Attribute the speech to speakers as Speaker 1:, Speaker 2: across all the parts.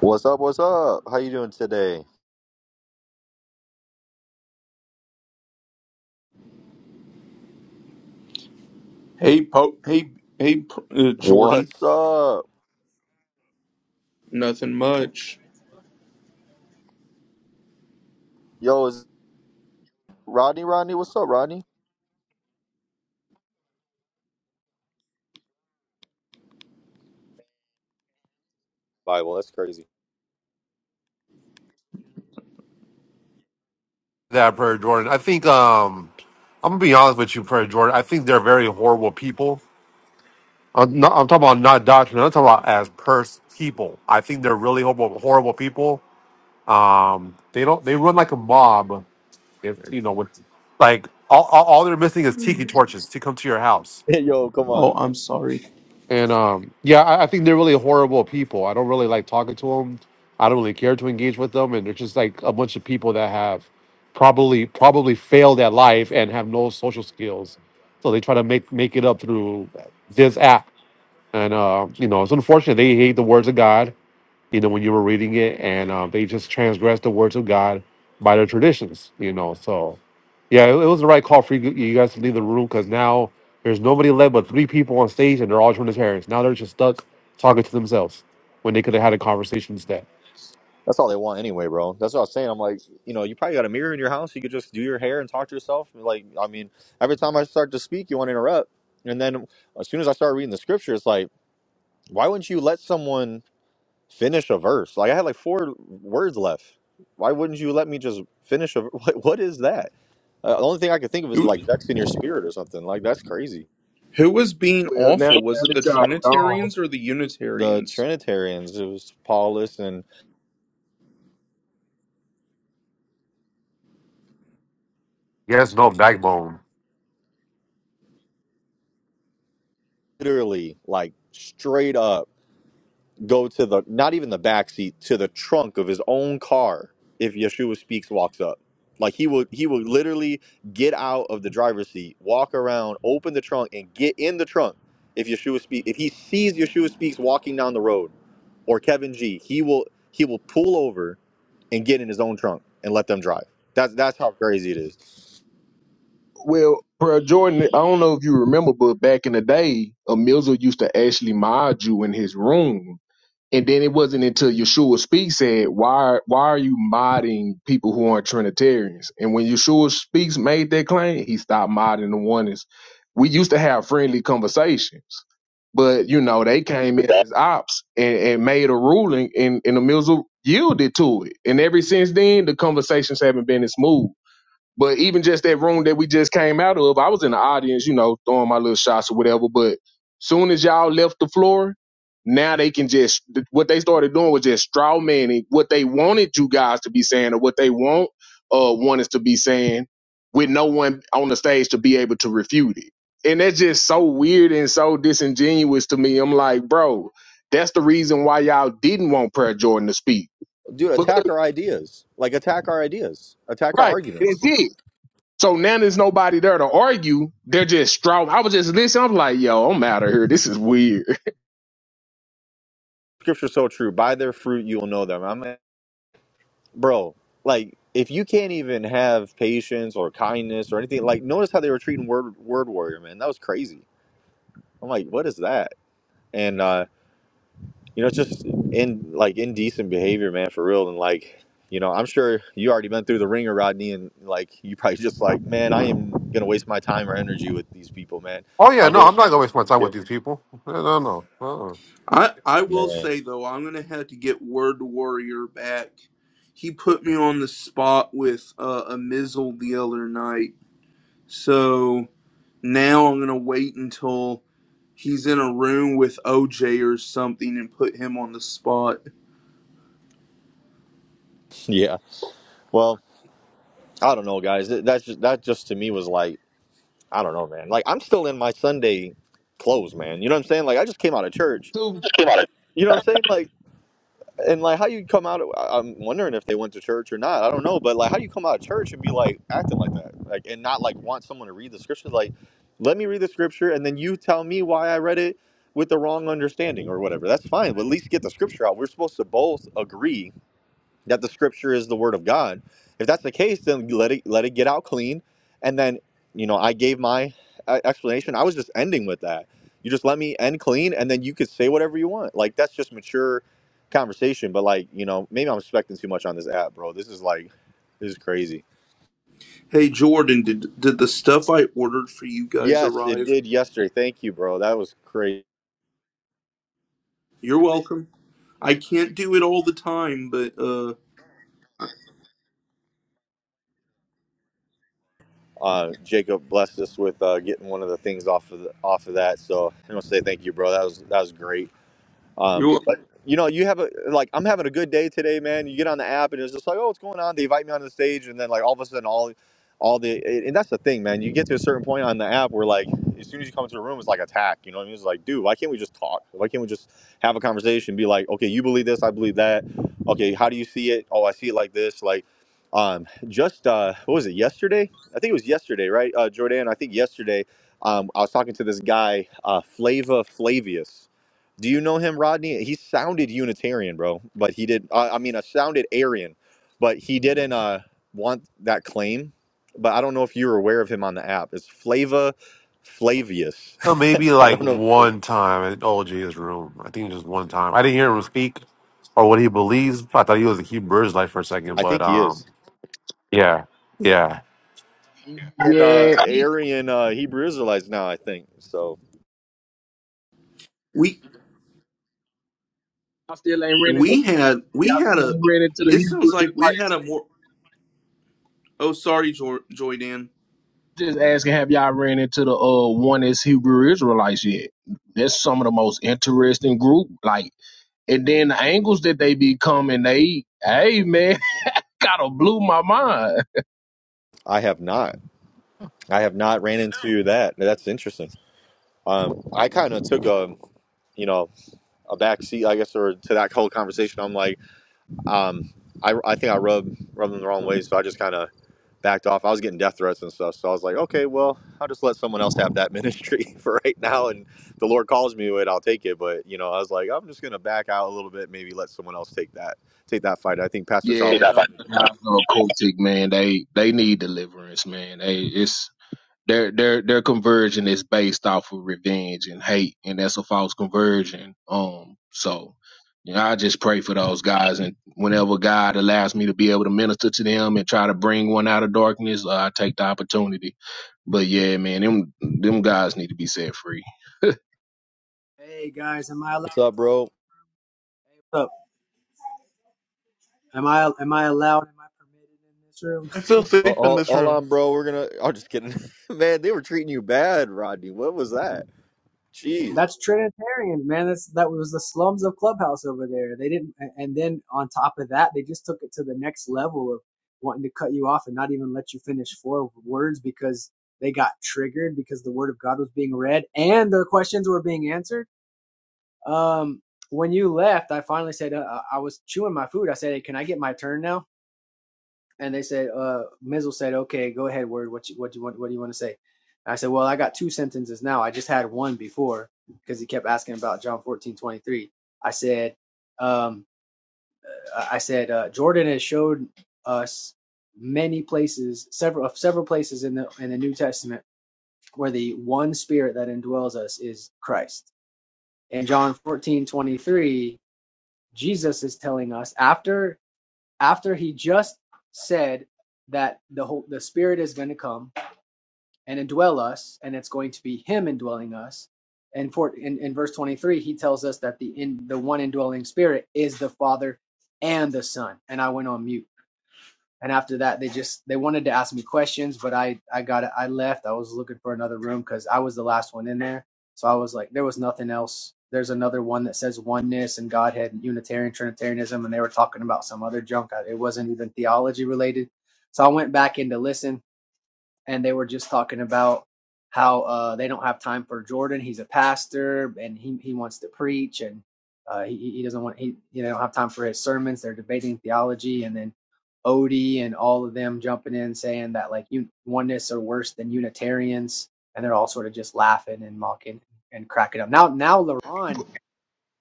Speaker 1: What's up? What's up? How you doing today?
Speaker 2: Hey, po- hey, hey, uh, Jordan.
Speaker 1: What's up?
Speaker 2: Nothing much.
Speaker 1: Yo, is Rodney? Rodney, what's up, Rodney? Bible, that's crazy.
Speaker 3: that Prayer Jordan. I think um I'm gonna be honest with you, Prayer Jordan. I think they're very horrible people. I'm, not, I'm talking about not doctrine. I'm talking about as pers people. I think they're really horrible, horrible people. Um, they don't. They run like a mob. If you know, with like all, all, all they're missing is tiki torches to come to your house.
Speaker 1: Yo, come
Speaker 2: Oh,
Speaker 1: on.
Speaker 2: I'm sorry.
Speaker 3: And um, yeah, I, I think they're really horrible people. I don't really like talking to them. I don't really care to engage with them, and they're just like a bunch of people that have probably probably failed at life and have no social skills. So they try to make make it up through this app, and uh, you know it's unfortunate. They hate the words of God you know, when you were reading it, and uh, they just transgressed the words of God by their traditions, you know. So, yeah, it, it was the right call for you, you guys to leave the room because now there's nobody left but three people on stage, and they're all Trinitarians. Now they're just stuck talking to themselves when they could have had a conversation instead.
Speaker 1: That's all they want anyway, bro. That's what I was saying. I'm like, you know, you probably got a mirror in your house. You could just do your hair and talk to yourself. Like, I mean, every time I start to speak, you want to interrupt. And then as soon as I start reading the scripture, it's like, why wouldn't you let someone? Finish a verse. Like I had like four words left. Why wouldn't you let me just finish a? What, what is that? Uh, the only thing I could think of is
Speaker 2: Who,
Speaker 1: like vexing your spirit or something. Like that's crazy.
Speaker 2: who was being
Speaker 4: Well, now,
Speaker 2: awful?
Speaker 4: now
Speaker 2: Was it
Speaker 4: that
Speaker 2: the
Speaker 4: y'all are gone,
Speaker 2: Trinitarians or the
Speaker 1: The
Speaker 2: Unitarians?
Speaker 1: Trinitarians, it was Paulus and
Speaker 3: Yes, no backbone.
Speaker 1: literally like straight up go to the not even the back seat to the trunk of his own car if Yeshua speaks walks up. Like he would he would literally get out of the driver's seat, walk around, open the trunk, and get in the trunk if Yeshua speak if he sees Yeshua speaks walking down the road or Kevin G, he will he will pull over and get in his own trunk and let them drive. That's that's how crazy it is,
Speaker 4: well, bro, Jordan, I don't know if you remember, but back in the day, a Mizzle used to actually mod you in his room. And then it wasn't until Yeshua Speaks said, why, why are you modding people who aren't Trinitarians? And when Yeshua Speaks made that claim, he stopped modding the oneness. We used to have friendly conversations, but, you know, they came in as ops and, and made a ruling, and, and the Mizzle yielded to it. And ever since then, the conversations haven't been as smooth. But even just that room that we just came out of, I was in the audience, you know, throwing my little shots or whatever. But soon as y'all left the floor, now they can just what they started doing was just straw manning what they wanted you guys to be saying or what they want uh want us to be saying with no one on the stage to be able to refute it. And that's just so weird and so disingenuous to me. I'm like, bro, that's the reason why y'all didn't want Prayer Jordan to speak.
Speaker 1: dude.
Speaker 4: Because
Speaker 1: Attack our ideas, like attack our ideas, attack our
Speaker 4: right, that's
Speaker 1: arguments.
Speaker 4: it So now there's nobody there to argue. They're just strong. I was just listening. I'm like, yo, I'm out of here. This is weird.
Speaker 1: Scripture's so true. By their fruit you will know them. I'm like, bro, like if you can't even have patience or kindness or anything, like notice how they were treating word word warrior, man. That was crazy. I'm like, what is that? And uh you know, it's just in like indecent behavior, man, for real. And like, you know, I'm sure you already been through the ringer, Rodney, and like you probably just like, man, I am gonna waste my time or energy with these people, man.
Speaker 3: Oh yeah,
Speaker 1: I'll
Speaker 3: no,
Speaker 1: go and
Speaker 3: I'm not gonna
Speaker 1: listen
Speaker 3: waste my time
Speaker 1: to
Speaker 3: with
Speaker 1: you,
Speaker 3: these people. No, no, no. Uh-uh.
Speaker 2: I, I will
Speaker 1: man.
Speaker 2: say though, I'm gonna have to get Word Warrior back. He put me on the spot with uh, a Mizzle the other night, so now I'm gonna wait until he's in a room with OJ or something and put him on the spot.
Speaker 1: Yeah. Well, I don't know, guys. Th- That's just that just to me was like, I don't know, man. Like I'm still in my Sunday clothes, man. You know what I'm saying? Like I just came out of church.
Speaker 4: So, Right.
Speaker 1: You know what I'm saying? Like. and like how you come out of, I- i'm wondering if they went to church or not i don't know but like how do you come out of church and be like acting like that like and not like want someone to read the scripture like let me read the scripture and then you tell me why i read it with the wrong understanding or whatever that's fine but at least get the scripture out we're supposed to both agree that the scripture is the word of God. If that's the case, then let it let it get out clean. And then, you know, I gave my uh, explanation. I was just ending with that. You just let me end clean, and then you could say whatever you want. Like that's just mature conversation. But like, you know, maybe I'm expecting too much on this app, bro. This is like, this is crazy.
Speaker 2: Hey Jordan, did did the stuff I ordered for you guys
Speaker 1: Yes, it
Speaker 2: arrive?
Speaker 1: did yesterday. Thank you, bro. That was crazy.
Speaker 2: You're welcome. I can't do it all the time, but uh
Speaker 1: Uh, Jacob blessed us with uh, getting one of the things off of the, off of that. So I want to say thank you, bro. That was that was great Um,
Speaker 2: you're
Speaker 1: but you know, you have a like I'm having a good day today, man. You get on the app and it's just like, oh, what's going on? They invite me on the stage, and then like all of a sudden, all all the and that's the thing, man. You get to a certain point on the app where like as soon as you come into a room, it's like attack. You know what I mean? It's like, dude, why can't we just talk? Why can't we just have a conversation? Be like, okay, you believe this, I believe that. Okay, how do you see it? Oh, I see it like this. Like, um, just uh, what was it yesterday? I think it was yesterday, right, uh, Jordan? I think yesterday, um, I was talking to this guy, uh, Flava Flavius do you know him, Rodney? He sounded Unitarian, bro, but he did. I I mean, I sounded Arian, but he didn't uh, want that claim. But I don't know if you were aware of him on the app. It's Flava Flavius.
Speaker 3: Uh, Maybe
Speaker 1: I
Speaker 3: like
Speaker 1: don't know. If you're,
Speaker 3: one time at OJ's room. I think just one time. I didn't hear him speak or what he believes. I thought he was a Hebrew Israelite for a second,
Speaker 1: I
Speaker 3: but
Speaker 1: think he
Speaker 3: um.
Speaker 1: is.
Speaker 3: Yeah. Yeah.
Speaker 1: And uh,
Speaker 4: yeah, he,
Speaker 1: Arian uh, Hebrew Israelites now, I think. So
Speaker 2: we
Speaker 4: I still ain't ran into
Speaker 2: we had
Speaker 4: y'all.
Speaker 2: we had
Speaker 4: Still
Speaker 2: a
Speaker 4: ain't ran into the
Speaker 2: it
Speaker 4: Hebrew
Speaker 2: sounds like we
Speaker 4: Israelites.
Speaker 2: had a more Oh, sorry Joy Joydan.
Speaker 4: Just asking, have y'all ran into the uh one is Hebrew Israelites yet? That's some of the most interesting group. Like, and then the angles that they be coming, they hey man, gotta blew my mind.
Speaker 1: I have not. I have not ran into that. That's interesting. Um, I kind of took a, you know, a back seat, I guess, or to that whole conversation. I'm like. Um, I, I think I rubbed rubbed them the wrong way, so I just kind of backed off. I was getting death threats and stuff, so I was like, okay, well, I'll just let someone else have that ministry for right now, and if the Lord calls me to it, I'll take it. But you know, I was like, I'm just gonna back out a little bit, maybe let someone else take that take that fight. I think Pastor
Speaker 4: Yeah, He's
Speaker 1: Charles does a
Speaker 4: those
Speaker 1: good
Speaker 4: guys
Speaker 1: job.
Speaker 4: are cultic, man. They they need deliverance, man. They it's their their their conversion is based off of revenge and hate, and that's a false conversion. Um, so you know, I just pray for those guys, and whenever God allows me to be able to minister to them and try to bring one out of darkness, uh, I take the opportunity. But yeah, man, them them guys need to be set free.
Speaker 5: Hey guys, am I allowed
Speaker 1: What's
Speaker 5: to
Speaker 1: up,
Speaker 5: talk in
Speaker 1: bro?
Speaker 5: this room? Hey, what's up? Am I am I allowed? Am I permitted in this room?
Speaker 6: I feel
Speaker 1: All,
Speaker 6: safe in
Speaker 1: all
Speaker 6: this
Speaker 1: all
Speaker 6: room.
Speaker 1: on, bro. We're gonna. I'm just kidding, man. They were treating you bad, Rodney. What was that? Jeez,
Speaker 5: That's Trinitarian, man. That's that was the slums of Clubhouse over there. They didn't, a- and then on top of that, they just took it to the next level of wanting to cut you off and not even let you finish four words because they got triggered because the word of God was being read and their questions were being answered. Um, when you left, I finally said uh, I I was chewing my food. I said, "Hey, can I get my turn now?" and they said, uh, Mizzle said, okay, go ahead, word. What you, what do you want? What do you want to say? And I said, well, I got two sentences now. I just had one before because he kept asking about John fourteen twenty three. I said, um, I said, uh, Jordan has showed us many places, several of several places in the in the New Testament where the one Spirit that indwells us is Christ. In John fourteen twenty three, Jesus is telling us after after he just said that the whole the spirit is going to come and indwell us and it's going to be him indwelling us and for in, in verse 23 he tells us that the in the one indwelling spirit is the father and the son and i went on mute and after that they just they wanted to ask me questions but i i got i left i was looking for another room because i was the last one in there so i was like there was nothing else there's another one that says oneness and godhead and unitarian trinitarianism and they were talking about some other junk it wasn't even theology related so i went back in to listen and they were just talking about how uh, they don't have time for Jordan. He's a pastor and he, he wants to preach and uh, he, he doesn't want he you know don't have time for his sermons. They're debating theology and then Odie and all of them jumping in saying that like un- oneness are worse than Unitarians and they're all sort of just laughing and mocking and cracking up. Now now LaRon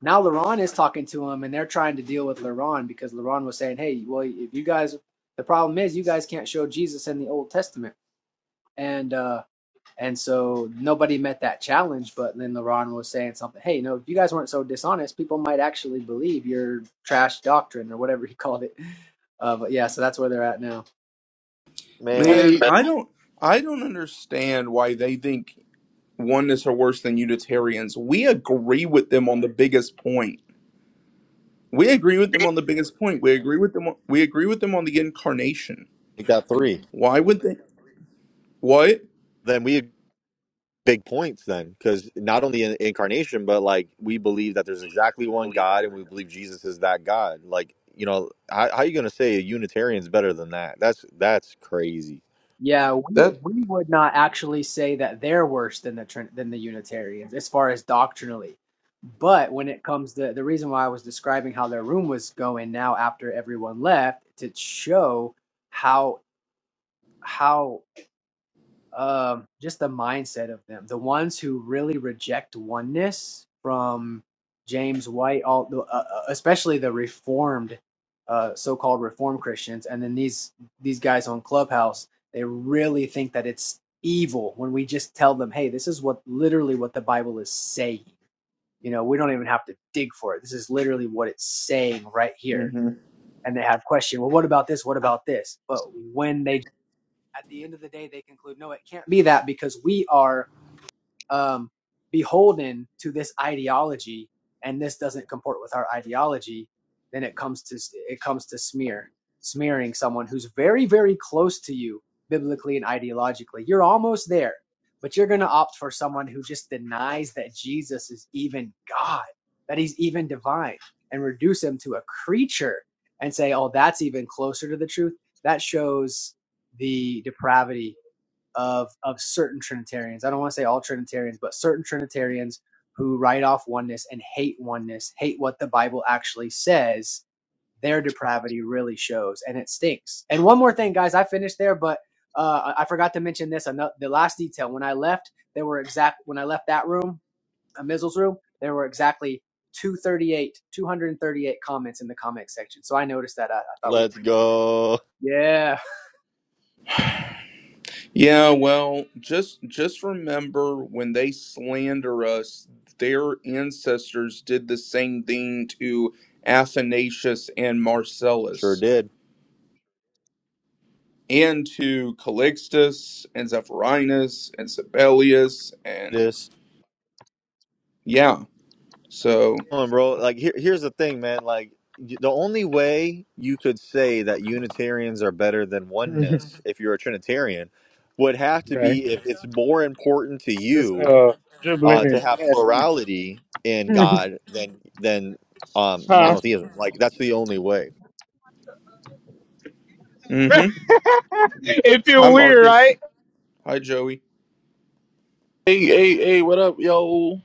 Speaker 5: now LaRon is talking to him and they're trying to deal with LaRon because LaRon was saying, hey, well if you guys the problem is you guys can't show Jesus in the Old Testament and uh and so nobody met that challenge but then Leron was saying something hey you know if you guys weren't so dishonest people might actually believe your trash doctrine or whatever he called it uh but yeah so that's where they're at now
Speaker 1: man.
Speaker 4: Hey,
Speaker 2: Man, I don't I don't understand why they think oneness are worse than Unitarians. We agree with them on the biggest point. We agree with them on the biggest point. We agree with them on, we agree with them on the incarnation.
Speaker 1: They got three.
Speaker 2: Why would they What?
Speaker 1: Then we big points then because not only in incarnation but like we believe that there's exactly one god and we believe jesus is that god like you know how, how you gonna say a unitarian's better than that that's that's crazy
Speaker 5: yeah we
Speaker 2: That
Speaker 5: we would not actually say that they're worse than the Trin- than the unitarians as far as doctrinally but when it comes to the reason why I was describing how their room was going now after everyone left to show how how um, just the mindset of them. The ones who really reject oneness from James White, all the- uh, uh, especially the Reformed, uh, so-called Reformed Christians, and then these these guys on Clubhouse, they really think that it's evil when we just tell them, "Hey, this is what literally what the Bible is saying." You know, we don't even have to dig for it. This is literally what it's saying right here.
Speaker 2: Mhm.
Speaker 5: And they have question. Well, what about this? What about this? But when they at the end of the day, they conclude, no, it can't be that because we are um, beholden to this ideology and this doesn't comport with our ideology then it comes to it comes to smear smearing someone who's very very close to you biblically and ideologically you're almost there but you're going to opt for someone who just denies that jesus is even god that he's even divine and reduce him to a creature and say oh that's even closer to the truth that shows the depravity of of certain Trinitarians. I don't want to say all Trinitarians, but certain Trinitarians who write off oneness and hate oneness, hate what the Bible actually says. Their depravity really shows, and it stinks. And one more thing, guys, I finished there, but uh, I forgot to mention this. ano- The last detail when I left, there were exact when I left that room, a Mizzle's room, there were exactly 238, 238 comments in the comment section. So I noticed that. I, I thought we'd.
Speaker 1: let's
Speaker 5: Pre-
Speaker 1: go
Speaker 5: yeah.
Speaker 2: Yeah, well, just just remember when they slander us, their ancestors did the same thing to Athanasius and
Speaker 1: sure
Speaker 2: Marcellus,
Speaker 1: did
Speaker 2: and to Calixtus and Zephyrinus and Sibelius, and
Speaker 1: this
Speaker 2: yeah. So,
Speaker 1: Come on bro like here, here's the thing man like y- the only way you could say that unitarians are better than oneness if you're a trinitarian would have to
Speaker 7: okay.
Speaker 1: be if it's more important to
Speaker 7: Just
Speaker 1: you
Speaker 7: uh dribbling
Speaker 1: uh, to
Speaker 7: and
Speaker 1: have
Speaker 7: passing.
Speaker 1: plurality in
Speaker 7: it.
Speaker 1: God than than um,
Speaker 7: huh?
Speaker 1: monotheism. Like that's the only way.
Speaker 2: mm-hmm.
Speaker 7: it
Speaker 2: Hi,
Speaker 7: feel weird,
Speaker 2: Marcus.
Speaker 7: right?
Speaker 2: Hi, Joey.
Speaker 6: Hey, hey, hey, what up, yo?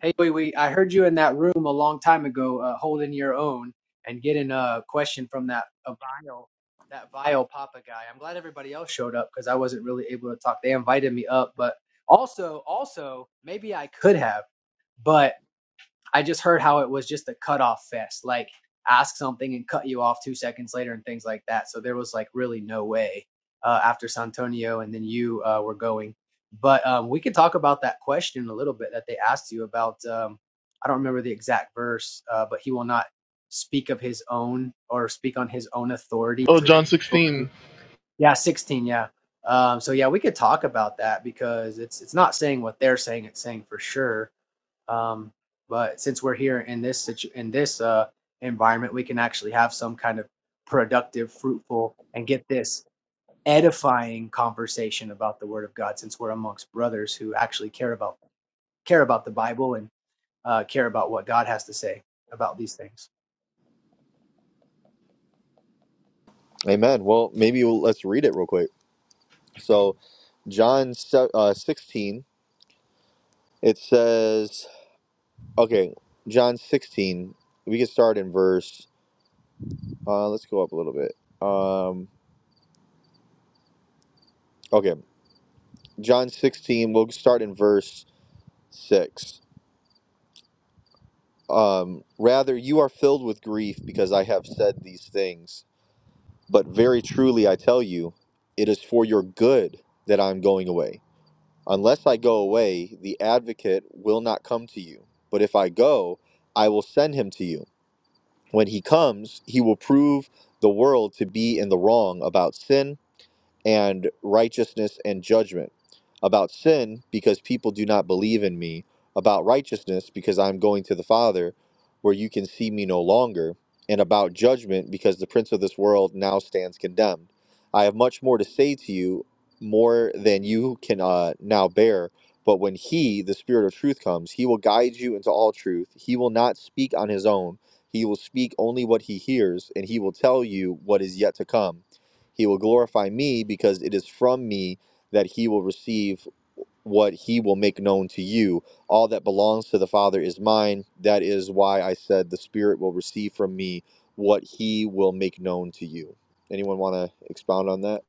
Speaker 5: Hey, we wait. I heard you in that room a long time ago, uh, holding your own and getting a question from that a vile, that vile Papa guy. I'm glad everybody else showed up because I wasn't really able to talk. They invited me up, but also, also maybe I could have, but I just heard how it was just a cutoff fest, like ask something and cut you off two seconds later and things like that. So there was like really no way uh, after Santonio and then you uh, were going. But um, we could talk about that question a little bit that they asked you about. Um, I don't remember the exact verse, uh, but he will not speak of his own or speak on his own authority.
Speaker 6: Oh,
Speaker 5: So,
Speaker 6: John 16.
Speaker 5: yeah, 16, yeah. Um, so yeah, we could talk about that because it's it's not saying what they're saying; it's saying for sure. Um, but since we're here in this situ- in this uh, environment, we can actually have some kind of productive, fruitful, and get this edifying conversation about the Word of God. Since we're amongst brothers who actually care about care about the Bible and uh, care about what God has to say about these things.
Speaker 1: Amen. Well, maybe we'll, let's read it real quick. So John se- uh, sixteen, it says, okay, John sixteen. We can start in verse. Uh, let's go up a little bit. Um, okay, John sixteen. We'll start in verse six. Um, Rather, you are filled with grief because I have said these things But very truly I tell you, it is for your good that I am going away. Unless I go away, the advocate will not come to you. But if I go, I will send him to you. When he comes, he will prove the world to be in the wrong about sin and righteousness and judgment. About sin, because people do not believe in me. About righteousness, because I'm going to the Father, where you can see me no longer. And about judgment, because the prince of this world now stands condemned. I have much more to say to you, more than you can uh, now bear. But when He, the Spirit of truth, comes, He will guide you into all truth. He will not speak on His own. He will speak only what He hears, and He will tell you what is yet to come he will glorify me because it is from me that he will receive what he will make known to you. All that belongs to the Father is mine. That is why I said the Spirit will receive from me what he will make known to you. Anyone want to expound on that?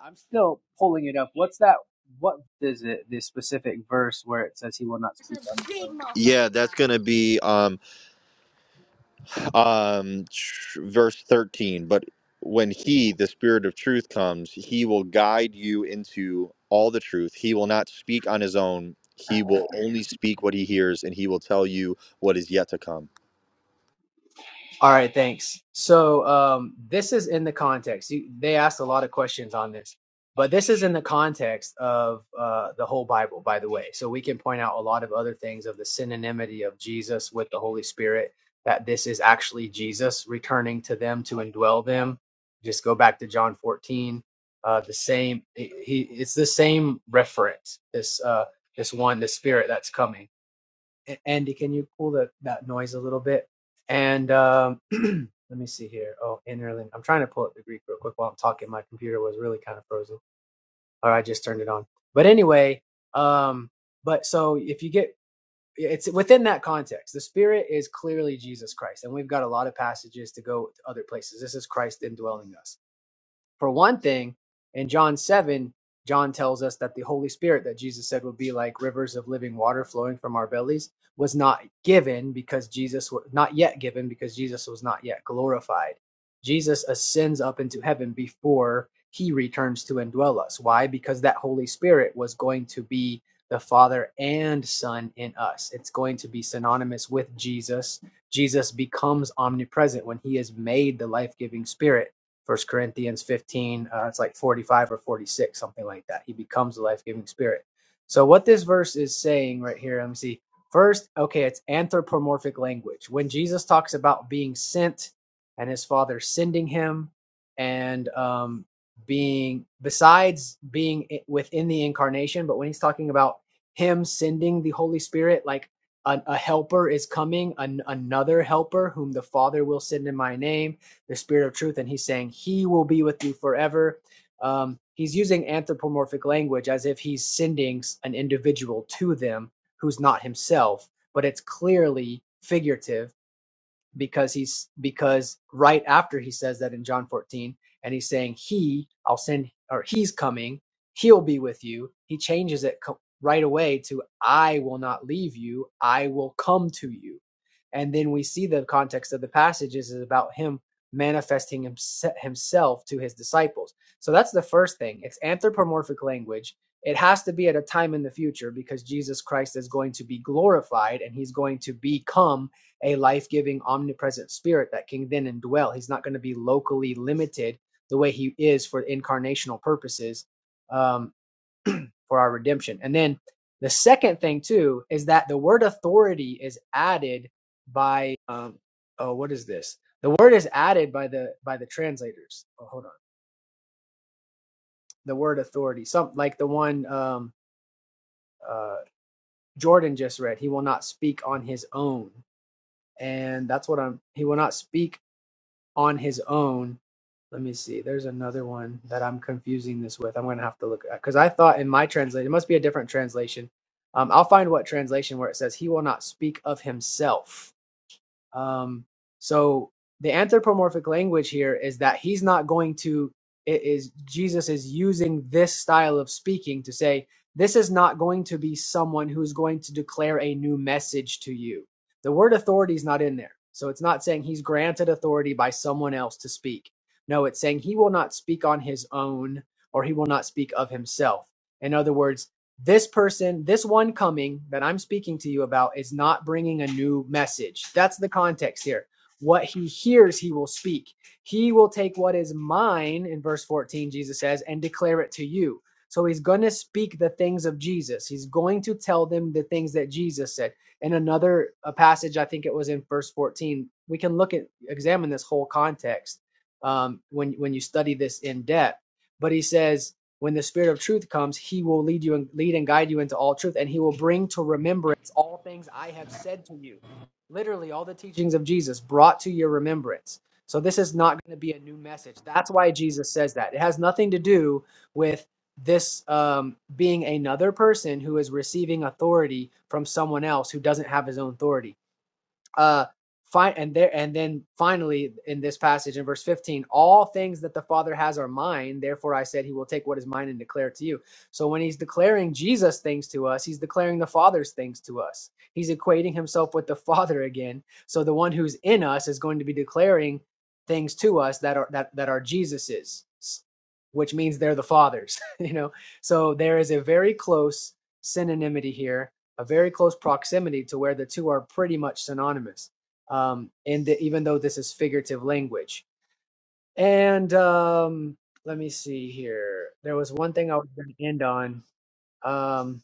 Speaker 5: I'm still pulling it up. What's that? What is it? This specific verse where it says He will not speak on His own.
Speaker 1: Yeah, that's going to be um, um tr- verse 13 but when he the spirit of truth comes he will guide you into all the truth he will not speak on his own he will only speak what he hears and he will tell you what is yet to come
Speaker 5: All right, thanks. So um, this is in the context. You, they asked a lot of questions on this, but this is in the context of uh, the whole Bible, by the way. So we can point out a lot of other things of the synonymity of Jesus with the Holy Spirit, that this is actually Jesus returning to them to indwell them. Just go back to John 14. Uh, the same, he, he- it's the same reference. This, uh, this one, the Spirit that's coming. Andy, can you pull that that noise a little bit? And um, let me see here. Oh, interlink. I'm trying to pull up the Greek real quick while I'm talking. My computer was really kind of frozen, or I just turned it on. But anyway, um, but so if you get it's within that context. The Spirit is clearly Jesus Christ, and we've got a lot of passages to go to other places. This is Christ indwelling us for one thing, in John 7, John tells us that the Holy Spirit that Jesus said would be like rivers of living water flowing from our bellies was not given because Jesus was not yet given because Jesus was not yet glorified. Jesus ascends up into heaven before he returns to indwell us. Why? Because that Holy Spirit was going to be the Father and Son in us. It's going to be synonymous with Jesus. Jesus becomes omnipresent when he is made the life giving Spirit First Corinthians 15, uh, it's like 45 or 46, something like that. He becomes the life giving spirit. So, what this verse is saying right here, let me see. First, okay, it's anthropomorphic language. When Jesus talks about being sent and his father sending him and um, being, besides being i- within the incarnation, but when he's talking about him sending the Holy Spirit, like an, a helper is coming, an, another helper whom the Father will send in my name the Spirit of truth, and he's saying, He will be with you forever. Um, he's using anthropomorphic language as if he's sending an individual to them who's not himself, but it's clearly figurative because he's because right after he says that in John 14 and he's saying he I'll send or he's coming he'll be with you he changes it co- right away to I will not leave you I will come to you and then we see the context of the passages is about him manifesting himse- himself to his disciples so that's the first thing it's anthropomorphic language it has to be at a time in the future because Jesus Christ is going to be glorified and he's going to become a life giving, omnipresent spirit that can then indwell. He's not going to be locally limited the way he is for incarnational purposes um, for our redemption. And then the second thing, too, is that the word authority is added by, um, oh, what is this? The word is added by the by the translators. Oh, hold on. The word authority, some like the one um, uh, Jordan just read. He will not speak on his own, and that's what I'm. He will not speak on his own. Let me see. There's another one that I'm confusing this with. I'm going to have to look at because I thought in my translation, it must be a different translation. Um, I'll find what translation where it says, He will not speak of Himself um, so the anthropomorphic language here is that he's not going to. It is Jesus is using this style of speaking to say this is not going to be someone who's going to declare a new message to you. The word authority is not in there, so it's not saying he's granted authority by someone else to speak. No, it's saying he will not speak on his own or he will not speak of himself. In other words, this person, this one coming that I'm speaking to you about is not bringing a new message. That's the context here. What he hears, he will speak. He will take what is mine, in verse 14, Jesus says, and declare it to you. So he's going to speak the things of Jesus. He's going to tell them the things that Jesus said. In another a passage, I think it was in verse 14, we can look at, examine this whole context um, when, when you study this in depth. But he says, when the Spirit of truth comes, he will lead you and lead and guide you into all truth, and he will bring to remembrance all things I have said to you. Literally, all the teachings of Jesus brought to your remembrance. So this is not going to be a new message. That's why Jesus says that. It has nothing to do with this um, being another person who is receiving authority from someone else who doesn't have his own authority uh fine and there and then finally in this passage in verse 15 all things that the father has are mine therefore i said he will take what is mine and declare it to you so when he's declaring jesus things to us he's declaring the father's things to us he's equating himself with the father again so the one who's in us is going to be declaring things to us that are that that are jesus's which means they're the fathers you know so there is a very close synonymity here a very close proximity to where the two are pretty much synonymous. Um, and the, even though this is figurative language, and um, let me see here. There was one thing I was going to end on. Um,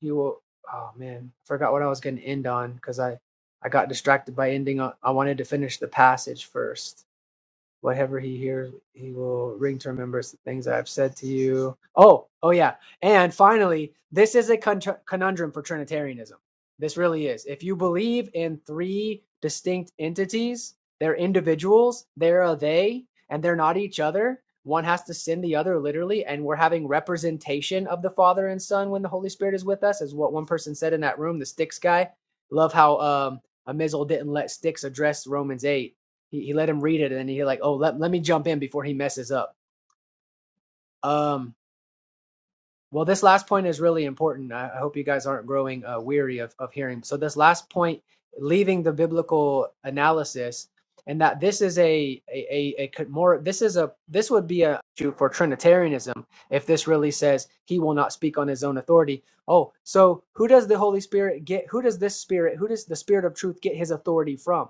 Speaker 5: you will. Oh man, I forgot what I was going to end on because I I got distracted by ending. On, I wanted to finish the passage first. Whatever he hears, he will ring to remembrance the things I have said to you. Oh, oh yeah. And finally, this is a con- conundrum for Trinitarianism. This really is. If you believe in three distinct entities, they're individuals, they're a they, and they're not each other. One has to sin the other literally, and we're having representation of the Father and Son when the Holy Spirit is with us, is what one person said in that room, the sticks guy. Love how um Amizel didn't let sticks address Romans 8 he, he let him read it, and then he like, oh, let, let me jump in before he messes up. Um, well, this last point is really important. I, I hope you guys aren't growing uh, weary of, of hearing. So this last point, leaving the biblical analysis, and that this is a a, a, a more this is a this would be a issue for Trinitarianism if this really says he will not speak on his own authority. Oh, so who does the Holy Spirit get? Who does this Spirit? Who does the Spirit of Truth get his authority from?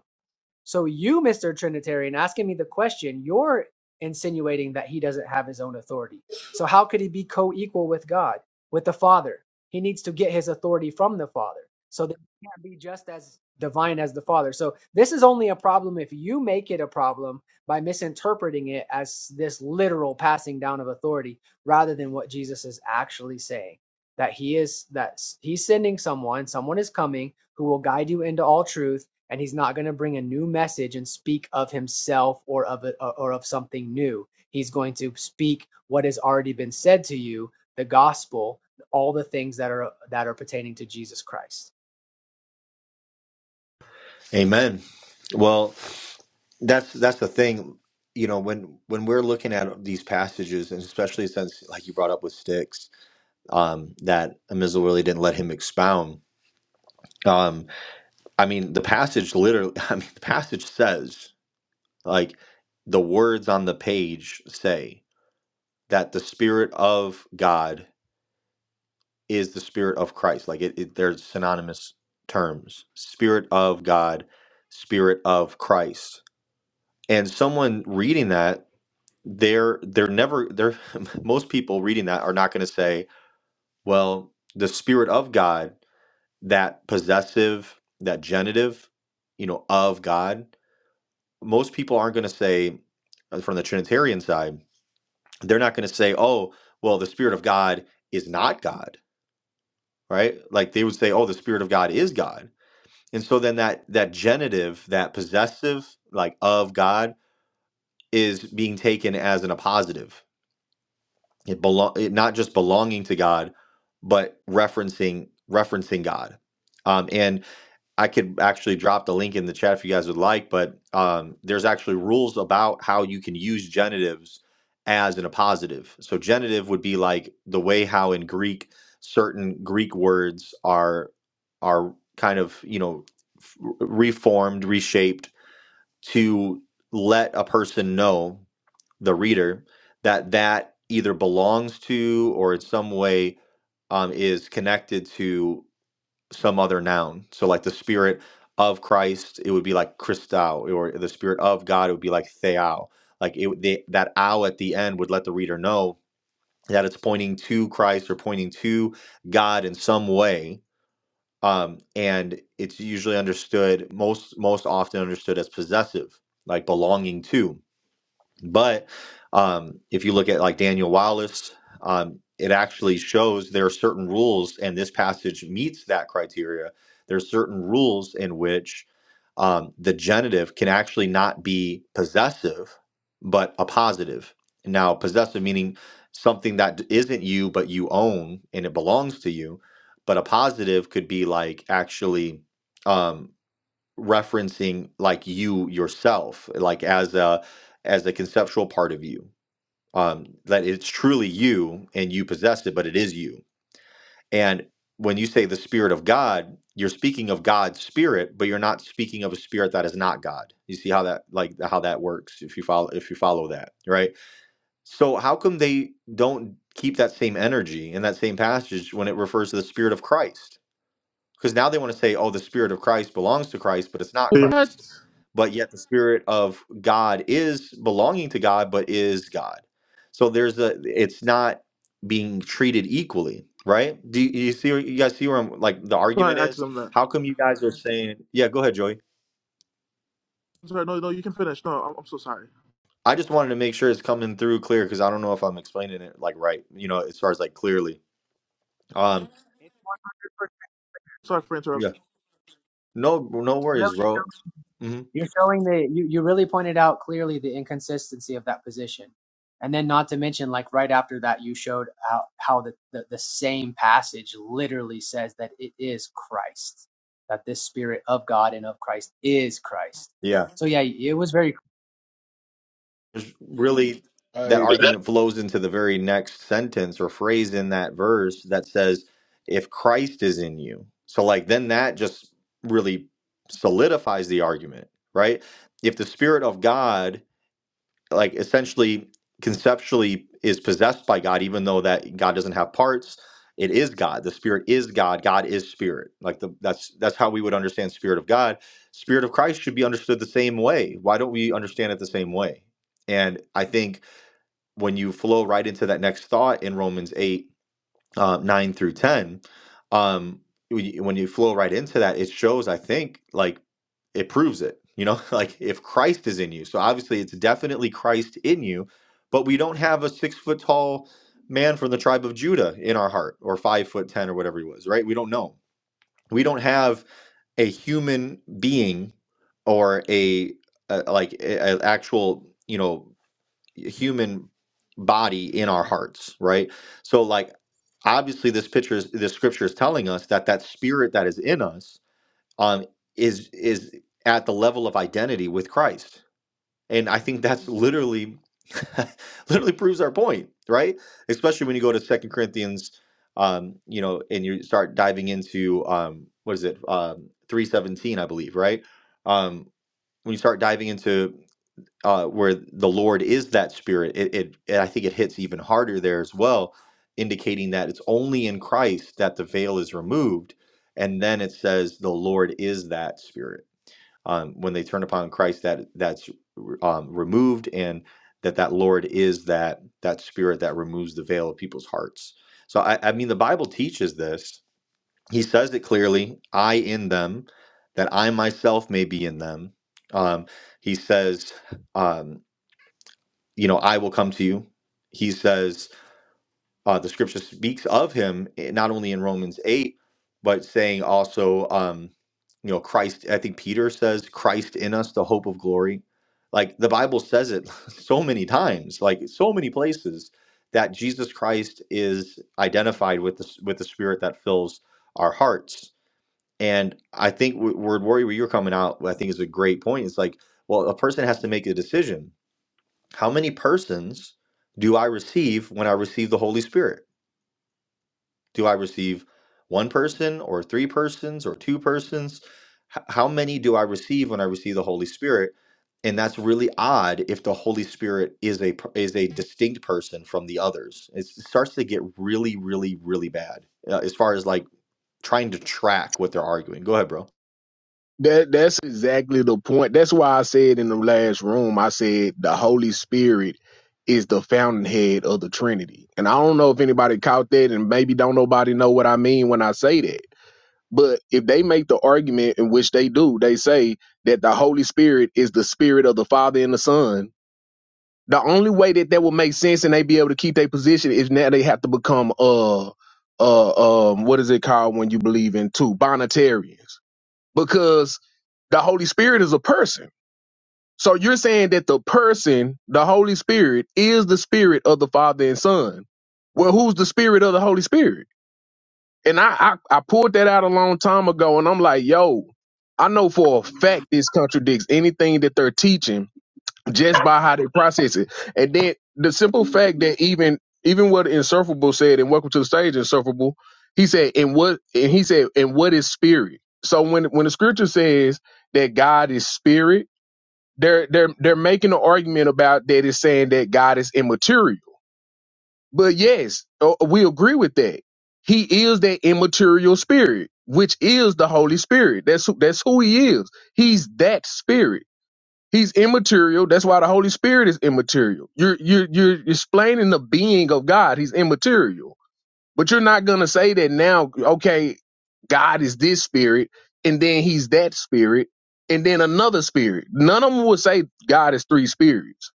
Speaker 5: So you, Mr. Trinitarian, asking me the question, you're insinuating that he doesn't have his own authority. So how could he be co-equal with God, with the Father? He needs to get his authority from the Father. So that he can't be just as divine as the Father. So this is only a problem if you make it a problem by misinterpreting it as this literal passing down of authority rather than what Jesus is actually saying that he is that he's sending someone someone is coming who will guide you into all truth and he's not going to bring a new message and speak of himself or of a, or of something new he's going to speak what has already been said to you the gospel all the things that are that are pertaining to jesus christ
Speaker 1: Amen. Well, that's that's the thing. You know, when when we're looking at these passages, and especially since, like you brought up with sticks, um, that Amizel really didn't let him expound. Um, I mean, the passage literally. I mean, the passage says. Like the words on the page say that the Spirit of God is the Spirit of Christ. Like it, it they're synonymous terms Spirit of God, Spirit of Christ. And someone reading that, they're they're never they're most people reading that are not going to say, well, the Spirit of God, that possessive, that genitive, you know, of God. Most people aren't going to say uh, from the Trinitarian side they're not going to say, oh, well, the Spirit of God is not God, right? Like they would say, oh, the Spirit of God is God. And so then that that genitive, that possessive, like of God, is being taken as an appositive. It belong it not just belonging to God, but referencing referencing God. Um, and I could actually drop the link in the chat if you guys would like, but um, there's actually rules about how you can use genitives as in a positive. So genitive would be like the way how in Greek certain Greek words are are kind of you know f- reformed, reshaped to let a person know the reader that that either belongs to or in some way um, is connected to some other noun. So like the spirit of Christ, it would be like Christou, or the spirit of God, it would be like Theou. Like it, they, that ow at the end would let the reader know that it's pointing to Christ or pointing to God in some way. Um, and it's usually understood most most often understood as possessive, like belonging to. But um, if you look at like Daniel Wallace, um, it actually shows there are certain rules, and this passage meets that criteria. There are certain rules in which um, the genitive can actually not be possessive, but a positive. Now, possessive meaning something that d- isn't you, but you own and it belongs to you. But a positive could be like actually. um, referencing like you yourself like as a as a conceptual part of you um that it's truly you and you possess it but it is you and when you say the spirit of god you're speaking of god's spirit but you're not speaking of a spirit that is not god you see how that like how that works if you follow if you follow that right so how come they don't keep that same energy in that same passage when it refers to the spirit of christ because now they want to say, oh, the Spirit of Christ belongs to Christ, but it's not
Speaker 6: What?
Speaker 1: Christ. But yet the Spirit of God is belonging to God, but is God. So there's a, it's not being treated equally, right? Do you, you see, where- you guys see where I'm, like the
Speaker 6: Why
Speaker 1: argument
Speaker 6: I asked
Speaker 1: is?
Speaker 6: them that.
Speaker 1: How come you guys are saying, yeah, go ahead, Joey.
Speaker 6: I'm sorry, no, no, you can finish. No, I'm, I'm so sorry.
Speaker 1: I just wanted to make sure it's coming through clear because I don't know if I'm explaining it like right, you know, as far as like clearly. Um,
Speaker 5: It's
Speaker 6: Sorry for
Speaker 1: yeah,
Speaker 6: interrupting.
Speaker 1: no, no
Speaker 5: really
Speaker 1: worries, bro. hmm
Speaker 5: You're showing the you, you really pointed out clearly the inconsistency of that position. And then not to mention, like right after that, you showed how, how the, the, the same passage literally says that it is Christ, that this spirit of God and of Christ is Christ.
Speaker 1: Yeah.
Speaker 5: So yeah, it was very
Speaker 1: really that
Speaker 4: hey,
Speaker 1: argument flows into the very next sentence or phrase in that verse that says if christ is in you so like then that just really solidifies the argument right if the spirit of god like essentially conceptually is possessed by God, even though that God doesn't have parts. It is God. The Spirit is God. God is Spirit. Like the, that's that's how we would understand Spirit of God. Spirit of Christ should be understood the same way. Why don't we understand it the same way? And I think when you flow right into that next thought in Romans eight uh, 9 through 10 um when you, when you flow right into that it shows i think like it proves it you know like if christ is in you so obviously it's definitely christ in you but we don't have a six foot tall man from the tribe of judah in our heart or five foot ten or whatever he was right we don't know we don't have a human being or a, a like an actual you know human body in our hearts, right? So like obviously this picture is this scripture is telling us that that spirit that is in us um is is at the level of identity with Christ. And I think that's literally literally proves our point, right? Especially when you go to Second Corinthians um you know and you start diving into um what is it? Um 317 I believe, right? Um when you start diving into uh, where the Lord is that Spirit, it, it, it I think it hits even harder there as well, indicating that it's only in Christ that the veil is removed, and then it says the Lord is that Spirit. Um, when they turn upon Christ, that that's um, removed, and that that Lord is that that Spirit that removes the veil of people's hearts. So I, I mean, the Bible teaches this. He says it clearly: "I in them, that I myself may be in them." Um, he says. Um, you know, I will come to you. He says uh, the scripture speaks of him eh, not only in Romans 8, but saying also, um, you know, Christ, I think Peter says, Christ in us, the hope of glory. Like the Bible says it so many times, like so many places that Jesus Christ is identified with the, s- with the spirit that fills our hearts. And I think w- word worry where you're coming out, I think is a great point. It's like, well, a person has to make a decision how many persons do I receive when I receive the Holy Spirit? Do I receive one person or three persons or two persons? H- How many do I receive when I receive the Holy Spirit? And that's really odd if the Holy Spirit is a per- is a distinct person from the others. It's, it starts to get really, really, really bad uh, as far as like trying to track what they're arguing. Go ahead, bro.
Speaker 4: That that's exactly the point. That's why I said in the last room, I said the Holy Spirit is the fountainhead of the Trinity. And I don't know if anybody caught that, and maybe don't nobody know what I mean when I say that. But if they make the argument in which they do, they say that the Holy Spirit is the spirit of the Father and the Son. The only way that that would make sense and they be able to keep their position is now they have to become uh uh um what is it called when you believe in two Bonitarians because the Holy Spirit is a person. So you're saying that the person, the Holy Spirit, is the spirit of the Father and Son. Well, who's the spirit of the Holy Spirit? And I, I, I pulled that out a long time ago, and I'm like, yo, I know for a fact this contradicts anything that they're teaching just by how they process it. And then the simple fact that even even what Insurfable said and Welcome to the Stage, Insurfable, he said, and what and he said, and what is spirit? So when when the scripture says that God is spirit, they're they're they're making an argument about that is saying that God is immaterial. But yes, uh, we agree with that. He is that immaterial spirit, which is the Holy Spirit. That's who, that's who he is. He's that spirit He's immaterial. That's why the Holy Spirit is immaterial. You're you're you're explaining the being of God. He's immaterial. But you're not gonna say that now, okay, God is this spirit, and then he's that spirit, and then another spirit. None of them would say God is three spirits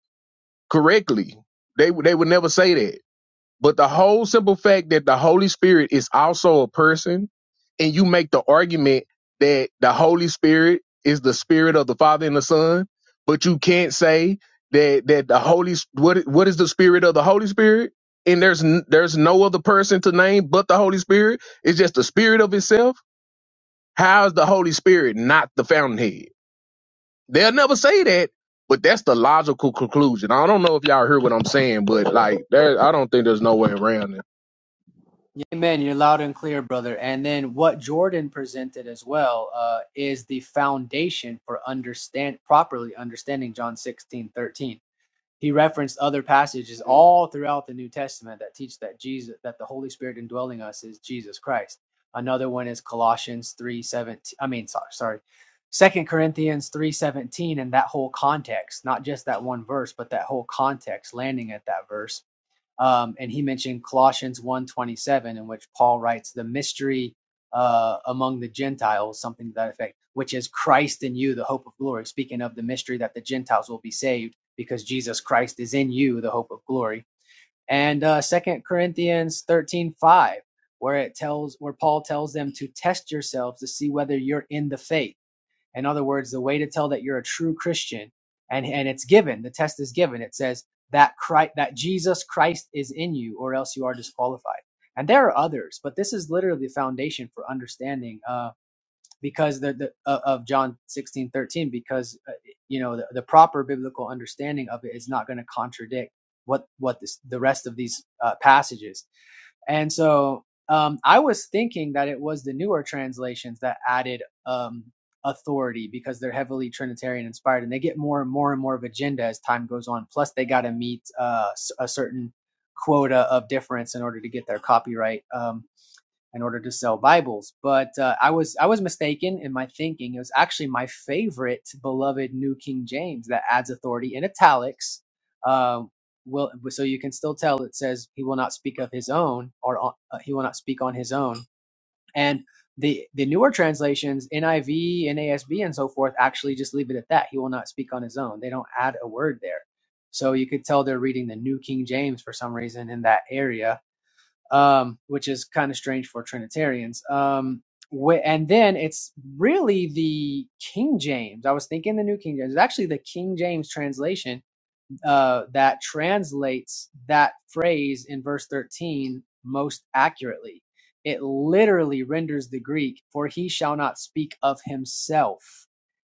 Speaker 4: correctly. They would they would never say that. But the whole simple fact that the Holy Spirit is also a person, and you make the argument that the Holy Spirit is the spirit of the Father and the Son, but you can't say that that the Holy what what is the spirit of the Holy Spirit? And there's n- there's no other person to name but the Holy Spirit. It's just the Spirit of itself. How is the Holy Spirit not the fountainhead? They'll never say that, but that's the logical conclusion. I don't know if y'all hear what I'm saying, but like there, I don't think there's no way around it.
Speaker 5: Amen. You're loud and clear, brother. And then what Jordan presented as well uh, is the foundation for understand properly understanding John 16 13. He referenced other passages all throughout the New Testament that teach that Jesus, that the Holy Spirit indwelling us is Jesus Christ. Another one is Colossians three seventeen. I mean, sorry, sorry, Second Corinthians three seventeen, and that whole context, not just that one verse, but that whole context, landing at that verse um, and he mentioned Colossians one twenty seven, in which Paul writes the mystery uh, among the Gentiles, something to that effect, which is Christ in you, the hope of glory. Speaking of the mystery that the Gentiles will be saved because Jesus Christ is in you, the hope of glory. And uh, 2 Corinthians 13.5, where it tells where Paul tells them to test yourselves to see whether you're in the faith in other words, the way to tell that you're a true Christian, and, and it's given, the test is given. It says that Christ, that Jesus Christ is in you, or else you are disqualified. And there are others, but this is literally the foundation for understanding, uh, because the, the uh, of John 16 13. because uh, you know the, the proper biblical understanding of it is not going to contradict what what this, the rest of these uh, passages and so um, I was thinking that it was the newer translations that added um, authority because they're heavily Trinitarian inspired and they get more and more and more of agenda as time goes on. Plus, they got to meet uh, s- a certain quota of difference in order to get their copyright. Um, in order to sell Bibles. But uh, I was I was mistaken in my thinking. It was actually my favorite beloved New King James that adds authority in italics. Um, will so you can still tell it says he will not speak of his own or uh, he will not speak on his own. And the the newer translations NIV, NASB, and so forth actually just leave it at that. He will not speak on his own. They don't add a word there. So you could tell they're reading the New King James for some reason in that area um, which is kind of strange for Trinitarians. Um, wh- and then it's really the King James. I was thinking the New King James. It's actually the King James translation uh, that translates that phrase in verse 13 most accurately. It literally renders the Greek, for he shall not speak of himself.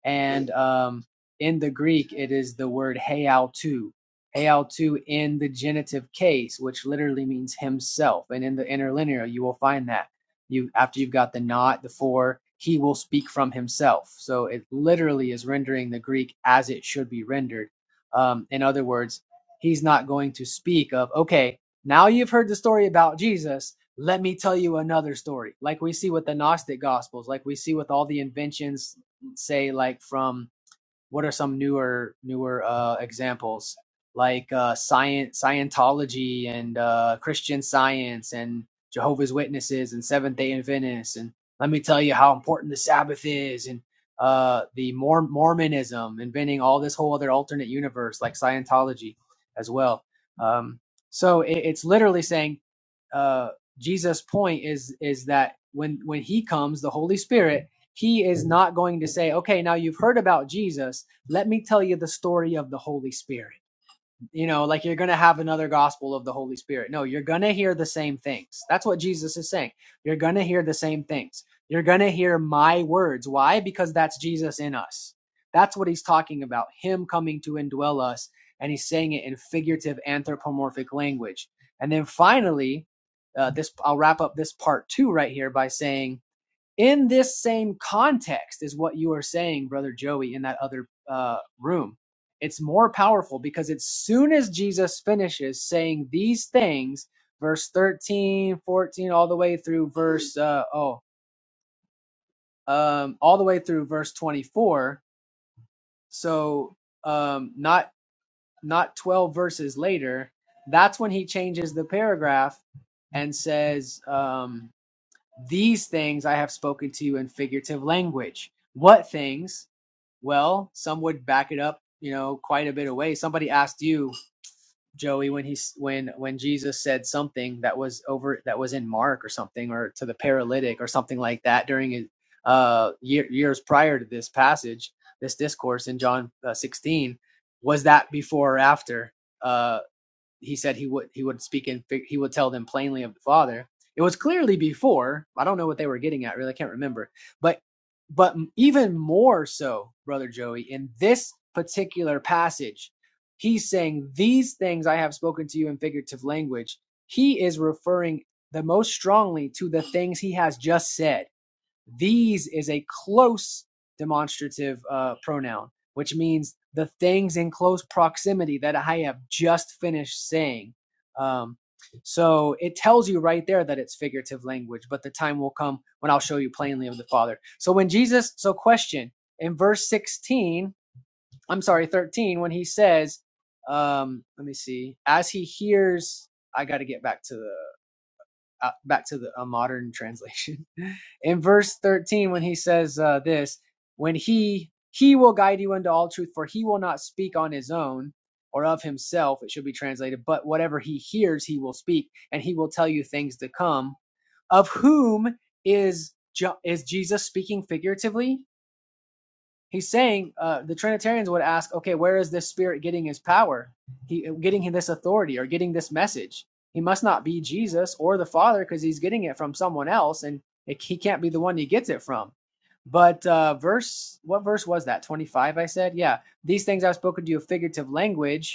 Speaker 5: And um, in the Greek, it is the word heautu. Heautu in the genitive case, which literally means himself. And in the interlinear, you will find that. You After you've got the not, the for, he will speak from himself. So it literally is rendering the Greek as it should be rendered um, in other words, he's not going to speak of, okay, now you've heard the story about Jesus. Let me tell you another story, like we see with the Gnostic Gospels, like we see with all the inventions, say, like from what are some newer newer uh, examples like uh, science Scientology and uh, Christian Science and Jehovah's Witnesses and Seventh Day Adventists and let me tell you how important the Sabbath is and uh, the Mor- Mormonism inventing all this whole other alternate universe like Scientology as well. Um, so it, it's literally saying uh, Jesus' point is is that when when he comes, the Holy Spirit he is not going to say, okay, now you've heard about Jesus. Let me tell you the story of the Holy Spirit. You know, like you're going to have another gospel of the Holy Spirit. No, you're going to hear the same things. That's what Jesus is saying. You're going to hear the same things. You're going to hear my words. Why? Because that's Jesus in us. That's what he's talking about. Him coming to indwell us. And he's saying it in figurative anthropomorphic language. And then finally, uh, this I'll wrap up this part two right here by saying in this same context is what you are saying brother joey in that other uh, room it's more powerful because as soon as jesus finishes saying these things verse 13, 14, all the way through verse uh, oh um, all the way through verse 24 so um, not not 12 verses later that's when he changes the paragraph and says um, these things i have spoken to you in figurative language what things Well, some would back it up, you know, quite a bit away. Somebody asked you, Joey, when he s- when when Jesus said something that was over that was in Mark or something, or to the paralytic or something like that during his uh, year, years prior to this passage, this discourse in John uh, 16. Was that before or after? uh, he said he would he would speak and he would tell them plainly of the father it was clearly before i don't know what they were getting at really i can't remember but but even more so brother joey in this particular passage he's saying these things i have spoken to you in figurative language he is referring the most strongly to the things he has just said these is a close demonstrative uh, pronoun, which means the things in close proximity that I have just finished saying. Um, so it tells you right there that it's figurative language, but the time will come when I'll show you plainly of the Father. So when Jesus, so question in verse 16, I'm sorry, 13, when he says, um, let me see, as he hears, I got to get back to the uh, back to the a modern translation in verse 13 when he says uh, this when he he will guide you into all truth for he will not speak on his own or of himself it should be translated but whatever he hears he will speak and he will tell you things to come of whom is is jesus speaking figuratively He's saying uh, the Trinitarians would ask, okay, where is this spirit getting his power? He getting this authority or getting this message? He must not be Jesus or the Father because he's getting it from someone else, and it, he can't be the one he gets it from. But uh, verse, what verse was that? Twenty-five, I said. Yeah, these things I've spoken to you of figurative language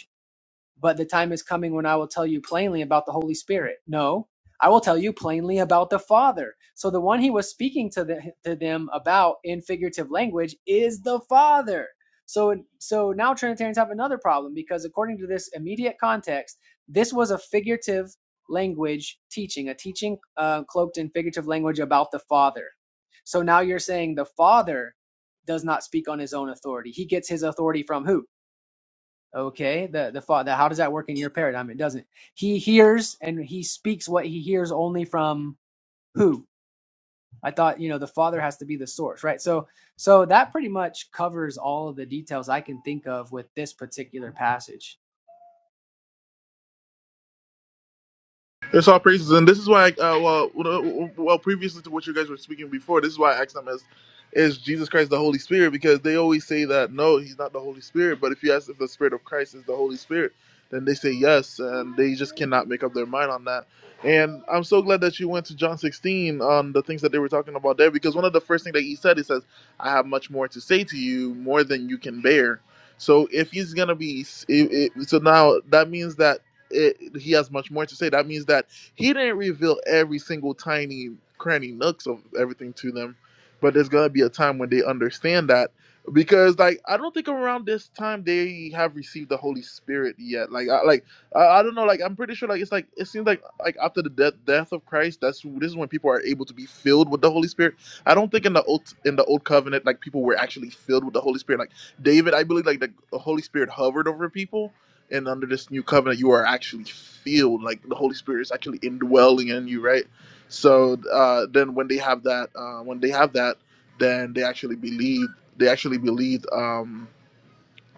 Speaker 5: but the time is coming when I will tell you plainly about the Holy Spirit. No, I will tell you plainly about the Father. So the one he was speaking to, the, to them about in figurative language is the Father. So so now Trinitarians have another problem because according to this immediate context, this was a figurative language teaching, a teaching uh, cloaked in figurative language about the Father. So now you're saying the Father does not speak on his own authority. He gets his authority from who? Okay, the the father. How does that work in your paradigm? It doesn't. He hears and he speaks what he hears only from who. I thought you know the father has to be the source, right? So so that pretty much covers all of the details I can think of with this particular passage.
Speaker 6: It's all praises, and this is why, uh, well, well, well, previously to what you guys were speaking before, this is why I asked them as, is Jesus Christ the Holy Spirit? Because they always say that no, he's not the Holy Spirit. But if you ask if the Spirit of Christ is the Holy Spirit, then they say yes, and they just cannot make up their mind on that. And I'm so glad that you went to John 16 on the things that they were talking about there, because one of the first things that he said, he says, "I have much more to say to you, more than you can bear." So if he's gonna be, if, if, so now that means that it, he has much more to say. That means that he didn't reveal every single tiny cranny nooks of everything to them, but there's gonna be a time when they understand that because like I don't think around this time they have received the Holy Spirit yet. Like I like I, I don't know. Like I'm pretty sure like it's like it seems like like after the death death of Christ, that's this is when people are able to be filled with the Holy Spirit. I don't think in the old in the old covenant like people were actually filled with the Holy Spirit. Like David, I believe like the Holy Spirit hovered over people and under this new covenant you are actually filled like the holy spirit is actually indwelling in you right so uh, then when they have that uh, when they have that then they actually believe they actually believe. um,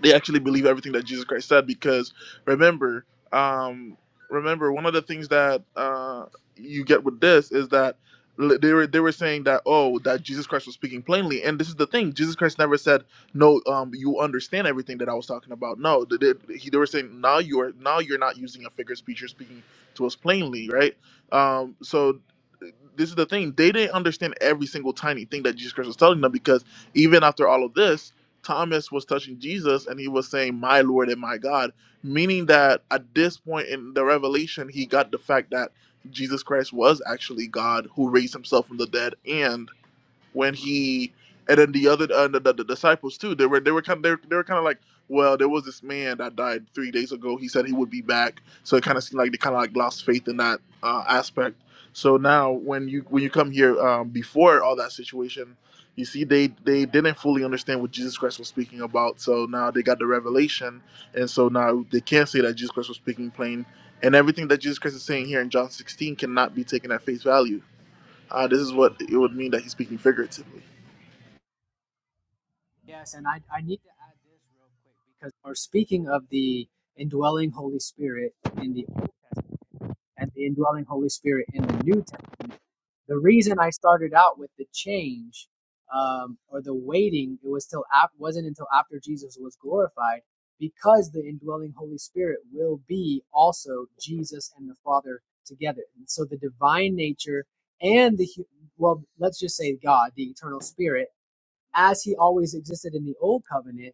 Speaker 6: they actually believe everything that Jesus Christ said because remember, um, remember one of the things that uh, you get with this is that l- they were they were saying that oh that Jesus Christ was speaking plainly and this is the thing Jesus Christ never said no um you understand everything that I was talking about no they, they, he, they were saying now you are now you're not using a figure of speech you're speaking to us plainly right um so this is the thing they didn't understand every single tiny thing that Jesus Christ was telling them because even after all of this Thomas was touching Jesus and he was saying, My Lord and my God, meaning that at this point in the revelation, he got the fact that Jesus Christ was actually God who raised himself from the dead and when he and then the other uh, the, the, the disciples too they were they were kind of they were, they were kind of like well there was this man that died three days ago he said he would be back so it kind of seemed like they kind of like lost faith in that uh, aspect so now when you when you come here um, before all that situation you see they they didn't fully understand what jesus christ was speaking about so now they got the revelation and so now they can't say that jesus christ was speaking plain and everything that jesus christ is saying here in john 16 cannot be taken at face value Ah, this is what it would mean that he's speaking figuratively.
Speaker 5: Yes, and I I need to add this real quick because we're speaking of the indwelling Holy Spirit in the Old Testament and the indwelling Holy Spirit in the New Testament. the reason I started out with the change um, or the waiting, it was till af- wasn't until after Jesus was glorified, because the indwelling Holy Spirit will be also Jesus and the Father together. And so the divine nature and the well, let's just say God, the eternal Spirit, as He always existed in the old covenant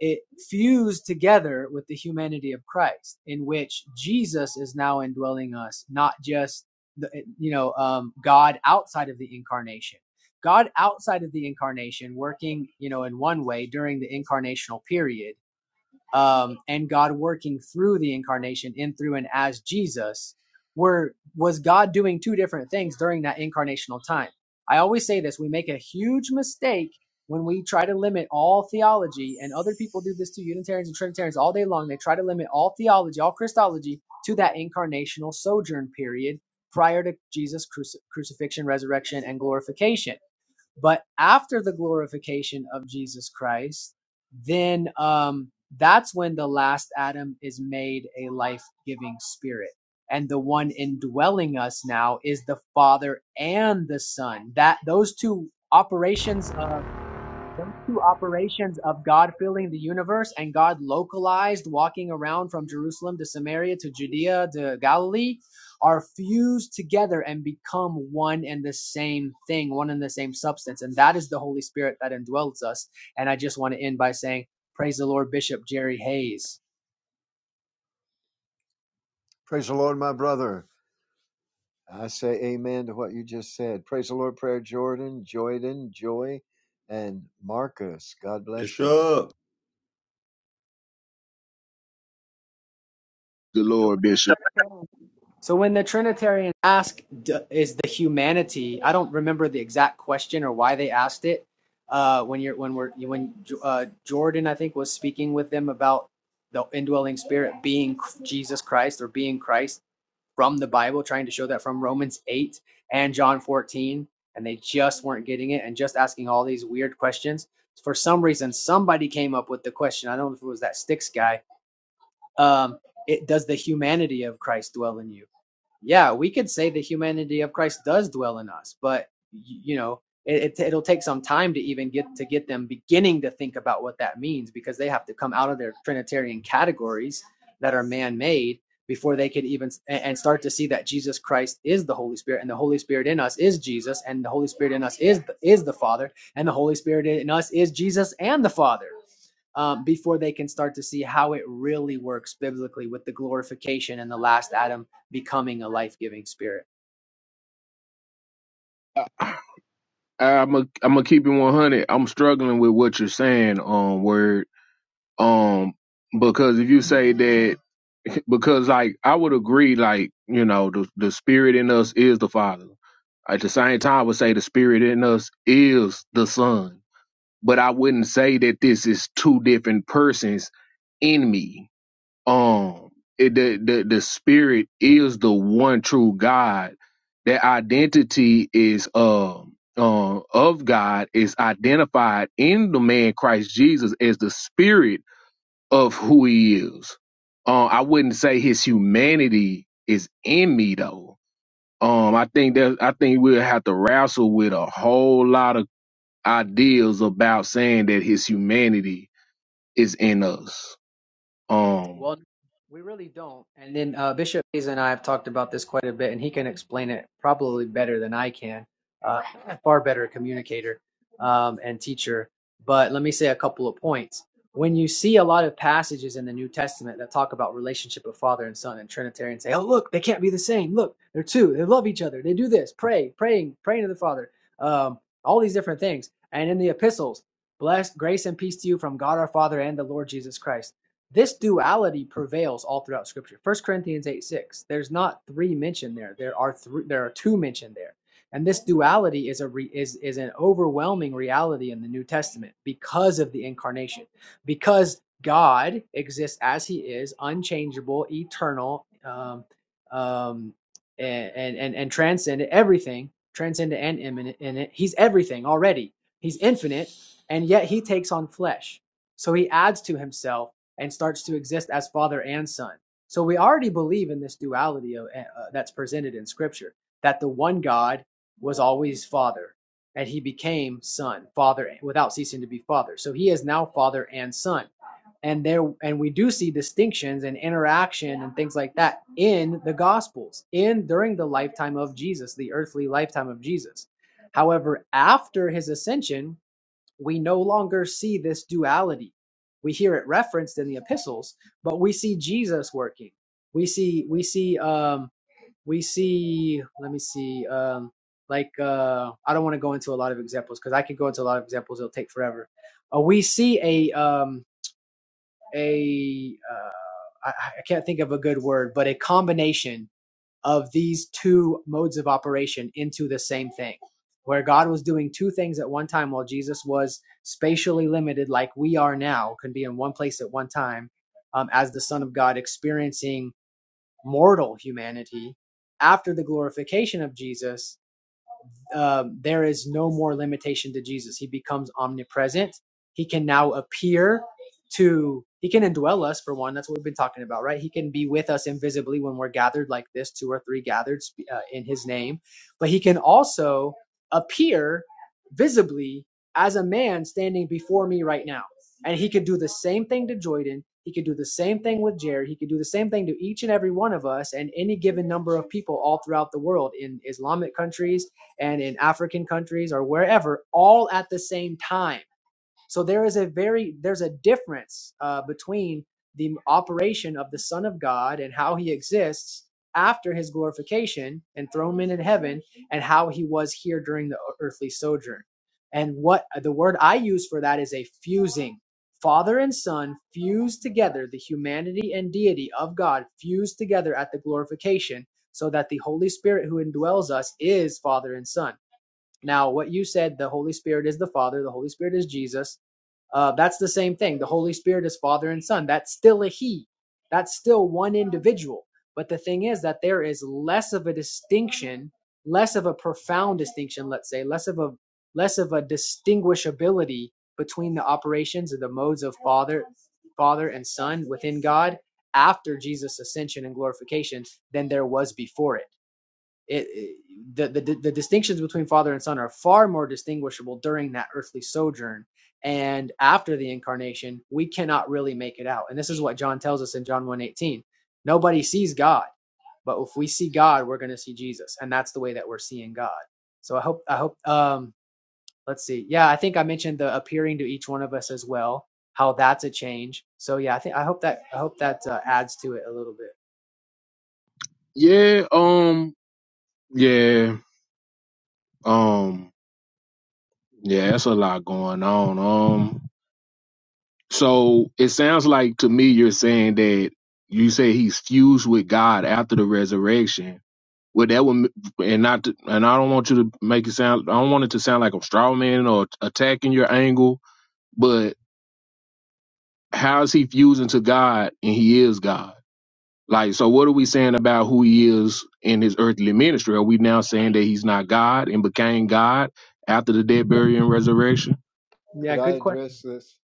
Speaker 5: it fused together with the humanity of Christ, in which Jesus is now indwelling us, not just the, you know um, God outside of the incarnation. God outside of the incarnation, working you know in one way during the incarnational period, um, and God working through the incarnation in through and as Jesus were was God doing two different things during that incarnational time. I always say this, we make a huge mistake when we try to limit all theology and other people do this to Unitarians and Trinitarians all day long. They try to limit all theology, all Christology to that incarnational sojourn period prior to Jesus cruci- crucifixion, resurrection and glorification but after the glorification of Jesus Christ, then um, that's when the last Adam is made a life giving spirit. And the one indwelling us now is the Father and the Son. That those two operations uh, those two operations of God filling the universe and God localized walking around from Jerusalem to Samaria to Judea to Galilee are fused together and become one and the same thing, one and the same substance. And that is the Holy Spirit that indwells us. And I just want to end by saying, Praise the Lord, Bishop Jerry Hayes.
Speaker 8: Praise the Lord, my brother. I say amen to what you just said. Praise the Lord, Prayer Jordan, Joyden, Joy, and Marcus. God bless everyone.
Speaker 1: Bishop.
Speaker 4: Good
Speaker 5: So
Speaker 4: Lord, Bishop.
Speaker 5: we're gonna So when the Trinitarians ask, "Is the humanity?" I don't remember the exact question or why they asked it. Uh, when you're when we're when uh, Jordan, I think, was speaking with them about the indwelling Spirit being Jesus Christ or being Christ from the Bible, trying to show that from Romans eight and John fourteen, and they just weren't getting it and just asking all these weird questions. For some reason, somebody came up with the question. I don't know if it was that sticks guy. Um, it does the humanity of Christ dwell in you? yeah, we could say the humanity of Christ does dwell in us, but you know, it, it it'll take some time to even get to get them beginning to think about what that means because they have to come out of their Trinitarian categories that are man-made before they could even and, start to see that Jesus Christ is the Holy Spirit and the Holy Spirit in us is Jesus and the Holy Spirit in us is is the Father and the Holy Spirit in us is Jesus and the Father um, before they can start to see how it really works biblically with the glorification and the last Adam becoming a life giving spirit.
Speaker 4: I, I'm a, I'm gonna keep it 100. I'm struggling with what you're saying, um, word, um, because if you say that, because like I would agree, like you know, the the spirit in us is the Father. At the same time, I would say the spirit in us is the Son, but I wouldn't say that this is two different persons in me. um it, the, the the spirit is the one true god that identity is um uh, of god is identified in the man christ jesus as the spirit of who he is um i wouldn't say his humanity is in me though um i think that i think we'll have to wrestle with a whole lot of ideas about saying that his humanity is in us um
Speaker 5: Well, we really don't. And then uh, Bishop Hayes and I have talked about this quite a bit, and he can explain it probably better than I can. Uh, far better communicator um, and teacher. But let me say a couple of points. When you see a lot of passages in the New Testament that talk about relationship of Father and Son and Trinitarian say, "Oh, look, they can't be the same. Look, they're two. They love each other. They do this. Pray, praying, praying to the Father. Um, all these different things." And in the epistles, blessed grace and peace to you from God our Father and the Lord Jesus Christ this duality prevails all throughout scripture First corinthians 8 6 there's not three mentioned there there are three there are two mentioned there and this duality is a re, is is an overwhelming reality in the new testament because of the incarnation because god exists as he is unchangeable eternal um, um, and, and and and transcendent everything transcendent and imminent in it he's everything already he's infinite and yet he takes on flesh so he adds to himself and starts to exist as father and son. So we already believe in this duality of, eh, uh, that's presented in scripture that the one God was always father and he became son, father without ceasing to be father. So he is now father and son. And there and we do see distinctions and interaction and things like that in the gospels in during the lifetime of Jesus, the earthly lifetime of Jesus. However, after his ascension, we no longer see this duality. We hear it referenced in the epistles, but we see Jesus working. We see we see um we see let me see um like uh I don't want to go into a lot of examples because I could go into a lot of examples it'll take forever. Uh, we see a um a uh, I, I can't think of a good word, but a combination of these two modes of operation into the same thing, where God was doing two things at one time while Jesus was spatially limited, like we are now, can be in one place at one time, um, as the Son of God experiencing mortal humanity. After the glorification of Jesus, um, there is no more limitation to Jesus. He becomes omnipresent. He can now appear to, he can indwell us for one. That's what we've been talking about, right? He can be with us invisibly when we're gathered like this, two or three gathered uh, in his name. But he can also appear visibly as a man standing before me right now. And he could do the same thing to Jordan. He could do the same thing with Jared. He could do the same thing to each and every one of us and any given number of people all throughout the world in Islamic countries, and in African countries or wherever all at the same time. So there is a very there's a difference uh, between the operation of the Son of God and how he exists after his glorification and thronement in heaven and how he was here during the earthly sojourn. And what the word I use for that is a fusing. Father and Son fused together, the humanity and deity of God fused together at the glorification, so that the Holy Spirit who indwells us is Father and Son. Now, what you said, the Holy Spirit is the Father, the Holy Spirit is Jesus. Uh, that's the same thing. The Holy Spirit is Father and Son. That's still a He. That's still one individual. But the thing is that there is less of a distinction, less of a profound distinction, let's say, less of a less of a distinguishability between the operations or the modes of Father, Father and Son within God after Jesus' ascension and glorification than there was before it it, it- the, the the distinctions between father and son are far more distinguishable during that earthly sojourn and after the incarnation we cannot really make it out and this is what john tells us in john one eighteen: nobody sees god but if we see god we're going to see jesus and that's the way that we're seeing god so i hope i hope um let's see yeah i think i mentioned the appearing to each one of us as well how that's a change so yeah i think i hope that i hope that uh, adds to it a little bit
Speaker 4: yeah um Yeah. Um. Yeah, that's a lot going on. Um. So it sounds like to me you're saying that you say he's fused with God after the resurrection. Well, that would, and not, to, and I don't want you to make it sound. I don't want it to sound like I'm straw man or attacking your angle. But how is he fusing to God and he is God? Like, so what are we saying about who he is in his earthly ministry? Are we now saying that he's not God and became God after the death, burial, and resurrection?
Speaker 5: yeah
Speaker 8: Could I
Speaker 5: good question
Speaker 8: address this?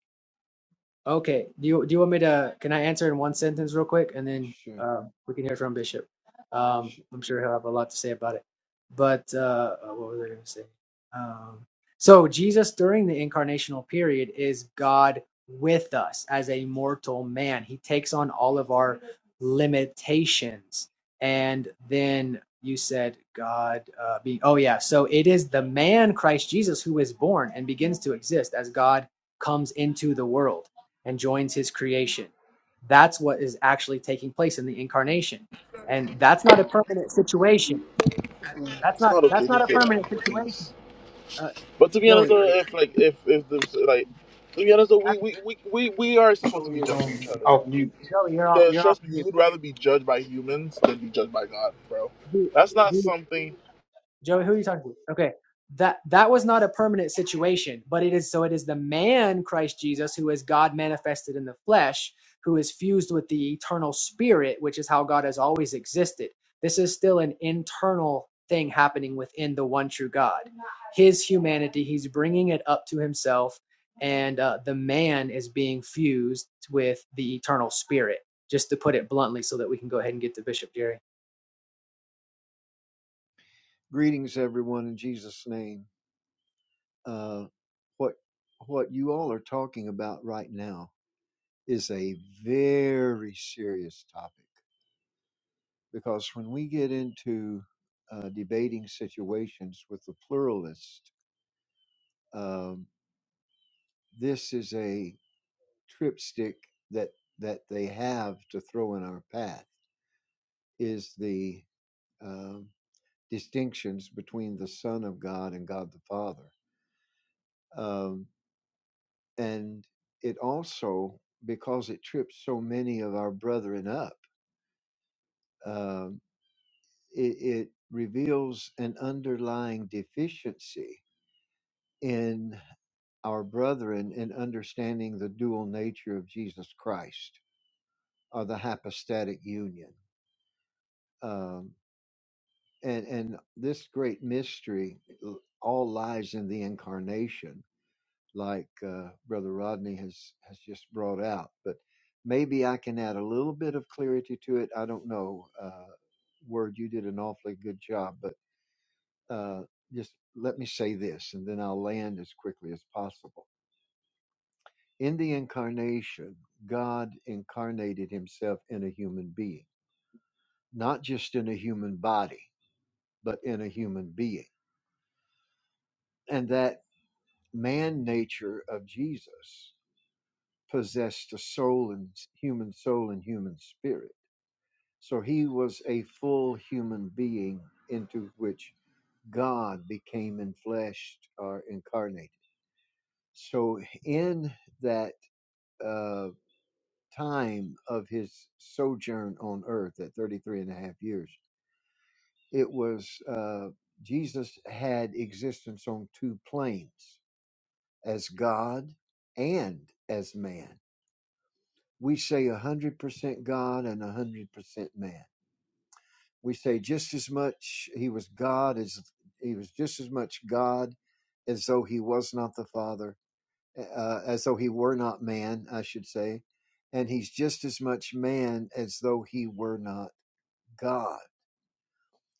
Speaker 5: Okay. Do you do you want me to? Can I answer in one sentence real quick, and then
Speaker 8: Sure.
Speaker 5: uh, we can hear from Bishop. Um,
Speaker 8: sure.
Speaker 5: I'm sure he'll have a lot to say about it. But uh, uh, what was I going to say? Um, so Jesus during the incarnational period is God with us as a mortal man. He takes on all of our limitations, and then you said God uh, being. Oh yeah. So it is the man Christ Jesus who is born and begins to exist as God comes into the world and joins his creation. That's what is actually taking place in the incarnation. And that's not a permanent situation. That's
Speaker 6: It's
Speaker 5: not
Speaker 6: not
Speaker 5: that's
Speaker 6: okay to
Speaker 5: not a
Speaker 6: say that
Speaker 5: permanent situation.
Speaker 6: things.
Speaker 5: Uh,
Speaker 6: But to be honest,
Speaker 5: Joey, are,
Speaker 6: though, if like if if the like to be honest, though, we we, we, we we are supposed to
Speaker 7: Joey
Speaker 6: be
Speaker 7: is on
Speaker 6: judging each other.
Speaker 7: off mute.
Speaker 5: Joey, you're off
Speaker 6: Just,
Speaker 5: you're off
Speaker 6: trust me, you
Speaker 5: mute.
Speaker 6: would rather be judged by humans than be judged by God, bro.
Speaker 5: Do,
Speaker 6: That's not
Speaker 5: do
Speaker 6: something.
Speaker 5: Joey, who are you talking to? Okay. That that was not a permanent situation, but it is so it is the man Christ Jesus who is God manifested in the flesh, who is fused with the eternal spirit, which is how God has always existed. This is still an internal thing happening within the one true God. His humanity, he's bringing it up to himself and uh, the man is being fused with the eternal spirit, just to put it bluntly so that we can go ahead and get to Bishop Jerry.
Speaker 8: Greetings, everyone, in Jesus' name. Uh, what what you all are talking about right now is a very serious topic because when we get into uh, debating situations with the pluralist, um, this is a tripstick that that they have to throw in our path is the um, distinctions between the Son of God and God the Father, um, and it also because it trips so many of our brethren up, um, it, it reveals an underlying deficiency in our brethren in understanding the dual nature of Jesus Christ or the hypostatic union. Um, and and this great mystery uh, all lies in the incarnation like uh, brother rodney has has just brought out but maybe i can add a little bit of clarity to it i don't know uh, word you did an awfully good job but uh, just let me say this and then i'll land as quickly as possible in the incarnation god incarnated himself in a human being not just in a human body but in a human being and that man nature of Jesus possessed a soul and human soul and human spirit. So he was a full human being into which God became enfleshed or incarnated. So in that uh, time of his sojourn on earth, that 33 and a half years, it was uh, Jesus had existence on two planes as God and as man we say 100% God and 100% man. We say just as much he was God as he was just as much God as though he was not the Father, uh, as though he were not man, I should say. And he's just as much man as though he were not God.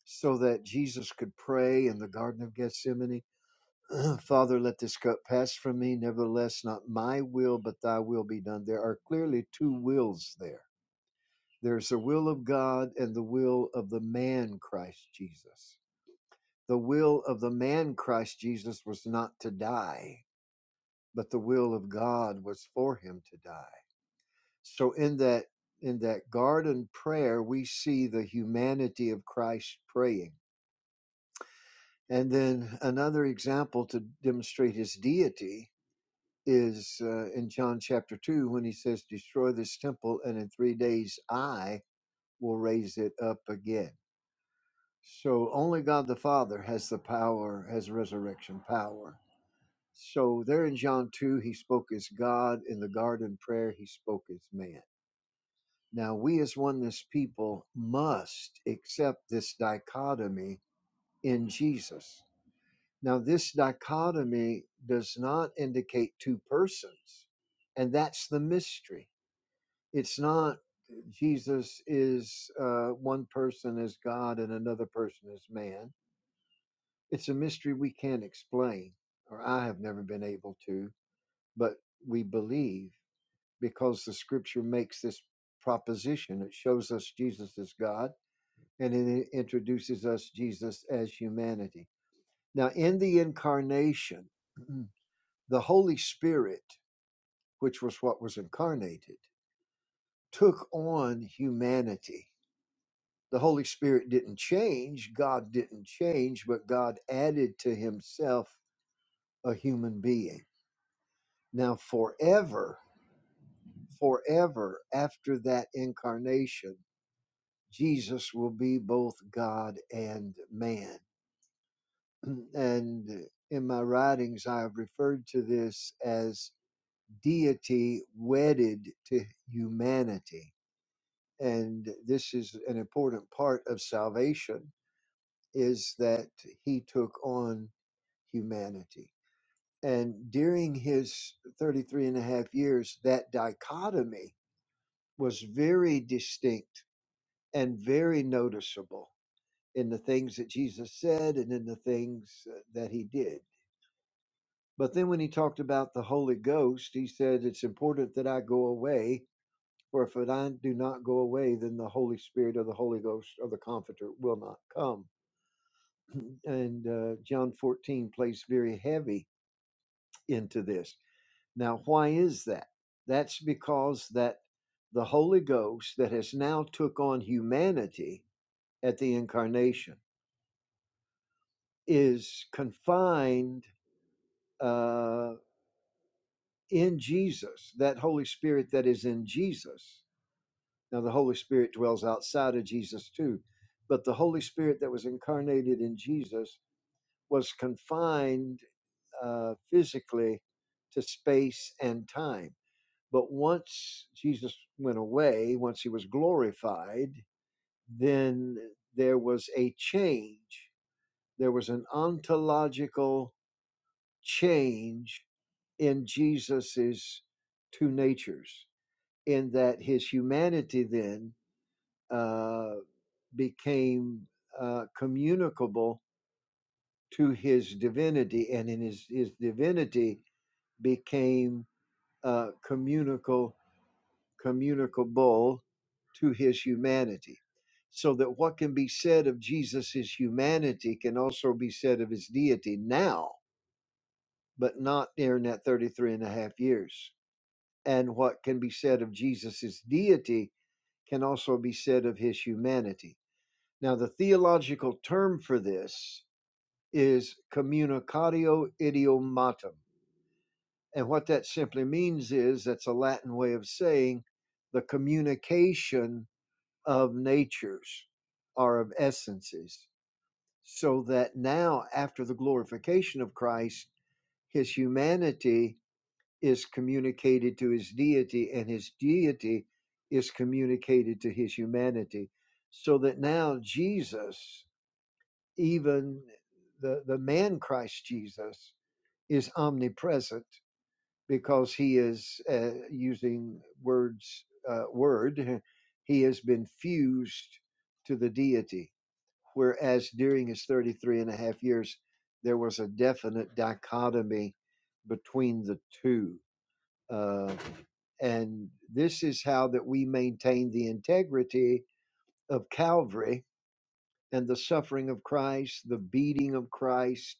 Speaker 8: So that Jesus could pray in the Garden of Gethsemane, Father, let this cup pass from me. Nevertheless, not my will, but thy will be done. There are clearly two wills there There's the will of God and the will of the man Christ Jesus. The will of the man Christ Jesus was not to die, but the will of God was for him to die. So in that in that garden prayer we see the humanity of Christ praying. And then another example to demonstrate his deity is uh, in John chapter 2 when he says destroy this temple and in 3 days I will raise it up again So only God the Father has the power, has resurrection power. So there in John 2, he spoke as God. In the garden prayer, he spoke as man. Now we as oneness people must accept this dichotomy in Jesus. Now, this dichotomy does not indicate two persons, and that's the mystery. It's not Jesus is uh, one person is God and another person is man It's a mystery we can't explain, or I have never been able to, but we believe because the scripture makes this proposition. It shows us Jesus as God and it introduces us Jesus as humanity. Now, in the incarnation, the Holy Spirit, which was what was incarnated, took on humanity. The Holy Spirit didn't change, God didn't change, but God added to himself a human being Now, forever, forever after that incarnation, Jesus will be both God and man. And in my writings, I have referred to this as deity wedded to humanity. And this is an important part of salvation is that he took on humanity. And during his 33 and a half years, that dichotomy was very distinct and very noticeable in the things that Jesus said and in the things uh, that he did. But then when he talked about the Holy Ghost, he said, It's important that I go away, for if I do not go away, then the Holy Spirit or the Holy Ghost or the Comforter will not come. And uh, John 14 plays very heavy into this. Now, why is that? That's because that the Holy Ghost that has now took on humanity at the incarnation is confined uh, in Jesus, that Holy Spirit that is in Jesus. Now, the Holy Spirit dwells outside of Jesus too, but the Holy Spirit that was incarnated in Jesus was confined uh, physically to space and time. But once Jesus went away, once he was glorified, then there was a change. There was an ontological change in Jesus's two natures, in that his humanity then uh, became uh, communicable to his divinity, and in his, his divinity became uh, communicable, communicable to his humanity. So that what can be said of Jesus's humanity can also be said of his deity now, but not during that 33 and a half years and what can be said of Jesus' deity can also be said of his humanity. Now, the theological term for this is communicatio idiomatum. And what that simply means is that's a Latin way of saying the communication of natures or of essences. So that now, after the glorification of Christ, his humanity is communicated to his deity, and his deity is communicated to his humanity. So that now Jesus, even the, the man Christ Jesus, is omnipresent because he is uh, using words, uh, word, he has been fused to the deity. Whereas during his 33 and a half years, there was a definite dichotomy between the two uh, and this is how that we maintain the integrity of Calvary and the suffering of Christ, the beating of Christ,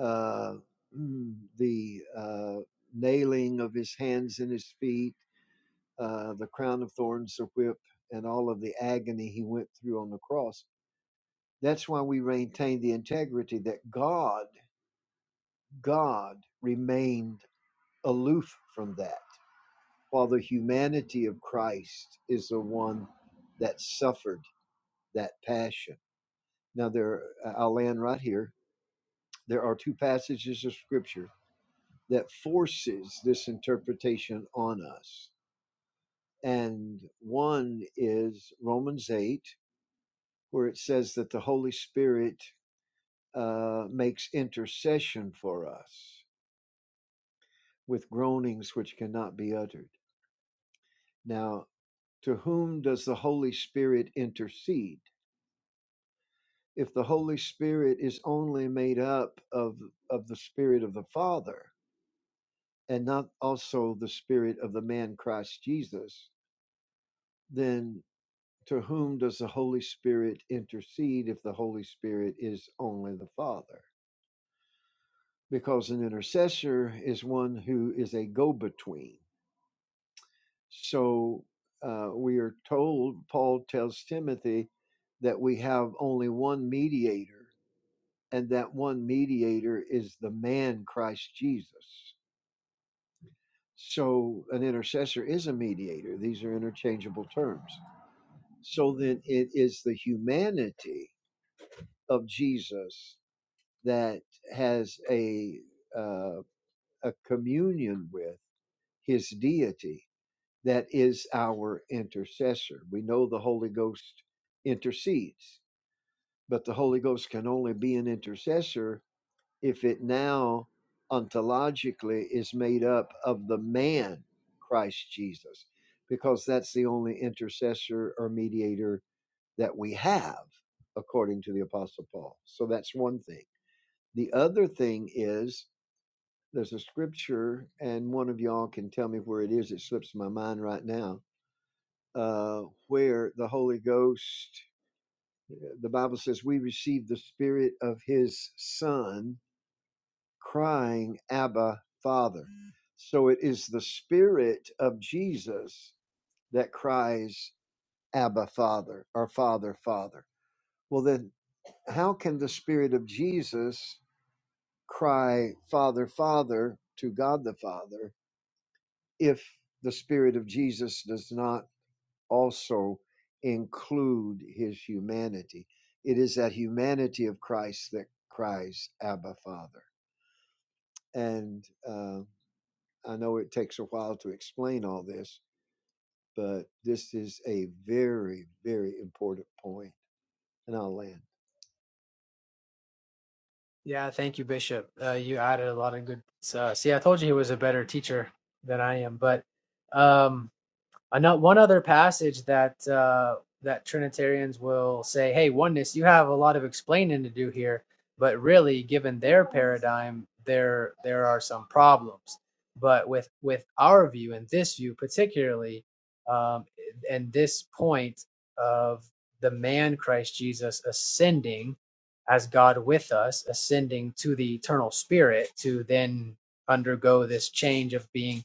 Speaker 8: uh, mm, the uh, nailing of his hands and his feet, uh, the crown of thorns, the whip, and all of the agony he went through on the cross. That's why we maintain the integrity that God, God remained aloof from that. while the humanity of Christ is the one that suffered that passion. Now, there, uh, I'll land right here. There are two passages of Scripture that forces this interpretation on us, and one is Romans eight, where it says that the Holy Spirit uh, makes intercession for us with groanings which cannot be uttered. Now, to whom does the Holy Spirit intercede? if the Holy Spirit is only made up of of the Spirit of the Father and not also the Spirit of the man Christ Jesus, then to whom does the Holy Spirit intercede if the Holy Spirit is only the Father? Because an intercessor is one who is a go between. So uh, we are told, Paul tells Timothy, that we have only one mediator and that one mediator is the man Christ Jesus. So an intercessor is a mediator. These are interchangeable terms. So then it is the humanity of Jesus that has a uh, a communion with his deity that is our intercessor. We know the Holy Ghost intercedes, but the Holy Ghost can only be an intercessor if it now ontologically is made up of the man Christ Jesus, because that's the only intercessor or mediator that we have, according to the Apostle Paul. So that's one thing. The other thing is there's a scripture, and one of y'all can tell me where it is. It slips my mind right now, uh, where the Holy Ghost, eh, the Bible says, we receive the spirit of his son crying, Abba, Father. So it is the Spirit of Jesus that cries, Abba, Father, or Father, Father. Well, then, how can the Spirit of Jesus cry, Father, Father, to God the Father, if the Spirit of Jesus does not also include his humanity? It is that humanity of Christ that cries, Abba, Father. And uh, I know it takes a while to explain all this, but this is a very, very important point, and I'll land.
Speaker 5: Yeah, thank you, Bishop. Uh, you added a lot of good. Uh, see, I told you he was a better teacher than I am, but um, Another one other passage that uh, that Trinitarians will say, "Hey, oneness, you have a lot of explaining to do here," but really, given their paradigm, there there are some problems. But with with our view and this view particularly, um, and this point of the man Christ Jesus ascending as God with us, ascending to the eternal Spirit to then undergo this change of being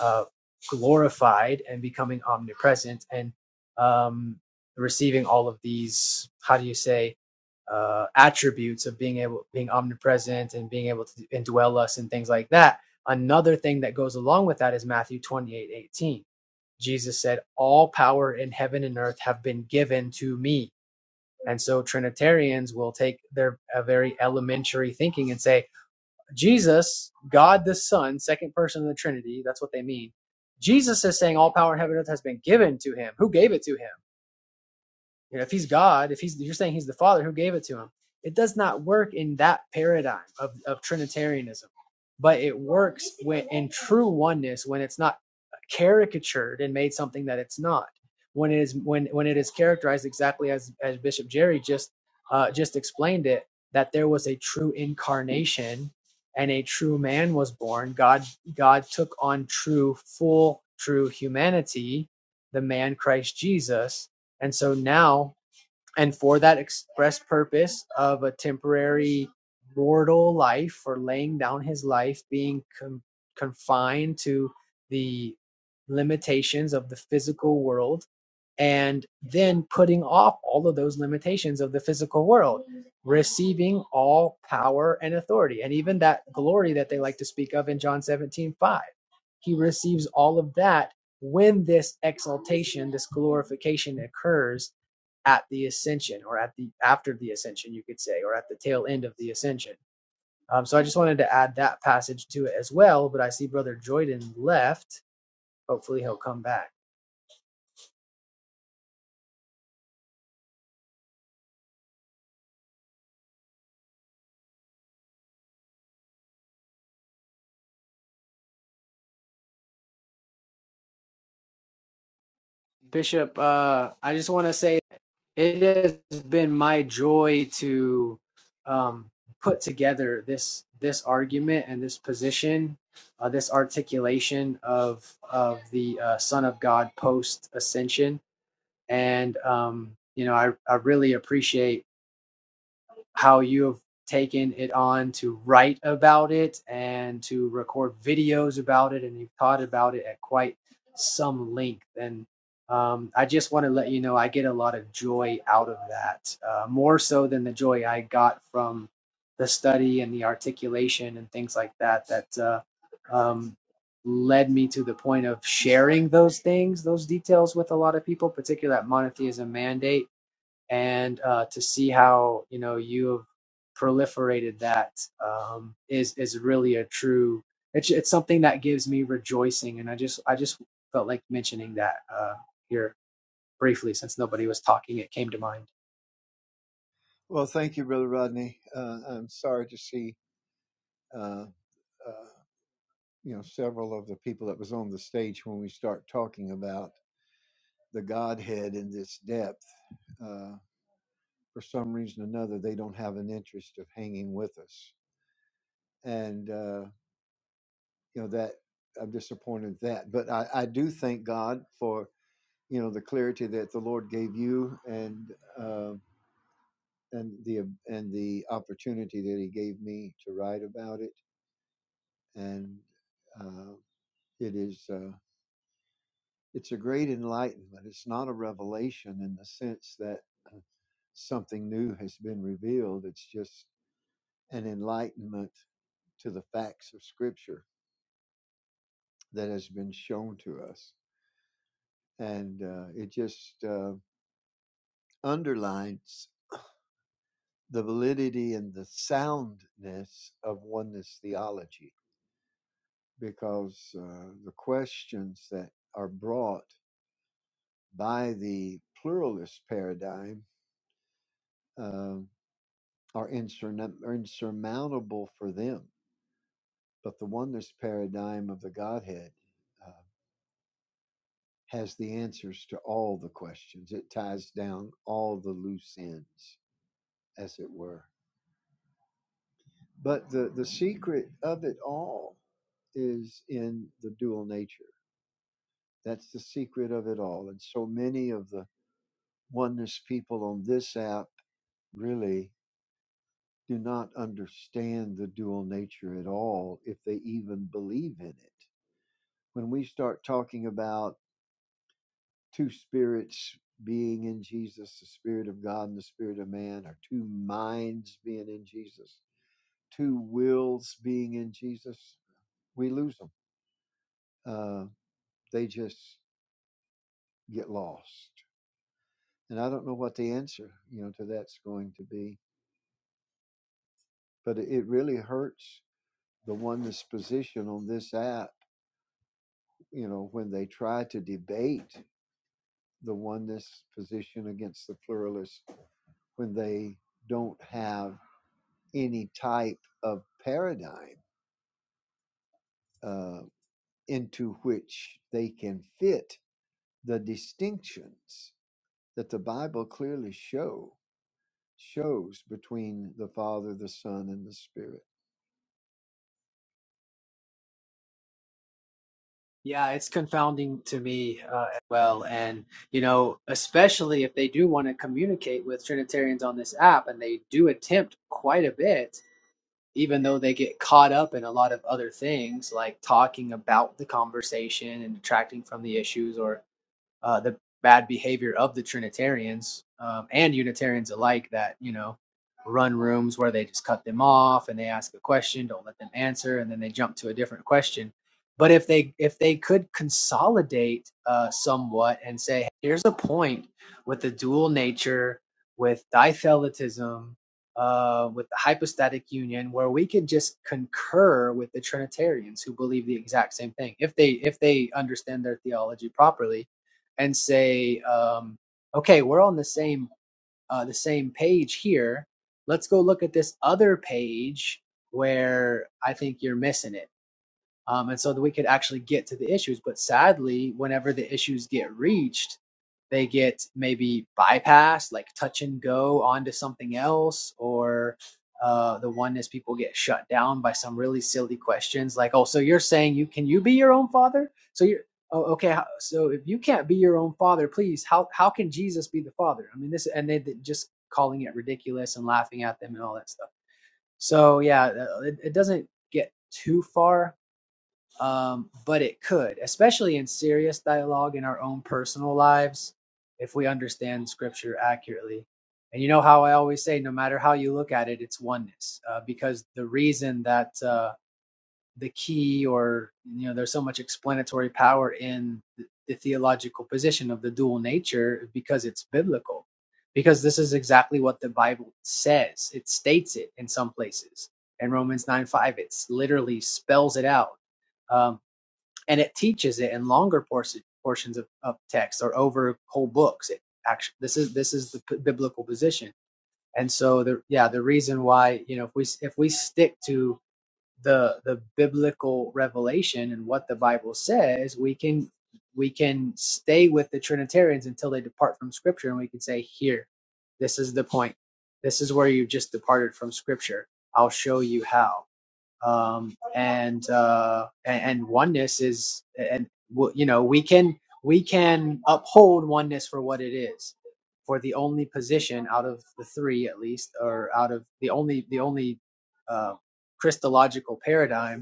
Speaker 5: Uh, glorified and becoming omnipresent and um, receiving all of these how do you say uh, attributes of being able being omnipresent and being able to indwell us and things like that another thing that goes along with that is matthew 28 18. jesus said all power in heaven and earth have been given to me and so trinitarians will take their a very elementary thinking and say Jesus, God the Son, second person of the Trinity, that's what they mean. Jesus is saying all power in heaven and earth has been given to him. Who gave it to him? You know, if he's God, if he's you're saying he's the Father who gave it to him, it does not work in that paradigm of, of Trinitarianism, but it works when in true oneness when it's not caricatured and made something that it's not. When it is when when it is characterized exactly as as Bishop Jerry just uh, just explained it, that there was a true incarnation and a true man was born. God God took on true full true humanity, the man Christ Jesus, and so now, and for that express purpose of a temporary mortal life or laying down his life, being con- confined to the limitations of the physical world and then putting off all of those limitations of the physical world, receiving all power and authority, and even that glory that they like to speak of in John 17 5, He receives all of that when this exaltation, this glorification occurs at the ascension or at the after the ascension, you could say, or at the tail end of the ascension. Um, so I just wanted to add that passage to it as well. But I see Brother Joyden left. Hopefully he'll come back. Bishop, uh, I just want to say it has been my joy to um, put together this this argument and this position, uh, this articulation of of the uh, Son of God post ascension, and um, you know I I really appreciate how you have taken it on to write about it and to record videos about it, and you've taught about it at quite some length. And um, I just want to let you know I get a lot of joy out of that, uh, more so than the joy I got from the study and the articulation and things like that. That uh, um, led me to the point of sharing those things, those details with a lot of people, particularly at monotheism mandate and uh, to see how you know you have proliferated that um, is is really a true. It's it's something that gives me rejoicing, and I just I just felt like mentioning that uh, here briefly since nobody was talking. It came to mind.
Speaker 8: Well, thank you, Brother Rodney. Uh, I'm sorry to see, uh, uh, you know, several of the people that was on the stage when we start talking about the Godhead in this depth. Uh, for some reason or another, they don't have an interest of hanging with us, and uh, you know that I'm disappointed in that. But I, I do thank God for you know the clarity that the Lord gave you and uh, and the um, and the opportunity that He gave me to write about it and uh, it is uh, it's a great enlightenment. It's not a revelation in the sense that uh, something new has been revealed. It's just an enlightenment to the facts of Scripture that has been shown to us, and uh, it just uh, underlines the validity and the soundness of oneness theology because uh, the questions that are brought by the pluralist paradigm um are insurna- insurmountable for them. But the oneness paradigm of the Godhead uh, has the answers to all the questions, it ties down all the loose ends, as it were. But the, the secret of it all is in the dual nature That's the secret of it all. And so many of the oneness people on this app really do not understand the dual nature at all if they even believe in it. When we start talking about two spirits being in Jesus, the spirit of God and the spirit of man, or two minds being in Jesus, two wills being in Jesus, we lose them. Uh, they just get lost. And I don't know what the answer, you know, to that's going to be but it really hurts the oneness position on this app, you know, when they try to debate the oneness position against the pluralist when they don't have any type of paradigm uh, into which they can fit the distinctions that the Bible clearly show shows between the Father, the Son, and the Spirit.
Speaker 5: Yeah, it's confounding to me uh, as well, and you know, especially if they do want to communicate with Trinitarians on this app, and they do attempt quite a bit even though they get caught up in a lot of other things like talking about the conversation and detracting from the issues or uh, the bad behavior of the Trinitarians um, and Unitarians alike that, you know, run rooms where they just cut them off and they ask a question, don't let them answer, and then they jump to a different question. But if they if they could consolidate uh, somewhat and say, here's a point with the dual nature, with dithelitism, uh, with the hypostatic union, where we could just concur with the Trinitarians who believe the exact same thing, if they if they understand their theology properly, and say, um, okay, we're on the same uh, the same page here. Let's go look at this other page where I think you're missing it um, and so that we could actually get to the issues. But sadly, whenever the issues get reached, they get maybe bypassed, like touch and go onto something else, or uh, the oneness people get shut down by some really silly questions, like, "Oh, so you're saying you can you be your own father? So you're oh, okay. how- So if you can't be your own father, please, how how can Jesus be the father? I mean, this and they they just calling it ridiculous and laughing at them and all that stuff. So yeah, uh, it, it doesn't get too far um, but it could, especially in serious dialogue in our own personal lives, if we understand Scripture accurately. And you know how I always say, no matter how you look at it, it's oneness, uh, because the reason that uh, the key, or you know, there's so much explanatory power in the, the theological position of the dual nature, because it's biblical, because this is exactly what the Bible says. It states it in some places. In Romans nine five, it literally spells it out Um, and it teaches it in longer portion, portions of, of text or over whole books. It actually, this is this is the p- biblical position, and so the yeah the reason why you know if we if we stick to the the biblical revelation and what the Bible says, we can we can stay with the Trinitarians until they depart from Scripture, and we can say here, this is the point, this is where you just departed from Scripture. I'll show you how um, and, uh, and and oneness is and w- you know we can we can uphold oneness for what it is for the only position out of the three at least or out of the only the only uh, christological paradigm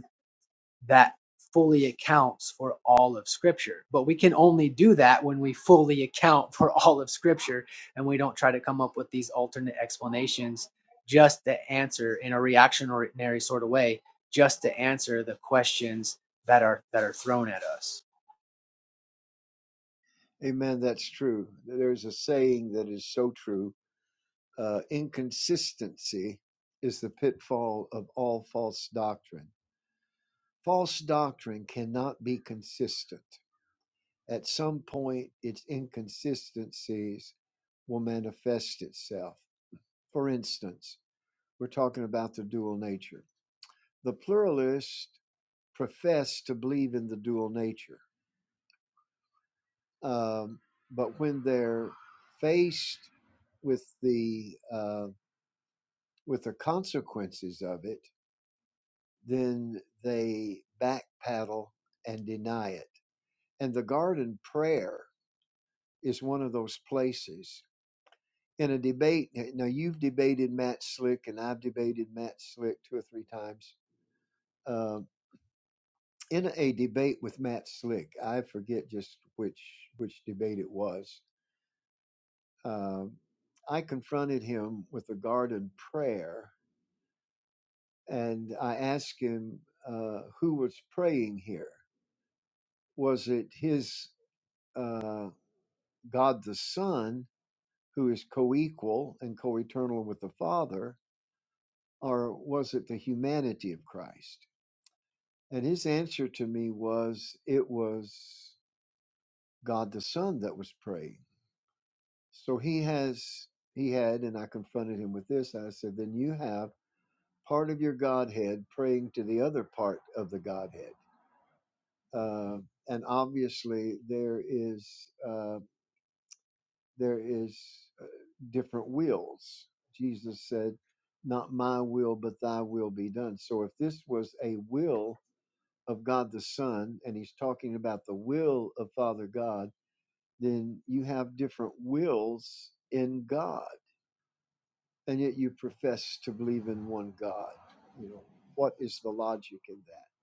Speaker 5: that fully accounts for all of scripture but we can only do that when we fully account for all of scripture and we don't try to come up with these alternate explanations just to answer in a reactionary sort of way just to answer the questions that are that are thrown at us
Speaker 8: Amen. That's true. There's a saying that is so true uh, inconsistency is the pitfall of all false doctrine. False doctrine cannot be consistent. At some point, its inconsistencies will manifest itself. For instance, we're talking about the dual nature. The pluralists profess to believe in the dual nature, um, but when they're faced with the uh, with the consequences of it, then they backpedal and deny it. And the garden prayer is one of those places. In a debate, eh, now you've debated Matt Slick, and I've debated Matt Slick two or three times. Um, in a debate with Matt Slick, I forget just which which debate it was. Um, I confronted him with the garden prayer, and I asked him uh, who was praying here. Was it his? uh, God the Son, who is co equal and co eternal with the Father, or was it the humanity of Christ? And his answer to me was it was God the Son that was praying. So he has, he had, and I confronted him with this. I said, then you have part of your Godhead praying to the other part of the Godhead. Uh, and obviously, there is. uh, there is uh, different wills. Jesus said, "Not my will, but thy will be done." So if this was a will of God the Son and he's talking about the will of Father God, then you have different wills in God, and yet you profess to believe in one God. You know, what is the logic in that?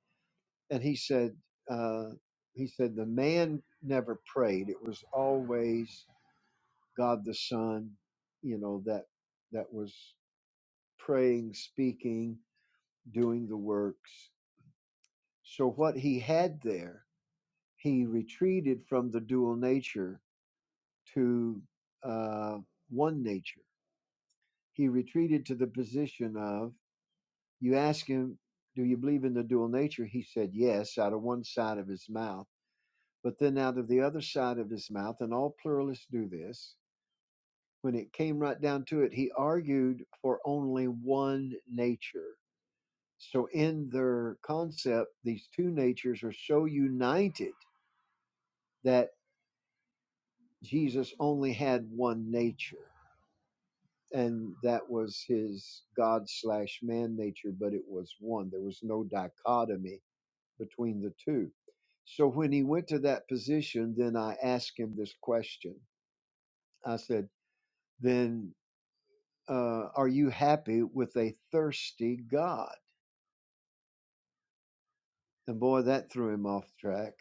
Speaker 8: And he said, uh, he said the man never prayed. It was always God the Son, you know, that that was praying, speaking, doing the works. So what he had there, he retreated from the dual nature to uh, one nature. He retreated to the position of you ask him, do you believe in the dual nature? He said yes out of one side of his mouth, but then out of the other side of his mouth, and all pluralists do this when it came right down to it, he argued for only one nature. So, in their concept, these two natures are so united that Jesus only had one nature, and that was his God slash man nature, but it was one. There was no dichotomy between the two. So, when he went to that position, then I asked him this question I said, Then uh, are you happy with a thirsty God? And boy, that threw him off track.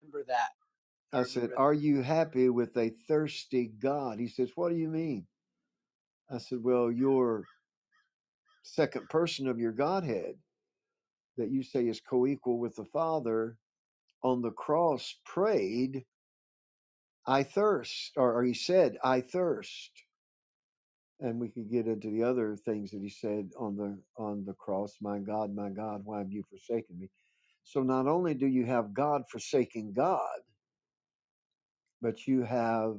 Speaker 5: remember that i
Speaker 8: I
Speaker 5: remember
Speaker 8: said,
Speaker 5: that
Speaker 8: Are you happy with a thirsty God? He says, What do you mean? I said, Well, your second person of your Godhead that you say is co equal with the Father on the cross prayed, 'I thirst, or, or he said, 'I thirst. And we could get into the other things that he said on the on the cross, my God, my God, why have you forsaken me? So not only do you have God forsaking God, but you have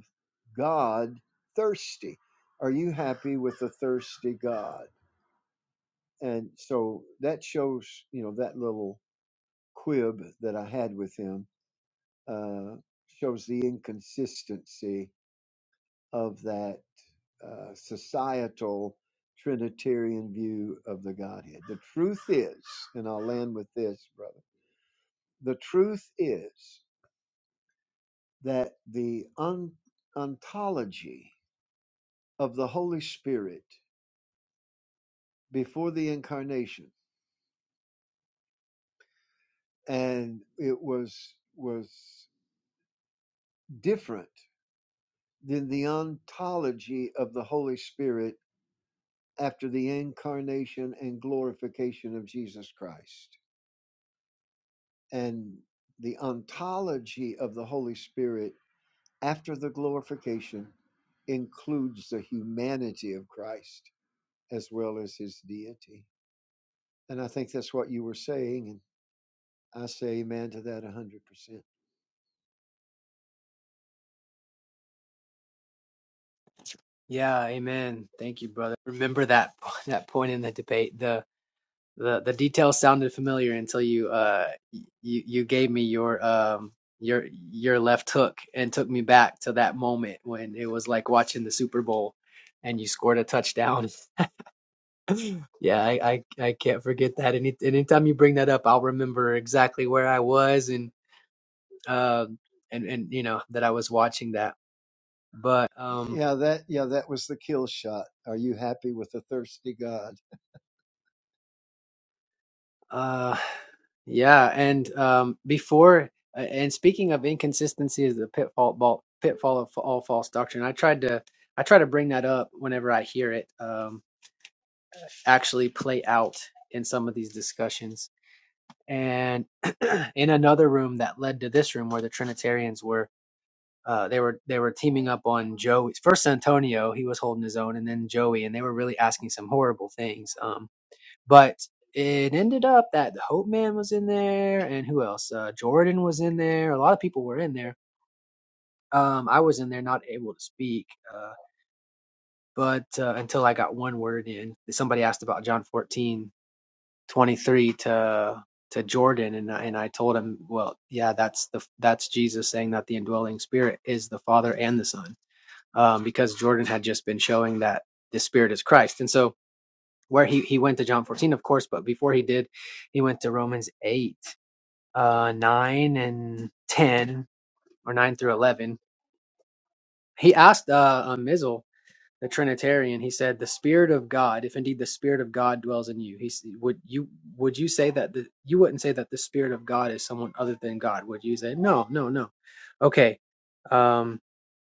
Speaker 8: God thirsty. Are you happy with the thirsty God? And so that shows, you know, that little quib that I had with him uh, shows the inconsistency of that uh, societal Trinitarian view of the Godhead. The truth is, and I'll land with this, brother, the truth is that the on- ontology of the Holy Spirit before the incarnation and it was was different than the ontology of the holy spirit after the incarnation and glorification of jesus christ and the ontology of the holy spirit after the glorification includes the humanity of christ as well as his deity and i think that's what you were saying and i say amen to that 100%
Speaker 5: yeah amen thank you brother remember that that point in the debate The. The the details sounded familiar until you uh you you gave me your um your your left hook and took me back to that moment when it was like watching the Super Bowl and you scored a touchdown. Yeah, I I, I can't forget that. Any anytime you bring that up, I'll remember exactly where I was and um uh, and and you know that I was watching that. But um
Speaker 8: Yeah, that yeah, that was the kill shot. Are you happy with the thirsty God?
Speaker 5: Uh, yeah, and um, before and speaking of inconsistency is the pitfall ball, pitfall of all false doctrine. I tried to I try to bring that up whenever I hear it um, actually play out in some of these discussions. And in another room that led to this room where the Trinitarians were. Uh, they were they were teaming up on Joey first Antonio he was holding his own and then Joey and they were really asking some horrible things Um. But it ended up that the Hope Man was in there, and who else? Uh, Jordan was in there. A lot of people were in there. Um, I was in there, not able to speak, uh, but uh, until I got one word in, somebody asked about John fourteen twenty three to to Jordan, and I, and I told him, well, yeah, that's the that's Jesus saying that the indwelling Spirit is the Father and the Son, um, because Jordan had just been showing that the Spirit is Christ, and so where he, he went to John 14, of course, but before he did, he went to Romans 8, uh, 9 and 10, or 9 through 11. He asked uh, uh, Mizzle, the Trinitarian, he said, "The Spirit of God, if indeed the Spirit of God dwells in you, he would you would you say that the you wouldn't say that the Spirit of God is someone other than God, would you say no, no, no? Okay, um,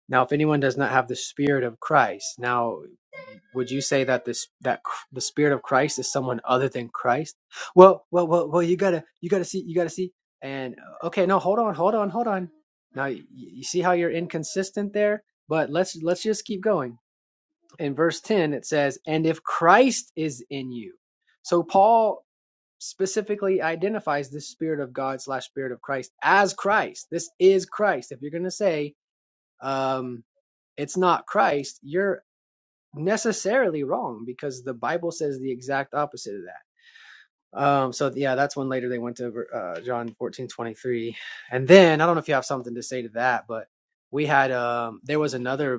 Speaker 5: now if anyone does not have the Spirit of Christ, now would you say that this that the spirit of Christ is someone other than Christ? Well, well, well, well, you gotta you gotta see you gotta see. And uh, okay, no, hold on, hold on, hold on. Now you, you see how you're inconsistent there, but let's let's just keep going. In verse ten, it says, "And if Christ is in you," so Paul specifically identifies this spirit of God slash spirit of Christ as Christ. This is Christ. If you're gonna say um, it's not Christ, you're necessarily wrong because the Bible says the exact opposite of that. Um, so yeah, that's when later they went to uh, John fourteen twenty three, and then I don't know if you have something to say to that, but we had um, there was another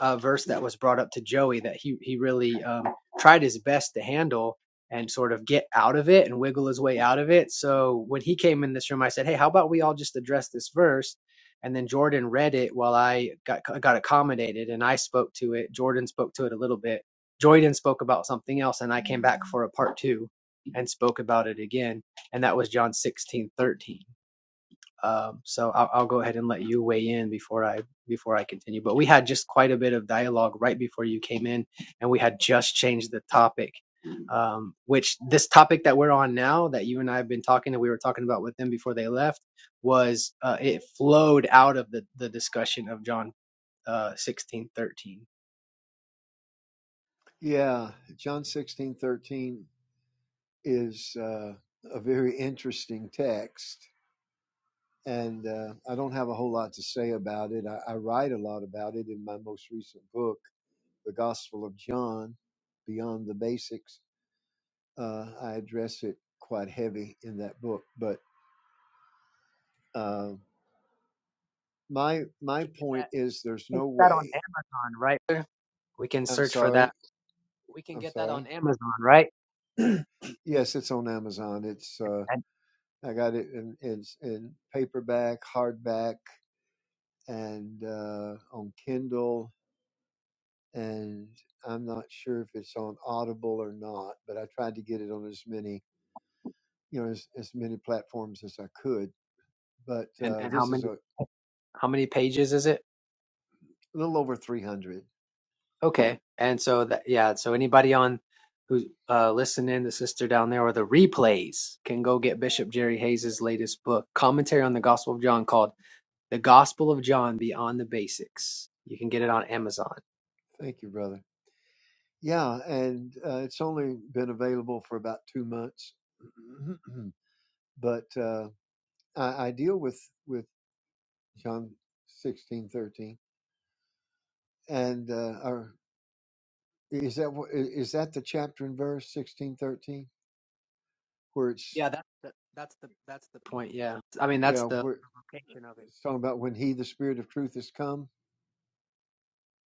Speaker 5: uh, verse that was brought up to Joey that he he really um, tried his best to handle and sort of get out of it and wiggle his way out of it. So when he came in this room, I said, "Hey, how about we all just address this verse?" And then Jordan read it while I got got accommodated, and I spoke to it. Jordan spoke to it a little bit. Jordan spoke about something else, and I came back for a part two and spoke about it again, and that was John sixteen thirteen. Um, so I'll, I'll go ahead and let you weigh in before I before I continue. But we had just quite a bit of dialogue right before you came in, and we had just changed the topic. Um, which this topic that we're on now, that you and I have been talking, and we were talking about with them before they left, was uh, it flowed out of the the discussion of John uh, sixteen thirteen.
Speaker 8: Yeah, John sixteen thirteen is uh, a very interesting text, and uh, I don't have a whole lot to say about it. I, I write a lot about it in my most recent book, The Gospel of John, Beyond the Basics. Uh, I address it quite heavy in that book, but uh, my
Speaker 5: We
Speaker 8: my
Speaker 5: can get
Speaker 8: point
Speaker 5: that,
Speaker 8: is, there's
Speaker 5: we can
Speaker 8: no
Speaker 5: get that on
Speaker 8: way.
Speaker 5: Amazon, right? We can
Speaker 8: I'm
Speaker 5: search for
Speaker 8: sorry.
Speaker 5: that. We can
Speaker 8: I'm
Speaker 5: get that
Speaker 8: sorry.
Speaker 5: on Amazon, right?
Speaker 8: Yes, it's on Amazon. It's uh,
Speaker 5: And
Speaker 8: I got it in in, in paperback, hardback, and uh, on Kindle. And I'm not sure if it's on Audible or not, but I tried to get it on as many you know as, as many platforms as I could. But
Speaker 5: and
Speaker 8: uh,
Speaker 5: and how
Speaker 8: this is
Speaker 5: many
Speaker 8: a
Speaker 5: how many pages is it?
Speaker 8: little over 300.
Speaker 5: Okay. And so that yeah, so anybody on who's uh listening, the sister down there or the replays can go get Bishop Jerry Hayes's latest book, commentary on the Gospel of John called The Gospel of John Beyond the Basics. You can get it on Amazon.
Speaker 8: Thank you, brother. Yeah, and uh, it's only been available for about two months, but uh, I, I deal with with John 16 13. and uh, or is that wh- i- is that the chapter and verse sixteen thirteen where it's
Speaker 5: Yeah, that's the that's the that's the point, yeah. I mean that's
Speaker 8: yeah
Speaker 5: the
Speaker 8: where
Speaker 5: location of it.
Speaker 8: it's talking about when he the spirit of truth has come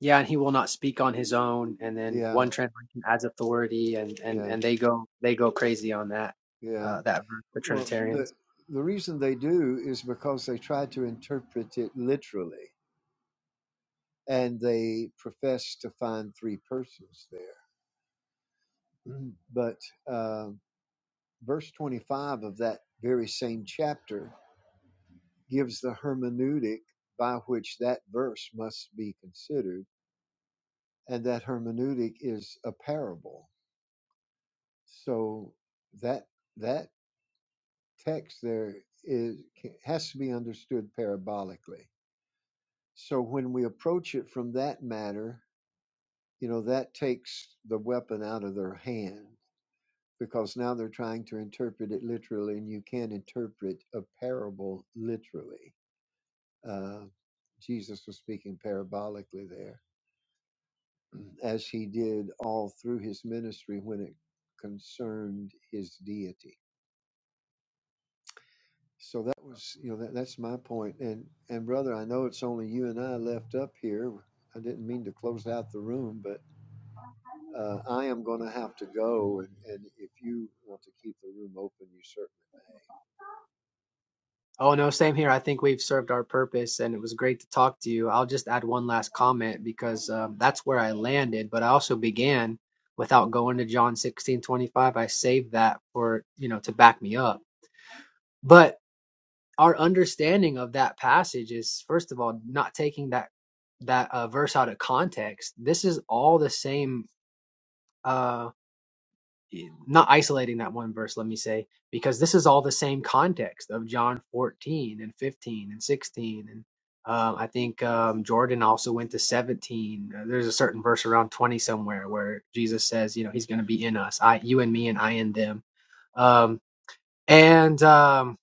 Speaker 5: Yeah, and he will not speak on his own and then
Speaker 8: yeah
Speaker 5: one translation adds authority and and
Speaker 8: yeah
Speaker 5: and they go they go crazy on that
Speaker 8: yeah
Speaker 5: uh that verse, the
Speaker 8: well
Speaker 5: Trinitarians.
Speaker 8: the the reason they do is because they try to interpret it literally and they profess to find three persons there Mhm. but uh, verse 25 of that very same chapter gives the hermeneutic by which that verse must be considered and that hermeneutic is a parable. So that that text there is has to be understood parabolically. So when we approach it from that matter, you know that takes the weapon out of their hand because now they're trying to interpret it literally, and you can't interpret a parable literally. Uh, Jesus was speaking parabolically there. as he did all through his ministry when it concerned his deity. So that was, you know, that, that's my point. And and brother, I know it's only you and I left up here. I didn't mean to close out the room, but uh, I am going to have to go. And, and if you want to keep the room open, you certainly.
Speaker 5: Oh, no, same here. I think we've served our purpose and it was great to talk to you. I'll just add one last comment because um, that's where I landed, but I also began without going to John 16 25. I saved that for, you know, to back me up. But our understanding of that passage is, first of all, not taking that that uh, verse out of context. This is all the same. Uh, not isolating that one verse, let me say, because this is all the same context of John 14 and 15 and 16. And um, I think um, Jordan also went to 17. Uh, There's a certain verse around 20 somewhere where Jesus says, you know, he's going to be in us, I, you and me, and I in them. Um, and um,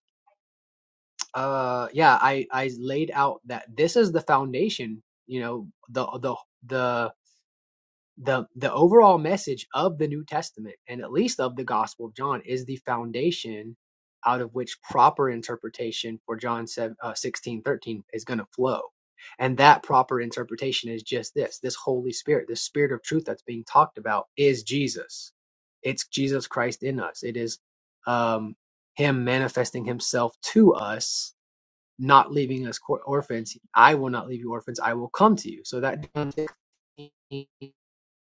Speaker 5: uh, yeah, I, I laid out that this is the foundation, you know, the, the, the, the the overall message of the New Testament and at least of the Gospel of John is the foundation out of which proper interpretation for John 7, uh, is going to flow. And that proper interpretation is just this this Holy Spirit, this Spirit of truth that's being talked about is Jesus. It's Jesus Christ in us. It is um, Him manifesting Himself to us, not leaving us cor- orphans. I will not leave you orphans. I will come to you. So that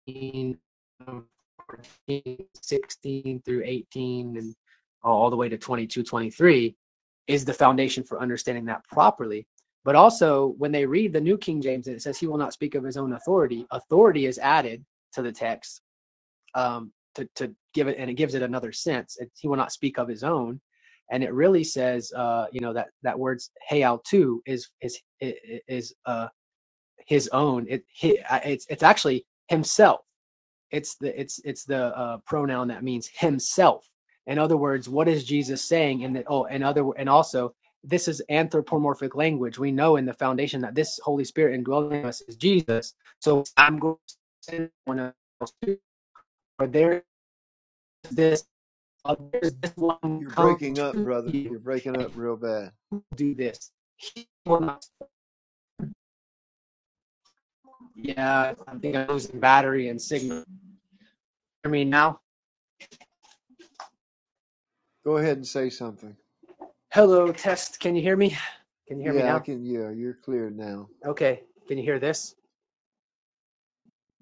Speaker 5: 13, um, 16 through 18 and all the way to 22 23 is the foundation for understanding that properly but also when they read the new king james it says he will not speak of his own authority authority is added to the text um, to, to give it and it gives it another sense It's he will not speak of his own and it really says uh, you know that that word's hey too is is is uh, his own it he, uh, it's it's actually himself it's the it's it's the uh, pronoun that means himself. In other words, what is Jesus saying? And that oh, and other and also this is anthropomorphic language. We know in the foundation that this Holy Spirit indwelling us is Jesus. So I'm going to send one else to or there is this uh, there's this one
Speaker 8: You're
Speaker 5: come
Speaker 8: breaking up,
Speaker 5: to
Speaker 8: brother.
Speaker 5: you
Speaker 8: You're breaking
Speaker 5: and
Speaker 8: up
Speaker 5: he
Speaker 8: real bad.
Speaker 5: do this. He will not. Yeah, I think I'm losing battery and signal. Hear me now?
Speaker 8: Go ahead and say something.
Speaker 5: Hello, test. Can you hear me? Can you hear me
Speaker 8: Yeah, I
Speaker 5: now?
Speaker 8: can. Yeah, you're clear now.
Speaker 5: Okay. Can you hear this?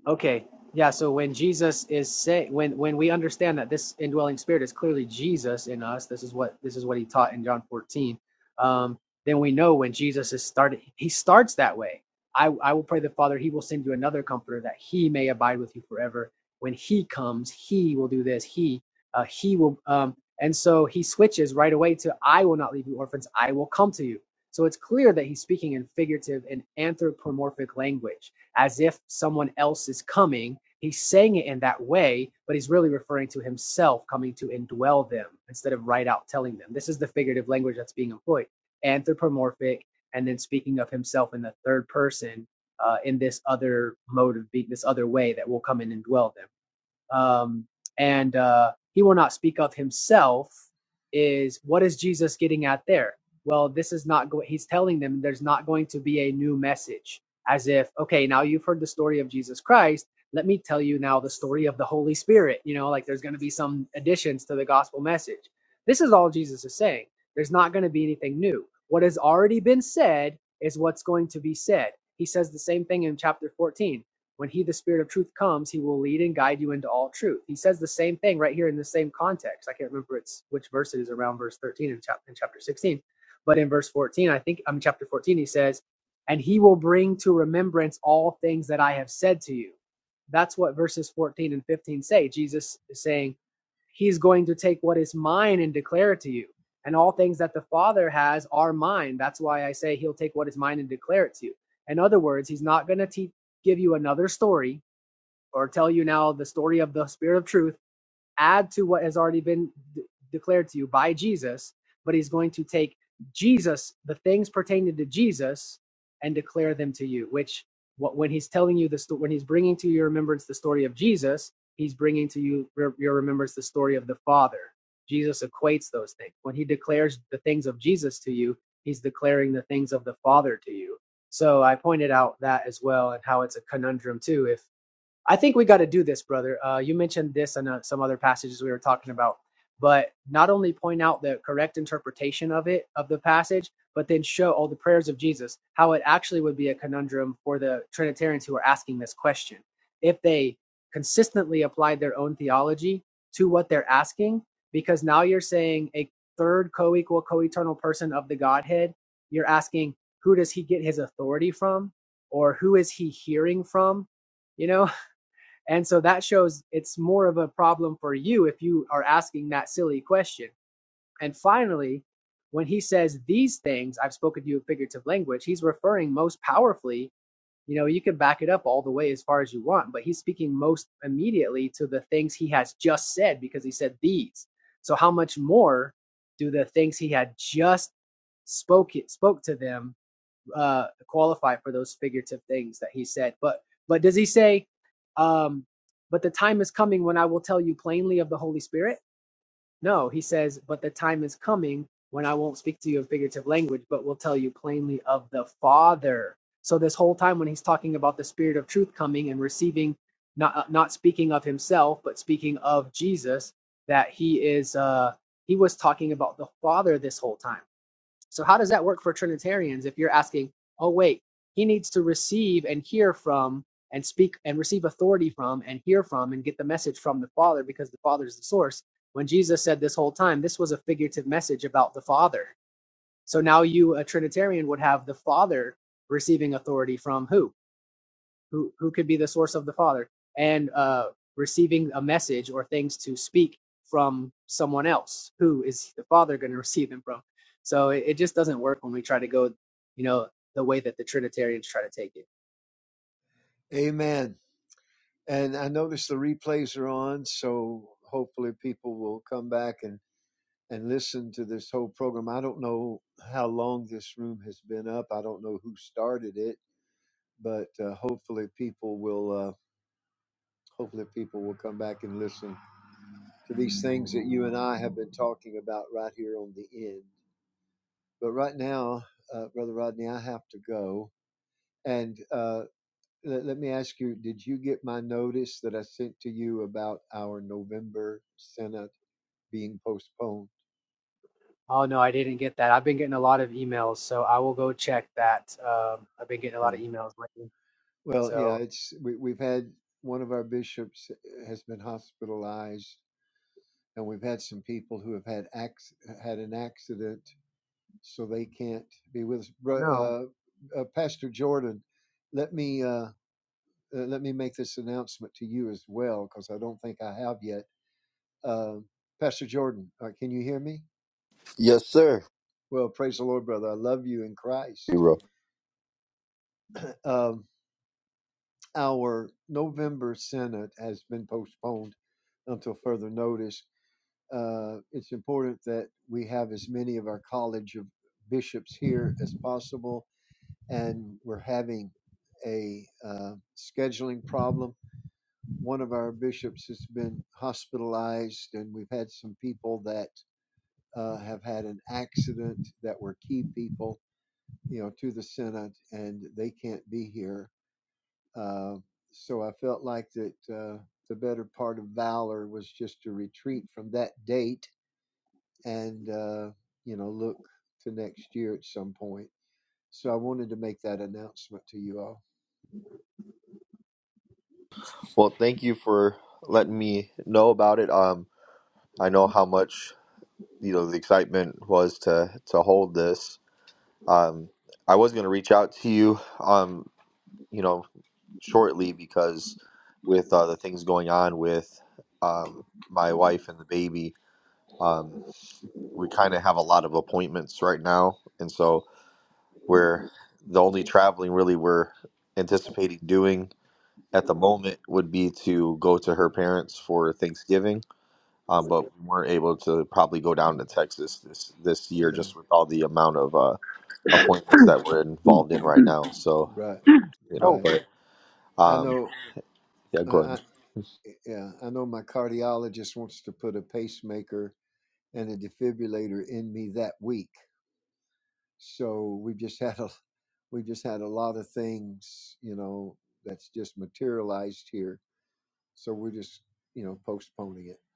Speaker 5: Okay. Yeah. So when Jesus is say when when we understand that this indwelling spirit is clearly Jesus in us, this is what this is what he taught in John 14. Um, then we know when Jesus is started, he starts that way. I, I will pray the Father, he will send you another comforter that he may abide with you forever. When he comes, he will do this, he uh, he will um and so he switches right away to I will not leave you orphans, I will come to you. So it's clear that he's speaking in figurative and anthropomorphic language as if someone else is coming. He's saying it in that way, but he's really referring to himself coming to indwell them instead of right out telling them. This is the figurative language that's being employed anthropomorphic, and then speaking of himself in the third person uh, in this other mode of being, this other way that will come in and dwell them. Um, and uh, he will not speak of himself is what is Jesus getting at there? Well, this is not going, he's telling them there's not going to be a new message, as if, okay, now you've heard the story of Jesus Christ. Let me tell you now the story of the Holy Spirit. You know, like there's going to be some additions to the gospel message. This is all Jesus is saying. There's not going to be anything new. What has already been said is what's going to be said. He says the same thing in chapter 14 when he, the Spirit of truth, comes, he will lead and guide you into all truth. He says the same thing right here in the same context. I can't remember it's which verse it is around verse 13 in, chap- in chapter 16. But in verse 14, I think, I mean, chapter 14, he says, And he will bring to remembrance all things that I have said to you. That's what verses 14 and 15 say. Jesus is saying, He's going to take what is mine and declare it to you. And all things that the Father has are mine. That's why I say He'll take what is mine and declare it to you. In other words, He's not going to teach give you another story or tell you now the story of the spirit of truth add to what has already been d- declared to you by Jesus, but he's going to take Jesus, the things pertaining to Jesus, and declare them to you. Which, what, when he's telling you the sto- when he's bringing to your remembrance the story of Jesus, he's bringing to you re- your remembrance the story of the Father. Jesus equates those things. When he declares the things of Jesus to you, he's declaring the things of the Father to you. So I pointed out that as well, and how it's a conundrum too. If I think we got to do this, brother. Uh, you mentioned this and uh, some other passages we were talking about, but not only point out the correct interpretation of it of the passage, but then show all the prayers of Jesus how it actually would be a conundrum for the Trinitarians who are asking this question if they consistently applied their own theology to what they're asking, because now you're saying a third co-equal, co-eternal person of the Godhead. You're asking who does he get his authority from, or who is he hearing from? you know and so that shows it's more of a problem for you if you are asking that silly question. And finally, when he says these things, I've spoken to you in figurative language, he's referring most powerfully. You know, you can back it up all the way as far as you want, but he's speaking most immediately to the things he has just said because he said these. So how much more do the things he had just spoke spoke to them uh, qualify for those figurative things that he said. But but does he say, um, but the time is coming when I will tell you plainly of the Holy Spirit? No, he says, but the time is coming when I won't speak to you in figurative language, but will tell you plainly of the Father. So this whole time when he's talking about the Spirit of truth coming and receiving, not uh, not speaking of himself, but speaking of Jesus, that he is uh, he was talking about the Father this whole time so how does that work for Trinitarians if you're asking, oh wait, he needs to receive and hear from and speak and receive authority from and hear from and get the message from the Father because the Father is the source. When Jesus said this whole time, this was a figurative message about the Father. So now you, a Trinitarian, would have the Father receiving authority from who? who who could be the source of the Father, and uh, receiving a message or things to speak from someone else. Who is the Father going to receive them from? So it, it just doesn't work when we try to go, you know, the way that the Trinitarians try to take it.
Speaker 8: Amen. And I notice the replays are on, so hopefully people will come back and, and listen to this whole program. I don't know how long this room has been up. I don't know who started it, but uh, hopefully people will uh, hopefully people will come back and listen to these things that you and I have been talking about right here on the end. But right now, uh, Brother Rodney, I have to go. And uh, let, let me ask you: Did you get my notice that I sent to you about our November synod? being postponed.
Speaker 5: Oh no, I didn't get that. I've been getting a lot of emails, so I will go check that. Um, I've been getting a lot
Speaker 8: Okay.
Speaker 5: of emails lately.
Speaker 8: Well, yeah,
Speaker 5: So,
Speaker 8: it's we, we've had one of our bishops eh, has been hospitalized, and we've had some people who have had acc- had an accident, so they can't be with us.
Speaker 5: oh no.
Speaker 8: Uh, uh, Pastor Jordan, let me uh, uh, let me make this announcement to you as well, because I don't think I have yet. Uh, Pastor Jordan, uh, can you hear me?
Speaker 1: Yes, sir.
Speaker 8: Well, praise the Lord, brother. I love you in Christ.
Speaker 1: Hero.
Speaker 8: Um, our November Senate has been postponed until further notice. Uh, it's important that we have as many of our College of Bishops here as possible, and we're having a uh, scheduling problem. One of our bishops has been hospitalized, and we've had some people that uh, have had an accident that were key people, you know, to the Senate, and they can't be here uh, so I felt like that uh, the better part of valor was just to retreat from that date and uh, you know look to next year at some point. So I wanted to make that announcement to you all.
Speaker 1: Well, thank you for letting me know about it. Um, I know how much. you know the excitement was to to hold this. Um, I was going to reach out to you, um, you know, shortly because with uh, the things going on with um, my wife and the baby, um, we kind of have a lot of appointments right now, and so we're the only traveling really we're anticipating doing at the moment would be to go to her parents for Thanksgiving. Um, but we weren't able to probably go down
Speaker 8: Mm.
Speaker 1: to Texas this this year
Speaker 8: Yeah,
Speaker 1: just with all the amount of uh, appointments that we're involved in right now. So,
Speaker 8: right,
Speaker 1: you know,
Speaker 8: right.
Speaker 1: but
Speaker 8: I
Speaker 1: um,
Speaker 8: know.
Speaker 1: yeah,
Speaker 8: I,
Speaker 1: go
Speaker 8: I,
Speaker 1: ahead.
Speaker 8: yeah, I know my cardiologist wants to put a pacemaker and a defibrillator in me that week. So we've just had a we've just had a lot of things, you know, that's just materialized here So we're just, you know, postponing it.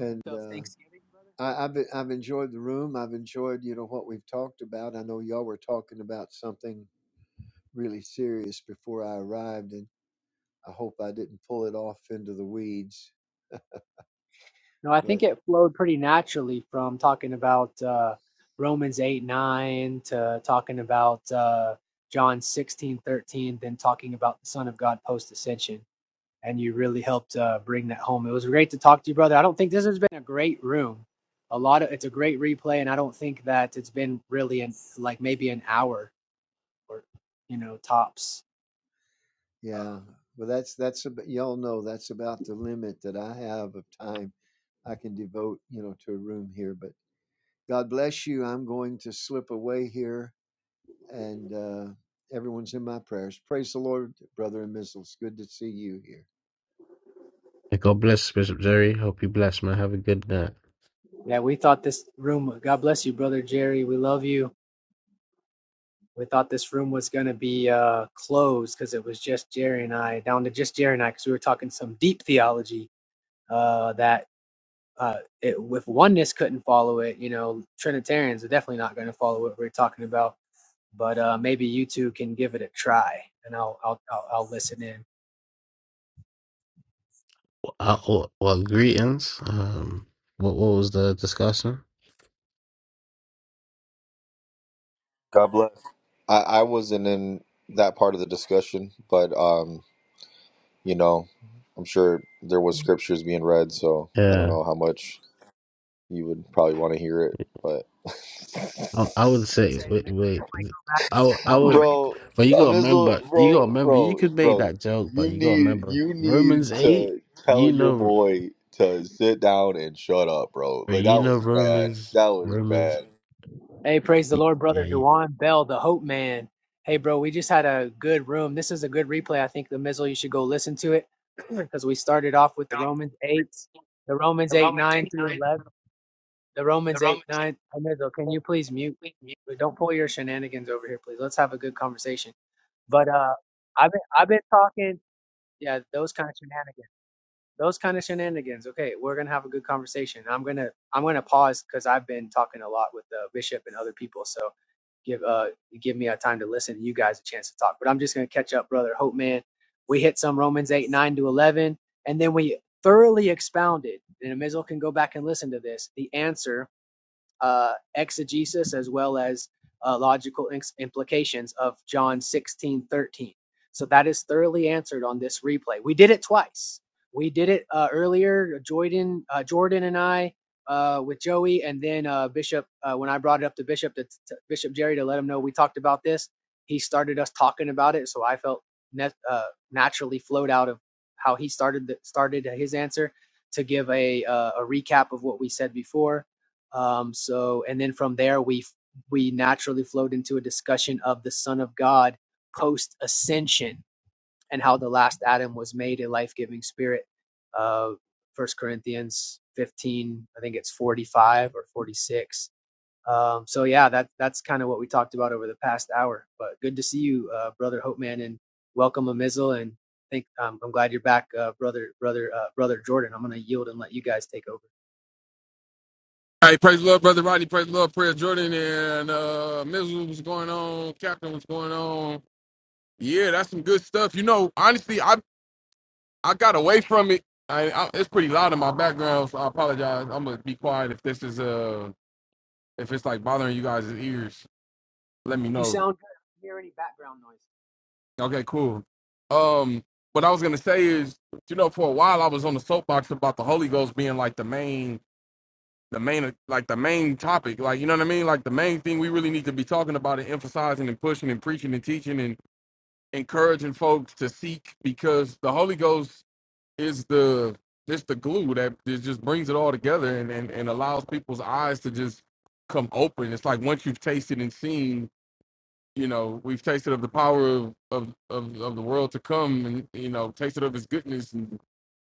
Speaker 8: And
Speaker 5: So
Speaker 8: uh,
Speaker 5: Thanksgiving, brother.
Speaker 8: I, I've I've enjoyed the room. I've enjoyed, you know, what we've talked about. I know y'all were talking about something really serious before I arrived, and I hope I didn't pull it off into the weeds.
Speaker 5: No, I think
Speaker 8: But
Speaker 5: it flowed pretty naturally from talking about uh, Romans 8, 9 to talking about uh, John 16 13, then talking about the Son of God post ascension. And you really helped uh, bring that home. It was great to talk to you, brother. I don't think this has been a great room. A lot of it's a great replay, and I don't think that it's been really in like maybe an hour or you know tops. Uh,
Speaker 8: yeah, well, that's that's about, y'all know that's about the limit that I have of time I can devote, you know, to a room here. But God bless you. I'm going to slip away here and uh, everyone's in my prayers. Praise the Lord, brother and missus. Good to see you here.
Speaker 9: May God bless Bishop Jerry. Hope you bless, man. Have a good night.
Speaker 5: yeah, we thought this room. God bless you, brother Jerry. We love you We thought this room was going to be uh, closed because it was just Jerry and I, down to just Jerry and I, because we were talking some deep theology uh, that uh, it, if oneness couldn't follow it, you know, Trinitarians are definitely not going to follow what we're talking about. But uh, maybe you two can give it a try, and I'll I'll I'll, I'll listen in. I
Speaker 9: Uh, well, well, greetings. Um, what what was the discussion?
Speaker 1: God bless. I, I wasn't in that part of the discussion, but um, you know, I'm sure there was scriptures being read, so I don't
Speaker 9: Yeah,
Speaker 1: know how much you would probably want to hear it, but
Speaker 9: I, I would
Speaker 5: would
Speaker 9: say
Speaker 5: say a
Speaker 9: wait, wait. I would- I would,
Speaker 1: bro,
Speaker 9: but you
Speaker 1: I'm
Speaker 9: gotta
Speaker 1: just little
Speaker 9: remember, you gotta
Speaker 1: bro,
Speaker 9: remember, you
Speaker 1: bro,
Speaker 9: could make
Speaker 1: bro,
Speaker 9: that joke, but
Speaker 1: you
Speaker 9: you gotta
Speaker 1: need
Speaker 9: remember
Speaker 1: you need
Speaker 9: Romans eight.
Speaker 1: to tell
Speaker 9: You
Speaker 1: your
Speaker 9: know,
Speaker 1: boy to sit down and shut up, bro. Like
Speaker 9: you
Speaker 1: that
Speaker 9: know
Speaker 1: was bad.
Speaker 9: Romans,
Speaker 1: That was
Speaker 9: Romans.
Speaker 1: bad.
Speaker 5: Hey, praise the Lord,
Speaker 9: Yeah,
Speaker 5: brother
Speaker 9: you-
Speaker 5: Dewan Bell, the Hope Man. Hey, bro, we just had a good room. This is a good replay. I think the Mizzle, you should go listen to it because we started off with the Romans 8, the Romans 8, 9 through 11. The Romans 8, 9. Hey, Mizzle, can you please mute? But Don't pull your shenanigans over here, please. Let's have a good conversation. But uh, I've been, I've been talking, yeah, those kind of shenanigans those kind of shenanigans okay we're gonna have a good conversation i'm gonna i'm gonna pause because i've been talking a lot with the bishop and other people so give uh give me a time to listen you guys a chance to talk but i'm just gonna catch up brother hope man we hit some romans 8 9 to 11 and then we thoroughly expounded and amizel can go back and listen to this the answer uh, exegesis as well as uh, logical implications of John 16 13. So that is thoroughly answered on this replay. We did it twice. We did it uh, earlier, Jordan, uh, Jordan and I uh, with Joey, and then uh, Bishop. Uh, when I brought it up to Bishop, to, to Bishop Jerry, to let him know we talked about this, he started us talking about it. So I felt net, uh, naturally flowed out of how he started the, started his answer to give a uh, a recap of what we said before um, so, and then from there, we we naturally flowed into a discussion of the Son of God post ascension and how the last Adam was made a life giving spirit. Uh, First Corinthians fifteen, I think it's forty five or forty six. Um, so yeah, that that's kind of what we talked about over the past hour. But good to see you, uh, brother Hopeman, and welcome Amizel. And think um, I'm glad you're back, uh, brother, brother, uh, brother Jordan. I'm gonna yield and let you guys take over.
Speaker 10: Hey, praise the Lord, brother Rodney. Praise the Lord, prayer Jordan and uh Mizzle. What's going on, Captain? What's going on? Yeah, that's some good stuff. You know, honestly, I I got away from it. I, I it's pretty loud in my background, so I apologize. I'm gonna be quiet if this is uh if it's like bothering you guys' ears. Let me
Speaker 5: You
Speaker 10: know.
Speaker 5: sound good. I don't hear any background noise?
Speaker 10: Okay, cool. Um, what I was gonna say is, you know, for a while I was on the soapbox about the Holy Ghost being like the main the main like the main topic like you know what i mean like the main thing we really need to be talking about and emphasizing and pushing and preaching and teaching and encouraging folks to seek because the holy ghost is the just the glue that just brings it all together and, and and allows people's eyes to just come open it's like once you've tasted and seen you know we've tasted of the power of of of, of the world to come and you know tasted of his goodness and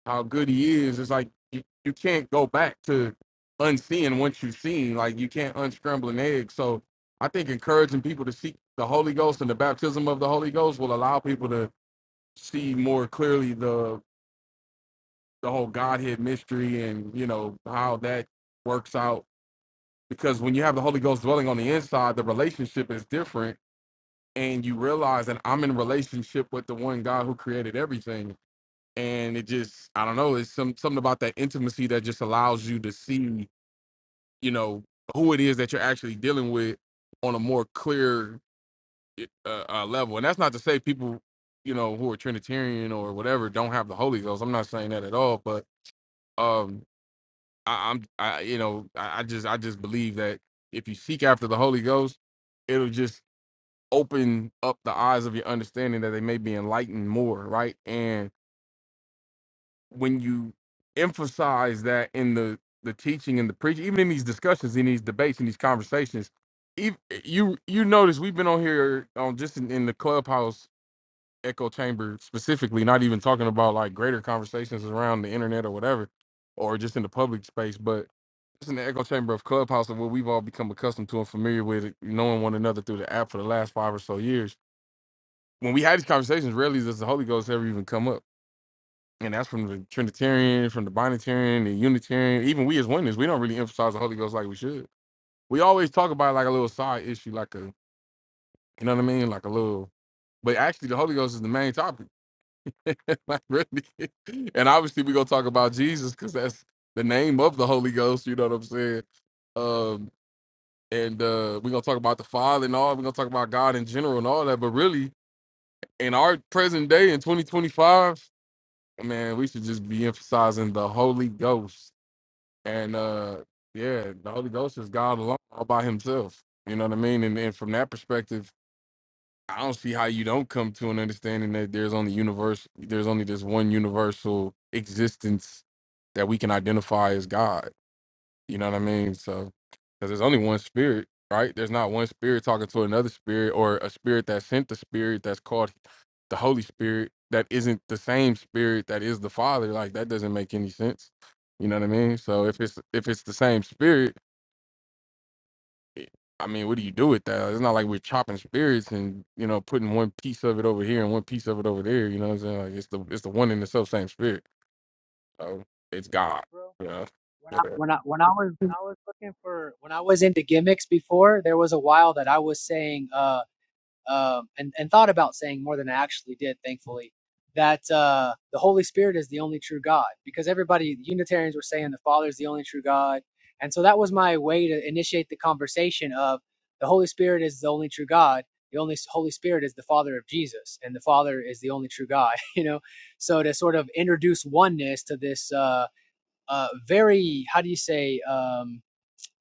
Speaker 10: how good he is, it's like you, you can't go back to unseeing what you've seen. Like you can't unscramble an egg. So I think encouraging people to seek the Holy Ghost and the baptism of the Holy Ghost will allow people to see more clearly the the whole Godhead mystery and you know how that works out. Because when you have the Holy Ghost dwelling on the inside, the relationship is different and you realize that I'm in relationship with the one God who created everything and it just I don't know, it's some something about that intimacy that just allows you to see, you know, who it is that you're actually dealing with on a more clear eh, uh, uh, level. And that's not to say people, you know, who are Trinitarian or whatever don't have the Holy Ghost. I'm not saying that at all, but um I, I'm I you know, I, I just I just believe that if you seek after the Holy Ghost, it'll just open up the eyes of your understanding that they may be enlightened more, right? And when you emphasize that in the the teaching and the preaching, even in these discussions, in these debates, in these conversations, ev eh, you you notice we've been on here on just in, in the clubhouse echo chamber specifically, not even talking about like greater conversations around the internet or whatever, or just in the public space, but just in the echo chamber of clubhouse of what we've all become accustomed to and familiar with, eh, knowing one another through the app for the last five or so years. When we had these conversations, rarely does the Holy Ghost ever even come up and that's from the Trinitarian, from the Binitarian, the Unitarian. Even we as oneness, we don't really emphasize the Holy Ghost like we should. We always talk about it like a little side issue, like a you know what I mean, like a little. But actually, the Holy Ghost is the main topic, like really. And obviously, we gonna talk about Jesus because that's the name of the Holy Ghost. You know what I'm saying? Um, and uh, we're gonna talk about the Father and all. We're gonna talk about God in general and all that. But really, in our present day in 2025, man, we should just be emphasizing the Holy Ghost And uh yeah, the Holy Ghost is God alone all by himself. You know what I mean? And and from that perspective, I don't see how you don't come to an understanding that there's only universe there's only this one universal existence that we can identify as God. You know what I mean? So, because there's only one spirit, right? There's not one spirit talking to another spirit or a spirit that sent the spirit that's called the Holy Spirit that isn't the same spirit that is the Father. Like that doesn't make any sense. You know what I mean? So if it's if it's the same spirit, it- I mean, what do you do with that? It's not like we're chopping spirits and you know putting one piece of it over here and one piece of it over there. You know what I'm saying? Like it's the it's the one and the self same spirit. So it's
Speaker 5: what,
Speaker 10: God.
Speaker 5: bro?
Speaker 10: You
Speaker 5: When I
Speaker 10: know?
Speaker 5: when I when I was when I was looking for when I was into gimmicks before, there was a while that I was saying uh um and and thought about saying more than I actually did, thankfully, that uh the Holy Spirit is the only true God because everybody Unitarians were saying the Father is the only true God, and so that was my way to initiate the conversation of the Holy Spirit is the only true God. The only Holy Spirit is the Father of Jesus, and the Father is the only true God. You know, so to sort of introduce oneness to this. uh uh, very how do you say um,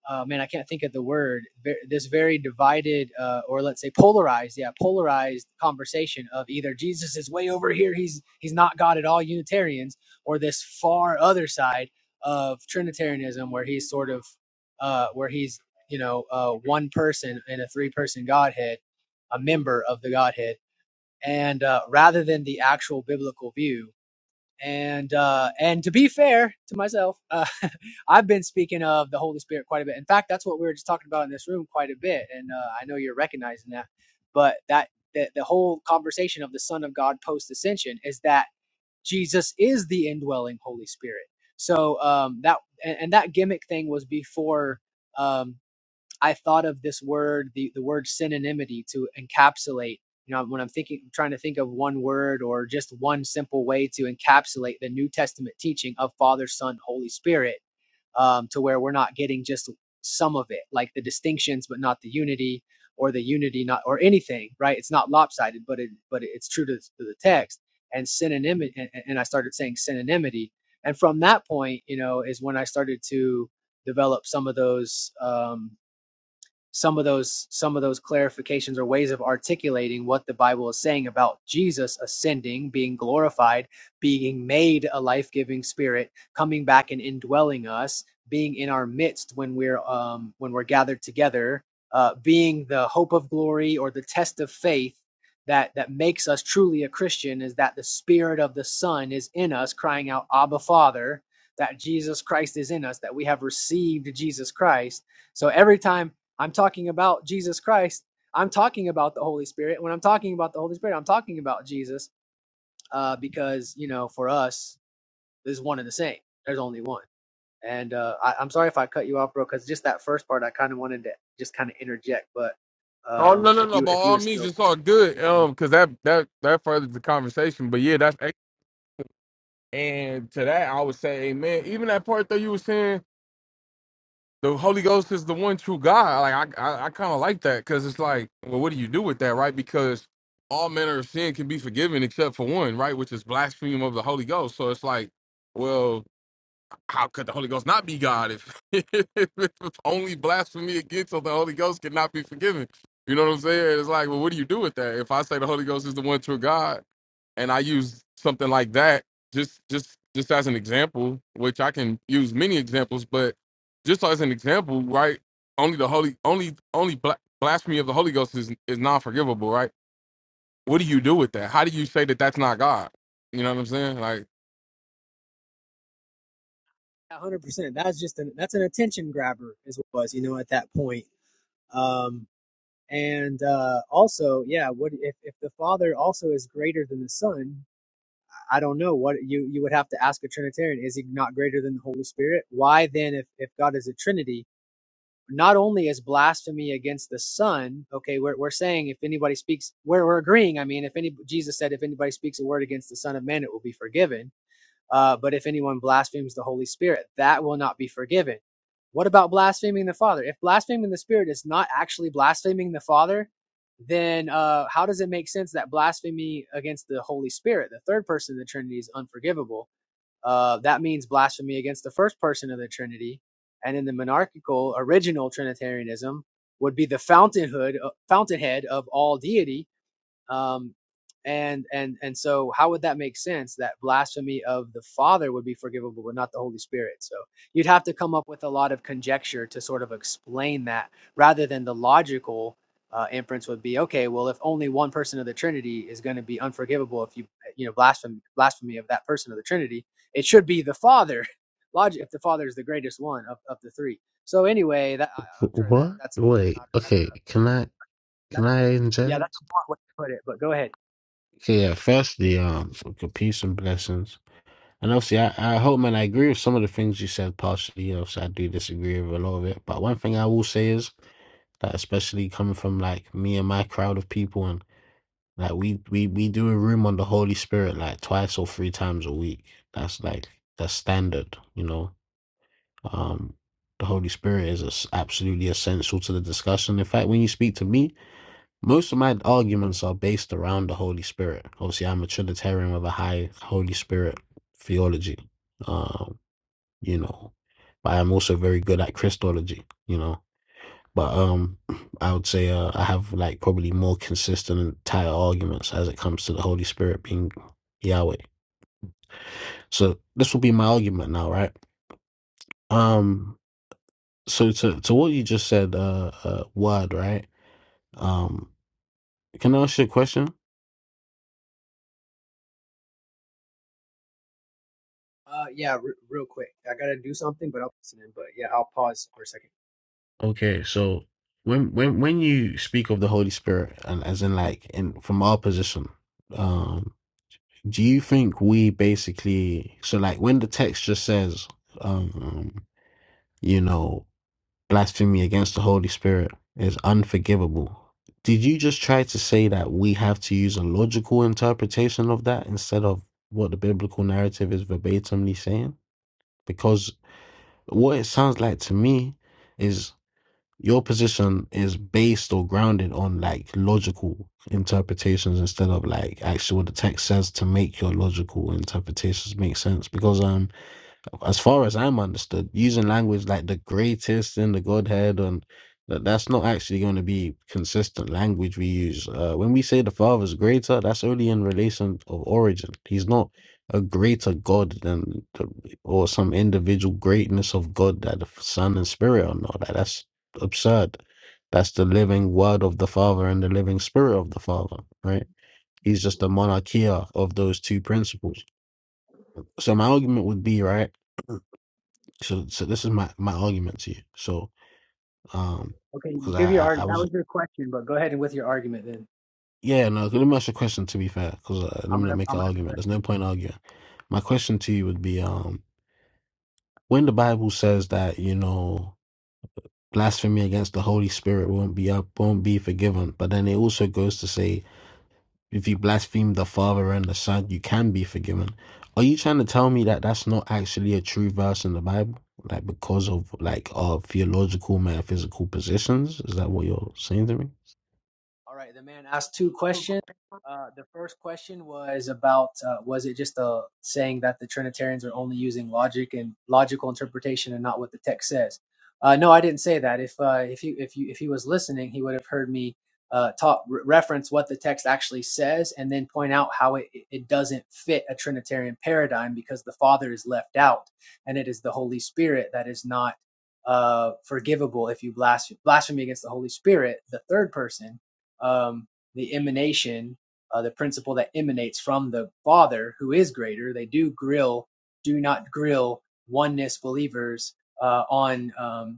Speaker 5: uh, man i can't think of the word this very divided uh, or let's say polarized yeah polarized conversation of either jesus is way over here he's he's not god at all unitarians or this far other side of trinitarianism where he's sort of uh, where he's you know uh, one person in a three person godhead a member of the godhead and uh, rather than the actual biblical view and uh, and to be fair to myself, uh, I've been speaking of the Holy Spirit quite a bit. In fact, that's what we were just talking about in this room quite a bit, and uh, I know you're recognizing that. But that the, the whole conversation of the Son of God post ascension is that Jesus is the indwelling Holy Spirit. So um, that and, and that gimmick thing was before. Um, I thought of this word, the, the word synonymity to encapsulate. You know, when I'm thinking, trying to think of one word or just one simple way to encapsulate the New Testament teaching of Father, Son, Holy Spirit, um, to where we're not getting just some of it, like the distinctions, but not the unity, or the unity, not or anything, right? It's not lopsided, but it but it's true to, to the text. And synonymity, and, and I started saying synonymity, and from that point, you know, is when I started to develop some of those. Um, some of those some of those clarifications or ways of articulating what the bible is saying about jesus ascending being glorified being made a life-giving spirit coming back and indwelling us being in our midst when we're um, when we're gathered together uh, being the hope of glory or the test of faith that that makes us truly a christian is that the spirit of the son is in us crying out abba father that jesus christ is in us that we have received jesus christ so every time I'm talking about Jesus Christ. I'm talking about the Holy Spirit. When I'm talking about the Holy Spirit, I'm talking about Jesus uh, because, you know, for us, there's one and the same. There's only one. And uh, I, I'm sorry if I cut you off, bro, because just that first part, I kind of wanted to just kind of interject. But
Speaker 10: Oh
Speaker 5: um,
Speaker 10: no no
Speaker 5: if
Speaker 10: no!
Speaker 5: you
Speaker 10: By
Speaker 5: if you
Speaker 10: all
Speaker 5: were
Speaker 10: means,
Speaker 5: still
Speaker 10: it's all good.
Speaker 5: talking,
Speaker 10: Um, because that that that furthers the conversation. But yeah, that's ex- and to that I would say, amen. Even that part that you were saying, the Holy Ghost is the one true God. Like I I, I kind of like that because it's like, well, what do you do with that, right? Because all manner of sin can be forgiven except for one, right? Which is blasphemy of the Holy Ghost. So it's like, well, how could the Holy Ghost not be God if, if only blasphemy against the Holy Ghost cannot be forgiven? You know what I'm saying? It's like, well, what do you do with that? If I say the Holy Ghost is the one true God, and I use something like that, just just just as an example, which I can use many examples, but just as an example, right? Only the holy, only only bla- blasphemy of the Holy Ghost is is non forgivable, right? What do you do with that? How do you say that that's not God? You know what I'm saying? Like,
Speaker 5: one hundred percent. That's just an that's an attention grabber, is what it was you know at that point. Um, and uh, also, yeah, what if if the father also is greater than the son? I don't know what you you would have to ask a Trinitarian. Is he not greater than the Holy Spirit? Why then, if if God is a Trinity, not only is blasphemy against the Son, okay, we're we're saying if anybody speaks, we're we're agreeing. I mean, if any Jesus said, if anybody speaks a word against the Son of Man, it will be forgiven. Uh, but if anyone blasphemes the Holy Spirit, that will not be forgiven. What about blaspheming the Father? If blaspheming the Spirit is not actually blaspheming the Father, then uh, how does it make sense that blasphemy against the Holy Spirit, the third person of the Trinity, is unforgivable? Uh, that means blasphemy against the first person of the Trinity, and in the monarchical original Trinitarianism would be the fountainhood, uh, fountainhead of all deity, um, and and and so how would that make sense that blasphemy of the father would be forgivable but not the holy spirit so you'd have to come up with a lot of conjecture to sort of explain that rather than the logical uh, inference would be okay well if only one person of the trinity is going to be unforgivable if you you know blasphemy blasphemy of that person of the trinity it should be the father logic if the father is the greatest one of, of the three so anyway that I, i'm
Speaker 9: Wh-
Speaker 5: sure that
Speaker 9: what?
Speaker 5: that's
Speaker 9: Wait.
Speaker 5: not that,
Speaker 9: Okay. Can I? Can I
Speaker 5: yeah that's
Speaker 9: inject?
Speaker 5: a blunt way to put it but go ahead
Speaker 9: Okay, yeah, firstly, um, okay, peace and blessings. And obviously, I, I hope, man, I agree with some of the things you said partially. You know, so I do disagree with a lot of it. But one thing I will say is that, especially coming from like me and my crowd of people, and like we we we do a room on the Holy Spirit like twice or three times a week. That's like the standard, you know. Um, the Holy Spirit is es- absolutely essential to the discussion. In fact, when you speak to me, most of my arguments are based around the Holy Spirit. Obviously, I'm a Trinitarian with a high Holy Spirit theology, um, you know, but I'm also very good at Christology, you know. But um, I would say uh, I have like probably more consistent and tighter arguments as it comes to the Holy Spirit being Yahweh. So this will be my argument now, right? Um, so to to what you just said, uh, uh word, right? Um, can I ask you a question?
Speaker 5: Uh, yeah, re real quick. I gotta do something, but I'll listen in. But yeah, I'll pause for a second.
Speaker 9: Okay, so when when when you speak of the Holy Spirit, and as in like in from our position, um, do you think we basically so like when the text just says, um, you know, blasphemy against the Holy Spirit is unforgivable? Did you just try to say that we have to use a logical interpretation of that instead of what the biblical narrative is verbatimly saying? Because what it sounds like to me is your position is based or grounded on like logical interpretations instead of like actually what the text says to make your logical interpretations make sense. Because um as far as I'm understood, using language like the greatest in the Godhead and that that's not actually going to be consistent language we use. Uh, when we say the Father's greater, that's only in relation of origin. He's not a greater God than the, or some individual greatness of God that the Son and Spirit are not. That that's absurd. That's the living Word of the Father and the living Spirit of the Father, right? He's just the monarchia of those two principles. So my argument would be, right? So, so this is my my argument to you. So, um,
Speaker 5: Okay, you
Speaker 9: because
Speaker 5: give your
Speaker 9: I, I I
Speaker 5: arg. That
Speaker 9: was
Speaker 5: was your question, but go ahead and with your argument then.
Speaker 9: yeah no. Let me ask you a question. To be fair, because uh, let
Speaker 5: I'm
Speaker 9: me not
Speaker 5: gonna,
Speaker 9: make
Speaker 5: I'm
Speaker 9: an
Speaker 5: gonna be
Speaker 9: argument. There's no
Speaker 5: listening.
Speaker 9: point arguing. My question to you would be um when the Bible says that you know blasphemy against the Holy Spirit won't be up won't be forgiven, but then it also goes to say If you blaspheme the Father and the Son, you can be forgiven. Are you trying to tell me that that's not actually a true verse in the Bible? Like because of like our theological metaphysical positions? Is that what you're saying to me?
Speaker 5: All right, the man asked two questions. Uh, the first question was about uh, was it just a saying that the Trinitarians are only using logic and logical interpretation and not what the text says? Uh, no, I didn't say that. If uh, if you if you if he was listening, he would have heard me uh, talk re- reference what the text actually says and then point out how it it doesn't fit a Trinitarian paradigm because the Father is left out and it is the Holy Spirit that is not uh, forgivable if you blaspheme, blasphemy against the Holy Spirit, the third person um, the emanation, uh, the principle that emanates from the Father who is greater. They do grill, do not grill oneness believers uh, on um,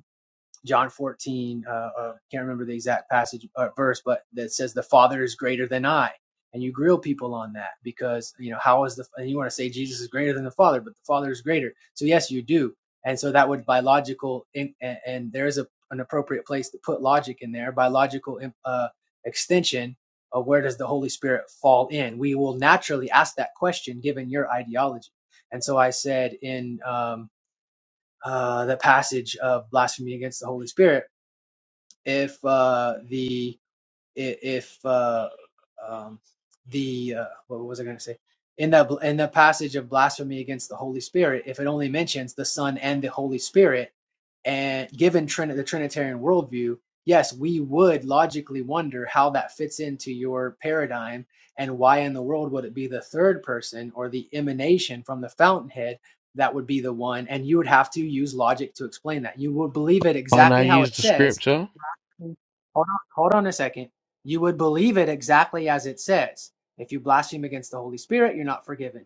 Speaker 5: John 14, uh, uh, can't remember the exact passage uh, verse, but that says the Father is greater than I. And you grill people on that because you know how is the and you want to say Jesus is greater than the Father, but the Father is greater. So yes, you do, and so that would by logical in, and, and there is a an appropriate place to put logic in there by logical uh, extension of where does the Holy Spirit fall in. We will naturally ask that question given your ideology, and so I said in um, uh, the passage of blasphemy against the Holy Spirit if uh, the i- if uh, um, the uh, what was I going to say in the in the passage of blasphemy against the Holy Spirit, if it only mentions the Son and the Holy Spirit, and given Trin- the Trinitarian worldview, yes, we would logically wonder how that fits into your paradigm and why in the world would it be the third person or the emanation from the fountainhead that would be the one and you would have to use logic to explain that you would believe it
Speaker 9: Can't I
Speaker 5: exactly how it
Speaker 9: use the
Speaker 5: says
Speaker 9: scripture?
Speaker 5: Mm. Hold on, hold on a second. You would believe it exactly as it says. If you blaspheme against the Holy Spirit, you're not forgiven.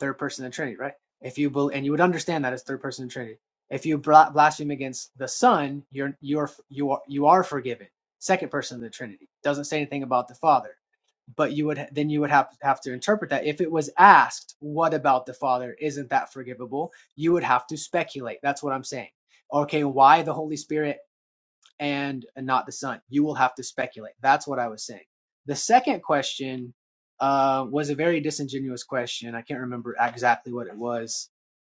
Speaker 5: Third person of the Trinity, right? If you bel and you would understand that as third person of the Trinity. If you bla- blaspheme against the Son, you're you're you are you are forgiven. Second person of the Trinity doesn't say anything about the Father, but you would then you would have have to interpret that. If it was asked, what about the Father? Isn't that forgivable? You would have to speculate. That's what I'm saying. Okay, why the Holy Spirit? and not the sun. You will have to speculate. That's what I was saying. The second question uh, was a very disingenuous question. I can't remember exactly what it was.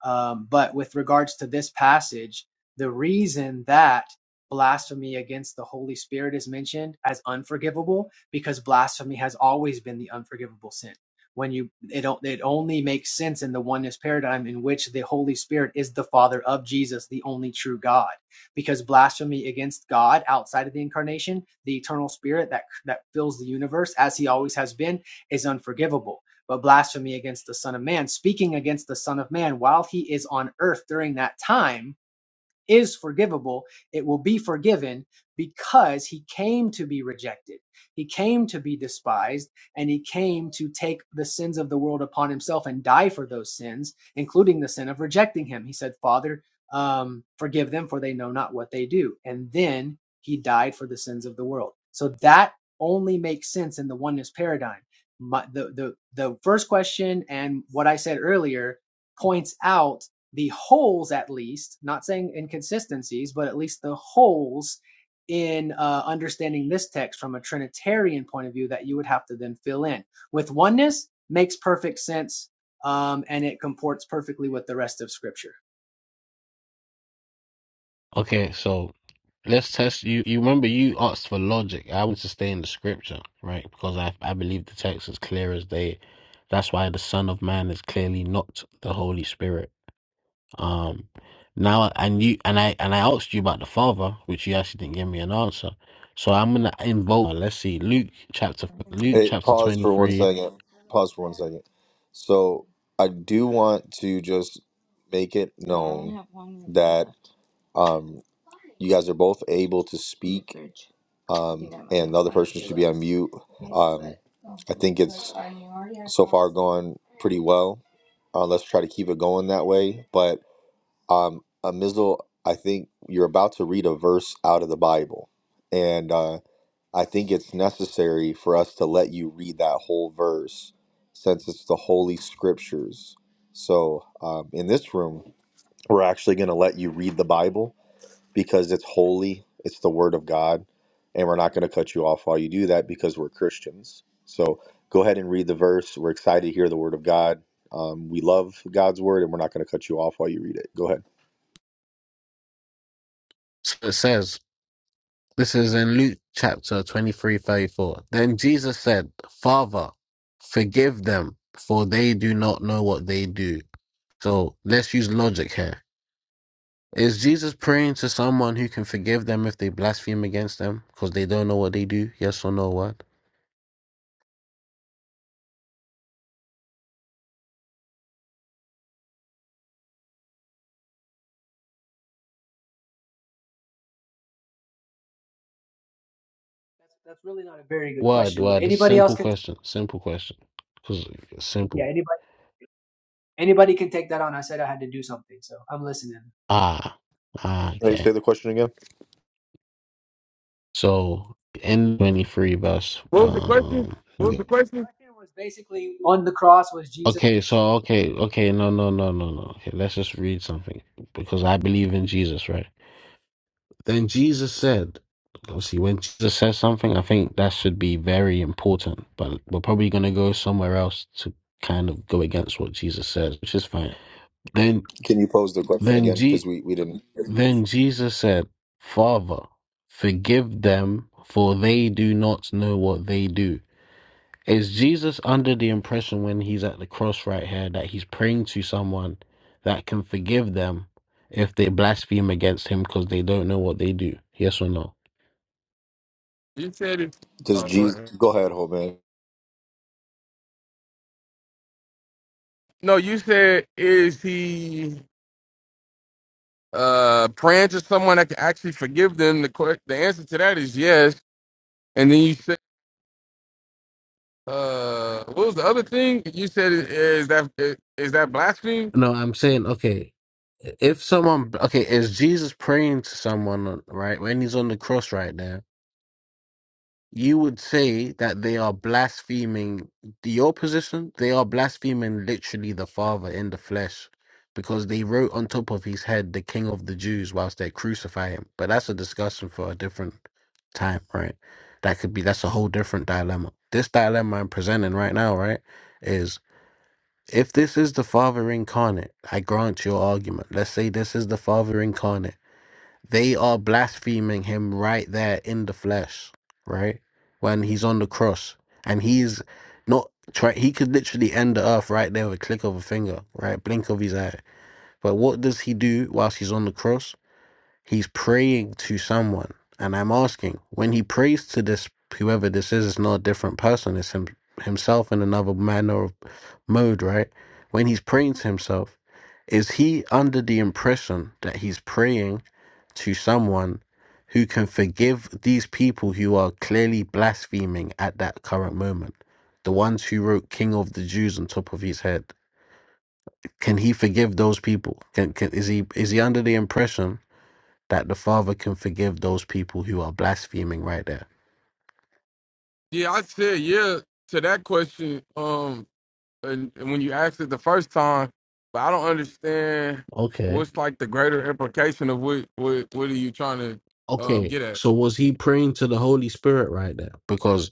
Speaker 5: Um, but with regards to this passage, the reason that blasphemy against the Holy Spirit is mentioned as unforgivable because blasphemy has always been the unforgivable sin. When you it it only makes sense in the oneness paradigm in which the Holy Spirit is the Father of Jesus, the only true God because blasphemy against God outside of the incarnation, the eternal spirit that that fills the universe as he always has been is unforgivable. But blasphemy against the son of man, speaking against the son of man while he is on earth during that time is forgivable, it will be forgiven because he came to be rejected. He came to be despised and he came to take the sins of the world upon himself and die for those sins, including the sin of rejecting him. He said, Father, um, forgive them for they know not what they do. And then he died for the sins of the world. So that only makes sense in the oneness paradigm. My, the, the, the first question and what I said earlier points out the holes at least not saying inconsistencies but at least the holes in uh, understanding this text from a trinitarian point of view that you would have to then fill in with oneness makes perfect sense um, and it comports perfectly with the rest of scripture
Speaker 9: Okay, so let's test you. You remember you asked for logic. I want to stay in the scripture, right? Because I I believe the text is clear as day. That's why the Son of Man is clearly not the Holy Spirit. Um, now and you, and I and I asked you about the Father, which you actually didn't give me an answer. So I'm gonna invoke. uh, Let's see, Luke chapter Luke
Speaker 1: Hey,
Speaker 9: chapter
Speaker 1: pause
Speaker 9: twenty
Speaker 1: for one
Speaker 9: three.
Speaker 1: second. Pause for one second. So I do want to just make it known that um you guys are both able to speak um and the other person should be on mute. Um I think it's so far gone pretty well. Uh, let's try to keep it going that way. But um Amizel, I think you're about to read a verse out of the Bible. And uh I think it's necessary for us to let you read that whole verse since it's the Holy Scriptures. So, um, in this room, we're actually going to let you read the Bible because it's holy, it's the Word of God, and we're not going to cut you off while you do that because we're Christians. So, go ahead and read the verse. We're excited to hear the Word of God. Um, we love God's Word, and we're not going to cut you off while you read it. Go ahead.
Speaker 9: So it says this is in Luke chapter twenty three thirty four. Then Jesus said, "Father, forgive them, for they do not know what they do." So let's use logic here. Is Jesus praying to someone who can forgive them if they blaspheme against them because they don't know what they do? Yes or no? What?
Speaker 5: that's, that's really not a very good
Speaker 9: Why?
Speaker 5: question but
Speaker 9: Why? This a
Speaker 5: anybody else
Speaker 9: simple
Speaker 5: can
Speaker 9: question. Simple question. Cause
Speaker 5: yeah
Speaker 9: simple.
Speaker 5: anybody anybody can take that on i said i had to do something so i'm listening
Speaker 9: Ah. Ah.
Speaker 1: Hey, Say
Speaker 9: Okay.
Speaker 1: the question again.
Speaker 9: So in twenty three verse.
Speaker 10: what was the question?
Speaker 9: Um.
Speaker 10: What was
Speaker 9: yeah.
Speaker 10: the question?
Speaker 5: question was basically on the cross was jesus
Speaker 9: Okay. So okay. Okay. No. No. No. No. No. Okay. Let's just read something because I believe in Jesus, right? Then Jesus said. Obviously, when Jesus says something, I think that should be very important. But we're probably going to go somewhere else to kind of go against what Jesus says, which is fine. Then,
Speaker 1: Can you pose the question
Speaker 9: then
Speaker 1: again?
Speaker 9: G.
Speaker 1: Because we, we didn't.
Speaker 9: Then Jesus said, Father, forgive them, for they do not know what they do. Is Jesus under the impression when he's at the cross right here that he's praying to someone that can forgive them if they blaspheme against him because they don't know what they do? Yes or no?
Speaker 10: You said it.
Speaker 1: Does
Speaker 10: Oh, go
Speaker 1: Jesus.
Speaker 10: ahead.
Speaker 1: Go ahead, Hope Man.
Speaker 10: No, you said is he uh praying to someone that can actually forgive them? The que- the answer to that is yes. And then you said uh what was the other thing? You said is that is that blasphemy?
Speaker 9: No, I'm saying, okay, if someone, okay, is Jesus praying to someone, right, when he's on the cross right there? you would say that they are blaspheming your position. They are blaspheming literally the Father in the flesh because they wrote on top of his head the King of the Jews whilst they crucify him. But that's a discussion for a different time, right? That could be, that's a whole different dilemma. This dilemma I'm presenting right now, right, is if this is the Father incarnate, I grant your argument. Let's say this is the Father incarnate they are blaspheming him right there in the flesh, right? When he's on the cross and he's not try he could literally end the earth right there with a click of a finger, right? Blink of his eye. But what does he do whilst he's on the cross? He's praying to someone. And I'm asking, when he prays to this whoever this is, it's not a different person, it's him himself in another manner of mode, right? When he's praying to himself, is he under the impression that he's praying to someone who can forgive these people who are clearly blaspheming at that current moment. The ones who wrote King of the Jews on top of his head. Can he forgive those people? Can, can, is he is he under the impression that the father can forgive those people who are blaspheming right there?
Speaker 10: Yeah, I said yeah to that question. Um, and, and when you asked it the first time, but I don't understand
Speaker 9: Okay.
Speaker 10: what's like the greater implication of what what what are you trying to um
Speaker 9: Okay.
Speaker 10: get at?
Speaker 9: So was he praying to the Holy Spirit right there? Because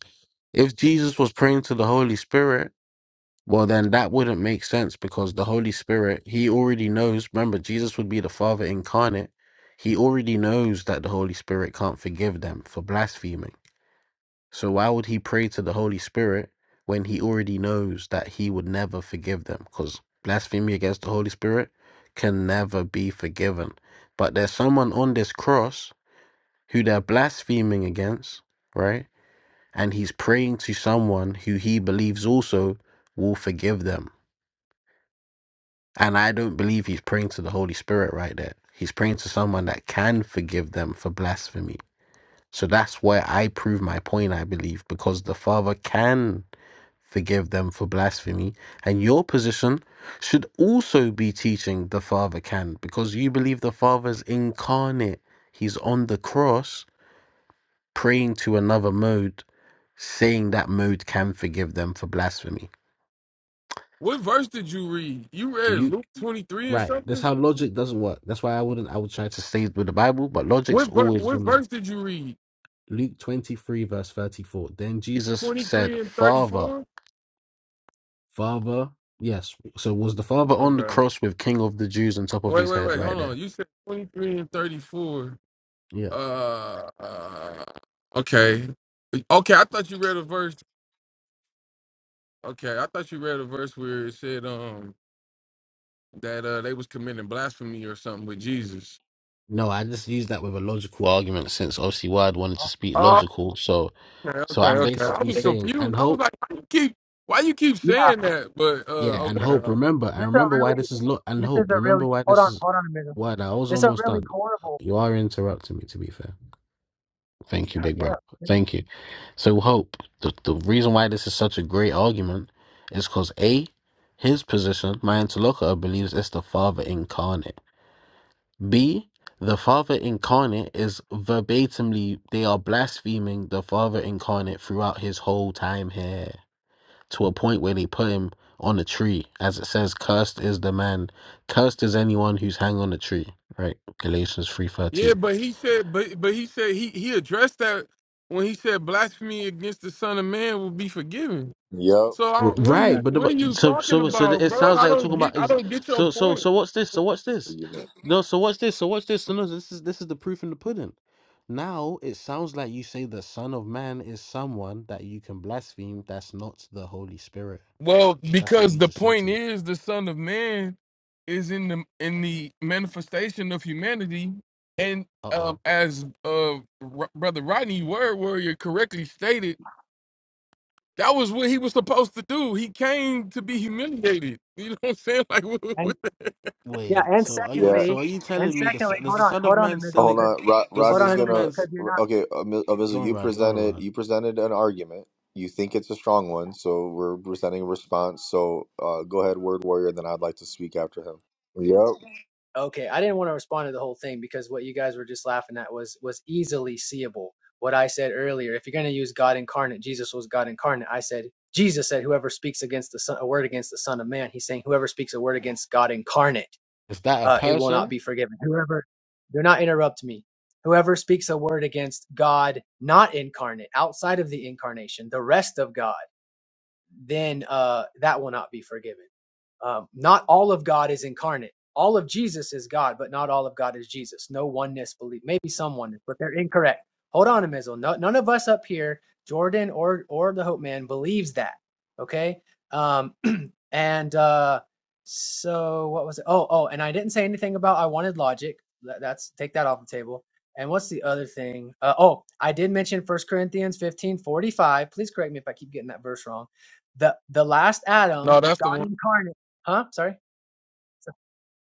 Speaker 9: if Jesus was praying to the Holy Spirit, Well, then that wouldn't make sense because the Holy Spirit, he already knows. Remember, Jesus would be the Father incarnate. He already knows that the Holy Spirit can't forgive them for blaspheming. So why would he pray to the Holy Spirit when he already knows that he would never forgive them? Because blasphemy against the Holy Spirit can never be forgiven. But there's someone on this cross who they're blaspheming against, right? And he's praying to someone who he believes also will forgive them And I don't believe he's praying to the Holy Spirit right there. He's praying to someone that can forgive them for blasphemy. So that's where I prove my point, I believe, because the Father can forgive them for blasphemy. And your position should also be teaching the Father can, because you believe the Father's incarnate. He's on the cross praying to another mode, saying that mode can forgive them for blasphemy.
Speaker 10: What verse did you read? You read
Speaker 9: Luke.
Speaker 10: Luke twenty three or
Speaker 9: Right. That's
Speaker 10: something?
Speaker 9: how logic doesn't work. That's why I wouldn't I would try to stay with the Bible, but logic's
Speaker 10: What ver-
Speaker 9: always
Speaker 10: what
Speaker 9: gonna
Speaker 10: verse did you read?
Speaker 9: Luke twenty three verse thirty four. Then Jesus
Speaker 10: Twenty
Speaker 9: said,
Speaker 10: three and thirty
Speaker 9: Father,
Speaker 10: four.
Speaker 9: Father, yes. So was the Father on the
Speaker 10: Okay.
Speaker 9: cross with King of the Jews on top of
Speaker 10: Wait,
Speaker 9: his
Speaker 10: wait,
Speaker 9: head
Speaker 10: wait.
Speaker 9: right
Speaker 10: Hold on.
Speaker 9: there?
Speaker 10: You said twenty three and thirty four.
Speaker 9: Yeah.
Speaker 10: Uh, uh. Okay. Okay. I thought you read a verse. Okay. I thought you read a verse where it said um that uh they was committing blasphemy or something with Jesus.
Speaker 9: No, I just used that with a logical argument since obviously Wad wanted to speak
Speaker 10: Oh.
Speaker 9: logical. So
Speaker 10: Okay.
Speaker 9: so
Speaker 10: Okay.
Speaker 9: I'm
Speaker 10: Okay. I
Speaker 9: basically
Speaker 10: was
Speaker 9: saying
Speaker 10: confused.
Speaker 9: and
Speaker 10: I was
Speaker 9: hope,
Speaker 10: like, why you keep why you keep
Speaker 5: yeah
Speaker 10: saying that? But uh,
Speaker 9: yeah, and hope,
Speaker 10: okay.
Speaker 9: remember, and
Speaker 5: This is a
Speaker 9: remember why
Speaker 5: really
Speaker 9: this is lo- and
Speaker 5: this is
Speaker 9: hope.
Speaker 5: a really
Speaker 9: Remember why
Speaker 5: hold
Speaker 9: this
Speaker 5: on,
Speaker 9: is
Speaker 5: hold on a minute.
Speaker 9: Wad, I was
Speaker 5: This is a
Speaker 9: almost
Speaker 5: really
Speaker 9: done.
Speaker 5: horrible.
Speaker 9: You are interrupting me to be fair.
Speaker 5: Okay,
Speaker 9: Thank you,
Speaker 5: hurry
Speaker 9: big bro.
Speaker 5: up, finish.
Speaker 9: Thank you. So hope the the reason why this is such a great argument is because a his position, my interlocutor believes it's the Father incarnate. B the Father incarnate is verbatimly they are blaspheming the Father incarnate throughout his whole time here to a point where they put him on a tree, as it says, "Cursed is the man, cursed is anyone who's hanged on a tree." Right, Galatians three
Speaker 10: Yeah,
Speaker 9: thirteen.
Speaker 10: but he said, but but he said he he addressed that when he said blasphemy against the Son of Man will be forgiven.
Speaker 1: Yep.
Speaker 10: So I, what are
Speaker 9: Right,
Speaker 10: you
Speaker 9: but the,
Speaker 10: what are
Speaker 9: but-
Speaker 10: you
Speaker 9: so
Speaker 10: talking
Speaker 9: so so
Speaker 10: about,
Speaker 9: it
Speaker 10: bro?
Speaker 9: sounds
Speaker 10: I
Speaker 9: like we're talking
Speaker 10: don't
Speaker 9: about
Speaker 10: get I
Speaker 9: ex-
Speaker 10: don't get your
Speaker 9: so so
Speaker 10: point.
Speaker 9: so what's this? So what's this?
Speaker 1: argument.
Speaker 9: No, so what's this? So what's this? So no, this is this is the proof in the pudding. Now it sounds like you say the Son of Man is someone that you can blaspheme. That's not the Holy Spirit.
Speaker 10: Well,
Speaker 9: That's what
Speaker 10: because
Speaker 9: you
Speaker 10: the
Speaker 9: just said to
Speaker 10: point
Speaker 9: me.
Speaker 10: is the Son of Man is in the in the manifestation of humanity, and
Speaker 9: Uh
Speaker 10: um,
Speaker 9: oh.
Speaker 10: as uh R- brother Rodney Word Warrior correctly stated, that was what he was supposed to do. He came to be humiliated. You know what I'm saying? Like what,
Speaker 5: And
Speaker 10: what the-
Speaker 5: yeah,
Speaker 9: Wait.
Speaker 5: and
Speaker 9: So are you?
Speaker 1: Yeah,
Speaker 9: So
Speaker 5: secondly,
Speaker 9: are you
Speaker 5: and
Speaker 9: telling me the s-
Speaker 5: secondly,
Speaker 9: does
Speaker 5: hold
Speaker 9: the
Speaker 5: on,
Speaker 9: Son of
Speaker 5: hold on a
Speaker 9: Man
Speaker 5: minute,
Speaker 9: still?
Speaker 1: hold
Speaker 9: e-
Speaker 5: because
Speaker 1: on. Rod-
Speaker 9: Does the
Speaker 5: hold on
Speaker 1: Rodney's
Speaker 5: a
Speaker 9: Son of
Speaker 5: second,
Speaker 1: gonna.
Speaker 9: Man's
Speaker 5: because you're not.
Speaker 1: Okay,
Speaker 9: go
Speaker 1: Avizel,
Speaker 9: on,
Speaker 1: you
Speaker 9: Rod? Go on,
Speaker 1: presented
Speaker 9: Rod.
Speaker 1: you presented an argument. You think it's a strong one, so we're presenting a response. So uh, go ahead, word warrior, and then I'd like to speak after him. Yep.
Speaker 5: Okay, I didn't want to respond to the whole thing because what you guys were just laughing at was was easily seeable. What I said earlier, if you're going to use God incarnate, Jesus was God incarnate. I said Jesus said, "Whoever speaks against the son, a word against the Son of Man, he's saying whoever speaks a word against God incarnate."
Speaker 9: Is that a
Speaker 5: uh, it will not
Speaker 9: person?
Speaker 5: be forgiven. Whoever, do not interrupt me. Whoever speaks a word against God, not incarnate, outside of the incarnation, the rest of God, then uh, that will not be forgiven. Um, not all of God is incarnate. All of Jesus is God, but not all of God is Jesus. No oneness belief. Maybe some oneness, but they're incorrect. Hold on a missile. No, none of us up here, Jordan or or the Hope Man, believes that. Okay. Um, and uh, so what was it? Oh, oh, and I didn't say anything about I wanted logic. That- That's take that off the table. And what's the other thing? Uh, oh, I did mention First Corinthians 15 45. Please correct me if I keep getting that verse wrong. The the last
Speaker 10: no,
Speaker 5: Adam,
Speaker 10: that's the one.
Speaker 5: God incarnate. Huh? Sorry.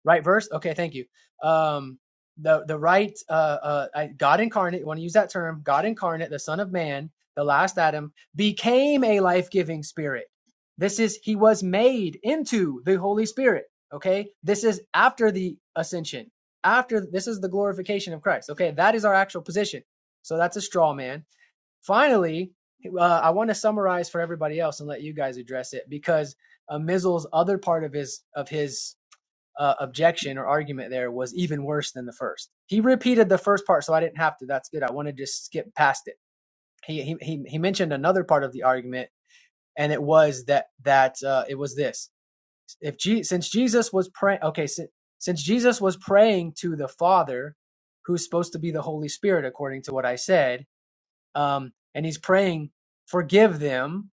Speaker 5: Right verse? Okay, thank you. Um, the the right uh, uh, God incarnate. You Want to use that term? God incarnate, the Son of Man, the last Adam, became a life giving Spirit. This is he was made into the Holy Spirit. Okay, this is after the ascension. After this is the glorification of Christ. Okay, that is our actual position. So that's a straw man. Finally, uh, I want to summarize for everybody else and let you guys address it because uh, Mizzle's other part of his of his uh, objection or argument there was even worse than the first. He repeated the first part, so I didn't have to. That's good. I want to just skip past it. He he he, he mentioned another part of the argument, and it was that that uh, it was this: if Je- since Jesus was praying, okay, si- since Jesus was praying to the Father, who's supposed to be the Holy Spirit, according to what I said, um, and he's praying, forgive them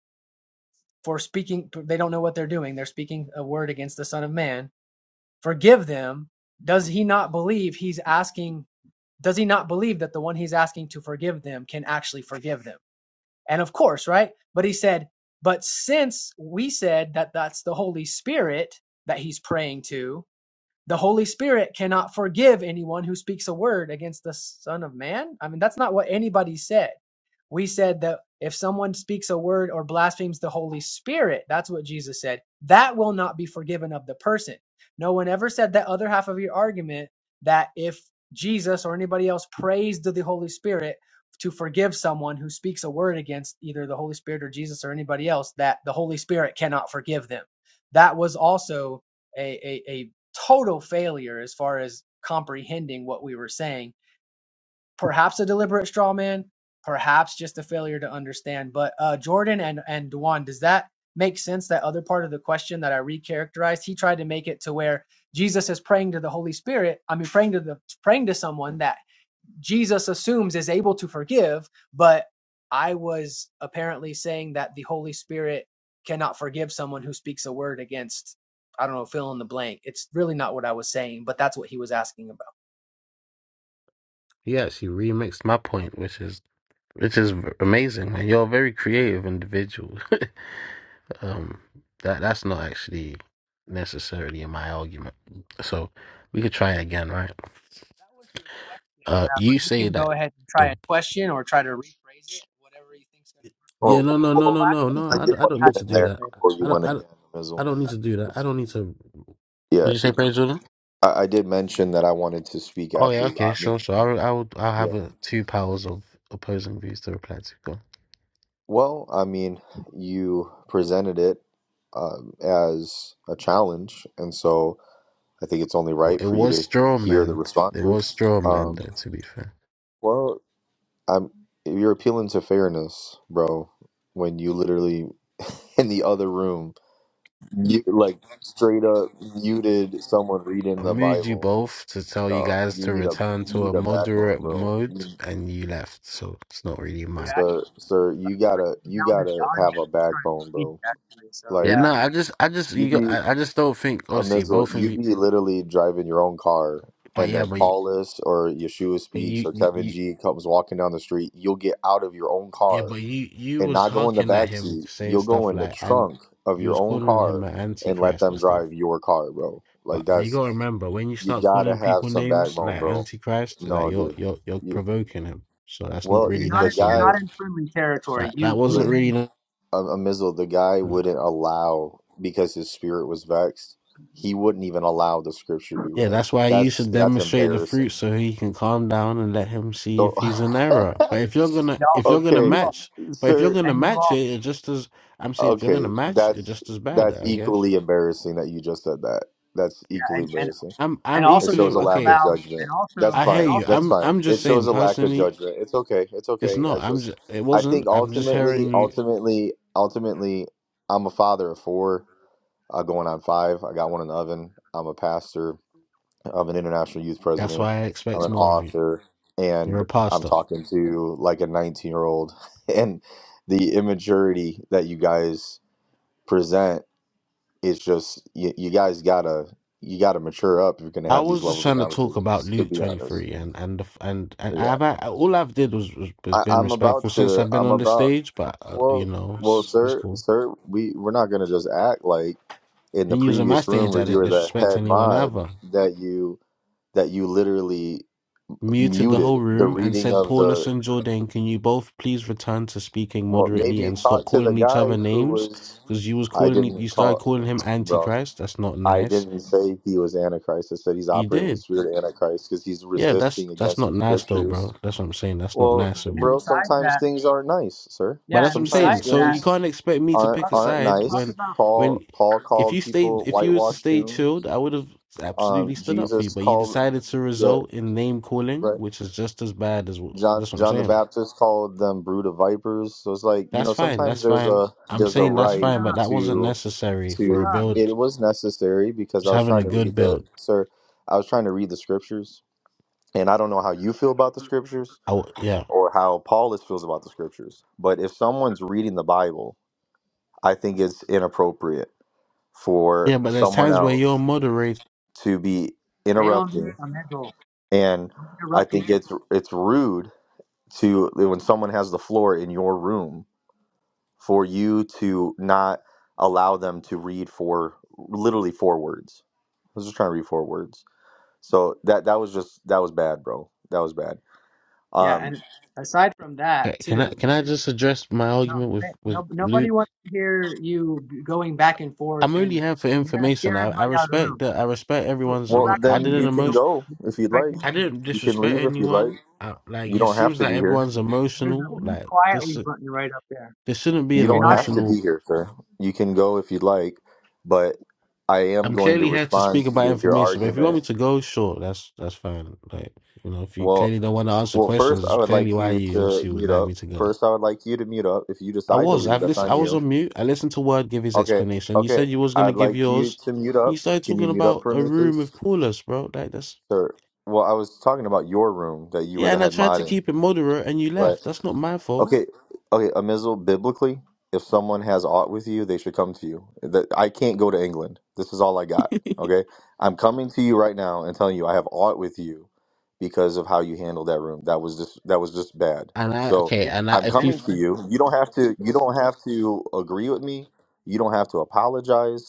Speaker 5: for speaking. They don't know what they're doing. They're speaking a word against the Son of Man forgive them, does he not believe he's asking, does he not believe that the one he's asking to forgive them can actually forgive them? And of course, right? But he said, but since we said that that's the Holy Spirit that he's praying to, the Holy Spirit cannot forgive anyone who speaks a word against the Son of Man. I mean, that's not what anybody said we said that if someone speaks a word or blasphemes the Holy Spirit, that's what Jesus said, that will not be forgiven of the person. No one ever said that other half of your argument that if Jesus or anybody else prays to the Holy Spirit to forgive someone who speaks a word against either the Holy Spirit or Jesus or anybody else, that the Holy Spirit cannot forgive them. That was also a, a, a total failure as far as comprehending what we were saying perhaps a deliberate straw man, perhaps just a failure to understand. But uh, Jordan and and Duan, does that make sense? That other part of the question that I recharacterized, he tried to make it to where Jesus is praying to the Holy Spirit. I mean, praying to the praying to someone that Jesus assumes is able to forgive, but I was apparently saying that the Holy Spirit cannot forgive someone who speaks a word against. I don't know, fill in the blank. It's really not what I was saying, but that's what he was asking about.
Speaker 9: Yes, He actually remixed my point, which is which is amazing. man. you're a very creative individual. um, that that's not actually necessarily in my argument. So we could try it again, right?
Speaker 5: That was your question.
Speaker 9: Uh,
Speaker 5: Uh, but
Speaker 9: you
Speaker 5: you
Speaker 9: say
Speaker 5: can go
Speaker 9: that.
Speaker 5: ahead and try
Speaker 9: The,
Speaker 5: a question or try to rephrase it, whatever you think's going to work.
Speaker 9: yeah,
Speaker 1: Well,
Speaker 9: no, no, no,
Speaker 1: well
Speaker 5: Well,
Speaker 9: no, no,
Speaker 5: actually,
Speaker 9: no.
Speaker 1: I
Speaker 9: I,
Speaker 1: did
Speaker 9: don't- I
Speaker 1: want
Speaker 5: Jordan
Speaker 9: don't
Speaker 1: to
Speaker 5: has
Speaker 9: need
Speaker 1: get
Speaker 9: to
Speaker 1: in
Speaker 9: do
Speaker 5: something to
Speaker 1: there
Speaker 9: that.
Speaker 5: say.
Speaker 1: before
Speaker 9: I
Speaker 1: you
Speaker 9: don't.
Speaker 1: went
Speaker 9: I, don't-
Speaker 1: again,
Speaker 9: I
Speaker 1: Avizel.
Speaker 9: don't need to do that. I
Speaker 1: Just
Speaker 9: don't
Speaker 1: to
Speaker 9: need
Speaker 1: be-
Speaker 9: to. What
Speaker 1: Yeah,
Speaker 9: did you say, Praise Jordan?
Speaker 1: I, I did mention that I wanted to speak
Speaker 9: Oh
Speaker 1: after
Speaker 9: yeah, okay,
Speaker 1: Rodney.
Speaker 9: sure, sure. I'll, I'll, I'll have
Speaker 1: Yeah.
Speaker 9: uh two powers of opposing views to reply to. Go.
Speaker 1: Well, I mean, you presented it um, as a challenge, and so. I think it's only
Speaker 9: on.
Speaker 1: right
Speaker 9: It
Speaker 1: for you
Speaker 9: was
Speaker 1: to
Speaker 9: straw
Speaker 1: hear the
Speaker 9: man. It was
Speaker 1: responses.
Speaker 9: straw man,
Speaker 1: Um,
Speaker 9: though. To be fair.
Speaker 1: well, I'm you're appealing to fairness, bro. When you literally in the other room, you like straight up muted someone
Speaker 9: I
Speaker 1: reading the
Speaker 9: moved you
Speaker 1: Bible.
Speaker 9: both to tell you
Speaker 1: No,
Speaker 9: guys
Speaker 1: you
Speaker 9: to
Speaker 1: need a
Speaker 9: return
Speaker 1: you
Speaker 9: to
Speaker 1: need
Speaker 9: a
Speaker 1: a backbone,
Speaker 9: moderate
Speaker 1: bro.
Speaker 9: mode,
Speaker 1: You,
Speaker 9: and you left. So it's not really
Speaker 5: Hey, You
Speaker 9: my.
Speaker 1: sir,
Speaker 5: actually,
Speaker 1: sir,
Speaker 5: I'm
Speaker 1: you gotta
Speaker 5: doing
Speaker 1: you
Speaker 5: down to the
Speaker 1: gotta have
Speaker 5: audience
Speaker 1: a
Speaker 5: for trying to
Speaker 1: backbone,
Speaker 5: speak,
Speaker 1: bro.
Speaker 5: actually. So
Speaker 9: Yeah,
Speaker 1: Like
Speaker 5: yeah,
Speaker 9: no, I just, I just,
Speaker 1: you
Speaker 9: you, got,
Speaker 1: be
Speaker 9: I, I just don't think.
Speaker 1: a
Speaker 9: Obviously,
Speaker 1: missile,
Speaker 9: both of
Speaker 1: you
Speaker 9: you,
Speaker 1: be literally driving your own car,
Speaker 9: but
Speaker 1: and then
Speaker 9: yeah, but you,
Speaker 1: Paulus or Yeshua
Speaker 9: but
Speaker 1: speaks
Speaker 9: you,
Speaker 1: or
Speaker 9: you,
Speaker 1: Kevin
Speaker 9: you
Speaker 1: G comes walking down the street. You'll get out of your own
Speaker 9: yeah,
Speaker 1: car
Speaker 9: but you, you
Speaker 1: and
Speaker 9: was
Speaker 1: not go in the
Speaker 9: honking at
Speaker 1: back
Speaker 9: him,
Speaker 1: seat.
Speaker 9: saying
Speaker 1: You'll go
Speaker 9: stuff
Speaker 1: in the
Speaker 9: like, and
Speaker 1: trunk of
Speaker 9: you
Speaker 1: your
Speaker 9: was
Speaker 1: own
Speaker 9: calling him
Speaker 1: car
Speaker 9: an
Speaker 1: and let
Speaker 9: antichrist
Speaker 1: them
Speaker 9: and stuff.
Speaker 1: drive your car, bro.
Speaker 9: But,
Speaker 1: Like
Speaker 9: but you
Speaker 1: that's
Speaker 9: gotta remember when you
Speaker 1: you
Speaker 9: start
Speaker 1: gotta
Speaker 9: calling
Speaker 1: have
Speaker 9: people
Speaker 1: some
Speaker 9: names
Speaker 1: backbone,
Speaker 9: like
Speaker 1: bro.
Speaker 9: antichrist,
Speaker 1: No,
Speaker 9: like you're,
Speaker 1: dude.
Speaker 9: you're, you're
Speaker 1: You,
Speaker 9: provoking him. So that's not
Speaker 1: well,
Speaker 9: really
Speaker 5: you're not
Speaker 1: the
Speaker 5: in,
Speaker 9: nice of
Speaker 5: you're
Speaker 1: guy.
Speaker 9: you.
Speaker 5: not in friendly territory.
Speaker 9: That, that
Speaker 5: You you
Speaker 9: wasn't
Speaker 5: made
Speaker 9: really
Speaker 1: a, a Mizzle, the guy
Speaker 9: nice.
Speaker 1: wouldn't allow because his spirit was vexed. He wouldn't even allow the scripture to be
Speaker 9: Yeah,
Speaker 1: read.
Speaker 9: that's why you
Speaker 1: That's
Speaker 9: should
Speaker 1: that's
Speaker 9: demonstrate the
Speaker 1: embarrassing.
Speaker 9: fruit so he can calm down and let him see
Speaker 1: So,
Speaker 9: if he's in error. But if you're gonna
Speaker 5: y'all
Speaker 9: if you're gonna
Speaker 5: you
Speaker 1: okay,
Speaker 5: all
Speaker 9: match but if you're
Speaker 1: sir.
Speaker 9: gonna
Speaker 5: and you
Speaker 9: match
Speaker 5: all
Speaker 9: it, it just as I'm saying if you're
Speaker 1: Okay,
Speaker 9: gonna match it
Speaker 1: that's
Speaker 9: just as bad,
Speaker 1: that's
Speaker 9: I guess.
Speaker 1: equally embarrassing that you just said that. That's
Speaker 5: yeah,
Speaker 1: equally
Speaker 5: and and
Speaker 1: embarrassing.
Speaker 9: I'm
Speaker 5: and
Speaker 9: I'm
Speaker 1: It
Speaker 5: also you
Speaker 9: equally
Speaker 1: shows a
Speaker 5: wouldn't
Speaker 1: lack
Speaker 9: okay,
Speaker 1: of
Speaker 5: allow and
Speaker 1: judgment. That's
Speaker 5: also
Speaker 9: I hear
Speaker 5: and
Speaker 1: fine.
Speaker 9: you.
Speaker 1: That's
Speaker 5: also
Speaker 9: I'm
Speaker 1: fine.
Speaker 9: I'm
Speaker 1: It
Speaker 9: just
Speaker 1: shows
Speaker 9: saying
Speaker 1: a lack of
Speaker 9: personally,
Speaker 1: judgment. It's okay. It's
Speaker 9: it's
Speaker 1: okay. I
Speaker 9: not. I'm
Speaker 1: just,
Speaker 9: just it
Speaker 1: I
Speaker 9: wasn't.
Speaker 1: think
Speaker 9: I'm just
Speaker 1: ultimately,
Speaker 9: hearing you
Speaker 1: ultimately, ultimately, I'm a father of four uh, going on five. I got one in the oven. I'm a pastor. I'm an international youth
Speaker 9: that's
Speaker 1: president.
Speaker 9: why I
Speaker 1: I'm
Speaker 9: expect
Speaker 1: an
Speaker 9: more of you.
Speaker 1: author,
Speaker 9: You're
Speaker 1: and
Speaker 9: a
Speaker 1: I'm
Speaker 9: pastor.
Speaker 1: talking to like a 19 year old. And the immaturity that you guys present is just you, you guys gotta you gotta mature up if you're gonna
Speaker 9: I
Speaker 1: have these
Speaker 9: was just
Speaker 1: levels of
Speaker 9: trying to talk about
Speaker 1: conversations. To
Speaker 9: Luke
Speaker 1: be honest,
Speaker 9: 23 and and the f- and and
Speaker 1: yeah,
Speaker 9: I've I, all I've did was, was was
Speaker 1: I,
Speaker 9: been
Speaker 1: I'm about
Speaker 9: respectful since
Speaker 1: to.
Speaker 9: I've been
Speaker 1: I'm
Speaker 9: on the
Speaker 1: about
Speaker 9: stage, but uh, you
Speaker 1: well.
Speaker 9: know
Speaker 1: Well,
Speaker 9: it's it's
Speaker 1: sir,
Speaker 9: cool.
Speaker 1: sir, we we're not gonna just act like in the
Speaker 9: Then using my
Speaker 1: previous room
Speaker 9: stage, I
Speaker 1: where you
Speaker 9: didn't
Speaker 1: were the
Speaker 9: disrespect
Speaker 1: head
Speaker 9: anyone
Speaker 1: mod
Speaker 9: either.
Speaker 1: that you that you literally
Speaker 9: Muted the
Speaker 1: muted
Speaker 9: whole
Speaker 1: the
Speaker 9: room and
Speaker 1: reading
Speaker 9: said,
Speaker 1: of
Speaker 9: Paulus
Speaker 1: the.
Speaker 9: and Jordan, can you both please return to speaking
Speaker 1: Well,
Speaker 9: moderately
Speaker 1: maybe
Speaker 9: and stop
Speaker 1: talk to the
Speaker 9: calling each
Speaker 1: guy
Speaker 9: other
Speaker 1: who
Speaker 9: names?
Speaker 1: was.
Speaker 9: Because you was
Speaker 1: I
Speaker 9: calling e- you
Speaker 1: didn't
Speaker 9: started
Speaker 1: call,
Speaker 9: calling him
Speaker 1: bro.
Speaker 9: Antichrist. That's not
Speaker 1: I
Speaker 9: nice.
Speaker 1: didn't say he was Antichrist. I said he's
Speaker 9: You
Speaker 1: operating with the
Speaker 9: did.
Speaker 1: spirit of Antichrist because he's
Speaker 9: Yeah, that's
Speaker 1: resisting
Speaker 9: that's
Speaker 1: against the
Speaker 9: not nice though,
Speaker 1: scriptures.
Speaker 9: bro. That's what I'm saying. That's not
Speaker 1: Well,
Speaker 9: nice of
Speaker 5: and
Speaker 9: you.
Speaker 1: bro,
Speaker 5: besides
Speaker 1: sometimes
Speaker 5: that
Speaker 1: things aren't nice, sir.
Speaker 9: But
Speaker 5: yeah,
Speaker 9: that's
Speaker 5: and
Speaker 9: what I'm saying.
Speaker 1: Sometimes
Speaker 5: besides
Speaker 9: So
Speaker 5: that
Speaker 9: you
Speaker 1: things
Speaker 9: can't expect me to
Speaker 1: aren't
Speaker 9: pick
Speaker 5: talk
Speaker 9: a
Speaker 1: aren't
Speaker 9: side
Speaker 5: talk
Speaker 9: when,
Speaker 1: nice.
Speaker 5: about
Speaker 1: Paul
Speaker 9: when,
Speaker 1: Paul
Speaker 9: if
Speaker 1: called
Speaker 9: you stayed,
Speaker 1: people
Speaker 9: if you was to
Speaker 1: whitewashed
Speaker 9: stay
Speaker 1: tombs.
Speaker 9: chilled, I would have
Speaker 1: Um,
Speaker 9: absolutely stood up for you.
Speaker 1: Jesus
Speaker 9: But you
Speaker 1: called
Speaker 9: decided to
Speaker 1: yeah,
Speaker 9: result in name calling,
Speaker 1: right.
Speaker 9: which is just as bad as. wh-
Speaker 1: John
Speaker 9: That's what I'm
Speaker 1: John the
Speaker 9: saying.
Speaker 1: Baptist called them brood of vipers. So it's like you
Speaker 9: That's
Speaker 1: know
Speaker 9: fine.
Speaker 1: sometimes
Speaker 9: That's
Speaker 1: there's
Speaker 9: fine.
Speaker 1: a
Speaker 9: I'm
Speaker 1: there's a
Speaker 9: saying
Speaker 5: middle
Speaker 9: that's
Speaker 5: mute
Speaker 1: right
Speaker 9: fine, but
Speaker 5: up
Speaker 9: that wasn't
Speaker 1: to
Speaker 9: necessary
Speaker 5: mute
Speaker 9: for a
Speaker 1: to
Speaker 5: up.
Speaker 9: build.
Speaker 1: it was necessary because I
Speaker 9: Just
Speaker 1: was
Speaker 9: having a
Speaker 1: trying to
Speaker 9: good
Speaker 1: read the
Speaker 9: build.
Speaker 1: sir I was trying to read the scriptures and I don't know how you feel about the scriptures
Speaker 9: I w yeah,
Speaker 1: or how Paulus feels about the scriptures. But if someone's reading the Bible, I think it's inappropriate for
Speaker 9: yeah. But there's
Speaker 1: someone
Speaker 9: times where you're
Speaker 1: else
Speaker 9: moderate.
Speaker 1: to be
Speaker 5: They don't mute
Speaker 1: interrupting
Speaker 5: a middle.
Speaker 1: and
Speaker 5: Don't
Speaker 1: I
Speaker 5: interrupt
Speaker 1: think
Speaker 5: people.
Speaker 1: it's it's rude to when someone has the floor in your room for you to not allow them to read for literally four words. I was just trying to read four words. So that that was just that was bad, bro. That was bad.
Speaker 5: Yeah,
Speaker 1: Um
Speaker 5: and aside from that
Speaker 9: Can I
Speaker 5: too,
Speaker 9: can I just address my
Speaker 5: no,
Speaker 9: argument with
Speaker 5: th-
Speaker 9: with
Speaker 5: no, nobody
Speaker 9: Luke?
Speaker 5: wants to hear you b- going back and
Speaker 9: I'm
Speaker 5: forth,
Speaker 9: only
Speaker 5: and
Speaker 9: here for
Speaker 5: you're gonna scare
Speaker 9: information. I, I
Speaker 5: everybody out of the
Speaker 9: respect
Speaker 5: room.
Speaker 9: that. I respect
Speaker 5: Go,
Speaker 9: everyone's.
Speaker 5: go
Speaker 1: well
Speaker 9: emo-
Speaker 5: back
Speaker 9: I
Speaker 5: on
Speaker 1: then
Speaker 9: did an
Speaker 1: you
Speaker 5: mute. You
Speaker 1: can
Speaker 5: don't
Speaker 9: emotion.
Speaker 1: go
Speaker 5: you
Speaker 1: if you'd
Speaker 5: don't expect
Speaker 1: like.
Speaker 9: I
Speaker 5: anything.
Speaker 9: didn't
Speaker 1: You can
Speaker 9: disrespect
Speaker 1: leave if you'd like.
Speaker 9: anyone. I, like
Speaker 1: You
Speaker 9: it
Speaker 1: don't have
Speaker 9: seems
Speaker 1: to be
Speaker 9: like
Speaker 1: here.
Speaker 9: everyone's
Speaker 5: There's a
Speaker 9: emotional.
Speaker 5: leave
Speaker 9: Like this,
Speaker 5: quietly button right up there.
Speaker 9: this shouldn't be
Speaker 1: You
Speaker 9: an
Speaker 5: You're
Speaker 1: don't
Speaker 5: not
Speaker 1: have
Speaker 5: in.
Speaker 1: to be
Speaker 9: emotional.
Speaker 1: here, sir. You can go if you'd like, but I am
Speaker 9: I'm
Speaker 1: going to
Speaker 9: clearly here to
Speaker 1: respond
Speaker 9: speak about
Speaker 1: to your
Speaker 9: information, but if you want me
Speaker 1: argument.
Speaker 9: to go, sure, that's that's fine. Like you know, if you
Speaker 1: Well,
Speaker 9: clearly don't want to answer
Speaker 1: well, first
Speaker 9: questions,
Speaker 1: I
Speaker 9: it's
Speaker 1: would
Speaker 9: clearly
Speaker 1: like
Speaker 9: why
Speaker 1: you
Speaker 9: you
Speaker 1: to
Speaker 9: obviously would
Speaker 1: mute
Speaker 9: like
Speaker 1: up.
Speaker 9: me to go.
Speaker 1: First I would like you to mute up. If you
Speaker 9: I
Speaker 1: decide to
Speaker 9: was.
Speaker 1: leave,
Speaker 9: I've
Speaker 1: that's
Speaker 9: listened. I
Speaker 1: on
Speaker 9: was
Speaker 1: you.
Speaker 9: on mute. I listened to Word give his
Speaker 1: Okay,
Speaker 9: explanation. You
Speaker 1: okay.
Speaker 9: said you was gonna
Speaker 1: I'd
Speaker 9: give
Speaker 1: like you
Speaker 9: yours,
Speaker 1: to mute
Speaker 9: and
Speaker 1: up.
Speaker 9: you started
Speaker 1: Can you
Speaker 9: talking
Speaker 1: mute up
Speaker 9: about
Speaker 1: for
Speaker 9: a
Speaker 1: me,
Speaker 9: room
Speaker 1: please?
Speaker 9: with Paulus, bro. Like that's
Speaker 1: Sure. Well, I was talking about your room that you were
Speaker 9: yeah.
Speaker 1: the
Speaker 9: And I
Speaker 1: head
Speaker 9: tried
Speaker 1: mod
Speaker 9: to
Speaker 1: in.
Speaker 9: keep it moderate, and you
Speaker 1: Right.
Speaker 9: left. That's not my fault.
Speaker 1: Okay, okay. Amizel, biblically, if someone has aught with you, they should come to you. That I can't go to England. This is all I got. Okay, I'm coming to you right now and telling you I have aught with you because of how you handled that room. That was just that was just bad.
Speaker 9: And I
Speaker 1: So
Speaker 9: okay,
Speaker 5: Yeah,
Speaker 9: and I,
Speaker 1: I'm
Speaker 9: if you
Speaker 5: and
Speaker 1: coming to
Speaker 5: that,
Speaker 1: you. You don't have to. You don't have to agree with me. You don't have to apologize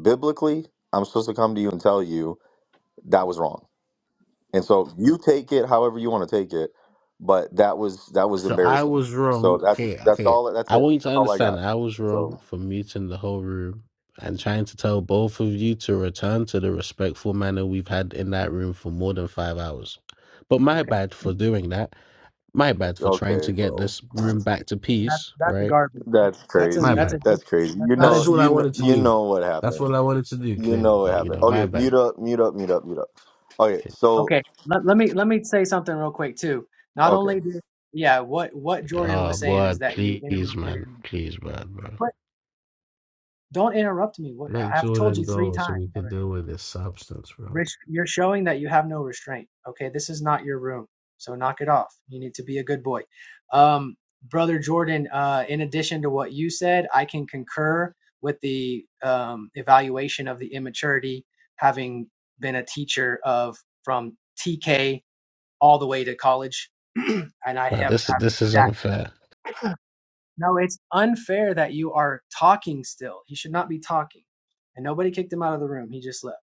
Speaker 1: biblically, I'm supposed to come to you and tell you that was wrong. And so you take it however you want to take it, but that was that was
Speaker 9: So I
Speaker 1: embarrassing.
Speaker 9: was
Speaker 1: So
Speaker 9: wrong.
Speaker 1: that's
Speaker 9: Okay,
Speaker 1: that's
Speaker 9: okay.
Speaker 1: all that's
Speaker 9: I
Speaker 1: it.
Speaker 9: want you to
Speaker 1: That's all I got.
Speaker 9: understand I was
Speaker 1: So
Speaker 9: wrong for muting the whole room and trying to tell both of you to return to the respectful manner we've had in that room for more than five hours. But my
Speaker 5: okay,
Speaker 9: bad for doing that. My bad for trying
Speaker 1: okay,
Speaker 9: to get
Speaker 1: bro.
Speaker 9: this room back to
Speaker 5: that's
Speaker 9: peace,
Speaker 5: that's a
Speaker 9: right?
Speaker 5: garbage.
Speaker 1: That's
Speaker 5: That's a
Speaker 9: My
Speaker 1: crazy.
Speaker 5: that's a
Speaker 9: bad.
Speaker 1: That's crazy. You
Speaker 5: that's not
Speaker 9: That's
Speaker 5: a
Speaker 1: know
Speaker 9: just what
Speaker 5: genuine
Speaker 9: I
Speaker 1: you kn-
Speaker 9: wanted to
Speaker 1: you
Speaker 5: response.
Speaker 9: do.
Speaker 1: know what
Speaker 9: That's what
Speaker 1: happened.
Speaker 9: I wanted to do,
Speaker 1: You know
Speaker 9: clearly.
Speaker 1: what
Speaker 9: But you
Speaker 1: happened.
Speaker 9: know, my
Speaker 1: Okay, mute
Speaker 9: bad.
Speaker 1: up, mute up, mute up, mute up. Okay, so
Speaker 5: Okay, let, let me let me say something real quick too. Not
Speaker 1: okay.
Speaker 5: only did yeah, what what Jordan
Speaker 9: Oh
Speaker 5: was saying is
Speaker 9: boy,
Speaker 5: that you
Speaker 9: please,
Speaker 5: interrupted
Speaker 9: man.
Speaker 5: him.
Speaker 9: Please, man, bro.
Speaker 5: Don't interrupt me. What
Speaker 9: Let
Speaker 5: I've told you
Speaker 9: Jordan
Speaker 5: three
Speaker 9: go so
Speaker 5: times
Speaker 9: we can
Speaker 5: already.
Speaker 9: deal with this substance, bro.
Speaker 5: You're showing that you have no restraint. Okay, this is not your room, so knock it off. You need to be a good boy, um, brother Jordan. Uh, in addition to what you said, I can concur with the um, evaluation of the immaturity, having been a teacher of from TK all the way to college, and I
Speaker 9: Now
Speaker 5: have
Speaker 9: this is
Speaker 5: had
Speaker 9: this is
Speaker 5: that
Speaker 9: unfair.
Speaker 5: No, it's unfair that you are talking still. He should not be talking. And nobody kicked him out of the room. He just left,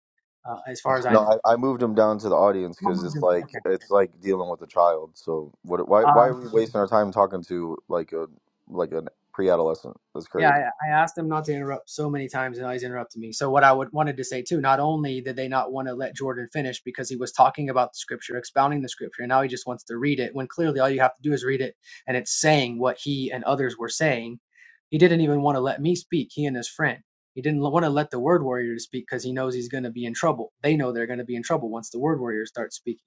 Speaker 5: uh, as far as I know.
Speaker 1: No, I, I moved him down to the audience
Speaker 5: Oh,
Speaker 1: because it's like
Speaker 5: Okay.
Speaker 1: it's like dealing with a child. So what? Why? Why are we
Speaker 5: Uh,
Speaker 1: wasting our time talking to like a like a pre-adolescent? That's
Speaker 5: Yeah,
Speaker 1: crazy.
Speaker 5: I, I asked them not to interrupt so many times, and always he's interrupted me. So what I would wanted to say too, not only did they not want to let Jordan finish because he was talking about the scripture, expounding the scripture, and now he just wants to read it when clearly all you have to do is read it, and it's saying what he and others were saying. He didn't even want to let me speak. He and his friend. He didn't want to let the word warrior speak because he knows he's going to be in trouble. They know they're going to be in trouble once the word warrior starts speaking.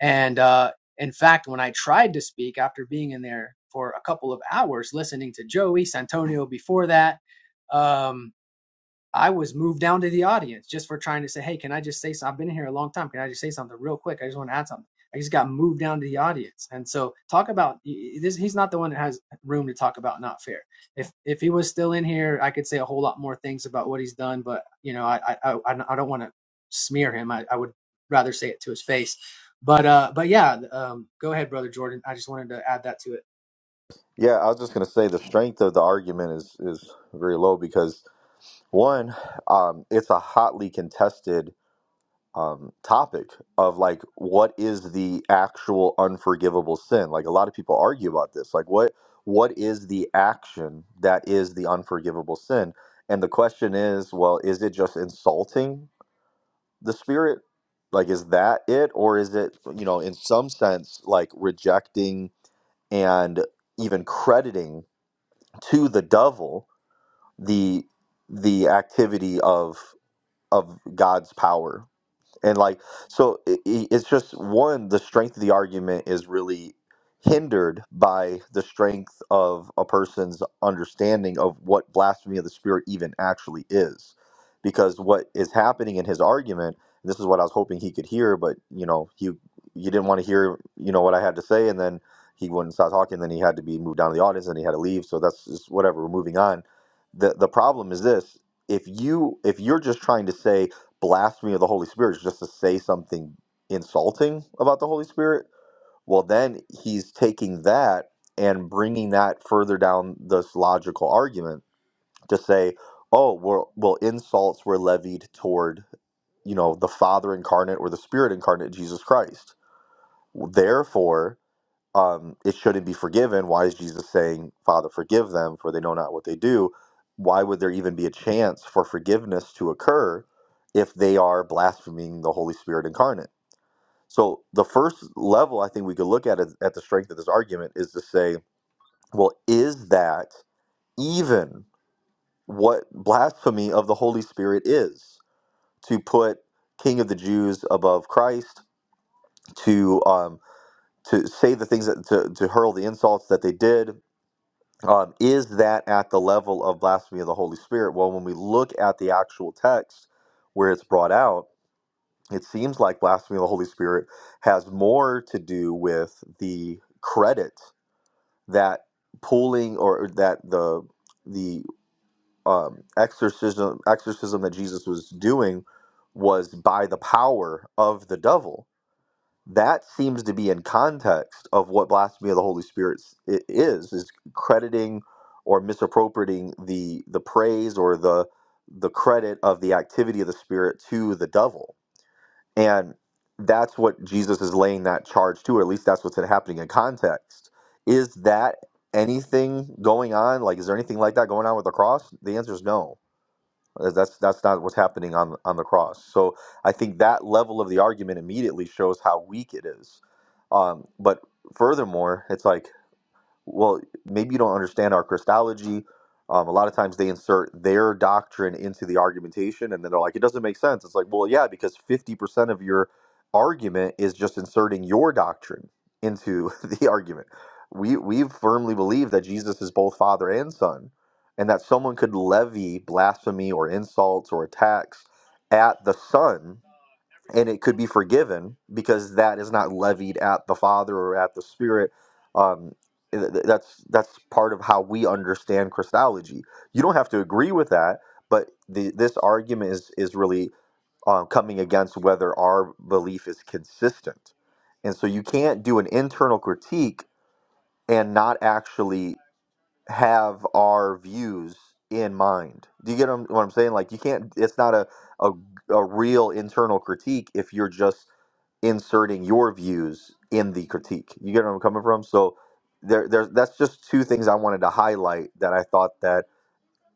Speaker 5: And uh, in fact, when I tried to speak after being in there for a couple of hours listening to Joey Santonio before that, um, I was moved down to the audience just for trying to say, hey, can I just say something? I've been here a long time. Can I just say something real quick? I just want to add something. I just got moved down to the audience. And so talk about this. He's not the one that has room to talk about not fair. If if he was still in here, I could say a whole lot more things about what he's done. But you know, I I I, I I don't want to smear him. I, I would rather say it to his face. But uh, but yeah, um, go ahead, brother Jordan. I just wanted to add that to it.
Speaker 1: Yeah, I was just gonna say the strength of the argument is is very low because one, um, it's a hotly contested um, topic of like what is the actual unforgivable sin like a lot of people argue about this like what what is the action that is the unforgivable sin and the question is well is it just insulting the spirit like is that it or is it you know in some sense like rejecting and even crediting to the devil the the activity of of god's power and like, so i i- it's just one, the strength of the argument is really hindered by the strength of a person's understanding of what blasphemy of the spirit even actually is. Because what is happening in his argument, this is what I was hoping he could hear, but you know, he you didn't want to hear, you know, what I had to say, and then he wouldn't stop talking, then he had to be moved down to the audience and he had to leave. So that's just whatever, we're moving on. The the problem is this if you if you're just trying to say blasphemy of the Holy Spirit is just to say something insulting about the Holy Spirit, well, then he's taking that and bringing that further down this logical argument to say, oh, well, well insults were levied toward, you know, the Father incarnate or the Spirit incarnate, Jesus Christ. Therefore, um, it shouldn't be forgiven. Why is Jesus saying, Father, forgive them, for they know not what they do? Why would there even be a chance for forgiveness to occur if they are blaspheming the Holy Spirit incarnate? So, the first level I think we could look at it, at the strength of this argument is to say, well, is that even what blasphemy of the Holy Spirit is? To put King of the Jews above Christ, to um, to say the things that to, to hurl the insults that they did um, is that at the level of blasphemy of the Holy Spirit? Well, when we look at the actual text where it's brought out, it seems like blasphemy of the Holy Spirit has more to do with the credit that pulling or that the the um, exorcism exorcism that Jesus was doing was by the power of the devil that seems to be in context of what blasphemy of the Holy Spirit s- i- is is crediting or misappropriating the the praise or the the credit of the activity of the Spirit to the devil, and that's what Jesus is laying that charge to, or at least that's what's happening in context. Is that anything going on? Like, is there anything like that going on with the cross? The answer is no uh, That's that's not what's happening on on the cross. So I think that level of the argument immediately shows how weak it is. Um, but furthermore, it's like well, maybe you don't understand our Christology. Um, a lot of times they insert their doctrine into the argumentation and then they're like, it doesn't make sense. It's like, well, yeah, because 50% of your argument is just inserting your doctrine into the argument. We, we firmly believe that Jesus is both Father and Son, and that someone could levy blasphemy or insults or attacks at the Son and it could be forgiven because that is not levied at the father or at the spirit um th- th- that's that's part of how we understand christology you don't have to agree with that but the, this argument is is really um, coming against whether our belief is consistent and so you can't do an internal critique and not actually have our views in mind do you get what i'm what I'm saying like you can't it's not a a, a real internal critique if you're just inserting your views in the critique. You get where I'm coming from? So there, there's that's just two things I wanted to highlight that I thought that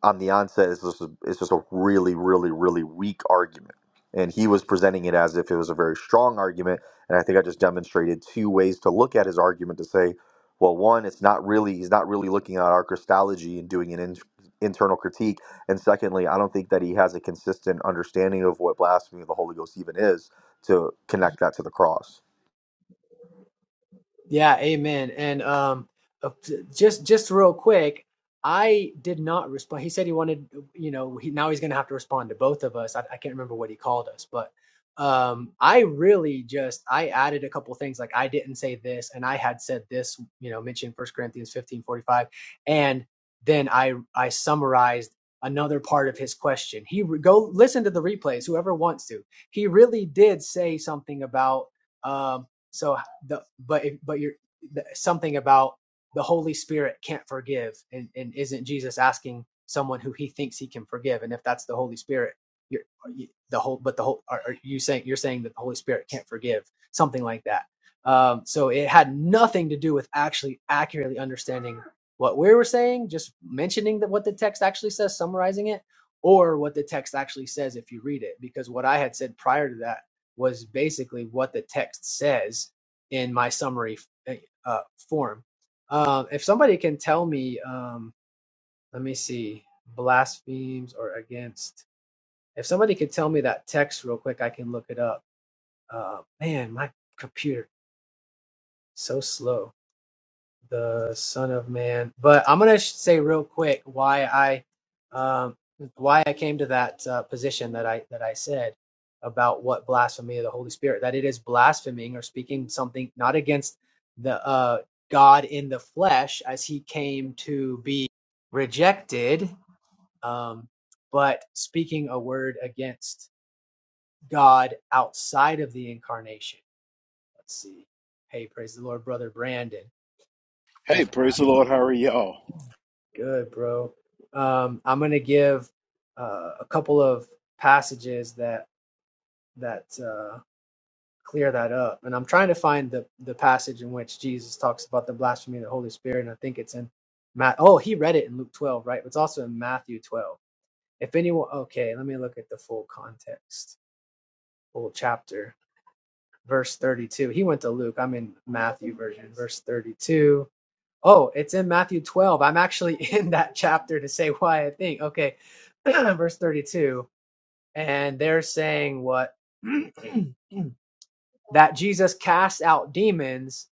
Speaker 1: on the onset it's just a, it's just a really really really weak argument and he was presenting it as if it was a very strong argument and i think i just demonstrated two ways to look at his argument to say well one it's not really he's not really looking at our christology and doing an in, internal critique and secondly i don't think that he has a consistent understanding of what blasphemy of the holy ghost even is to connect that to the cross
Speaker 5: Yeah, amen. And um, uh, j- just just real quick, I did not respond. He said he wanted, you know, he, now he's going to have to respond to both of us. I, I can't remember what he called us, but um, I really just I added a couple things like I didn't say this, and I had said this, you know, mentioned First Corinthians fifteen forty five, and then I I summarized another part of his question. He re- go listen to the replays, whoever wants to. He really did say something about. Um, so the but if, but you're the, something about the Holy Spirit can't forgive, and, and isn't Jesus asking someone who he thinks he can forgive? And if that's the Holy Spirit, you're you, the whole, but the whole, are, are you saying you're saying that the Holy Spirit can't forgive something like that? Um, so it had nothing to do with actually accurately understanding what we were saying, just mentioning that what the text actually says, summarizing it, or what the text actually says if you read it, because what I had said prior to that was basically what the text says in my summary eh, uh, form. Um, if somebody can tell me, um, let me see, blasphemes or against. If somebody could tell me that text real quick, I can look it up. Uh, man, my computer so slow. the Son of Man. But I'm gonna say real quick why I um, why I came to that uh, position that I that I said about what blasphemy of the Holy Spirit that it is blaspheming or speaking something not against the uh, God in the flesh as He came to be rejected, um, but speaking a word against God outside of the incarnation. Let's see. Hey, praise the Lord, brother Brandon.
Speaker 11: Hey,
Speaker 5: And
Speaker 11: praise the Lord. How are y'all?
Speaker 5: Good, bro. Um, I'm gonna give uh, a couple of passages that that uh, clear that up, and I'm trying to find the the passage in which Jesus talks about the blasphemy of the Holy Spirit, and I think it's in Matt. Oh, he read it in Luke 12, right? It's also in Matthew 12. If anyone, okay, let me look at the full context, full chapter, verse 32. He went to Luke. I'm in Matthew version, verse 32 Oh, it's in Matthew 12. I'm actually in that chapter to say why I think. Okay, verse 32. And they're saying what? that Jesus cast out demons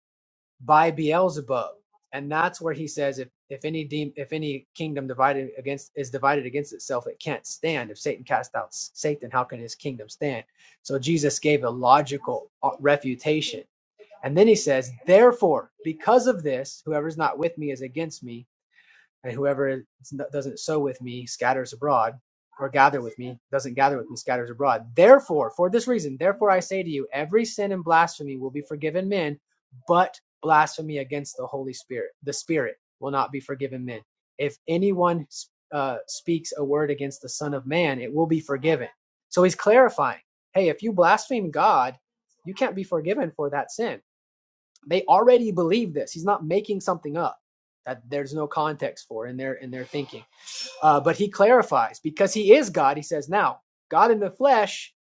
Speaker 5: by Beelzebub. And that's where he says if if any de- if any kingdom divided against is divided against itself, it can't stand. If Satan cast out S- Satan, how can his kingdom stand? So Jesus gave a logical uh, refutation. And then he says, therefore, because of this, whoever's not with me is against me and whoever doesn't sow with me scatters abroad or gather with me doesn't gather with me scatters abroad therefore for this reason therefore i say to you every sin and blasphemy will be forgiven men but blasphemy against the holy spirit the spirit will not be forgiven men if anyone uh, speaks a word against the son of man it will be forgiven so he's clarifying hey if you blaspheme god you can't be forgiven for that sin they already believe this. He's not making something up that there's no context for in their in their thinking. Uh, but he clarifies because he is God. He says, "Now, God in the flesh,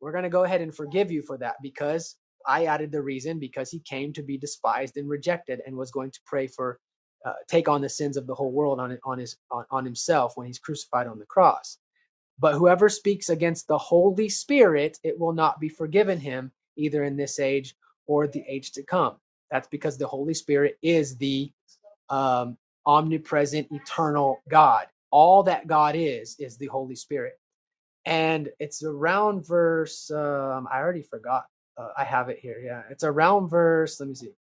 Speaker 5: we're going to go ahead and forgive you for that because I added the reason because he came to be despised and rejected and was going to pray for." Uh, take on the sins of the whole world on on his on, on himself when he's crucified on the cross but whoever speaks against the Holy Spirit, it will not be forgiven him, either in this age or the age to come. That's because the Holy Spirit is the um, omnipresent, eternal God. All that God is, is the Holy Spirit. And it's around verse, um, I already forgot. Uh, I have it here. Yeah. It's around verse, let me see,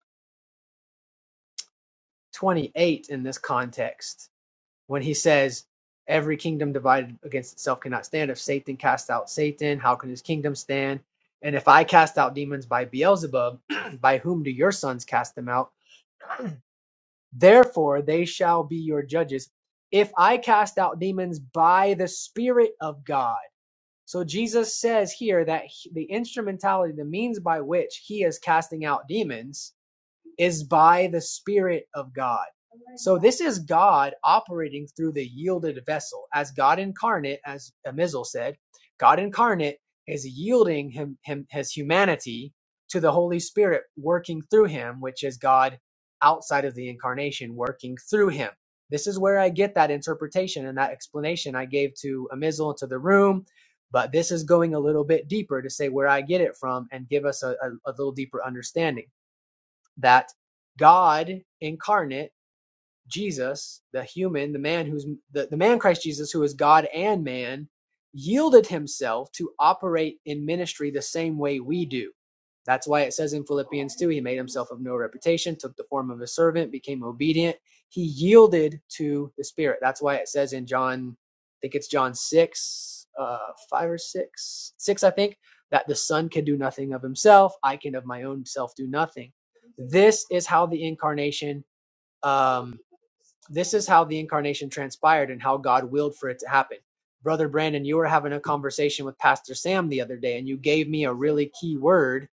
Speaker 5: 28 in this context when he says, Every kingdom divided against itself cannot stand. If Satan cast out Satan, how can his kingdom stand? And if I cast out demons by Beelzebub, by whom do your sons cast them out? Therefore they shall be your judges. If I cast out demons by the Spirit of God. So Jesus says here that the instrumentality, the means by which he is casting out demons, is by the Spirit of God. So this is God operating through the yielded vessel. As God incarnate, as Amizel said, God incarnate is yielding him, him his humanity to the Holy Spirit working through him, which is God outside of the incarnation working through him. This is where I get that interpretation and that explanation I gave to Amizel and to the room. But this is going a little bit deeper to say where I get it from and give us a, a a little deeper understanding that God incarnate Jesus, the human, the man who's the, the man Christ Jesus, who is God and man, yielded himself to operate in ministry the same way we do. That's why it says in Philippians 2, he made himself of no reputation, took the form of a servant, became obedient. He yielded to the Spirit. That's why it says in John, I think it's John 6, uh, 5 or 6, 6, I think, that the Son can do nothing of himself. I can of my own self do nothing. This is how the incarnation. Um, this is how the incarnation transpired and how God willed for it to happen. Brother Brandon, you were having a conversation with Pastor Sam the other day, and you gave me a really key word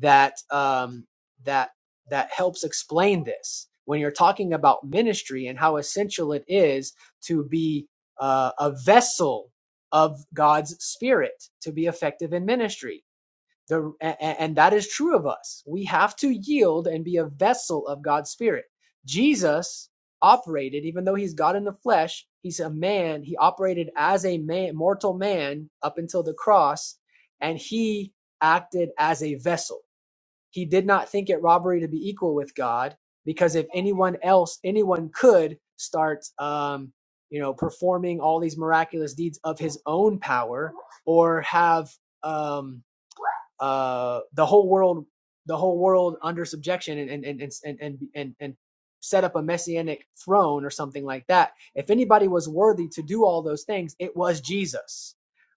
Speaker 5: that um, that that helps explain this. When you're talking about ministry and how essential it is to be uh, a vessel of God's Spirit to be effective in ministry the, and, that is true of us. We have to yield and be a vessel of God's Spirit. Jesus operated, even though he's God in the flesh, he's a man. He operated as a man, mortal man up until the cross, and he acted as a vessel. He did not think it robbery to be equal with God, because if anyone else, anyone could start, um, you know, performing all these miraculous deeds of his own power or have. Um, uh, the whole world the whole world under subjection and and and and and, and, and set up a messianic throne or something like that if anybody was worthy to do all those things it was jesus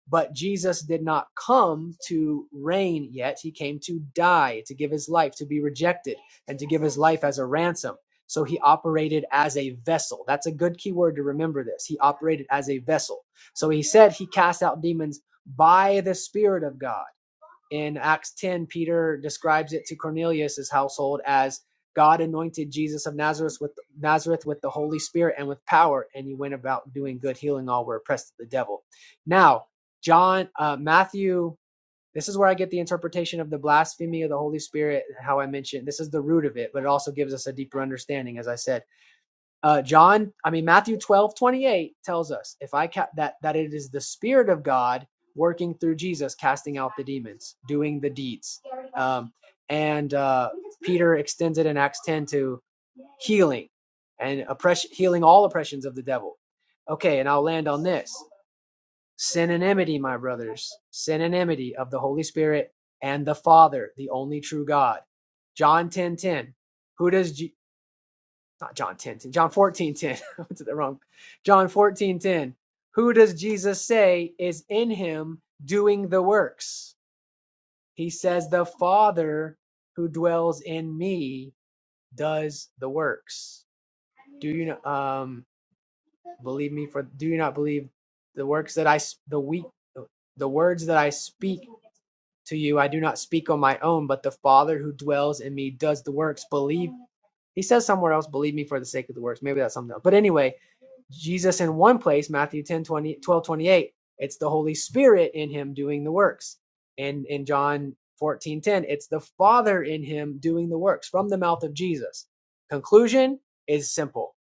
Speaker 5: but jesus did not come to reign yet he came to die to give his life to be rejected and to give his life as a ransom so he operated as a vessel that's a good key word to remember this he operated as a vessel so he said he cast out demons by the spirit of god in Acts 10, Peter describes it to Cornelius' household as God anointed Jesus of Nazareth with Nazareth with the Holy Spirit and with power, and he went about doing good, healing all who were oppressed of the devil. Now, John, uh, Matthew, this is where I get the interpretation of the blasphemy of the Holy Spirit, how I mentioned this is the root of it, but it also gives us a deeper understanding, as I said. Uh, John, I mean Matthew 12 28 tells us if I ca- that that it is the Spirit of God working through Jesus, casting out the demons, doing the deeds. Um, and uh, Peter extends it in Acts 10 to healing and oppression, healing all oppressions of the devil. Okay, and I'll land on this synonymity, my brothers, synonymity of the Holy Spirit and the Father, the only true God. John 10 10, Who does not John ten ten. John 14 10. 10. I went to the wrong. John 14 10. Who does Jesus say is in him doing the works? He says, The Father who dwells in me does the works. Do you know? Um, Believe me for do you not believe the works that I the weak the words that I speak to you I do not speak on my own, but the Father who dwells in me does the works. Believe he says somewhere else, believe me for the sake of the works. Maybe that's something else. But anyway, Jesus in one place, Matthew 10, twelve, twenty-eight, it's the Holy Spirit in him doing the works. And in John 14 10, it's the Father in him doing the works from the mouth of Jesus. Conclusion is simple.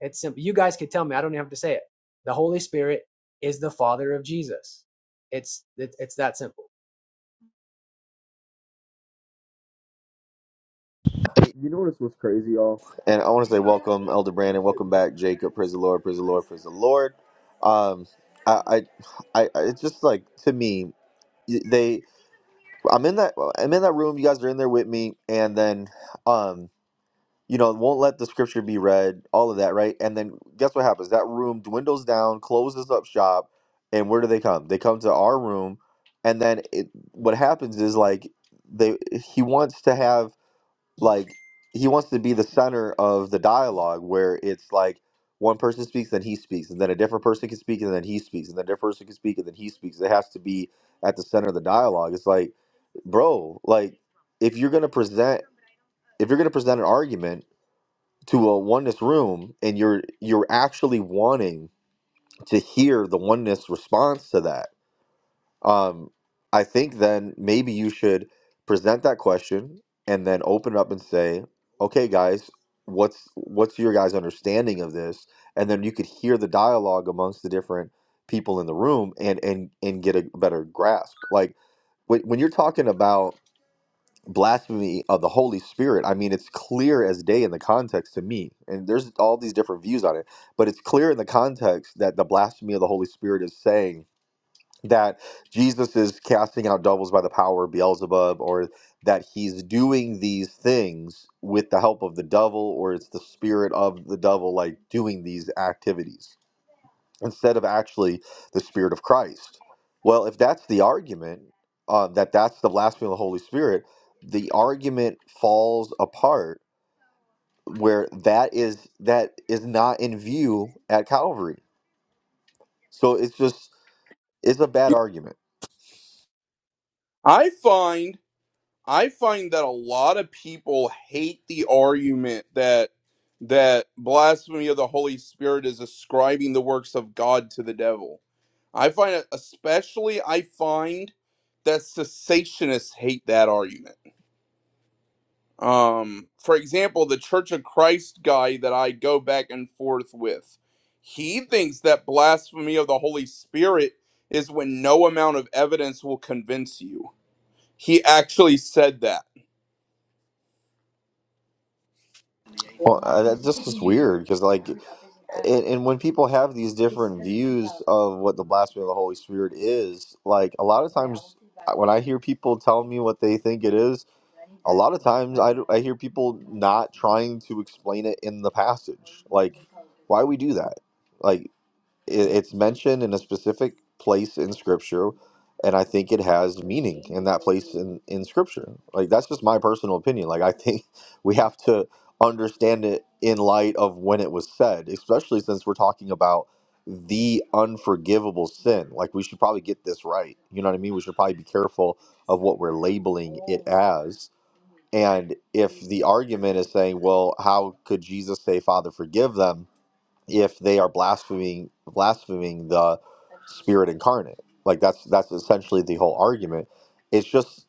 Speaker 5: It's simple. You guys could tell me. I don't even have to say it. The Holy Spirit is the Father of Jesus. It's it, it's that simple.
Speaker 1: You notice what's crazy, y'all? And I want to say welcome, Elder Brandon. Welcome back, Jacob. Praise the Lord. Praise the Lord. Praise the Lord. Um, I, I, I, I- it's just like to me, they. I'm in that. I'm in that room. You guys are in there with me, and then, um, you know, won't let the scripture be read. All of that, right? And then guess what happens? That room dwindles down, closes up shop, and where do they come? They come to our room, and then it, what happens is like they. He wants to have like he wants to be the center of the dialogue where it's like one person speaks then he speaks and then a different person can speak and then he speaks and then a different person can speak and then he speaks it has to be at the center of the dialogue it's like bro like if you're going to present if you're going to present an argument to a oneness room and you're you're actually wanting to hear the oneness response to that um, I think then maybe you should present that question and then open it up and say, "Okay, guys, what's what's your guys' understanding of this?" And then you could hear the dialogue amongst the different people in the room and and and get a better grasp. Like when, when you're talking about blasphemy of the Holy Spirit, I mean, it's clear as day in the context to me. And there's all these different views on it, but it's clear in the context that the blasphemy of the Holy Spirit is saying that Jesus is casting out devils by the power of Beelzebub, or that he's doing these things with the help of the devil, or it's the spirit of the devil, like doing these activities instead of actually the spirit of Christ. Well, if that's the argument uh, that that's the blasphemy of the Holy Spirit, the argument falls apart where that is that is not in view at Calvary. So it's just it's a bad argument.
Speaker 2: I find I find that a lot of people hate the argument that that blasphemy of the Holy Spirit is ascribing the works of God to the devil. I find it especially I find that cessationists hate that argument. Um, for example, the Church of Christ guy that I go back and forth with, he thinks that blasphemy of the Holy Spirit is when no amount of evidence will convince you. He actually said that
Speaker 1: Well, uh, that just is weird because, like, and, and when people have these different views of what the blasphemy of the Holy Spirit is, like, a lot of times I- when I hear people tell me what they think it is, a lot of times I, d- I hear people not trying to explain it in the passage. Like, why we do that? Like, it, it's mentioned in a specific place in scripture and i think it has meaning in that place in, in scripture like that's just my personal opinion like i think we have to understand it in light of when it was said especially since we're talking about the unforgivable sin like we should probably get this right you know what i mean we should probably be careful of what we're labeling it as and if the argument is saying well how could jesus say father forgive them if they are blaspheming blaspheming the spirit incarnate like that's that's essentially the whole argument it's just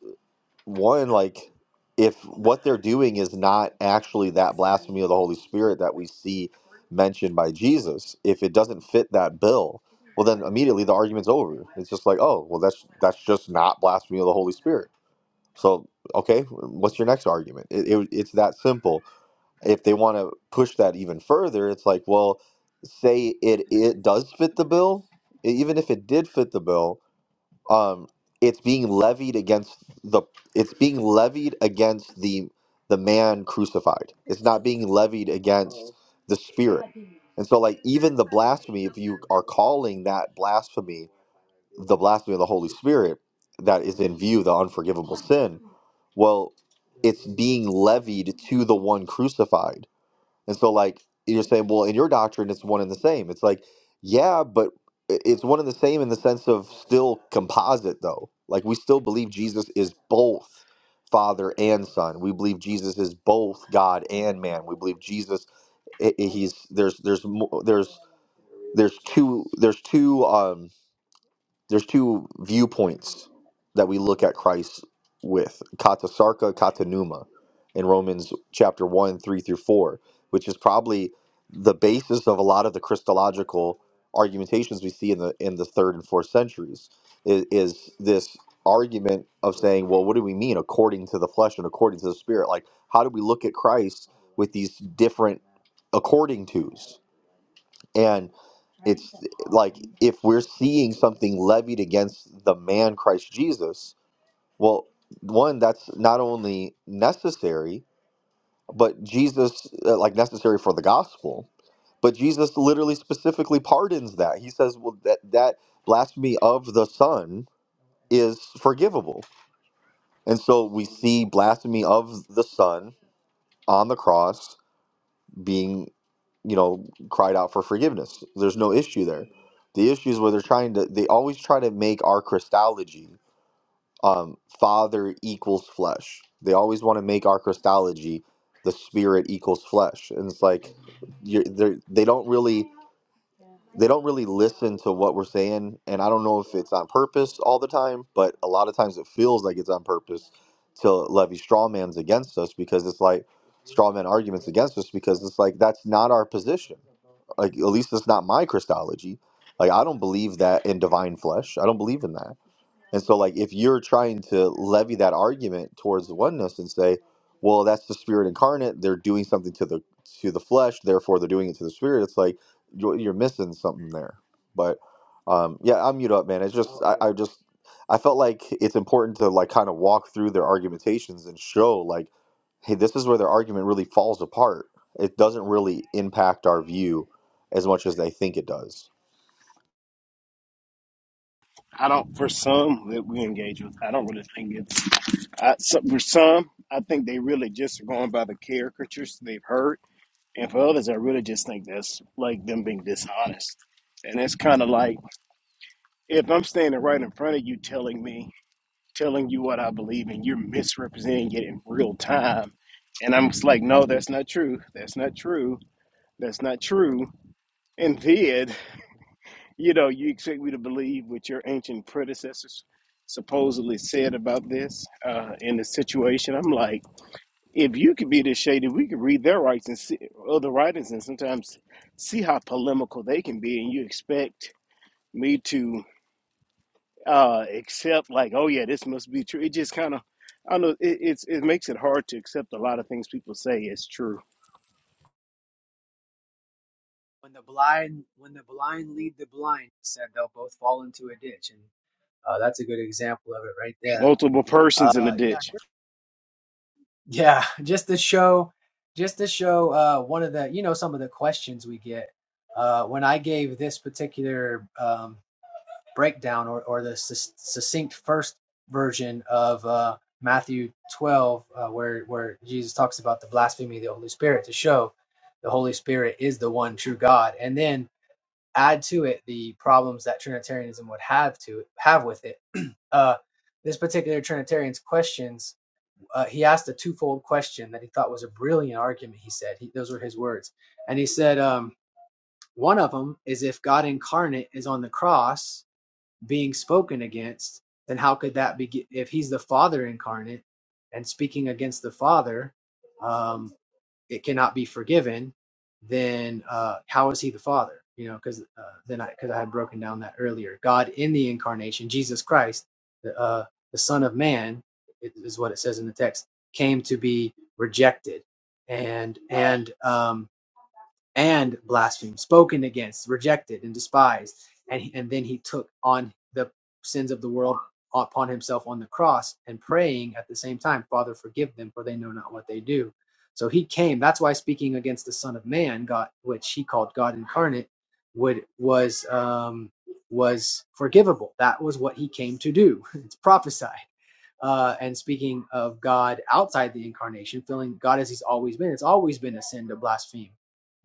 Speaker 1: one like if what they're doing is not actually that blasphemy of the holy spirit that we see mentioned by jesus if it doesn't fit that bill well then immediately the argument's over it's just like oh well that's that's just not blasphemy of the holy spirit so okay what's your next argument it, it, it's that simple if they want to push that even further, it's like, well, say it it does fit the bill, e- even if it did fit the bill, um, it's being levied against the it's being levied against the the man crucified. It's not being levied against the spirit. And so like even the blasphemy, if you are calling that blasphemy the blasphemy of the Holy Spirit that is in view, the unforgivable sin, well, it's being levied to the one crucified and so, like, you're saying, well, in your doctrine, it's one and the same. It's like, yeah, but i- it's one and the same in the sense of still composite, though. Like, we still believe Jesus is both Father and Son. We believe Jesus is both God and man. We believe Jesus, i- i- he's there's there's mo- there's there's two there's two um there's two viewpoints that we look at Christ with kata sarka kata numa in Romans chapter 1 3 through 4 which is probably the basis of a lot of the Christological argumentations we see in the in the third and fourth centuries is, is this argument of saying well what do we mean according to the flesh and according to the spirit like how do we look at Christ with these different according tos and it's like if we're seeing something levied against the man Christ Jesus, well, one that's not only necessary, but Jesus uh, like necessary for the gospel, but Jesus literally specifically pardons that. He says, well, that that blasphemy of the Son is forgivable, and so we see blasphemy of the Son on the cross being you know, cried out for forgiveness. There's no issue there. The issue is where they're trying to, they always try to make our Christology um, Father equals flesh. They always want to make our Christology the Spirit equals flesh. And it's like, you're, they're- they don't really. They don't really listen to what we're saying, and I don't know if it's on purpose all the time, but a lot of times it feels like it's on purpose to levy straw man's against us because it's like straw man arguments against us because it's like that's not our position like at least that's not my Christology. Like I don't believe that in divine flesh. I don't believe in that. And so, like, if you're trying to levy that argument towards the oneness and say, "Well, that's the spirit incarnate; they're doing something to the to the flesh, therefore they're doing it to the spirit," it's like you're, you're missing something there. But um, yeah, I'm mute up, man. It's just I, I just I felt like it's important to like kind of walk through their argumentations and show like, hey, this is where their argument really falls apart. It doesn't really impact our view as much as they think it does.
Speaker 11: I don't, for some that we engage with, I don't really think it's, I, so, for some, I think they really just are going by the caricatures they've heard. And for others, I really just think that's like them being dishonest. And it's kind of like if I'm standing right in front of you telling me, telling you what I believe, and you're misrepresenting it in real time. And I'm just like, no, that's not true. That's not true. That's not true. And then You know, you expect me to believe what your ancient predecessors supposedly said about this uh, in the situation. I'm like, if you could be this shady, we could read their rights and see other writings and sometimes see how polemical they can be, and you expect me to uh, accept like, oh yeah, this must be true. It just kind of, I don't know, it, it's it makes it hard to accept a lot of things people say is true.
Speaker 5: When the blind when the blind lead the blind, said they'll both fall into a ditch, and uh, that's a good example of it right there.
Speaker 11: Multiple persons in the
Speaker 5: Uh, yeah.
Speaker 11: ditch.
Speaker 5: Yeah, just to show, just to show uh, one of the, you know, some of the questions we get uh, when I gave this particular um, breakdown or, or the sus- succinct first version of uh, Matthew 12, uh, where where Jesus talks about the blasphemy of the Holy Spirit to show the Holy Spirit is the one true God, and then add to it the problems that Trinitarianism would have to have with it. uh, this particular Trinitarian's questions uh, he asked a twofold question that he thought was a brilliant argument. He said, he, those were his words. And he said, um, one of them is if God incarnate is on the cross being spoken against, then how could that be? If he's the Father incarnate and speaking against the Father, um, it cannot be forgiven, then uh, how is he the Father? You know, because uh, then I because I had broken down that earlier. God in the incarnation, Jesus Christ, the uh, the Son of Man, i- is what it says in the text, came to be rejected, and and um, and blasphemed, spoken against, rejected, and despised. And, he, and then he took on the sins of the world upon himself on the cross and praying at the same time, Father, forgive them, for they know not what they do. So he came. That's why speaking against the Son of Man, God, which he called God incarnate, would was um, was forgivable. That was what he came to do. It's prophesied uh, and speaking of God outside the incarnation, feeling God as He's always been. It's always been a sin to blaspheme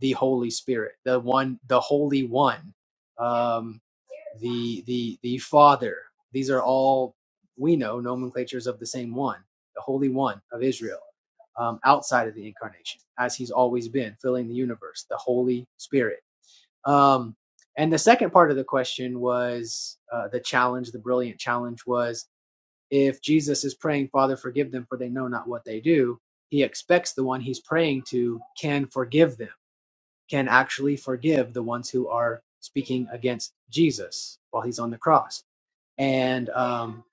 Speaker 5: the Holy Spirit, the one, the Holy One, um, the the the Father. These are all we know nomenclatures of the same one, the Holy One of Israel, um, outside of the incarnation, as He's always been, filling the universe, the Holy Spirit. Um, and the second part of the question was uh, the challenge, the brilliant challenge was if Jesus is praying, Father, forgive them, for they know not what they do, he expects the one he's praying to can forgive them, can actually forgive the ones who are speaking against Jesus while he's on the cross. And, um,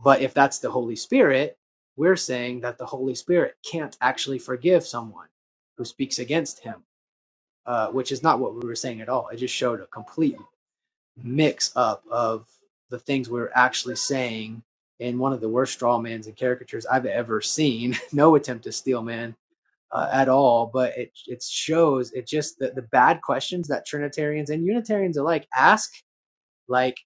Speaker 5: but if that's the Holy Spirit, we're saying that the Holy Spirit can't actually forgive someone who speaks against him, uh, which is not what we were saying at all. It just showed a complete mix up of the things we were actually saying in one of the worst strawmans and caricatures I've ever seen. no attempt to steal man uh, at all, but it it shows it just the, the bad questions that Trinitarians and Unitarians alike ask, like,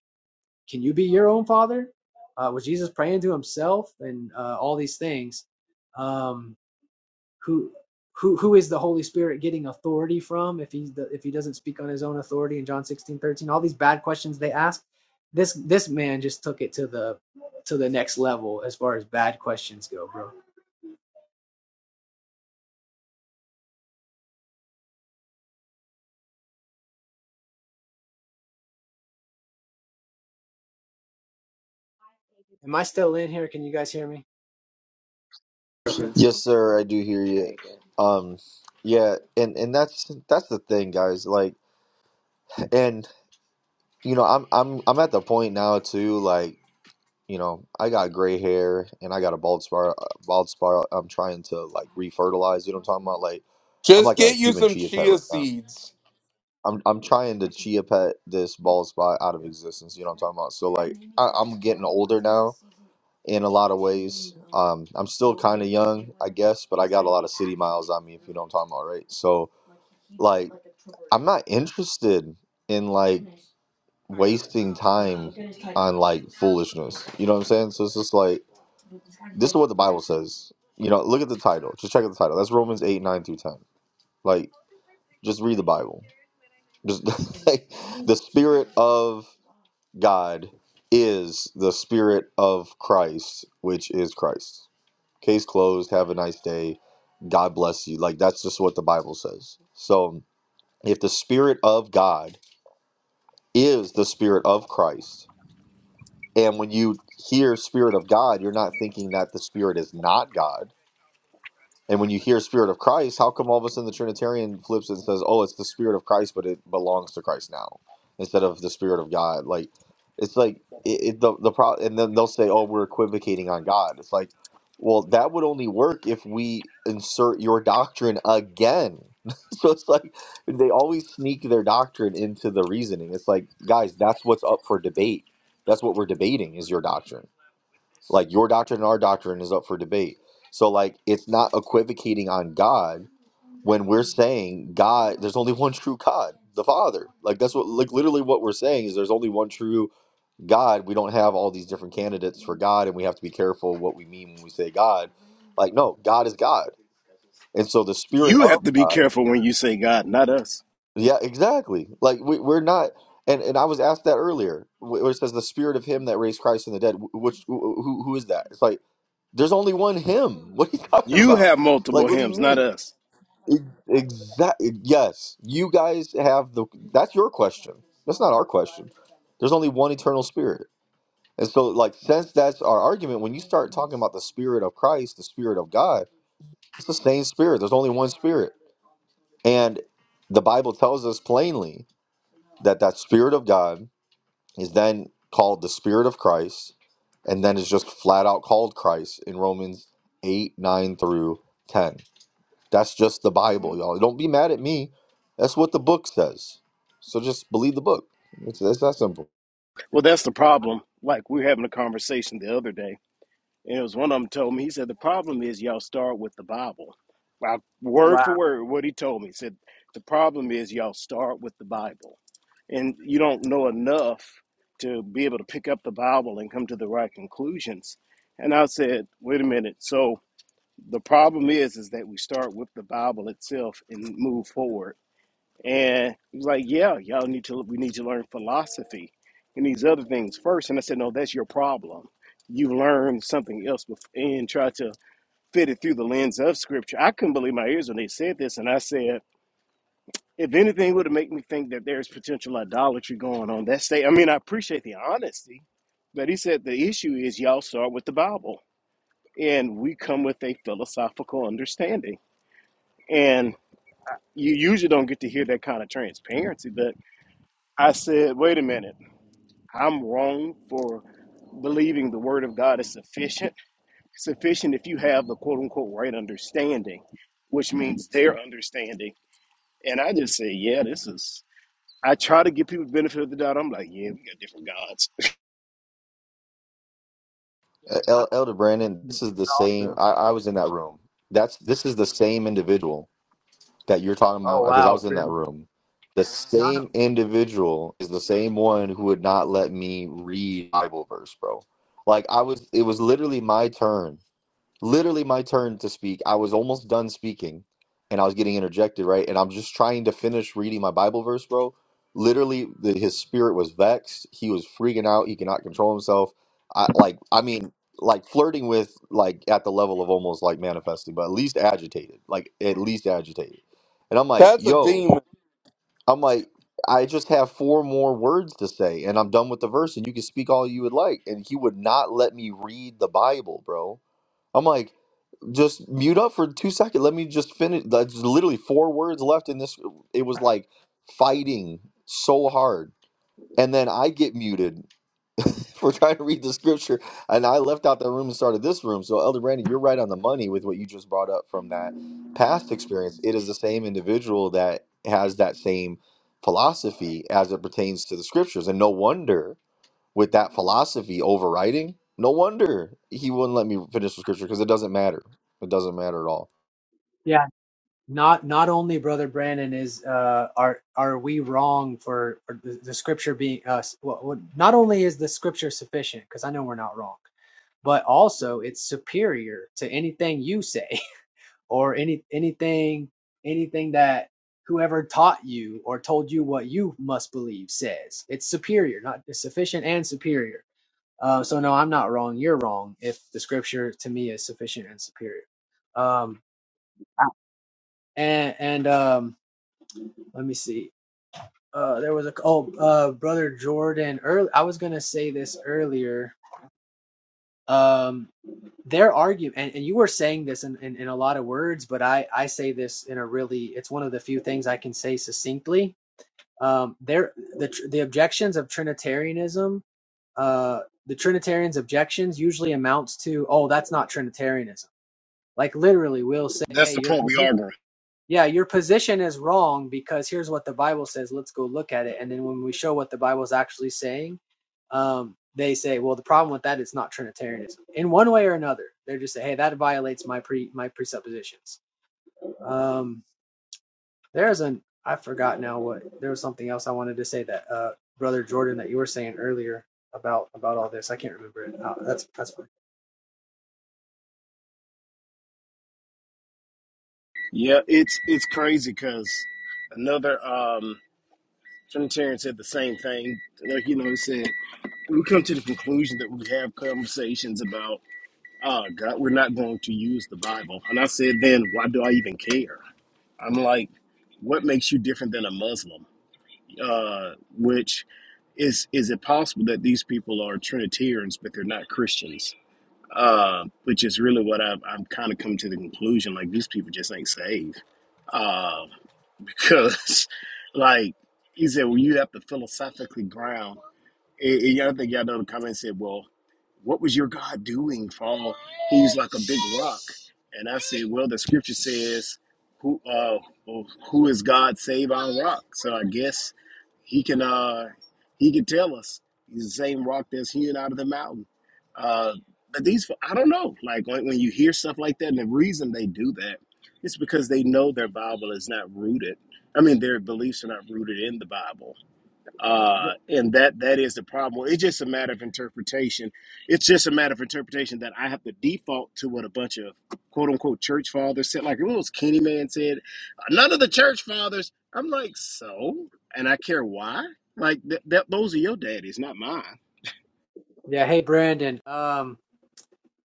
Speaker 5: can you be your own father? Uh, was Jesus praying to himself and uh, all these things? Um, who who who is the Holy Spirit getting authority from if he's the, if he doesn't speak on his own authority in John 16 13, all these bad questions they ask. This this man just took it to the to the next level as far as bad questions go, bro. Am I still in here? Can you guys hear me?
Speaker 1: Yes, sir, I do hear you. Um, yeah, and and that's that's the thing, guys. Like, and you know, I'm I'm I'm at the point now too. Like, you know, I got gray hair and I got a bald spot. Bald spot. I'm trying to like refertilize. You know what I'm talking about? Like, I'm
Speaker 2: Just
Speaker 1: like a
Speaker 2: get you
Speaker 1: human
Speaker 2: some
Speaker 1: chia pet
Speaker 2: chia
Speaker 1: right now.
Speaker 2: seeds.
Speaker 1: I'm I'm trying to chia pet this bald spot out of existence. You know what I'm talking about? So like I, I'm getting older now in a lot of ways. Um, I'm still kind of young, I guess, but I got a lot of city miles on me. If you know what I'm talking about, right? So like I'm not interested in like wasting time on like foolishness. You know what I'm saying? So it's just like this is what the Bible says. You know, look at the title. Just check out the title. That's Romans eight nine through ten. Like just read the Bible. Just like, the spirit of God is the spirit of Christ, which is Christ. Case closed. Have a nice day. God bless you. Like that's just what the Bible says. So if the spirit of God is the spirit of Christ, and when you hear spirit of God, you're not thinking that the spirit is not God And when you hear Spirit of Christ, how come all of a sudden the Trinitarian flips and says, "Oh, it's the Spirit of Christ, but it belongs to Christ now," instead of the Spirit of God? Like, it's like it, it the the pro, and then they'll say, "Oh, we're equivocating on God." It's like, well, that would only work if we insert your doctrine again. so it's like they always sneak their doctrine into the reasoning. It's like, guys, that's what's up for debate. That's what we're debating is your doctrine like your doctrine and our doctrine is up for debate. So like it's not equivocating on God when we're saying God, there's only one true God, the Father. Like that's what like literally what we're saying is there's only one true God. We don't have all these different candidates for God and we have to be careful what we mean when we say God. Like no, God is God. And so the spirit
Speaker 11: You
Speaker 1: of
Speaker 11: have to be
Speaker 1: God.
Speaker 11: careful when you say God, not us.
Speaker 1: Yeah, exactly. Like we, we're not and and I was asked that earlier, wh- where it says the spirit of him that raised Christ from the dead. wh- Which wh- who who is that? It's like There's only one him. What are you talking
Speaker 11: You
Speaker 1: about?
Speaker 11: have
Speaker 1: Like,
Speaker 11: multiple
Speaker 1: what do you
Speaker 11: hymns, not
Speaker 1: mean?
Speaker 11: us.
Speaker 1: Exactly. Yes, you guys have the. That's your question. That's not our question. There's only one eternal spirit, and so like since that's our argument, when you start talking about the spirit of Christ, the spirit of God, it's the same spirit. There's only one spirit, and the Bible tells us plainly that that spirit of God is then called the spirit of Christ, and then is just flat out called Christ in Romans eight nine through ten. That's just the Bible, y'all. Don't be mad at me. That's what the book says. So just believe the book. It's, it's that simple.
Speaker 11: Well, that's the problem. Like we were having a conversation the other day, and it was one of them told me. He said the problem is y'all start with the Bible. Well, word
Speaker 5: Wow,
Speaker 11: for word, what he told me he said the problem is y'all start with the Bible, and you don't know enough to be able to pick up the Bible and come to the right conclusions. And I said, wait a minute. So the problem is, is that we start with the Bible itself and move forward and he was like, "Yeah, y'all need to. We need to learn philosophy and these other things first. And I said, "No, that's your problem. You learned something else bef- and try to fit it through the lens of Scripture." I couldn't believe my ears when they said this, and I said, "If anything would have made me think that there's potential idolatry going on that state." I mean, I appreciate the honesty, but he said the issue is y'all start with the Bible, and we come with a philosophical understanding, and you usually don't get to hear that kind of transparency, but I said, wait a minute, I'm wrong for believing the word of God is sufficient. Sufficient if you have the quote unquote right understanding, which means their understanding. And I just say, yeah, this is. I try to give people benefit of the doubt. I'm like, yeah, we got different gods.
Speaker 1: E,
Speaker 5: not
Speaker 1: El- Elder Brandon, this is the same.
Speaker 5: true.
Speaker 1: I, I was in that room. That's this is the same individual that you're talking
Speaker 5: Oh,
Speaker 1: about because I was in that room. The same individual is the same one who would not let me read Bible verse, bro. Like I was, it was literally my turn literally my turn to speak. I was almost done speaking and I was getting interjected, right? And I'm just trying to finish reading my Bible verse, bro. Literally, the, his spirit was vexed. He was freaking out. He cannot control himself. I like, I mean, like flirting with, like, at the level of almost like manifesting, but at least agitated, like, at least agitated. And I'm like,
Speaker 2: That's a
Speaker 1: yo,
Speaker 2: demon.
Speaker 1: I'm like, I just have four more words to say and I'm done with the verse and you can speak all you would like. And he would not let me read the Bible, bro. I'm like, just mute up for two seconds. Let me just finish. That's literally four words left in this. It was like fighting so hard. And then I get muted for trying to read the scripture. And I left out that room and started this room. So, Elder Brandon, you're right on the money with what you just brought up from that past experience. It is the same individual that has that same philosophy as it pertains to the scriptures. And no wonder with that philosophy overriding, no wonder he wouldn't let me finish the scripture because it doesn't matter. It doesn't matter at all.
Speaker 5: Not not only brother Brandon is uh are are we wrong for, for the, the scripture being us well, well, not only is the scripture sufficient because I know we're not wrong but also it's superior to anything you say. or any anything anything that whoever taught you or told you what you must believe says it's superior not it's sufficient and superior uh, so no i'm not wrong you're wrong if the scripture to me is sufficient and superior um and and um let me see uh there was a oh uh brother jordan early i was gonna say this earlier um their argument and, and you were saying this in, in, in a lot of words but i i say this in a really it's one of the few things i can say succinctly um, there the the objections of Trinitarianism, uh, the Trinitarians' objections usually amounts to, oh, that's not Trinitarianism. Like literally, we'll say,
Speaker 11: That's
Speaker 5: hey,
Speaker 11: the
Speaker 5: your
Speaker 11: point we
Speaker 5: posi-
Speaker 11: arguing.
Speaker 5: yeah, your position is wrong because here's what the Bible says. Let's go look at it, and then when we show what the Bible's actually saying, um, they say, well, the problem with that is not Trinitarianism in one way or another. They're just say, hey, that violates my pre my presuppositions. Um, there's an I forgot now what there was something else I wanted to say that uh brother Jordan that you were saying earlier about about all this. I can't remember it. Uh, that's that's fine.
Speaker 11: Yeah, it's it's crazy because another um, Trinitarian said the same thing. Like you know, he said we come to the conclusion that we have conversations about oh God, we're not going to use the Bible. And I said, then why do I even care? I'm like, what makes you different than a Muslim? Uh, which is is it possible that these people are Trinitarians but they're not Christians? Uh, which is really what I've, I'm kind of come to the conclusion like these people just ain't saved uh, because like he said, well, you have to philosophically ground. And, and y'all think y'all know the comment said, well, what was your God doing for all he's like a big rock? And I said, well, the scripture says, who uh, well, who is God save our rock? So I guess he can uh, he can tell us he's the same rock that's hewn out of the mountain. Uh, but these, I don't know. Like when, when you hear stuff like that, and the reason they do that is because they know their Bible is not rooted. I mean, their beliefs are not rooted in the Bible uh and that that is the problem it's just a matter of interpretation it's just a matter of interpretation that i have to default to what a bunch of quote unquote church fathers said like what was kenny man said none of the church fathers i'm like so and i care why like th- that those are your daddies not mine
Speaker 5: Yeah, hey Brandon. Um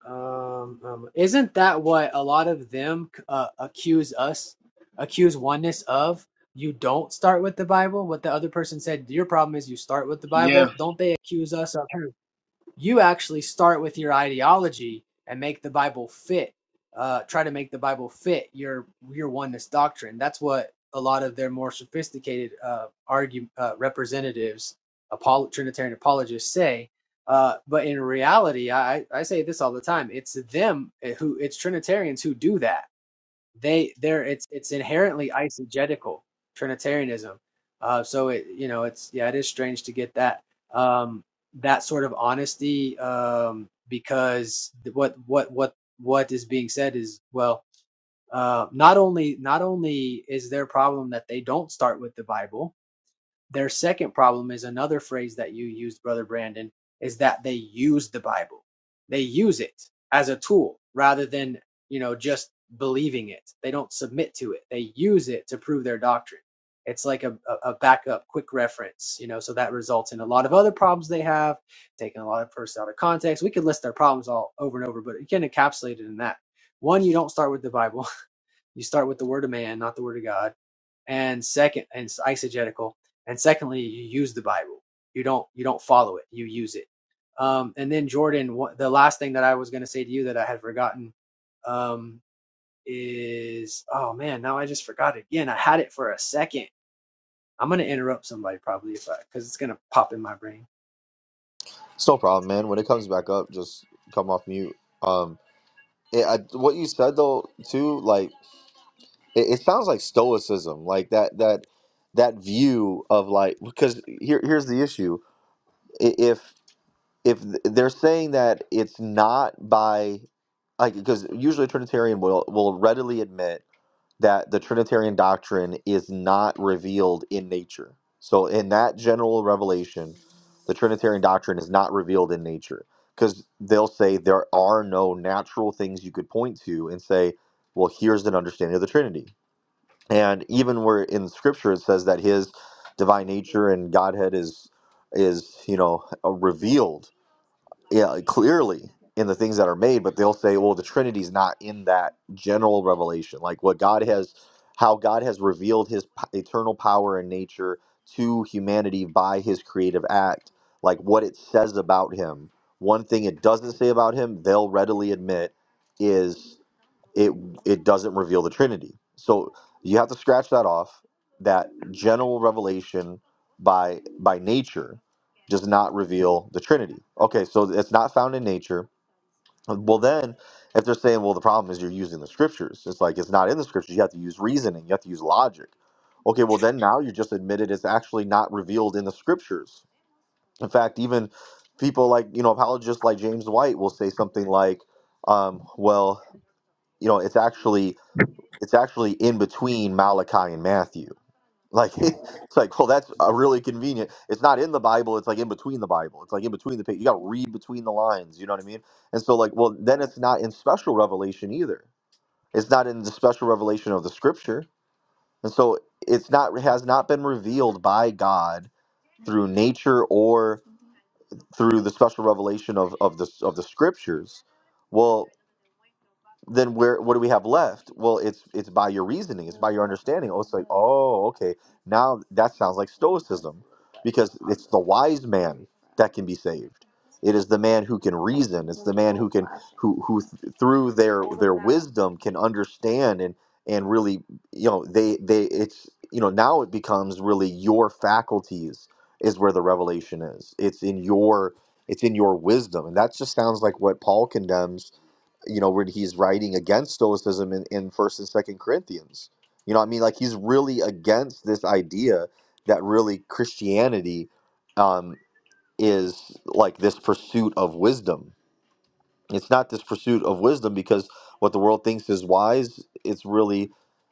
Speaker 5: um, um isn't that what a lot of them uh, accuse us accuse oneness of? You don't start with the Bible. What the other person said, your problem is you start with the
Speaker 11: yeah
Speaker 5: Bible. Don't they accuse us of you actually start with your ideology and make the Bible fit. Uh, try to make the Bible fit your your oneness doctrine. That's what a lot of their more sophisticated uh, argue uh, representatives, apol- Trinitarian apologists say. Uh, but in reality, I I say this all the time. It's them who it's Trinitarians who do that they they're it's it's inherently eisegetical Trinitarianism. Uh, so it you know it's yeah it is strange to get that um, that sort of honesty um, because what what what what is being said is well uh, not only not only is their problem that they don't start with the Bible their second problem is another phrase that you used, Brother Brandon, is that they use the Bible. They use it as a tool rather than, you know, just believing it. They don't submit to it. They use it to prove their doctrine. It's like a, a backup, quick reference, you know, so that results in a lot of other problems they have, taking a lot of verses out of context. We could list their problems all over and over, but you can encapsulate it in that. One, you don't start with the Bible. You start with the word of man, not the word of God and second and it's eisegetical and secondly you use the bible you don't you don't follow it you use it um and then jordan what, the last thing that i was going to say to you that i had forgotten um is oh man now i just forgot it again i had it for a second i'm going to interrupt somebody probably if i because it's going to pop in my brain
Speaker 1: It's no problem, man. When it comes back up, just come off mute. Um, it, I, what you said though, too, like it, it sounds like stoicism, like that that that view of like because here here's the issue. I- if if th- they're saying that it's not by like because usually a trinitarian will will readily admit that the trinitarian doctrine is not revealed in nature so in that general revelation the trinitarian doctrine is not revealed in nature because they'll say there are no natural things you could point to and say well here's an understanding of the trinity and even where in scripture it says that his divine nature and godhead is is you know uh, revealed yeah, like, clearly in the things that are made, but they'll say, well, the Trinity's not in that general revelation. Like what God has, how God has revealed his p- eternal power and nature to humanity by his creative act, like what it says about him. One thing it doesn't say about him, they'll readily admit is it it doesn't reveal the Trinity. So you have to scratch that off. That general revelation by by nature does not reveal the Trinity. Okay, so it's not found in nature. Well, then, if they're saying, well, the problem is you're using the scriptures, it's like it's not in the scriptures. You have to use reasoning. You have to use logic. Okay, well, then now you just admitted it's actually not revealed in the scriptures. In fact, even people like you know apologists like James White will say something like, um, well, you know, it's actually it's actually in between Malachi and Matthew. Like it's like, well, that's a really convenient. It's not in the Bible. It's like in between the Bible. It's like in between the page. You got to read between the lines. You know what I mean? And so, like, well, then it's not in special revelation either. It's not in the special revelation of the Scripture. And so, it's not it has not been revealed by God through nature or through the special revelation of of the of the Scriptures. Well, then where what do we have left? Well, it's it's by your reasoning, it's by your understanding. Oh, it's like, oh, okay. Now that sounds like stoicism because it's the wise man that can be saved. It is the man who can reason. It's the man who can who who th- through their their wisdom can understand and and really you know they they it's you know now it becomes really your faculties is where the revelation is. It's in your it's in your wisdom. And that just sounds like what Paul condemns you know when he's writing against stoicism in, in first and second corinthians you know what i mean like he's really against this idea that really christianity um, is like this pursuit of wisdom it's not this pursuit of wisdom because what the world thinks is wise, it's really,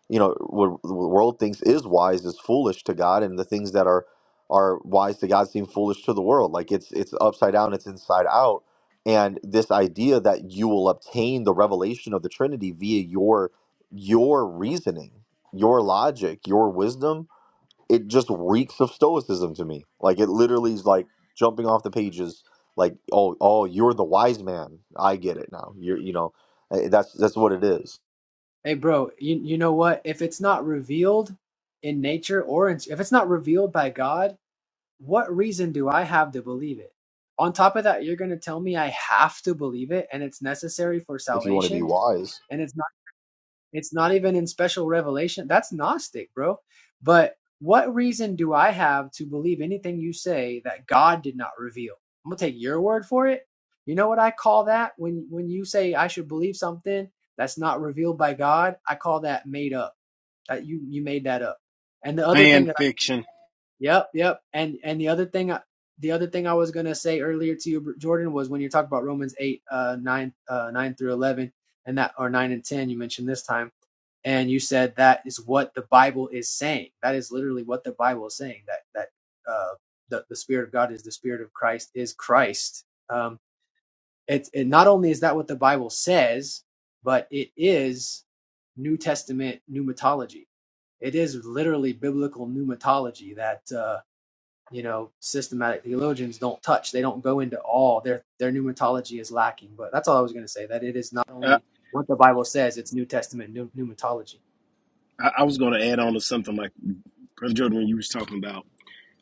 Speaker 1: you know, what the world thinks is wise is foolish to God, and the things that are are wise to God seem foolish to the world. Like it's it's upside down, it's inside out. And this idea that you will obtain the revelation of the Trinity via your your reasoning, your logic, your wisdom, it just reeks of stoicism to me. Like it literally is like jumping off the pages. Like oh oh you're the wise man. I get it now. You're you know eh, that's that's what it is.
Speaker 5: hey bro you, you know what if it's not revealed in nature or in, if it's not revealed by god what reason do I have to believe it? On top of that, you're going to tell me I have to believe it and it's necessary for
Speaker 1: If you want to be
Speaker 5: salvation
Speaker 1: wise,
Speaker 5: and it's not it's not even in special revelation. That's gnostic, bro. But what reason do I have to believe anything you say that God did not reveal? I'm going to take your word for it. You know what I call that when when you say I should believe something that's not revealed by God? I call that made up. That you you made that up. And the other thing that
Speaker 11: fan fiction
Speaker 5: Yep, yep. And and the other thing, the other thing I was gonna say earlier to you, Jordan, was when you are talking about Romans eight, uh, nine, uh, nine through eleven, and that or nine and ten, you mentioned this time, and you said that is what the Bible is saying. That is literally what the Bible is saying. That that uh, the the Spirit of God is the Spirit of Christ is Christ. Um, it's it not only is that what the Bible says, but it is New Testament pneumatology it is literally biblical pneumatology that uh, you know systematic theologians don't touch they don't go into all their their pneumatology is lacking but that's all i was going to say that it is not
Speaker 11: uh,
Speaker 5: only what the bible says it's new testament pneumatology
Speaker 11: I, I was going to add on to something like brother jordan when you was talking about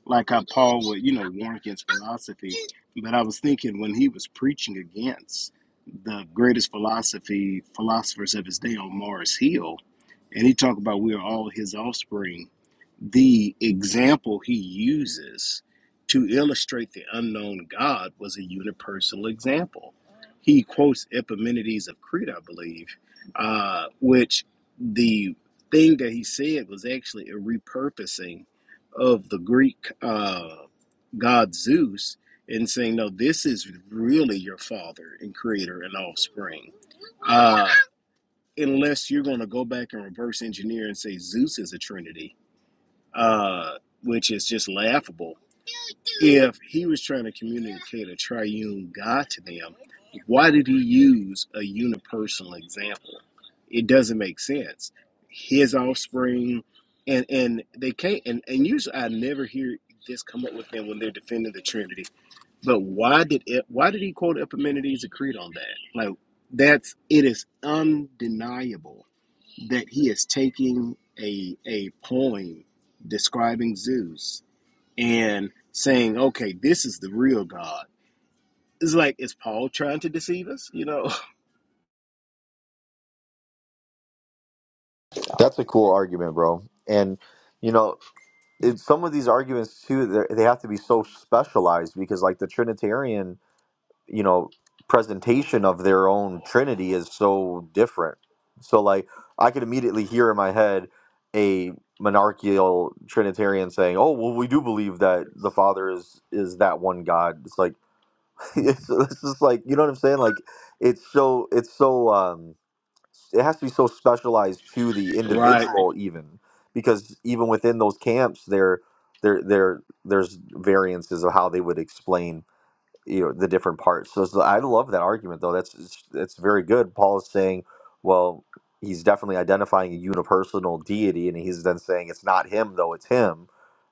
Speaker 11: like how Paul would, you know, warn against philosophy. But I was thinking when he was preaching against the greatest philosophy philosophers of his day on Mars Hill, and he talked about we are all his offspring the example he uses to illustrate the unknown God was a unipersonal example. He quotes Epimenides of Crete, I believe, uh, which the thing that he said was actually a repurposing of the Greek uh, god Zeus and saying, No, this is really your father and creator and offspring. Uh, unless you're going to go back and reverse engineer and say Zeus is a trinity uh, which is just laughable. If he was trying to communicate a triune God to them, why did he use a unipersonal example? It doesn't make sense. His offspring, and and they can't. And, and usually, I never hear this come up with them when they're defending the Trinity. But why did it, why did he quote Epimenides' creed on that? Like that's it is undeniable that he is taking a a poem describing Zeus and saying, "Okay, this is the real God." It's like is Paul trying to deceive us? You know,
Speaker 1: that's a cool argument, bro. And you know in some of these arguments too, they're- they have to be so specialized because like the Trinitarian you know presentation of their own trinity is so different so like i could immediately hear in my head a monarchical trinitarian saying oh well we do believe that the father is is that one god it's like it's, it's just like you know what i'm saying like it's so it's so um it has to be so specialized to the
Speaker 11: right?
Speaker 1: individual even because even within those camps there there there there's variances of how they would explain you know the different parts. So, so I love that argument though. That's it's, it's very good. Paul is saying, well, he's definitely identifying a unipersonal deity, and he's then saying it's not him though, it's him.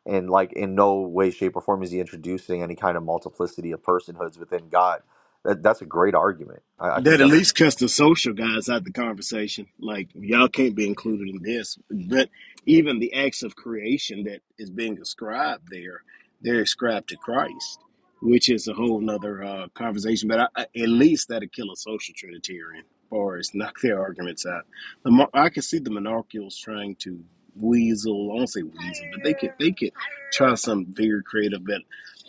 Speaker 1: And like in no way, shape, or form is he introducing any kind of multiplicity of personhoods within God. That, that's a great argument. I, I think
Speaker 11: That at
Speaker 1: that's
Speaker 11: least cuts the social guys out the conversation. Like y'all can't be included in this. But even the acts of creation that is being ascribed there, they're ascribed to Christ, which is a whole nother uh, conversation. But I, I, at least that'll kill a social Trinitarian, or it's knock their arguments out. The, mon- I can see the monarchials trying to weasel. I won't say weasel, but they could they could try some very creative. But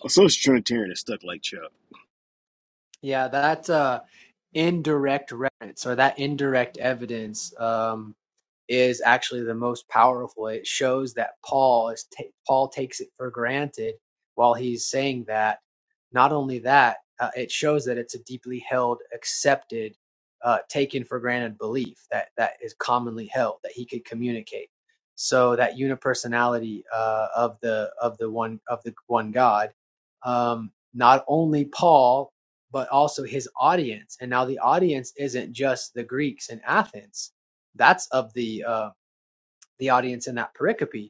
Speaker 11: a social Trinitarian is stuck like Chuck.
Speaker 5: Yeah, that uh, indirect reference or that indirect evidence um, is actually the most powerful. It shows that Paul is ta- Paul takes it for granted while he's saying that. Not only that, uh, it shows that it's a deeply held, accepted, uh, taken for granted belief that that is commonly held that he could communicate. So that unipersonality uh, of the of the one of the one God. Um, not only Paul but also his audience. And now the audience isn't just the Greeks in Athens; that's of the uh, the audience in that pericope.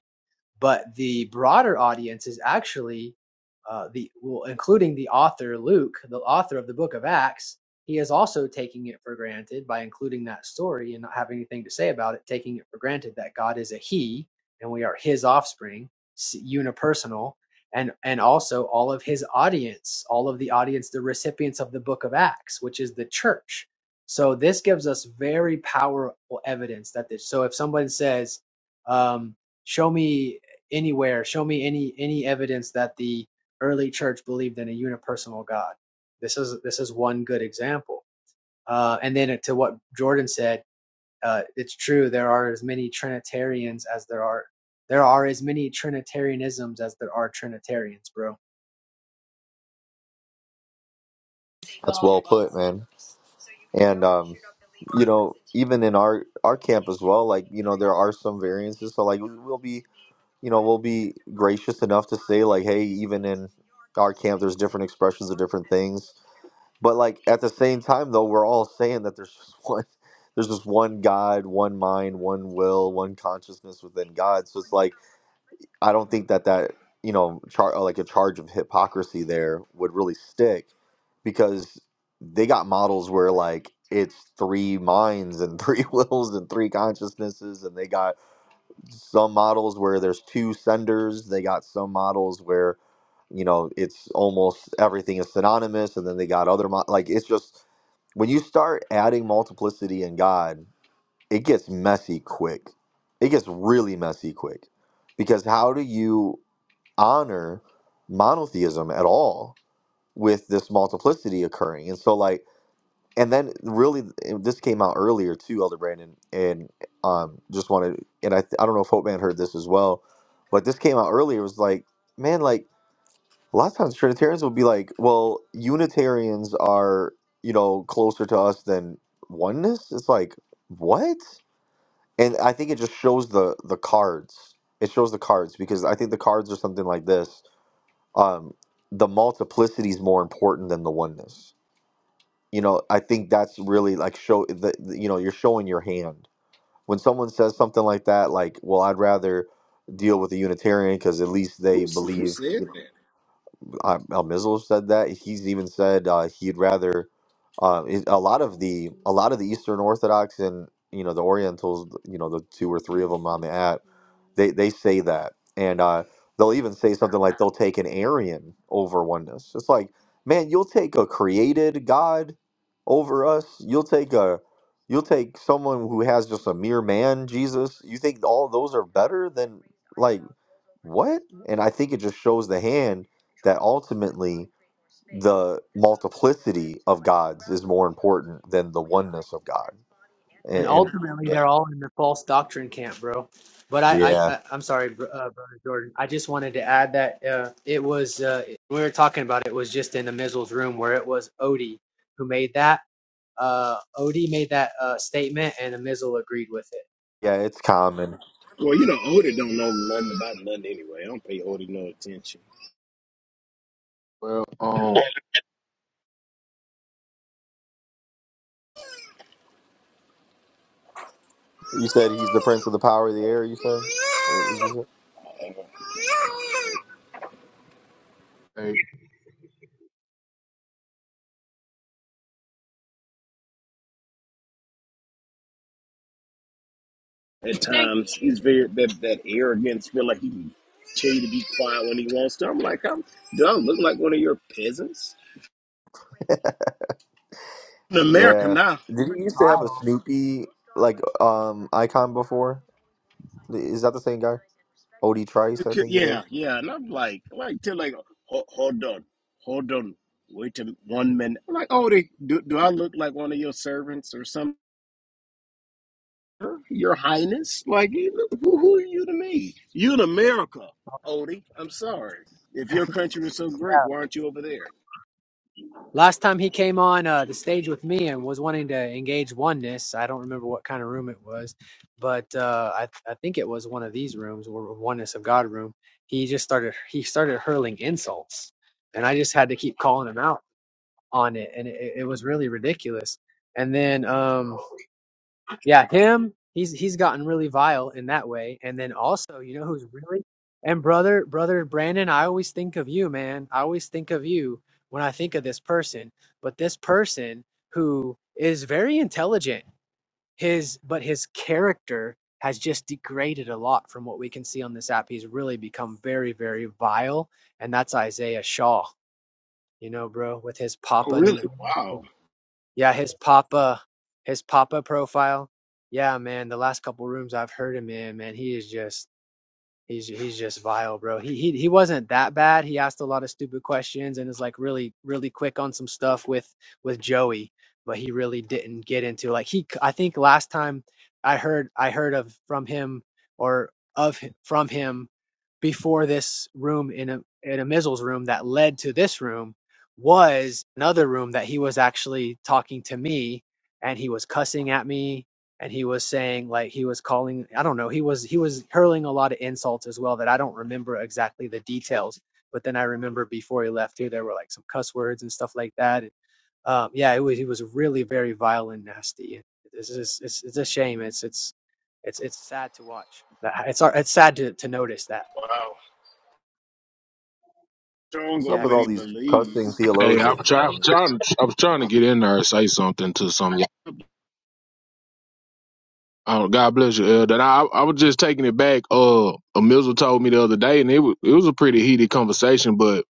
Speaker 5: But the broader audience is actually uh, the well, including the author Luke, the author of the book of Acts. He is also taking it for granted by including that story and not having anything to say about it, taking it for granted that God is a He and we are His offspring, unipersonal, and and also all of His audience, all of the audience, the recipients of the book of Acts, which is the church. So this gives us very powerful evidence that this. So if someone says, um, "Show me anywhere show me any any evidence that the early church believed in a unipersonal god this is this is one good example uh, and then to what jordan said uh, it's true there are as many trinitarians as there are there are as many trinitarianisms as there are trinitarians bro
Speaker 1: that's well put, man. And um, you know, even in our our camp as well, like you know, there are some variances. So like we'll be you know, we'll be gracious enough to say like, hey, even in our camp, there's different expressions of different things. But like at the same time, though, we're all saying that there's just one, there's just one God, one mind, one will, one consciousness within God. So it's like I don't think that that you know, char- uh, like a charge of hypocrisy there would really stick because they got models where like it's three minds and three wills and three consciousnesses, and they got some models where there's two senders they got some models where you know it's almost everything is synonymous and then they got other mo- like it's just when you start adding multiplicity in god it gets messy quick it gets really messy quick because how do you honor monotheism at all with this multiplicity occurring and so like and then really and this came out earlier too elder brandon and um just wanted and i th- i don't know if hope man heard this as well but this came out earlier it was like man like a lot of times trinitarians will be like well unitarians are you know closer to us than oneness it's like what and i think it just shows the the cards it shows the cards because i think the cards are something like this um the multiplicity is more important than the oneness you know i think that's really like show the, the- you know you're showing your hand when someone says something like that like well i'd rather deal with a unitarian because at least they
Speaker 11: Who's who
Speaker 1: believe
Speaker 11: said that?
Speaker 1: um, El Mizal said that. He's even said uh, he'd rather uh, it- a lot of the a lot of the Eastern Orthodox and you know the Orientals, you know the two or three of them on the app, they they say that, and uh, they'll even say something like they'll take an Aryan over oneness. It's like, man, you'll take a created God over us. You'll take a you'll take someone who has just a mere man, Jesus. You think all those are better than like what? And I think it just shows the hand that ultimately the multiplicity of gods is more important than the oneness of God.
Speaker 5: and
Speaker 1: And, and
Speaker 5: ultimately
Speaker 1: yeah,
Speaker 5: they're all in the false doctrine camp bro but i
Speaker 1: yeah,
Speaker 5: i, I i'm sorry br- uh, brother jordan i just wanted to add that uh, it was uh, we were talking about it was just in the Mizzle's room where it was odie who made that uh, Odie made that uh, statement, and the Mizzle agreed with it.
Speaker 1: yeah, it's common.
Speaker 11: Well, you know, Odie don't know nothing about nothing anyway. I don't pay Odie no attention.
Speaker 4: Well, um,
Speaker 1: You said he's the prince of the power of the air. You said, what did you say?
Speaker 11: Uh,
Speaker 4: hey,
Speaker 11: at times, he's very that that arrogance. Feel like he can tell you to be quiet when he wants to. I'm like, I'm, do I look like one of your peasants in America
Speaker 1: Yeah.
Speaker 11: now?
Speaker 1: Did he used to have a Snoopy like um icon before? Is that the same guy? Odie
Speaker 11: you
Speaker 1: Trice, I
Speaker 11: could-
Speaker 1: think it is.
Speaker 11: Yeah, yeah. And I'm like, like to like, "Ho- hold on, hold on, wait a, one minute. I'm like, Odie, do do I look like one of your servants or something? Your Highness? Like, you- who, who are you to me? You in America, Odie. I'm sorry. If your country was so great, why aren't you over there?
Speaker 5: Last time he came on uh, the stage with me and was wanting to engage oneness, I don't remember what kind of room it was, but uh, I, I think it was one of these rooms or oneness of God room. He just started he started hurling insults, and I just had to keep calling him out on it, and it, it was really ridiculous. And then um, Yeah, him. He's he's gotten really vile in that way. And then also, you know who's really and brother brother Brandon, I always think of you, man. I always think of you when I think of this person. But this person who is very intelligent, his but his character has just degraded a lot from what we can see on this app. He's really become very, very vile, and that's Isaiah Shaw, you know, bro, with his
Speaker 11: Oh,
Speaker 5: Papa New
Speaker 11: really?
Speaker 5: Guinea.
Speaker 11: Wow.
Speaker 5: Yeah, his Papa, his Papa profile. Yeah, man, the last couple rooms I've heard him in, man, he is just He's he's just vile, bro. He he he wasn't that bad. He asked a lot of stupid questions and is like really really quick on some stuff with with Joey, but he really didn't get into like he. I think last time I heard I heard of from him or of hi- from him before this room in a in a Mizzle's room that led to this room was another room that he was actually talking to me and he was cussing at me and he was saying like he was calling i don't know he was he was hurling a lot of insults as well that i don't remember exactly the details but then i remember before he left here there were like some cuss words and stuff like that And, um yeah it was he was really very vile and nasty it's just it's, it's a shame it's it's it's it's sad to watch it's it's sad to, to notice that
Speaker 11: Wow. Strong
Speaker 1: What's up
Speaker 11: on
Speaker 5: yeah
Speaker 1: with
Speaker 11: what
Speaker 1: all
Speaker 11: he
Speaker 5: because
Speaker 1: these cussing
Speaker 11: believes.
Speaker 4: hey, I'm
Speaker 1: theologians,
Speaker 4: trying,
Speaker 1: man?
Speaker 4: trying, I was trying to get in there and say something to some. of y'all. Oh, God bless you, Elder. And I, I was just taking it back. Uh, a Mizzle told me the other day, and it was, it was a pretty heated conversation. But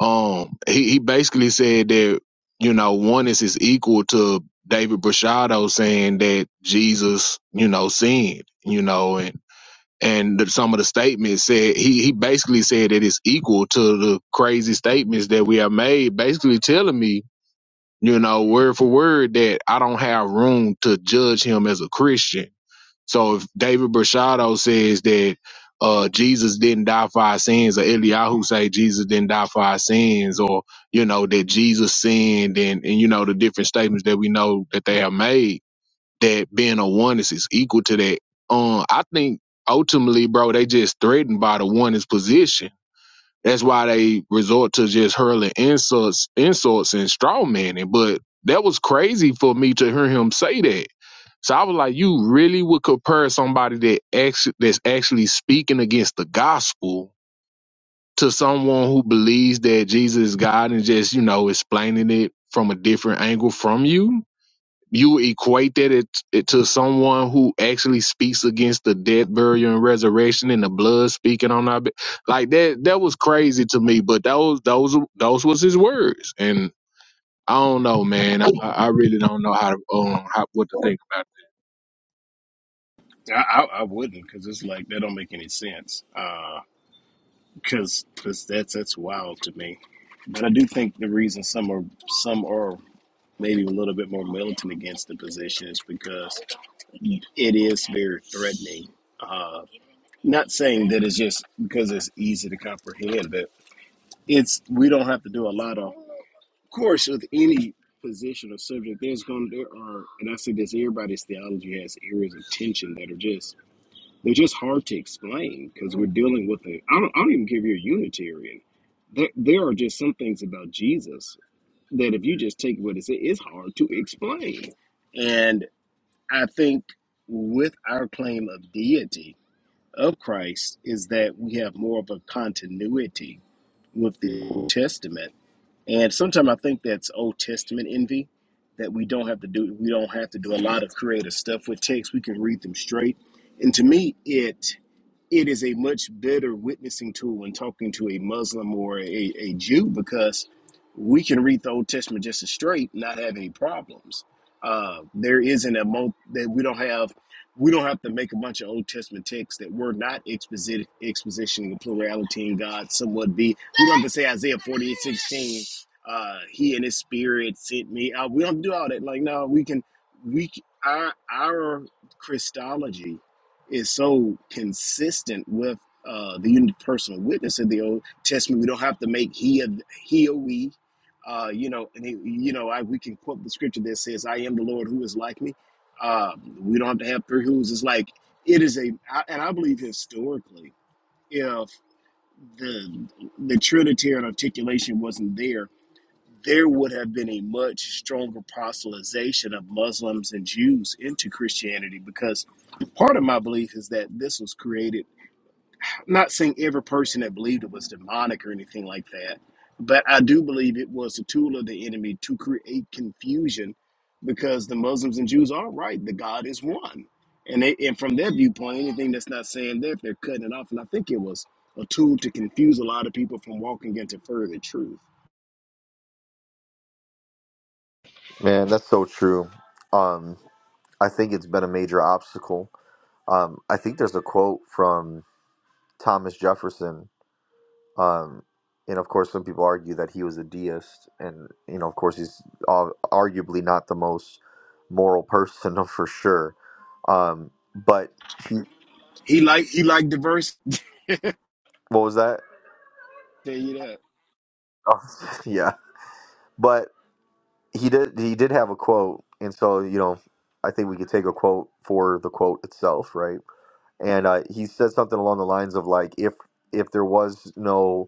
Speaker 4: um, he, he basically said that you know oneness is equal to David Brashado saying that Jesus, you know, sinned, you know, and and the, some of the statements said he he basically said that it's equal to the crazy statements that we have made, basically telling me, you know, word for word that I don't have room to judge him as a Christian. So if David Brashado says that uh, Jesus didn't die for our sins, or Eliyahu say Jesus didn't die for our sins, or you know that Jesus sinned, and and you know the different statements that we know that they have made that being a oneness is equal to that. Um, I think ultimately, bro, they just threatened by the oneness position. That's why they resort to just hurling insults, insults and straw manning. But that was crazy for me to hear him say that. So I was like, you really would compare somebody that actually, that's actually speaking against the gospel to someone who believes that Jesus is God and just, you know, explaining it from a different angle from you? you equated it, it to someone who actually speaks against the death burial and resurrection and the blood speaking on our be- like that that was crazy to me but those those those was his words and i don't know man i, I really don't know how to um how, what to think about it.
Speaker 11: I, I, I wouldn't, because it's like, that don't make any sense. Because cause 'cause that's, that's wild to me. But I do think the reason some are, some are maybe a little bit more militant against the position is because it is very threatening. Uh, Not saying that it's just because it's easy to comprehend, but it's we don't have to do a lot of, of course, with any position or subject. There's going to there are, and I say this: everybody's theology has areas of tension that are just they're just hard to explain because we're dealing with a. I don't, I don't even care if you're a Unitarian. There, there are just some things about Jesus that if you just take what it said, it's hard to explain. And I think with our claim of deity, of Christ is that we have more of a continuity with the Old Testament. And sometimes I think that's Old Testament envy that we don't have to do we don't have to do a lot of creative stuff with text. We can read them straight. And to me it it is a much better witnessing tool when talking to a Muslim or a, a Jew because we can read the Old Testament just as straight, not have any problems. Uh, there isn't a mo that we don't have. We don't have to make a bunch of Old Testament texts that we're not exposit- expositioning the plurality in God somewhat be. We don't have to say Isaiah forty eight sixteen. Uh, he and his spirit sent me. Uh, we don't do all that. Like no, we can. We our our Christology is so consistent with uh, the unipersonal witness of the Old Testament. We don't have to make he a, he or we. Uh, you know, and he, you know, I, we can quote the scripture that says, "I am the Lord who is like me." Uh, we don't have to have three who's. It's like it is a, I, and I believe historically, if the the Trinitarian articulation wasn't there, there would have been a much stronger proselytization of Muslims and Jews into Christianity because part of my belief is that this was created, not saying every person that believed it was demonic or anything like that, but I do believe it was a tool of the enemy to create confusion because the Muslims and Jews are right, the God is one. And, they, and from their viewpoint, anything that's not saying that, they're cutting it off. And I think it was a tool to confuse a lot of people from walking into further truth.
Speaker 1: Man, that's so true. Um, I think it's been a major obstacle Um, I think there's a quote from Thomas Jefferson, um, and of course, some people argue that he was a deist, and you know, of course, he's uh, arguably not the most moral person for sure. Um, but he,
Speaker 11: He liked he liked diversity
Speaker 1: what was that?
Speaker 11: Tell you that.
Speaker 1: Oh, yeah, but he did he did have a quote, and so you know, I think we could take a quote for the quote itself, right? And uh, he said something along the lines of like, if if there was no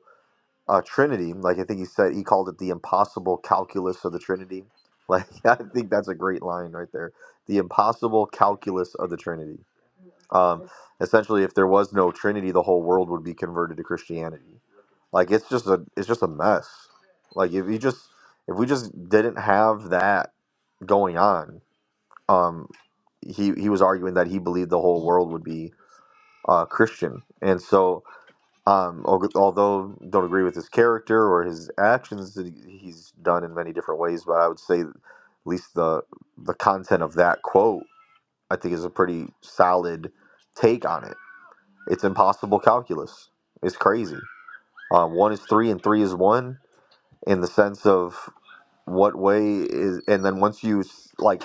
Speaker 1: uh, Trinity. Like I think he said, he called it the impossible calculus of the Trinity. Like I think that's a great line right there. The impossible calculus of the Trinity. Um, essentially, if there was no Trinity, the whole world would be converted to Christianity. Like it's just a it's just a mess. Like if you just if we just didn't have that going on, um, he he was arguing that he believed the whole world would be uh, Christian, and so um, al- although don't agree with his character or his actions that he- he's done in many different ways, but I would say at least the the content of that quote I think is a pretty solid take on it. It's impossible calculus. It's crazy. Um, one is three and three is one in the sense of what way is, and then once you like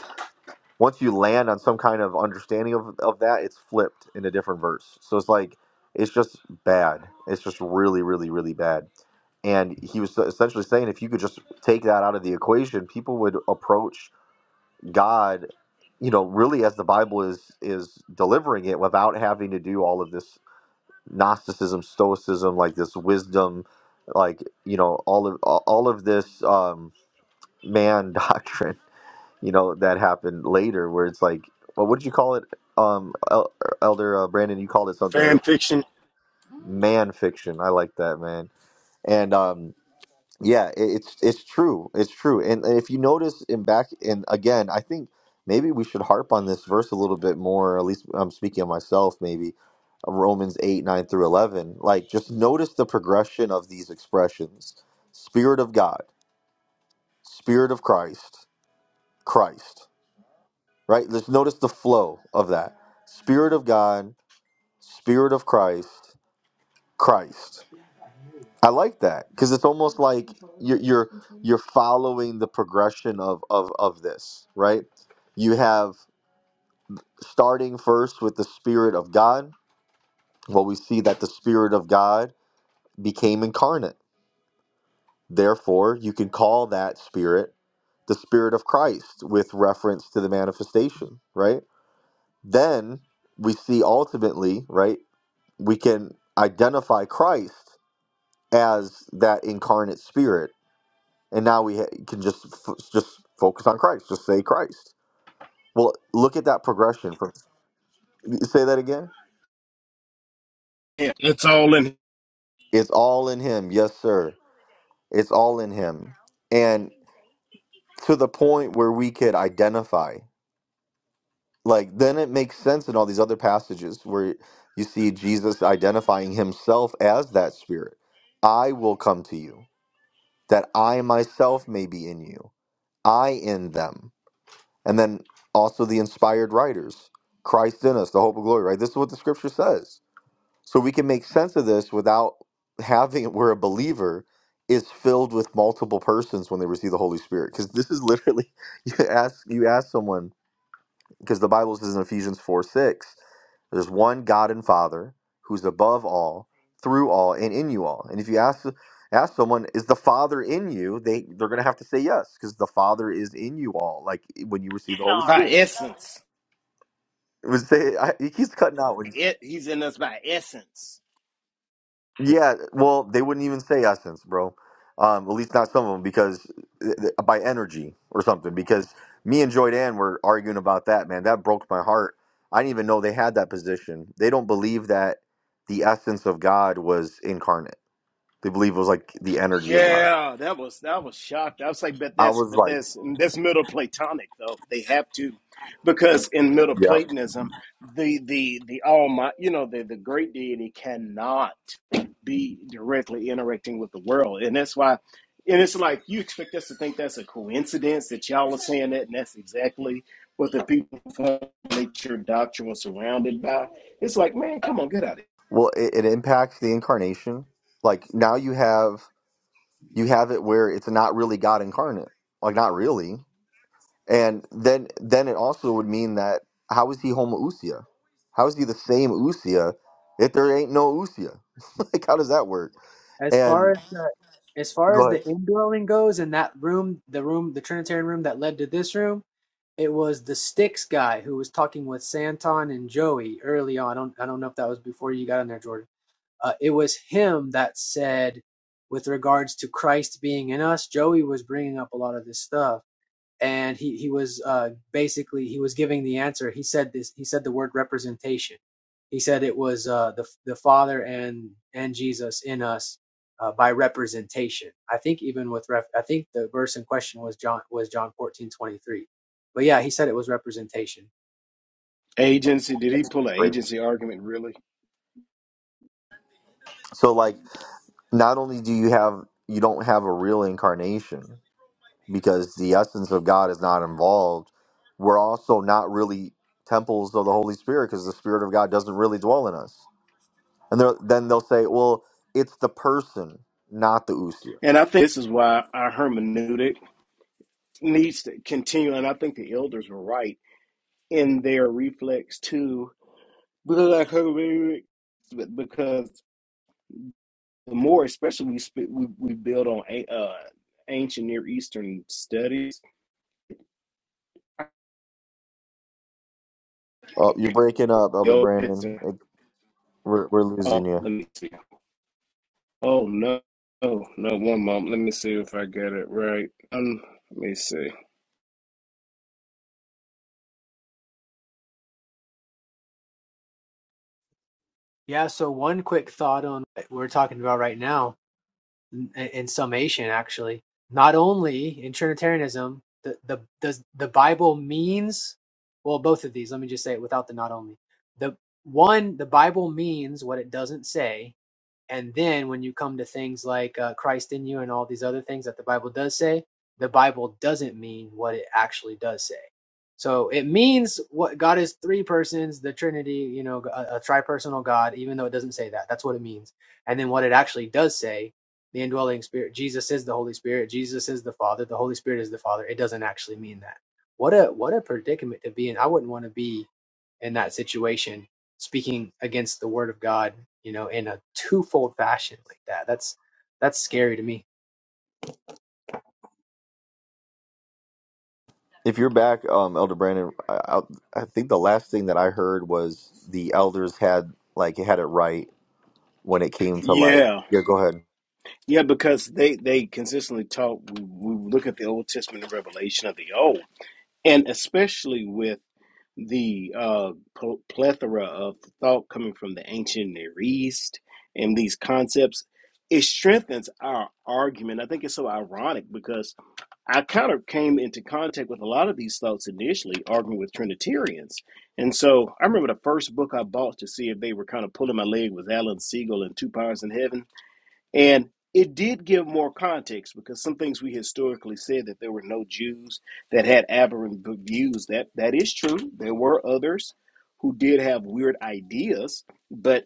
Speaker 1: once you land on some kind of understanding of, of that, it's flipped in a different verse. So it's like it's just bad. It's just really, really, really bad. And he was essentially saying if you could just take that out of the equation, people would approach God, you know, really as the Bible is is delivering it without having to do all of this Gnosticism, Stoicism, like this wisdom, like you know, all of all of this um, man doctrine you know that happened later where it's like well what did you call it um El- elder uh, brandon you called it something
Speaker 11: Fan
Speaker 1: or
Speaker 11: fiction.
Speaker 1: man fiction i like that man and um yeah it, it's it's true it's true and, and if you notice in back and again i think maybe we should harp on this verse a little bit more at least i'm speaking of myself maybe romans 8 9 through 11 like just notice the progression of these expressions spirit of god spirit of christ christ right? Let's notice the flow of that. Spirit of God, Spirit of Christ, Christ. I like that because it's almost like you're you're you're following the progression of of of this, right? You have starting first with the Spirit of God. Well, we see that the Spirit of God became incarnate. Therefore, you can call that Spirit the Spirit of Christ with reference to the manifestation, right? Then we see ultimately, right? we can identify Christ as that incarnate spirit, and now we ha- can just f- just focus on Christ, just say Christ. Well, look at that progression. From say that again.
Speaker 11: It's all in
Speaker 1: It's all in Him, yes, sir. It's all in Him, and to the point where we could identify. Like then it makes sense in all these other passages where you see Jesus identifying Himself as that spirit. I will come to you, that I myself may be in you I in them. And then also the inspired writers, Christ in us, the hope of glory, right? This is what the scripture says. So we can make sense of this without having it where a believer is filled with multiple persons when they receive the Holy Spirit. Because this is literally you ask you ask someone because the Bible says in Ephesians 4 6, there's one God and Father who's above all, through all, and in you all. And if you ask ask someone, is the Father in you? They they're gonna have to say yes, because the Father is in you all. Like when you receive the Holy
Speaker 11: by
Speaker 1: Spirit,
Speaker 11: essence.
Speaker 1: it was say I, he keeps cutting out. when
Speaker 11: It, he's in us by essence.
Speaker 1: Yeah, well, they wouldn't even say essence, bro. Um, at least not some of them, because eh, eh, by energy or something. Because me and Joy Dan were arguing about that, man. That broke my heart. I didn't even know they had that position. They don't believe that the essence of God was incarnate. They believe it was like the energy of God.
Speaker 11: Yeah, that was that was shocked. I was like, but
Speaker 1: I
Speaker 11: that's
Speaker 1: was
Speaker 11: but
Speaker 1: like,
Speaker 11: that's that's Middle Platonic though. They have to, because in Middle
Speaker 1: yeah.
Speaker 11: Platonism, the the the almighty, you know, the the great deity cannot be directly interacting with the world, and that's why. And it's like you expect us to think that's a coincidence that y'all are saying that, and that's exactly what the people from nature doctrine was surrounded by. It's like, man, come on, get out of here.
Speaker 1: Well, it, it impacts the incarnation. Like now you have you have it where it's not really God incarnate. Like not really. And then then it also would mean that how is he Homo Usia? How is he the same Usia if there ain't no Usia? like how does that work?
Speaker 5: as far
Speaker 1: And
Speaker 5: as the as far
Speaker 1: go
Speaker 5: as
Speaker 1: ahead.
Speaker 5: the indwelling goes in that room the room the trinitarian room that led to this room It was the Styx guy who was talking with Santon and Joey early on. I don't, I don't know if that was before you got in there, Jordan. Uh, it was him that said, with regards to Christ being in us, Joey was bringing up a lot of this stuff and he he was uh, basically he was giving the answer. He said this. He said the word representation. He said it was uh, the the Father and and Jesus in us uh, by representation. I think even with ref, I think the verse in question was John was John fourteen twenty three. But yeah, he said it was representation.
Speaker 11: Agency? Did he pull an
Speaker 1: Brave.
Speaker 11: agency argument? Really?
Speaker 1: So like not only do you have you don't have a real incarnation because the essence of God is not involved, we're also not really temples of the Holy Spirit because the Spirit of God doesn't really dwell in us. And they'll- then they'll say, well, it's the person, not the Usia.
Speaker 11: And I think this is why our hermeneutic needs to continue. And I think the elders were right in their reflex to black hermeneutic, because the more, especially we sp- we, we build on a, uh, ancient Near Eastern studies.
Speaker 1: Oh, you're breaking up, Elder Brandon. We're we're losing
Speaker 11: Oh,
Speaker 1: you.
Speaker 11: let me see. Oh no, oh no. One moment. Let me see if I get it right. Um, let me see.
Speaker 5: Yeah. So one quick thought on what we're talking about right now in, in summation actually not only in trinitarianism the the does the bible means well both of these let me just say it without the not only the one the bible means what it doesn't say and then when you come to things like uh, Christ in you and all these other things that the Bible does say, the Bible doesn't mean what it actually does say. So it means what God is three persons, the Trinity, you know, a, a tripersonal God, even though it doesn't say that. That's what it means. And then what it actually does say, the indwelling spirit, Jesus is the Holy Spirit, Jesus is the Father, the Holy Spirit is the Father. It doesn't actually mean that. What a what a predicament to be in. I wouldn't want to be in that situation speaking against the word of God, you know, in a twofold fashion like that. That's that's scary to me.
Speaker 1: If you're back, um, Elder Brandon, I, I I think the last thing that I heard was the elders had like had it right when it came to like
Speaker 11: Yeah,
Speaker 1: yeah. Go ahead.
Speaker 11: yeah. Because they they consistently talk. We, we look at the Old Testament and Revelation of the Old. and especially with the uh, pl- plethora of thought coming from the ancient Near East and these concepts, it strengthens our argument. I think it's so ironic because I kind of came into contact with a lot of these thoughts initially, arguing with Trinitarians. And so I remember the first book I bought to see if they were kind of pulling my leg was Alan Siegel and Two Powers in Heaven and it did give more context because some things we historically said that there were no Jews that had aberrant v- views. That that is true. There were others who did have weird ideas, but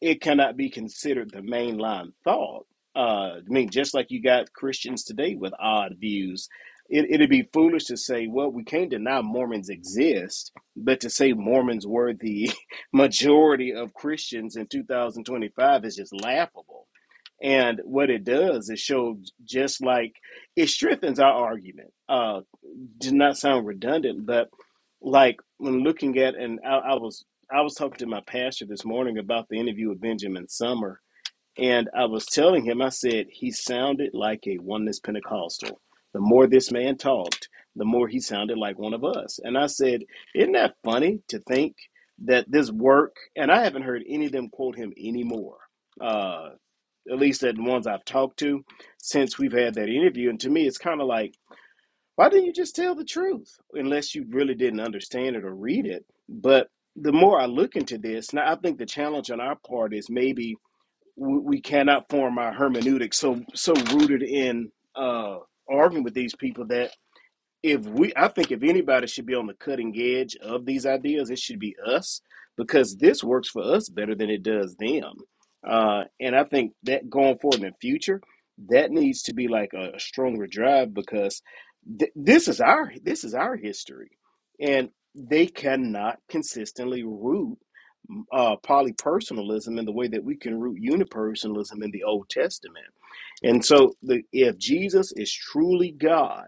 Speaker 11: it cannot be considered the mainline thought. Uh, I mean, just like you got Christians today with odd views, it, it'd be foolish to say, well, we can't deny Mormons exist, but to say Mormons were the majority of Christians in 2025 is just laughable and what it does is show just like it strengthens our argument. Uh, did not sound redundant, but like when looking at and I, I was I was talking to my pastor this morning about the interview with Benjamin Summer, and I was telling him I said he sounded like a oneness Pentecostal. The more this man talked, the more he sounded like one of us. And I said, isn't that funny to think that this work? And I haven't heard any of them quote him anymore Uh, at least the ones I've talked to since we've had that interview. And to me, it's kind of like, why didn't you just tell the truth? Unless you really didn't understand it or read it. But the more I look into this, now I think the challenge on our part is maybe we cannot form our hermeneutic so so rooted in uh, arguing with these people that if we i think if anybody should be on the cutting edge of these ideas it should be us because this works for us better than it does them uh, and i think that going forward in the future that needs to be like a stronger drive because th- this is our this is our history and they cannot consistently root uh, polypersonalism in the way that we can root unipersonalism in the old testament and so the, if jesus is truly god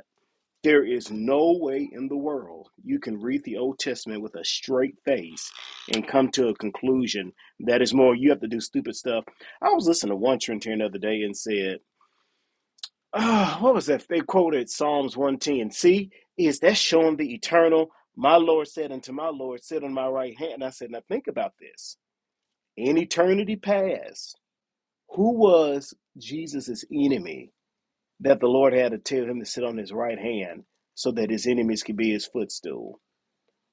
Speaker 11: there is no way in the world you can read the Old Testament with a straight face and come to a conclusion that is more you have to do stupid stuff. I was listening to one Trinitarian the other day and said, oh, what was that? They quoted Psalms 110. See, is that showing the eternal? My Lord said unto my Lord, sit on my right hand. And I said, now think about this. In eternity past, who was Jesus's enemy that the Lord had to tell him to sit on his right hand so that his enemies could be his footstool?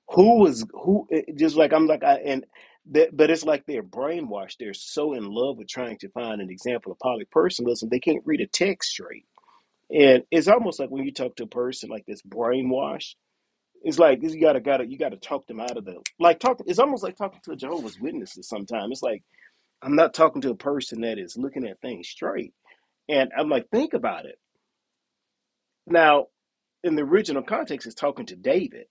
Speaker 11: who was who it- just like i'm like i and that but it's like they're brainwashed they're so in love with trying to find an example of polypersonalism they can't read a text straight and it's almost like when you talk to a person like this brainwashed it's like you gotta gotta you gotta talk them out of the like talking it's almost like talking to a jehovah's witnesses sometimes it's like i'm not talking to a person that is looking at things straight and i'm like think about it now in the original context it's talking to david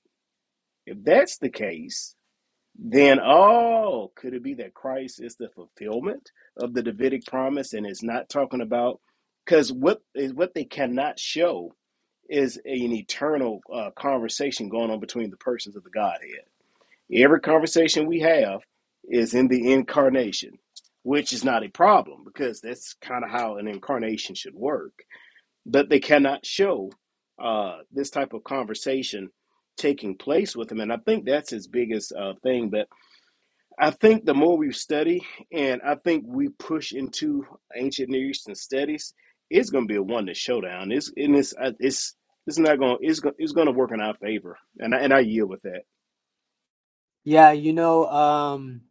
Speaker 11: if that's the case Then, oh, could it be that Christ is the fulfillment of the Davidic promise and is not talking about? Because what is what they cannot show is an eternal uh, conversation going on between the persons of the Godhead. Every conversation we have is in the incarnation, which is not a problem because that's kind of how an incarnation should work. But they cannot show uh, this type of conversation taking place with him, and I think that's his biggest uh, thing. But I think the more we study and I think we push into ancient Near Eastern studies, it's going to be a one to showdown. It's and it's uh, it's it's not going it's going it's going to work in our favor, and I, and I yield with that.
Speaker 5: Yeah, you know, um,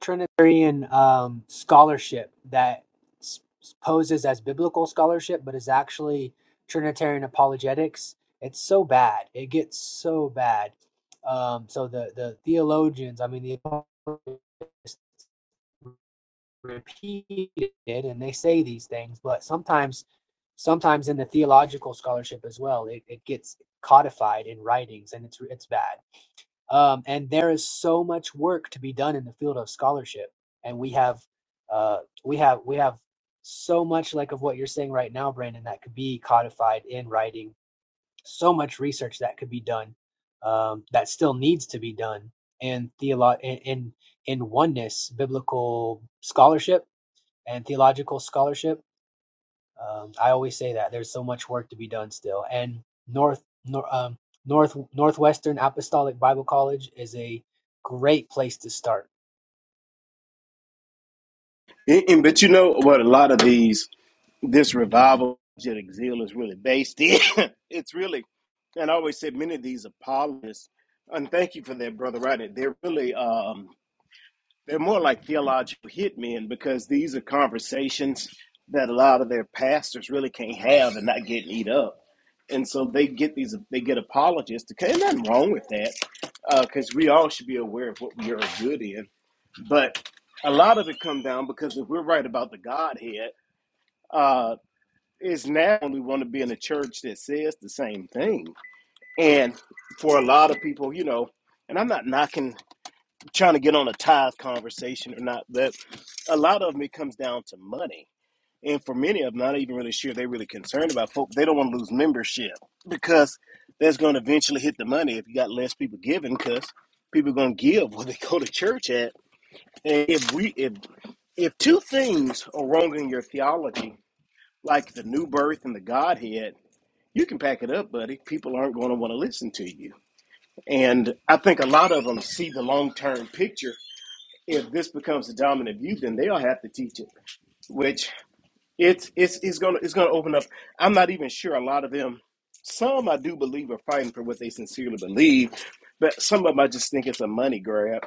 Speaker 5: Trinitarian um, scholarship that s- poses as biblical scholarship, but is actually Trinitarian apologetics. It's so bad. It gets so bad. Um, so the the theologians, I mean, the apologists repeated and they say these things but sometimes sometimes in the theological scholarship as well it, it gets codified in writings and it's it's bad um, and there is so much work to be done in the field of scholarship and we have uh, we have we have so much like of what you're saying right now brandon that could be codified in writing so much research that could be done um, that still needs to be done in theolo- in, in in oneness biblical scholarship and theological scholarship. Um, I always say that there's so much work to be done still. And North nor, um, North Northwestern Apostolic Bible College is a great place to start.
Speaker 11: And, and but you know what? A lot of these this revival energetic zeal is really based in. it's really and I always say many of these apologists, and thank you for that, brother. Right? They're really um They're more like theological hitmen because these are conversations that a lot of their pastors really can't have and not get eat up. And so they get these, they get apologists. Okay, and nothing wrong with that because we all should be aware of what we are good in. But a lot of it come down because if we're right about the Godhead, uh, is now we want to be in a church that says the same thing. And for a lot of people, you know, and I'm not knocking trying to get on a tithe conversation or not, but a lot of them it comes down to money. And for many of them, not even really sure they're really concerned about folk. They don't want to lose membership because that's going to eventually hit the money if you got less people giving because people are going to give what they go to church at. And if we if if two things are wrong in your theology, like the new birth and the Godhead, you can pack it up, buddy. People aren't going to want to listen to you. And I think a lot of them see the long term picture if this becomes the dominant view, then they'll have to teach it, which it's it's it's gonna it's gonna open up. I'm not even sure a lot of them. Some I do believe are fighting for what they sincerely believe, but some of them I just think it's a money grab.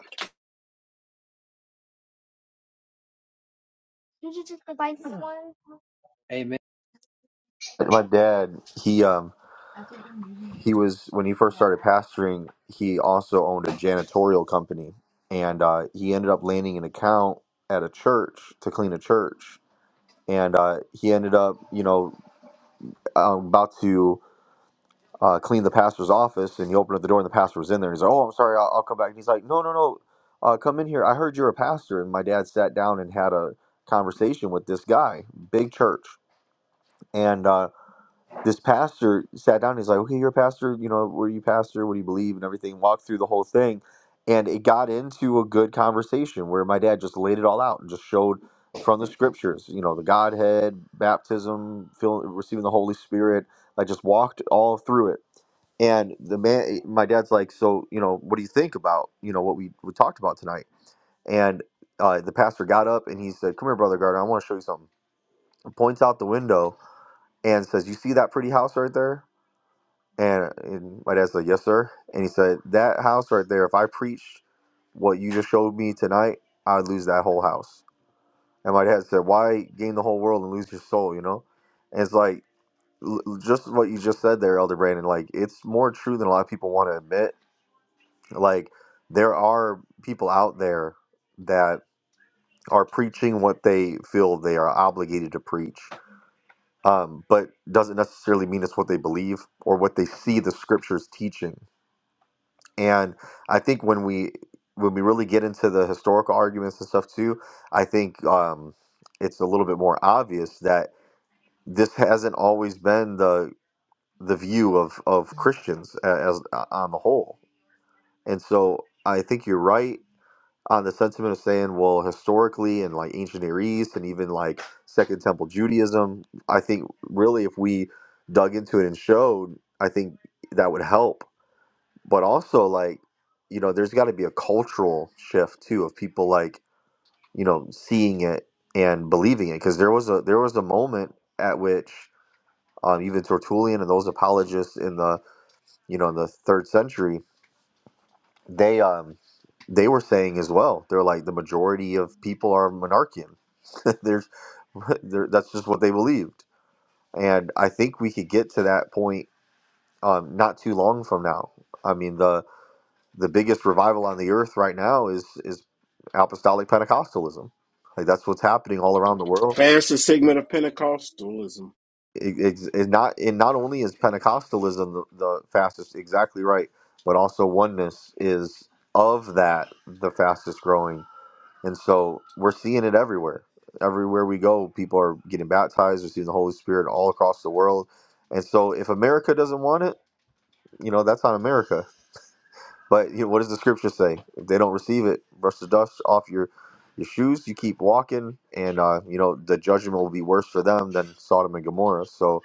Speaker 5: Amen.
Speaker 1: My dad, he um he was when he first started pastoring. He also owned a janitorial company, and uh, he ended up landing an account at a church to clean a church, and uh, he ended up you know um, about to uh, cleaned the pastor's office and you opened up the door and the pastor was in there. And he's like, Oh, I'm sorry, I'll, I'll come back. And he's like, No, no, no, uh, come in here. I heard you're a pastor. And my dad sat down and had a conversation with this guy, big church. And uh, this pastor sat down and he's like, Okay, you're a pastor. You know, were you pastor? What do you believe? And everything. Walked through the whole thing. And it got into a good conversation where my dad just laid it all out and just showed from the scriptures, you know, the Godhead, baptism, fill, receiving the Holy Spirit. I just walked all through it and the man, eh, my dad's like, so you know, what do you think about you know what we, we talked about tonight? And uh, the pastor got up and he said, "Come here, brother Gardner, I want to show you something." And points out the window and says, "You see that pretty house right there?" And, and my dad said, "Yes, sir." And he said, "That house right there. If I preached what you just showed me tonight, I would lose that whole house." And my dad said, "Why gain the whole world and lose your soul?" You know, and it's like l- just what you just said there, Elder Brandon. Like it's more true than a lot of people want to admit Like there are people out there that are preaching what they feel they are obligated to preach, um, but doesn't necessarily mean it's what they believe or what they see the scriptures teaching. And I think when we when we really get into the historical arguments and stuff too, I think um, it's a little bit more obvious that this hasn't always been the the view of of Christians a- as on the whole. And so I think you're right on the sentiment of saying, well, historically in like ancient Near East and even like Second Temple Judaism, I think really if we dug into it and showed, I think that would help. But also like, you know, there's got to be a cultural shift too of people like, you know, seeing it and believing it because there was a there was a moment at which um, even Tertullian and those apologists in the you know in the third century they um they were saying as well. They're like the majority of people are monarchian. There's there, that's just what they believed, and I think we could get to that point um, not too long from now. I mean the the biggest revival on the earth right now is is apostolic Pentecostalism. Like that's what's happening all around the world.
Speaker 11: Fastest segment of Pentecostalism.
Speaker 1: It, it's it's not and not only is Pentecostalism the, the fastest, exactly right, but also oneness is of that the fastest growing And so we're seeing it everywhere. Everywhere we go, people are getting baptized. We're seeing the Holy Spirit all across the world. And so if America doesn't want it, you know, that's on America. But you know, what does the scripture say? If they don't receive it, brush the dust off your your shoes. You keep walking, and uh, you know the judgment will be worse for them than Sodom and Gomorrah. So,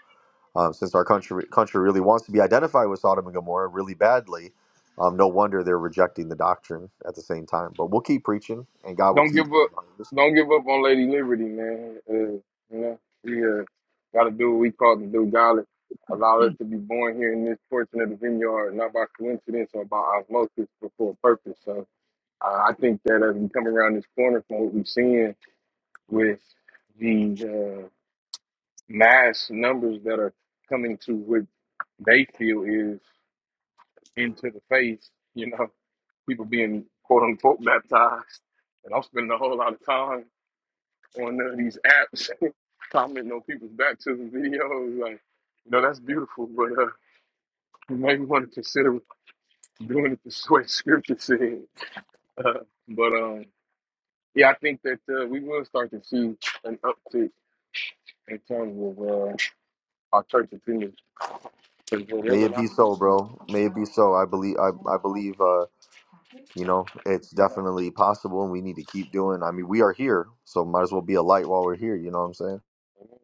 Speaker 1: um, since our country country really wants to be identified with Sodom and Gomorrah really badly, um, no wonder they're rejecting the doctrine at the same time. But we'll keep preaching, and God will
Speaker 10: don't
Speaker 1: keep.
Speaker 10: give up. Don't give up on Lady Liberty, man. Uh, you know, we uh, got to do what we call to do. God allowed us to be born here in this portion of the vineyard, not by coincidence or by osmosis, but for a purpose. So uh, I think that as we come around this corner from what we're seeing with the uh, mass numbers that are coming to what they feel is into the face, you know, people being quote unquote baptized. And I'm spending a whole lot of time on none these apps, commenting on people's baptism videos. Like, you know, that's beautiful, but uh, you might want to consider doing it this way Scripture said. Uh, but um, yeah, I think that uh, we will start to see an uptick in terms of uh, our church attendance because there
Speaker 1: May
Speaker 10: were a
Speaker 1: it
Speaker 10: lot
Speaker 1: be
Speaker 10: of
Speaker 1: so,
Speaker 10: pieces. of
Speaker 1: bro. May it be so. I believe. I, I believe. Uh, you know, it's
Speaker 10: stuff
Speaker 1: definitely possible, and we need to keep doing. I mean, we are here, so might as well be a light while we're here. You know what I'm saying?
Speaker 10: going on.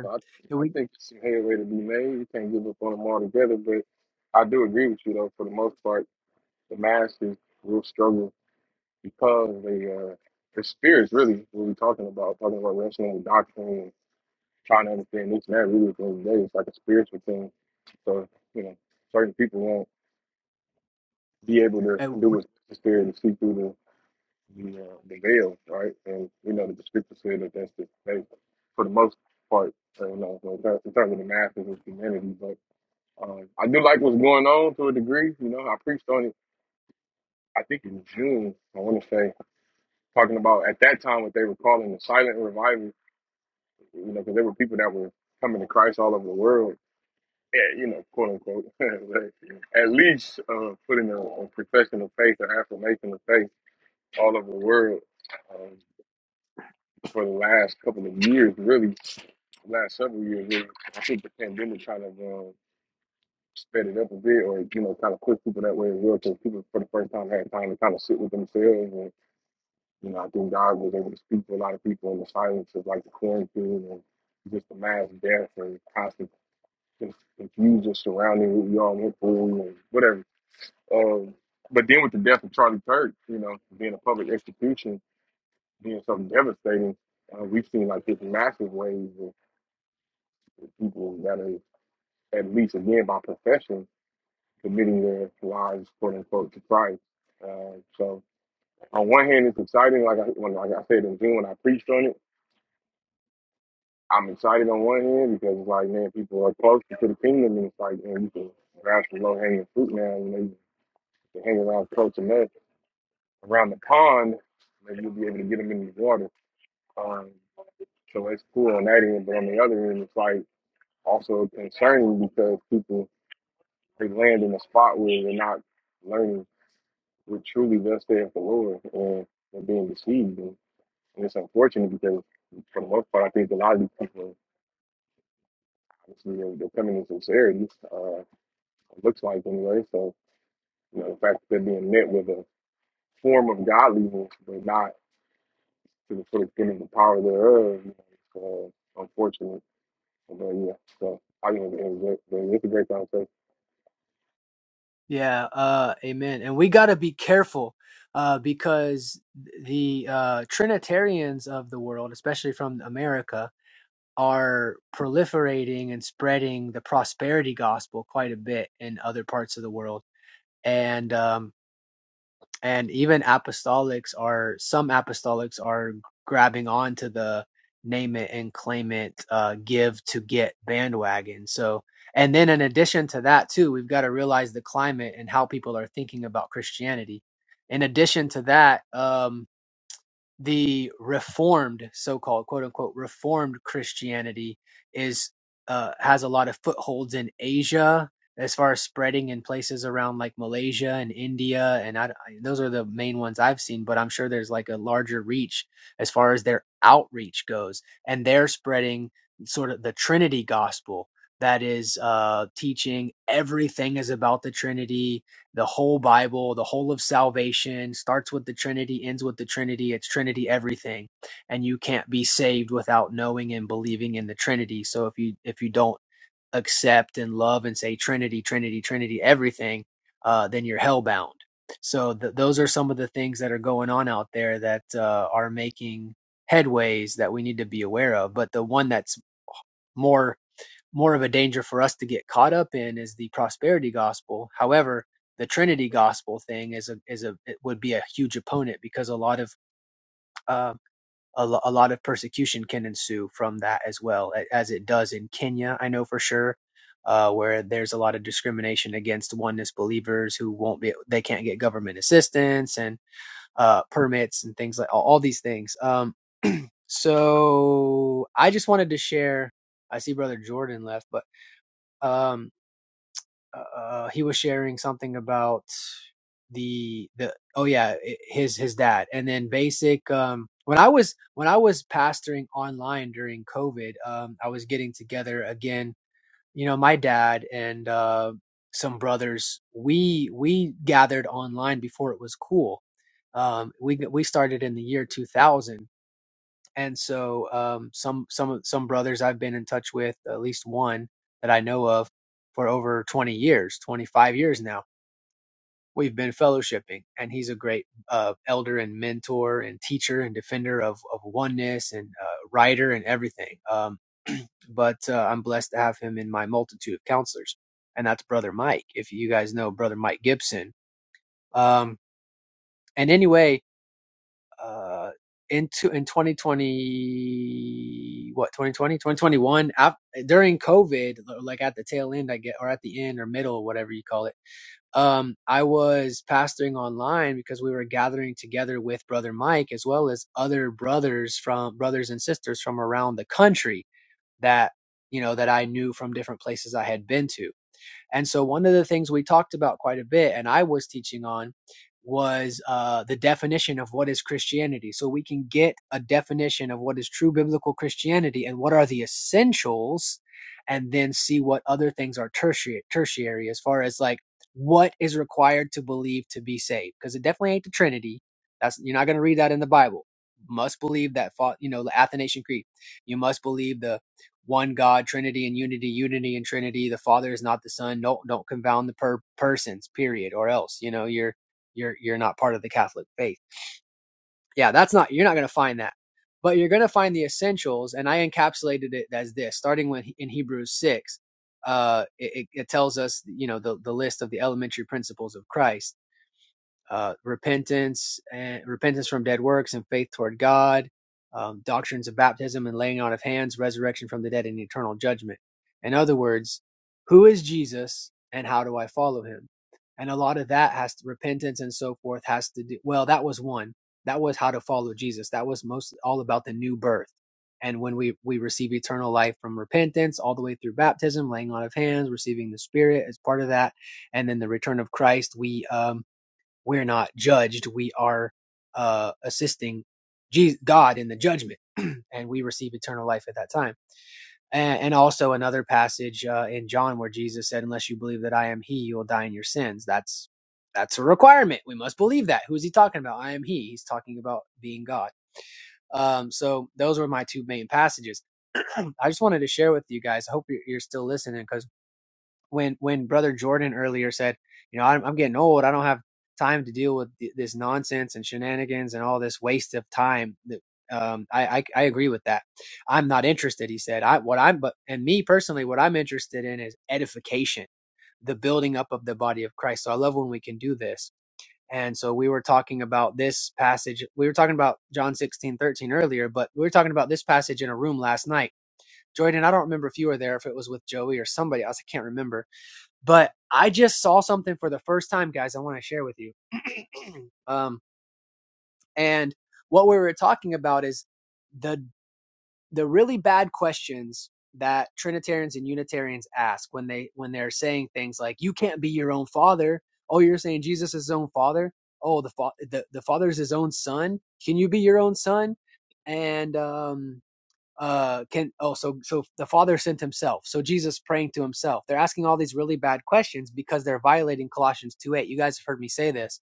Speaker 10: So I, think-
Speaker 5: And
Speaker 10: I
Speaker 5: we,
Speaker 10: think there's some headway to be made. We can't give up on them altogether, but I do agree with you though. For the most part, the masses will struggle because the uh, the spirits really what we're talking about, talking about wrestling with doctrine and trying to understand this and that really at the end of the day, it's like a spiritual thing. So, you know, certain people won't be able to
Speaker 5: and
Speaker 10: do
Speaker 5: we-
Speaker 10: what the spirit and see through the the, uh, the veil, right? And we know that the scripture said that that's the case for the most part, uh, you know, so in ter- in terms of the masses of humanity. But um, I do like what's going on to a degree. You know, I preached on it, I think in June, I want to say. talking about at that time what they were calling the silent revival, you know, because there were people that were coming to Christ all over the world, eh, you know, quote unquote, like, at least uh, putting a, a profession of faith or affirmation of faith all over the world um, for the last couple of years, really, the last several years. Really. I think the pandemic kind of um, sped it up a bit or, you know, kind of pushed people that way as well, because people for the first time had time to kind of sit with themselves You know, I think God was able to speak to a lot of people in the silence of like the quarantine and just the mass death and constant con- confusion surrounding what we all went through and whatever. Um, but then with the death of Charlie Kirk, you know, being a public execution, being something devastating, uh, we've seen like this massive wave of people that are, at least again by profession, committing their lives, quote unquote, to Christ. Uh, so on one hand, it's exciting. Like I, when, like I said in June when I preached on it I'm excited on one hand because it's like, man, people are closer to the kingdom, and it's like, man, you can grab some low hanging fruit now, and maybe you can hang around close enough around the pond, maybe you'll be able to get them in the water. Um, so it's cool on that end, but on the other end, it's like also concerning because people they land in a spot where they're not learning what truly does stand for the Lord, and they're being deceived, and, and it's unfortunate because for the most part, I think a lot of these people, obviously, they're, they're coming in sincerity. Uh, it looks like anyway. So, you know, the fact that they're being met with a form of godliness, but not to the full extent of the power thereof, you know, it's, uh, unfortunate. But yeah, so I mean, it was, it was- it's a great conversation.
Speaker 5: yeah, uh, amen. And we got to be careful uh, because the uh, Trinitarians of the world, especially from America, are proliferating and spreading the prosperity gospel quite a bit in other parts of the world. And um, and even apostolics are some apostolics are grabbing on to the name it and claim it uh, give to get bandwagon so and then in addition to that too we've got to realize the climate and how people are thinking about christianity in addition to that um, the reformed so-called quote unquote reformed christianity is uh, has a lot of footholds in asia as far as spreading in places around like malaysia and india and I, I- those are the main ones i've seen but i'm sure there's like a larger reach as far as their outreach goes and they're spreading sort of the trinity gospel that is uh, teaching everything is about the trinity the whole Bible, the whole of salvation starts with the Trinity, ends with the Trinity. It's Trinity everything, and you can't be saved without knowing and believing in the Trinity. So if you if you don't accept and love and say Trinity, Trinity, Trinity, everything, uh, then you're hellbound. So th- those are some of the things that are going on out there that uh, are making headways that we need to be aware of. But the one that's more more of a danger for us to get caught up in is the prosperity gospel. However, the Trinity gospel thing is a is a it would be a huge opponent because a lot of uh, a, a lot of persecution can ensue from that as well as it does in Kenya. I know for sure. Uh, where there's a lot of discrimination against oneness believers who won't be they can't get government assistance and uh, permits and things like all, all these things um, so i just wanted to share i see brother jordan left but um, uh, he was sharing something about the the oh yeah his his dad and then basic um when i was when i was pastoring online during covid um i was getting together again you know my dad and uh some brothers we we gathered online before it was cool um we we started in the year 2000 and so um, some some some brothers I've been in touch with, at least one that I know of, for over 20 years, 25 years now. We've been fellowshipping, and he's a great uh, elder and mentor and teacher and defender of of oneness and uh, writer and everything. Um, but uh, I'm blessed to have him in my multitude of counselors, and that's Brother Mike. If you guys know Brother Mike Gibson, um, and anyway, uh, into in 2020 what 2020 2021 during covid like at the tail end i get or at the end or middle whatever you call it um i was pastoring online because we were gathering together with brother mike as well as other brothers from brothers and sisters from around the country that you know that i knew from different places i had been to and so one of the things we talked about quite a bit, and I was teaching on, was uh, the definition of what is Christianity. So we can get a definition of what is true biblical Christianity and what are the essentials, and then see what other things are tertiary, tertiary as far as like what is required to believe to be saved. Because it definitely ain't the Trinity. That's you're not going to read that in the Bible. Must believe that, fa- you know, the Athanasian Creed. You must believe the one God, Trinity and unity, unity and Trinity. The Father is not the Son. No, don't confound the per persons, period, or else you know you're you're you're not part of the Catholic faith. Yeah, that's not you're not going to find that, but you're going to find the essentials, and I encapsulated it as this, starting when in Hebrews six, uh, it it tells us you know the the list of the elementary principles of Christ uh, repentance and repentance from dead works and faith toward God, um, doctrines of baptism and laying on of hands, resurrection from the dead, and eternal judgment. In other words, who is Jesus and how do I follow him? And a lot of that has to, repentance and so forth has to do. Well, that was one. That was how to follow Jesus. That was mostly all about the new birth. And when we, we receive eternal life from repentance all the way through baptism, laying on of hands, receiving the Spirit as part of that, and then the return of Christ, we um, we're not judged. We are uh, assisting Jesus, God in the judgment, and we receive eternal life at that time. And, and also another passage uh, in John where Jesus said, "Unless you believe that I am He, you will die in your sins." That's that's a requirement. We must believe that. Who is he talking about? I am He. He's talking about being God. Um, so those were my two main passages. I just wanted to share with you guys. I hope you're, you're still listening because when when brother Jordan earlier said, you know, I'm, I'm getting old. I don't have time to deal with th- this nonsense and shenanigans and all this waste of time. That um, I, I I agree with that. I'm not interested. He said, I what I'm but and me personally, what I'm interested in is edification, the building up of the body of Christ. So I love when we can do this. And so we were talking about this passage. We were talking about John 16 13 earlier, but we were talking about this passage in a room last night. Jordan, I don't remember if you were there, if it was with Joey or somebody else. I can't remember but I just saw something for the first time, guys. I want to share with you. Um, and what we were talking about is the the really bad questions that Trinitarians and Unitarians ask when they when they're saying things like "You can't be your own father." Oh, you're saying Jesus is his own father. Oh, the fa- the the father is his own son. Can you be your own son? And um, uh can oh so so the father sent himself so jesus praying to himself they're asking all these really bad questions because they're violating colossians 2 8 you guys have heard me say this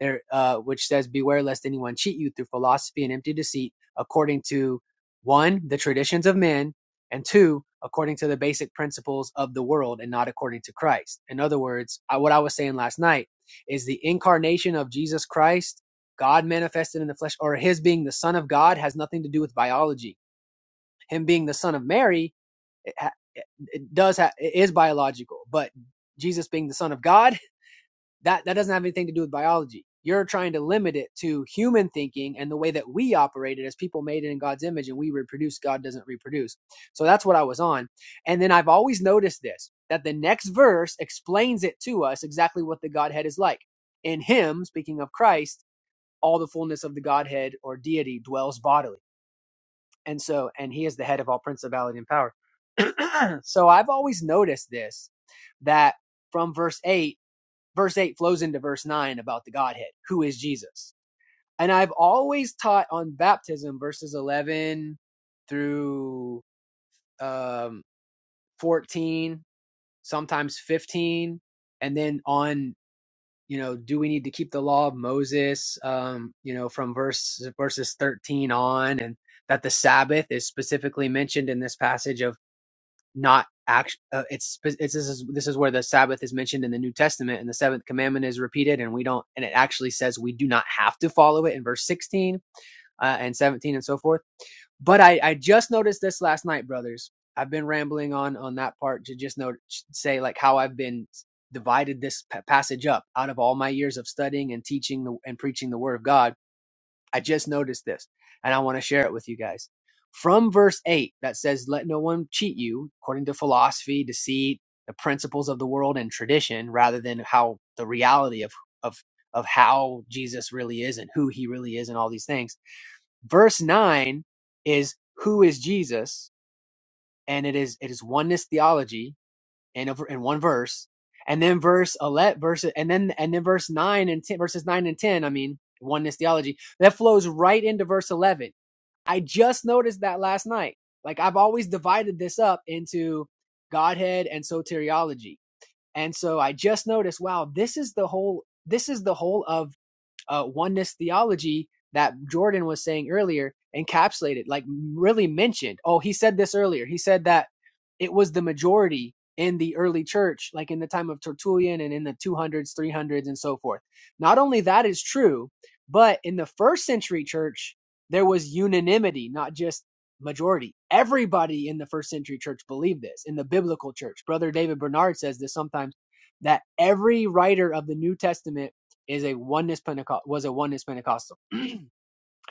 Speaker 5: there uh which says beware lest anyone cheat you through philosophy and empty deceit according to one the traditions of men and two according to the basic principles of the world and not according to christ in other words I, what i was saying last night is the incarnation of jesus christ god manifested in the flesh or his being the son of god has nothing to do with biology him being the son of Mary it, it does ha- it is biological, but Jesus being the son of God, that that doesn't have anything to do with biology. You're trying to limit it to human thinking and the way that we operate it as people made it in God's image and we reproduce, God doesn't reproduce. So that's what I was on. And then I've always noticed this that the next verse explains it to us exactly what the Godhead is like. In him, speaking of Christ, all the fullness of the Godhead or deity dwells bodily and so, and he is the head of all principality and power. so I've always noticed this that from verse 8, verse 8 flows into verse 9 about the Godhead, who is Jesus. And I've always taught on baptism, verses 11 through um, 14, sometimes 15, and then on you know, do we need to keep the law of Moses, um, you know, from verse verses 13 on, and that the Sabbath is specifically mentioned in this passage of not act. Uh, it's it's this is this is where the Sabbath is mentioned in the New Testament, and the seventh commandment is repeated, and we don't, and it actually says we do not have to follow it in verse 16 uh, and 17 and so forth. But I, I just noticed this last night, brothers. I've been rambling on on that part to just note say like how I've been divided this pa- passage up out of all my years of studying and teaching the, and preaching the word of God. I just noticed this, and I want to share it with you guys. From verse eight that says, "Let no one cheat you according to philosophy, deceit, the principles of the world, and tradition, rather than how the reality of of of how Jesus really is and who He really is, and all these things." verse 9 is who is jesus and it is it is oneness theology in over in one verse and then verse 11 verse and then and then verse 9 and 10 verses 9 and 10 i mean oneness theology that flows right into verse 11 i just noticed that last night like i've always divided this up into godhead and soteriology and so i just noticed wow this is the whole this is the whole of uh, oneness theology that Jordan was saying earlier encapsulated, like really mentioned. Oh, he said this earlier. He said that it was the majority in the early church, like in the time of Tertullian and in the 200s, 300s, and so forth. Not only that is true, but in the first century church, there was unanimity, not just majority. Everybody in the first century church believed this in the biblical church. Brother David Bernard says this sometimes that every writer of the New Testament is a oneness Pentecost was a oneness Pentecostal.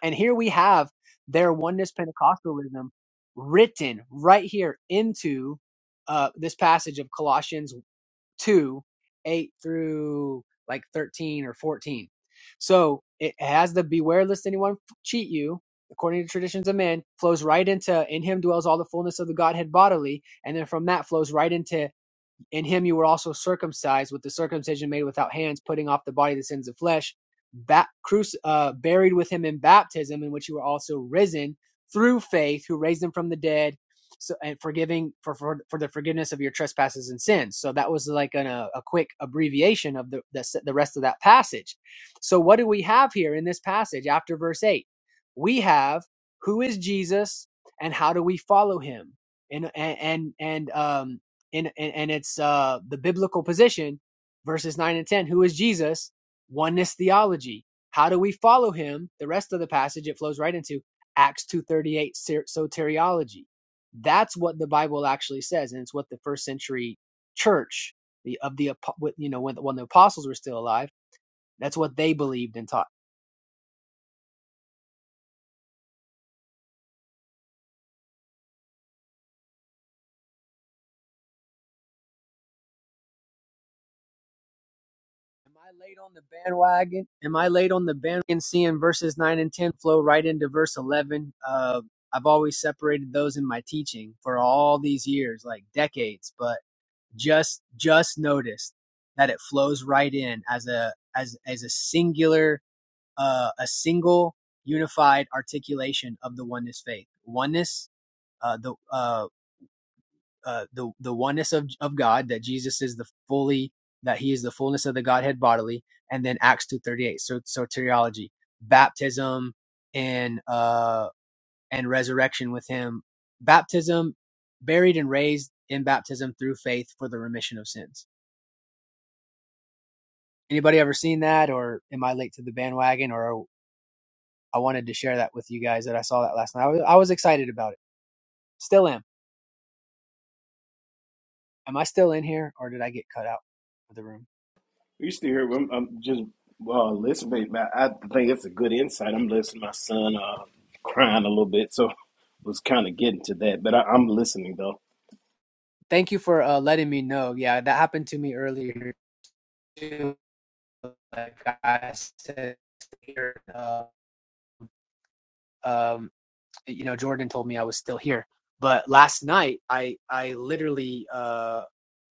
Speaker 5: And here we have their oneness Pentecostalism written right here into uh, this passage of Colossians two, eight through like thirteen or fourteen. So it has the beware lest anyone cheat you, according to traditions of man, flows right into in him dwells all the fullness of the Godhead bodily, and then from that flows right into in him you were also circumcised with the circumcision made without hands, putting off the body the sins of flesh, ba- cruci- uh, buried with him in baptism, in which you were also risen through faith, who raised him from the dead, so, and forgiving for, for for the forgiveness of your trespasses and sins. So that was like an, a, a quick abbreviation of the, the the rest of that passage. So what do we have here in this passage after verse eight? We have who is Jesus and how do we follow him? And and and, and um and, and and it's uh the biblical position verses 9 and 10 who is jesus oneness theology how do we follow him the rest of the passage it flows right into acts 238 soteriology that's what the bible actually says and it's what the first century church the of the you know when, the, when the apostles were still alive that's what they believed and taught Am I late on the bandwagon? Am I late on the bandwagon? Seeing verses nine and ten flow right into verse eleven. Uh, I've always separated those in my teaching for all these years, like decades, but just just noticed that it flows right in as a as as a singular uh a single unified articulation of the oneness faith. Oneness, uh the uh uh, the the oneness of of God that Jesus is the fully that he is the fullness of the Godhead bodily, and then Acts two thirty eight. So soteriology, baptism, and uh and resurrection with him, baptism, buried and raised in baptism through faith for the remission of sins. Anybody ever seen that, or am I late to the bandwagon? Or I wanted to share that with you guys that I saw that last night. I was, I was excited about it. Still am. Am I still in here, or did I get cut out of the room?
Speaker 11: You still hear? I'm, I'm just uh, listening. I think it's a good insight. I'm listening. My son uh, crying a little bit, so was kind of getting to that. But I, I'm listening though.
Speaker 5: Thank you for uh, letting me know. Yeah, that happened to me earlier too. Like I said, uh, um, you know, Jordan told me I was still here. But last night, I I literally uh,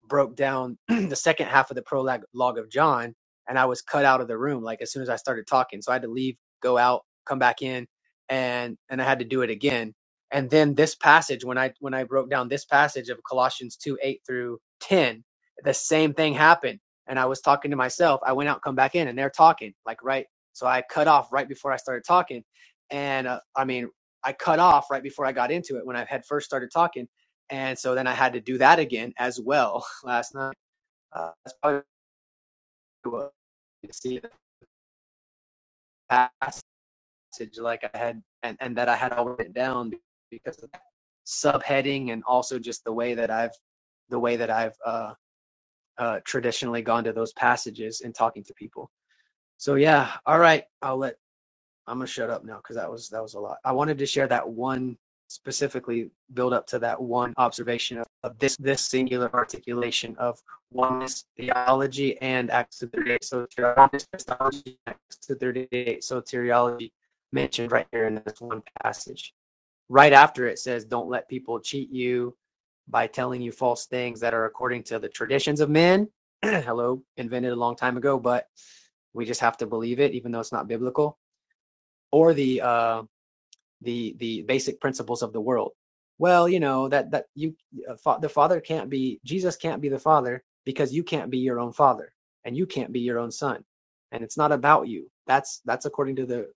Speaker 5: broke down the second half of the prologue log of John, and I was cut out of the room like as soon as I started talking. So I had to leave, go out, come back in, and and I had to do it again. And then this passage, when I when I broke down this passage of Colossians two eight through ten, the same thing happened. And I was talking to myself. I went out, come back in, and they're talking like right. So I cut off right before I started talking, and uh, I mean I cut off right before I got into it when I had first started talking, and so then I had to do that again as well last night. Uh, that's probably what you see the passage like I had and, and that I had all written down because of that subheading and also just the way that I've the way that I've uh, uh, traditionally gone to those passages and talking to people. So yeah, all right, I'll let I'm gonna shut up now because that was that was a lot. I wanted to share that one specifically build up to that one observation of, of this this singular articulation of oneness theology and Acts two thirty eight soteriology, Christology, Acts two thirty eight soteriology mentioned right here in this one passage. Right after it says, "Don't let people cheat you by telling you false things that are according to the traditions of men." Hello, invented a long time ago, but we just have to believe it, even though it's not biblical or the uh, the the basic principles of the world. Well, you know that that you uh, the Father can't be Jesus can't be the Father because you can't be your own Father and you can't be your own Son, and it's not about you. That's that's according to the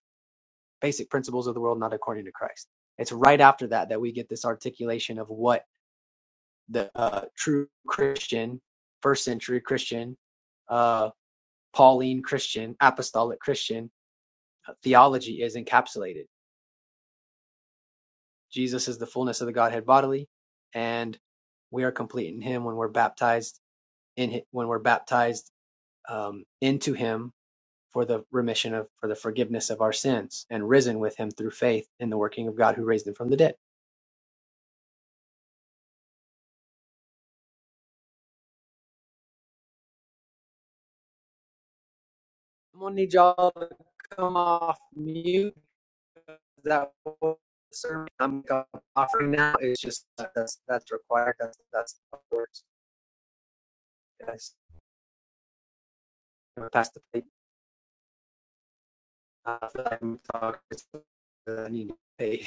Speaker 5: basic principles of the world, not according to Christ. It's right after that that we get this articulation of what the uh, true Christian, first century Christian, uh, Pauline Christian, apostolic Christian uh, theology is encapsulated Jesus is the fullness of the Godhead bodily, and we are complete in Him when we're baptized in hi- when we're baptized um, into Him for the remission of for the forgiveness of our sins, and risen with Him through faith in the working of God who raised Him from the dead. I'm gonna need y'all to come off mute. That sermon I'm offering now is just uh, that's that's required. That's that's how it works. Yes. I'm gonna pass the plate. Uh, I feel like I'm talking. I need to pay.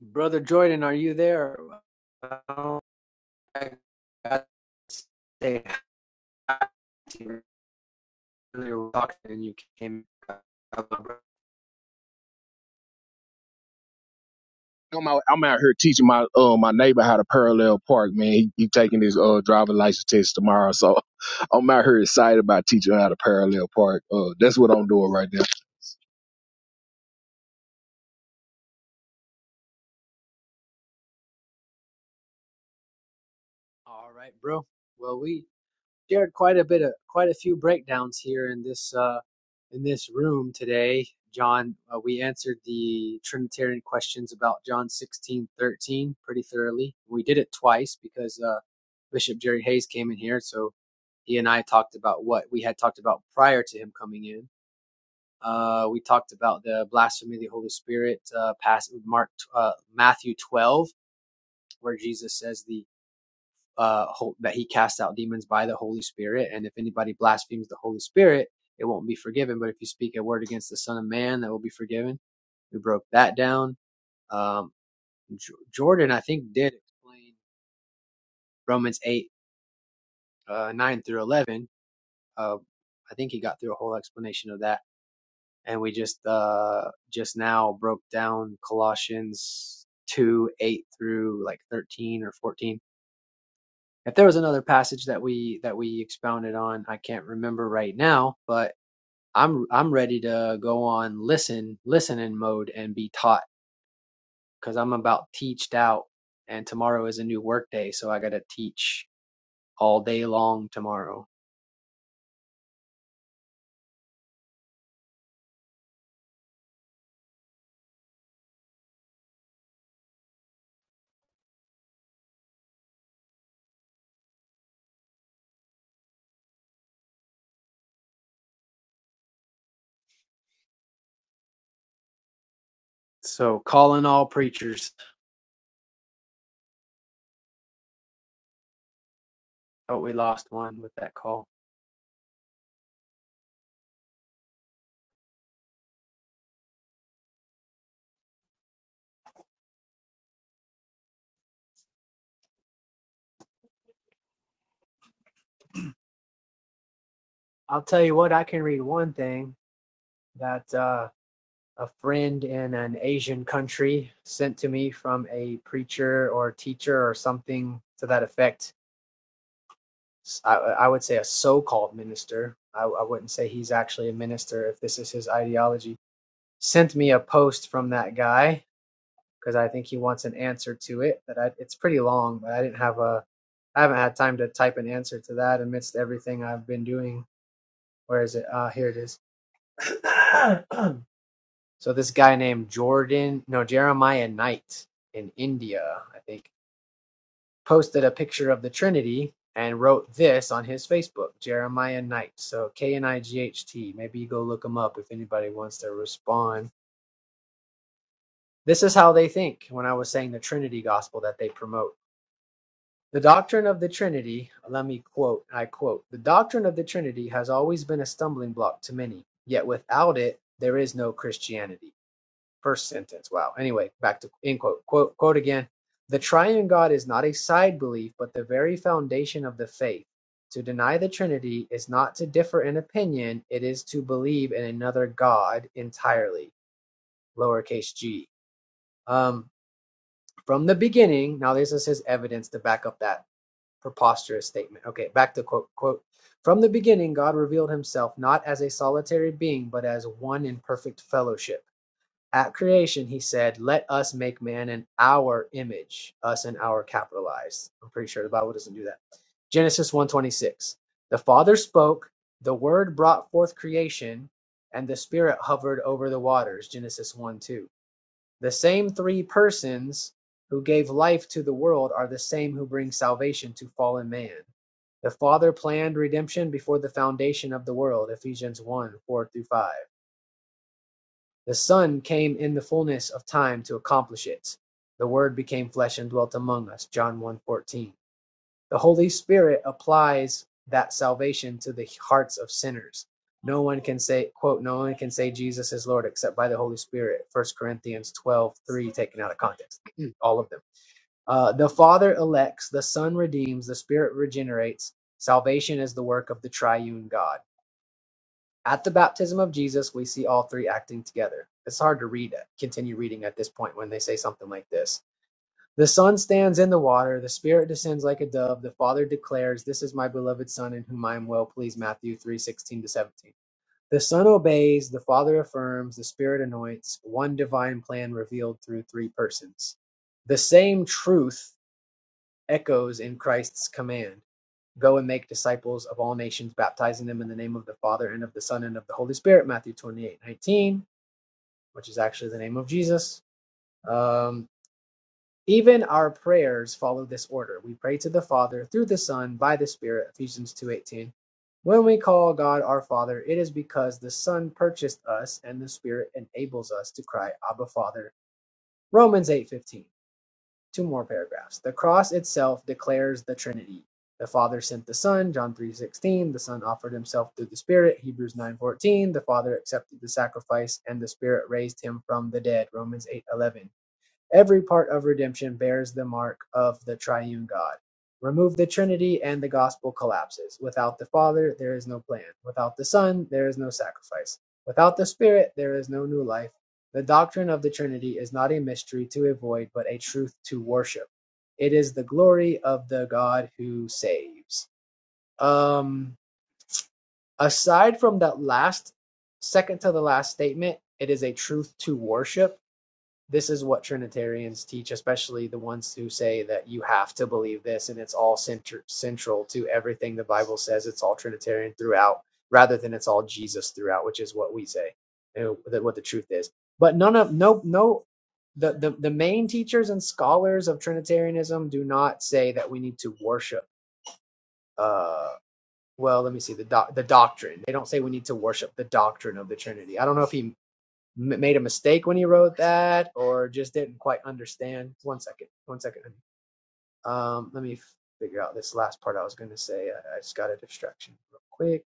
Speaker 5: Brother Jordan, are you there? I got to say hi to you earlier. We were talking and you came. up.
Speaker 4: I'm out, I'm out here teaching my uh, my neighbor how to parallel park, man. He, he taking his uh driver license test tomorrow, so I'm out here excited about teaching how to parallel park. Uh, that's what I'm doing right now.
Speaker 5: All right, bro. Well, we shared quite a bit of quite a few breakdowns here in this uh in this room today. John, uh, we answered the Trinitarian questions about John sixteen thirteen pretty thoroughly. We did it twice because uh, Bishop Jerry Hayes came in here, so he and I talked about what we had talked about prior to him coming in Uh, we talked about the blasphemy of the Holy Spirit, uh, past Mark, uh, Matthew 12, where Jesus says the uh, ho- that he casts out demons by the Holy Spirit, and if anybody blasphemes the Holy Spirit, it won't be forgiven. But if you speak a word against the Son of Man, that will be forgiven. We broke that down. Um, J- Jordan, I think, did explain Romans 8, uh, 9 through 11. Uh, I think he got through a whole explanation of that and we just uh just now broke down Colossians two eight through like thirteen or fourteen. If there was another passage that we that we expounded on, I can't remember right now, but I'm I'm ready to go on listen listening mode and be taught because I'm about teached out, and tomorrow is a new work day, so I got to teach all day long tomorrow. So calling all preachers. Oh, we lost one with that call. I'll tell you what, I can read one thing that uh, a friend in an Asian country sent to me from a preacher or teacher or something to that effect. I I would say a so called minister. I, I wouldn't say he's actually a minister if this is his ideology. Sent me a post from that guy because I think he wants an answer to it. But I, it's pretty long, but I didn't have a. I haven't had time to type an answer to that amidst everything I've been doing. Where is it? Ah, Uh, here it is. So this guy named Jordan, no, Jeremiah Knight in India, I think, posted a picture of the Trinity and wrote this on his Facebook, Jeremiah Knight. So K N I G H T. Maybe you go look him up if anybody wants to respond. This is how they think when I was saying the Trinity gospel that they promote. The doctrine of the Trinity, let me quote, I quote, the doctrine of the Trinity has always been a stumbling block to many, yet without it, there is no Christianity. First sentence. Wow. Anyway, back to end quote. Quote quote again. The triune God is not a side belief, but the very foundation of the faith. To deny the Trinity is not to differ in opinion, it is to believe in another God entirely. Lowercase g. Um, from the beginning, now this is his evidence to back up that preposterous statement. Okay, back to quote quote. From the beginning, God revealed himself not as a solitary being, but as one in perfect fellowship at creation, he said, Let us make man in our image, us and our capitalized. I'm pretty sure the Bible doesn't do that. Genesis one twenty six. The Father spoke, the Word brought forth creation, and the Spirit hovered over the waters. Genesis 1 2. The same three persons who gave life to the world are the same who bring salvation to fallen man. The Father planned redemption before the foundation of the world, Ephesians 1 4 through 5. The Son came in the fullness of time to accomplish it. The Word became flesh and dwelt among us. John one fourteen. The Holy Spirit applies that salvation to the hearts of sinners. No one can say, quote, no one can say Jesus is Lord except by the Holy Spirit. First Corinthians 12 3 taken out of context. All of them. Uh, the Father elects, the Son redeems, the Spirit regenerates. Salvation is the work of the triune God. At the baptism of Jesus, we see all three acting together. It's hard to read, continue reading at this point when they say something like this. The Son stands in the water, the Spirit descends like a dove, the Father declares, This is my beloved Son in whom I am well pleased. Matthew three sixteen to 17. The Son obeys, the Father affirms, the Spirit anoints, one divine plan revealed through three persons. The same truth echoes in Christ's command. Go and make disciples of all nations, baptizing them in the name of the Father and of the Son and of the Holy Spirit, Matthew 28 19, which is actually the name of Jesus. Um, even our prayers follow this order. We pray to the Father through the Son by the Spirit, Ephesians 2 18. When we call God our Father, it is because the Son purchased us and the Spirit enables us to cry, Abba Father, Romans 8 15 two more paragraphs. The cross itself declares the Trinity. The Father sent the Son, John 3:16, the Son offered himself through the Spirit, Hebrews 9:14, the Father accepted the sacrifice and the Spirit raised him from the dead, Romans 8:11. Every part of redemption bears the mark of the triune God. Remove the Trinity and the gospel collapses. Without the Father, there is no plan. Without the Son, there is no sacrifice. Without the Spirit, there is no new life. The doctrine of the Trinity is not a mystery to avoid, but a truth to worship. It is the glory of the God who saves. Um, aside from that last, second to the last statement, it is a truth to worship this is what Trinitarians teach, especially the ones who say that you have to believe this and it's all center, central to everything the Bible says. It's all Trinitarian throughout, rather than it's all Jesus throughout, which is what we say, you know, that what the truth is. But none of no no the, the the main teachers and scholars of Trinitarianism do not say that we need to worship. Uh, well, let me see the doc, the doctrine. They don't say we need to worship the doctrine of the Trinity. I don't know if he m- made a mistake when he wrote that or just didn't quite understand. One second, one second. Um, let me figure out this last part I was going to say. I, I just got a distraction real quick.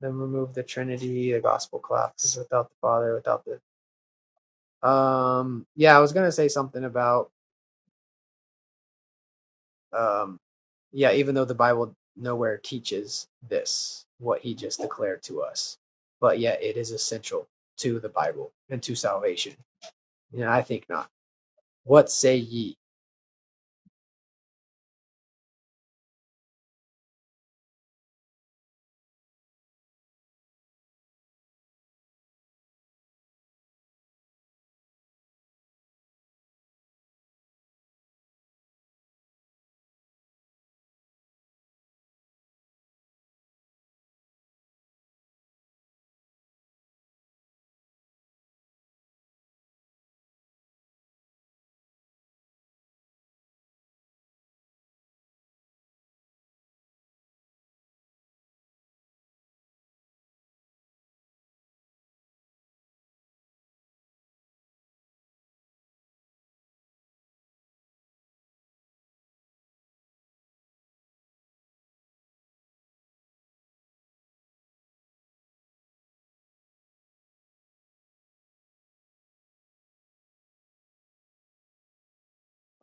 Speaker 5: Then remove the Trinity, the gospel class without the Father, without the. Um, yeah, I was going to say something about, um, yeah, even though the Bible nowhere teaches this, what he just declared to us, but yet it is essential to the Bible and to salvation. And I think not. What say ye?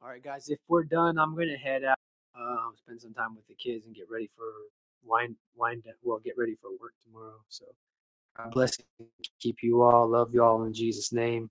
Speaker 5: All right, guys, if we're done, I'm gonna head out, um, spend some time with the kids, and get ready for wind wind down. Well, get ready for work tomorrow. So God bless, you. keep you all, love you all in Jesus' name.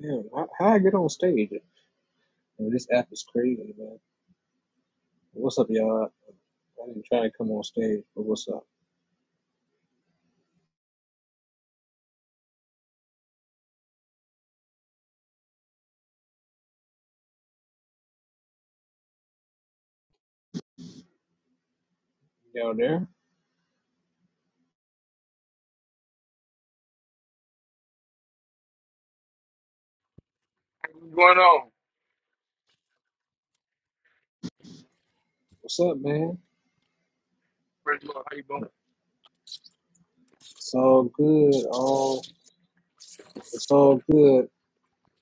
Speaker 12: Damn, how, how I get on stage? Man, this app is crazy, man. What's up, y'all? I didn't try to come on stage, but what's up? Y'all there? What's up, man? It's all good. All it's all good.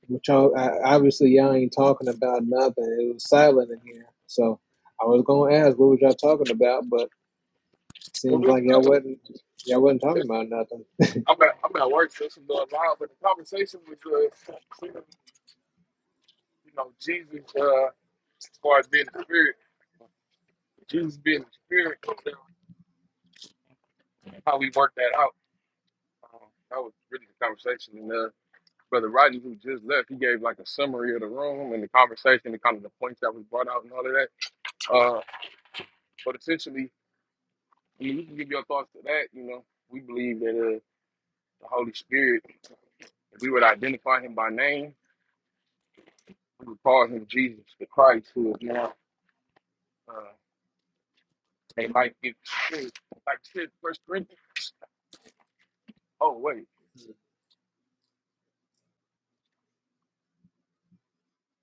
Speaker 12: Which y'all, I, obviously, y'all ain't talking about nothing. It was silent in here, so I was gonna ask what was y'all talking about, but
Speaker 10: Well,
Speaker 12: seems
Speaker 10: this,
Speaker 12: like y'all
Speaker 10: uh,
Speaker 12: wasn't y'all wasn't talking
Speaker 10: this,
Speaker 12: about nothing.
Speaker 10: I'm at I'm at work, so this is going loud. But the conversation was, uh, you know, Jesus uh, as far as being the spirit, Jesus being the spirit, how we work that out. Um, that was really the conversation. and uh. Brother Rodney, who just left, he gave like a summary of the room and the conversation and kind of the points that was brought out and all of that. Uh, but essentially, I mean, you can give your thoughts to that. You know, we believe that uh, the Holy Spirit, if we would identify him by name, we would call him Jesus the Christ, who is now uh, a life giving spirit. Like I said, First Corinthians. Oh wait,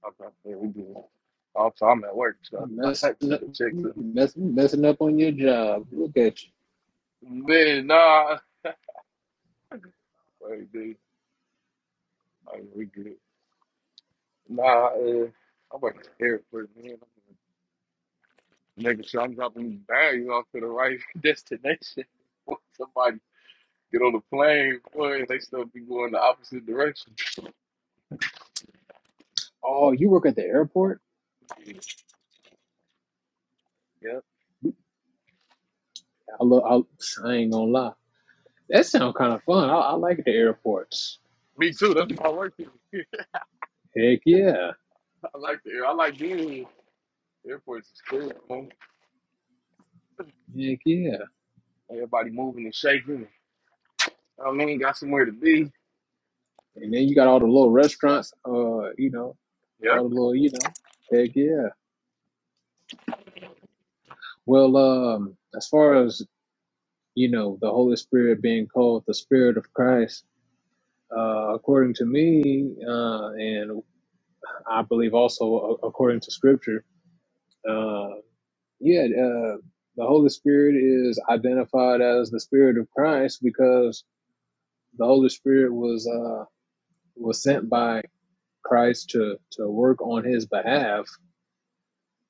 Speaker 10: okay, yeah, we do. Also, I'm at work, so I had
Speaker 12: Messing up,
Speaker 10: to check something.
Speaker 12: mess, messing up on your job. Look at you.
Speaker 10: Man, nah, wait, dude, All right, we good. Nah, uh, I wasn't scared for it, man. I'm gonna- Nigga, so I'm dropping bags off to the right destination. Boy, Somebody get on the plane, boy, and they still be going the opposite direction.
Speaker 12: Oh, you work at the airport?
Speaker 10: Yeah,
Speaker 12: I, lo- I, I ain't gonna lie. That sounds kind of fun. I, I like the airports.
Speaker 10: me too. That's my work. here.
Speaker 12: Heck yeah.
Speaker 10: I like the air. I like being here. Airports is cool. man.
Speaker 12: Heck yeah.
Speaker 10: Everybody moving and shaking. I mean, got somewhere to be.
Speaker 12: And then you got all the little restaurants, uh, you know,
Speaker 10: Yeah.
Speaker 12: all the little, you know, heck yeah. Well, um, as far as, you know, the Holy Spirit being called the Spirit of Christ, uh, according to me, uh, and I believe also a- according to Scripture, uh, yeah, uh, the Holy Spirit is identified as the Spirit of Christ because the Holy Spirit was uh, was sent by Christ to to work on His behalf.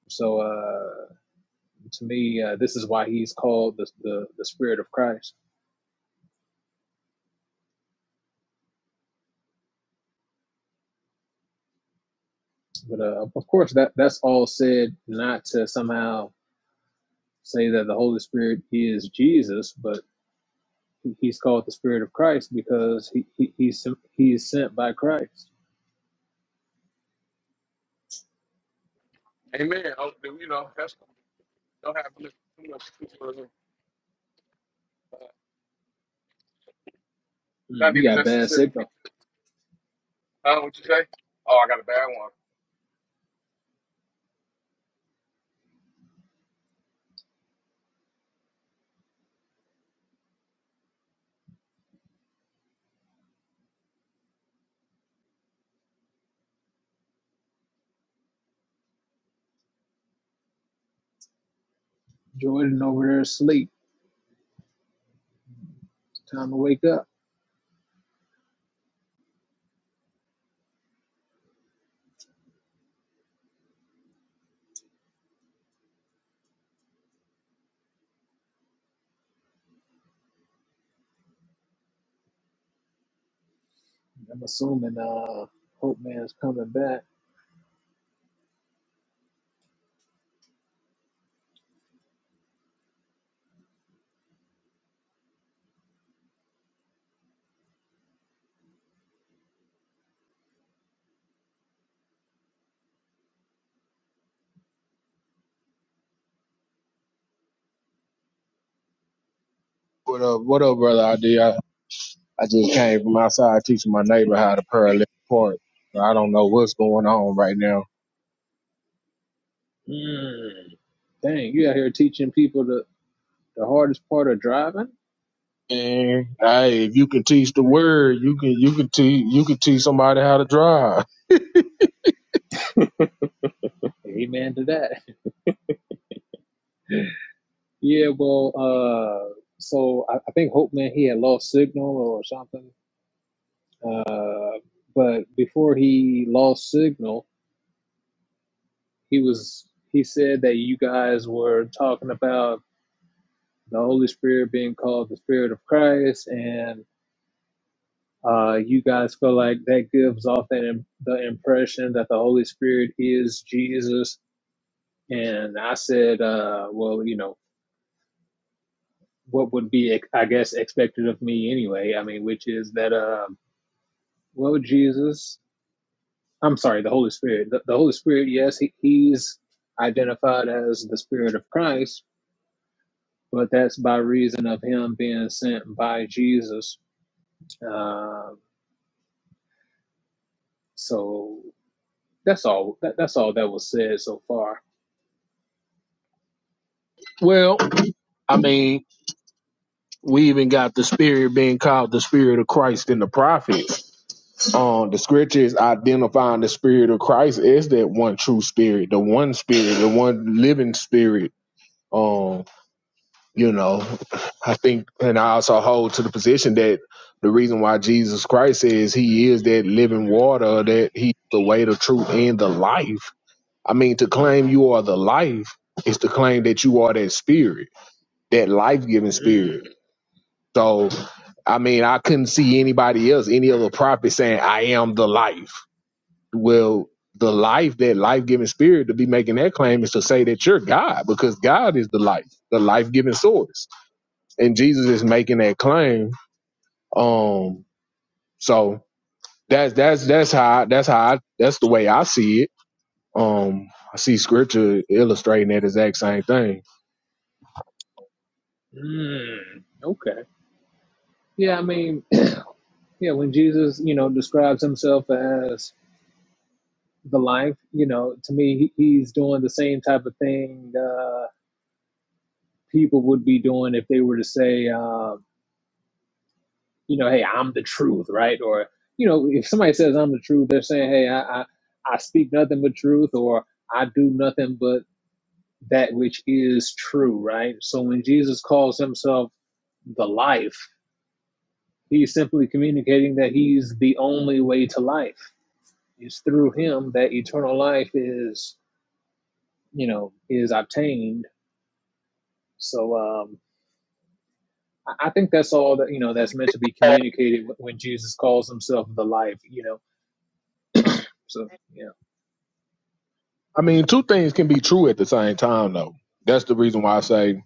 Speaker 12: So uh, to me, uh, this is why He's called the the, the Spirit of Christ. But uh, of course, that that's all said not to somehow say that the Holy Spirit is Jesus, but He's called the Spirit of Christ because he, he he's he's sent by Christ. Mm, you got bad signal. Jordan over there asleep. Time to wake up. I'm assuming uh, Hope Man's coming back.
Speaker 4: What up? What up, brother? ID? I just came from outside teaching my neighbor how to parallel park. So I don't know what's going on right now.
Speaker 12: Mm, dang, you out here teaching people the, the hardest part of driving?
Speaker 4: And hey, if you can teach the word, you can you can teach you can teach somebody how to drive.
Speaker 12: Amen to that. Yeah, well, uh, so I, I think Hope Man, he had lost signal or something. Uh, but before he lost signal, he was he said that you guys were talking about the Holy Spirit being called the Spirit of Christ, and uh, you guys feel like that gives off that Im- the impression that the Holy Spirit is Jesus And I said, uh, well, you know, what would be, I guess, expected of me anyway? I mean, which is that, um, well, Jesus, I'm sorry, the Holy Spirit. The, the Holy Spirit, yes, he, he's identified as the Spirit of Christ, but that's by reason of him being sent by Jesus. Um, so that's all. That, that's all that was said so far.
Speaker 4: Well, I mean, we even got the spirit being called the spirit of Christ in the prophets. Um, the scriptures identifying the spirit of Christ is that one true spirit, the one spirit, the one living spirit. Um. you know i think and i also hold to the position that the reason why jesus christ says he is that living water that he's the way the truth and the life i mean to claim you are the life is to claim that you are that spirit that life-giving spirit so i mean i couldn't see anybody else any other prophet saying i am the life well the life that life-giving spirit to be making that claim is to say that you're god because god is the life the life-giving source and Jesus is making that claim. Um, so that's that's that's how that's how I, that's the way I see it. Um, I see scripture illustrating that exact same thing.
Speaker 12: Mm, okay. Yeah, I mean, yeah, when Jesus, you know, describes himself as the life. You know, to me, he, he's doing the same type of thing uh, people would be doing if they were to say, um, you know, hey, I'm the truth, right? Or you know, if somebody says I'm the truth, they're saying, hey, I I, I speak nothing but truth, or I do nothing but that which is true, right? So when Jesus calls himself the life, he's simply communicating that he's the only way to life. It's through him that eternal life is, you know, is obtained. So um, I think that's all that you know that's meant to be communicated when Jesus calls himself the life, you know.
Speaker 4: Huh.
Speaker 12: So yeah.
Speaker 4: I mean, two things can be true at the same time, though. That's the reason why I say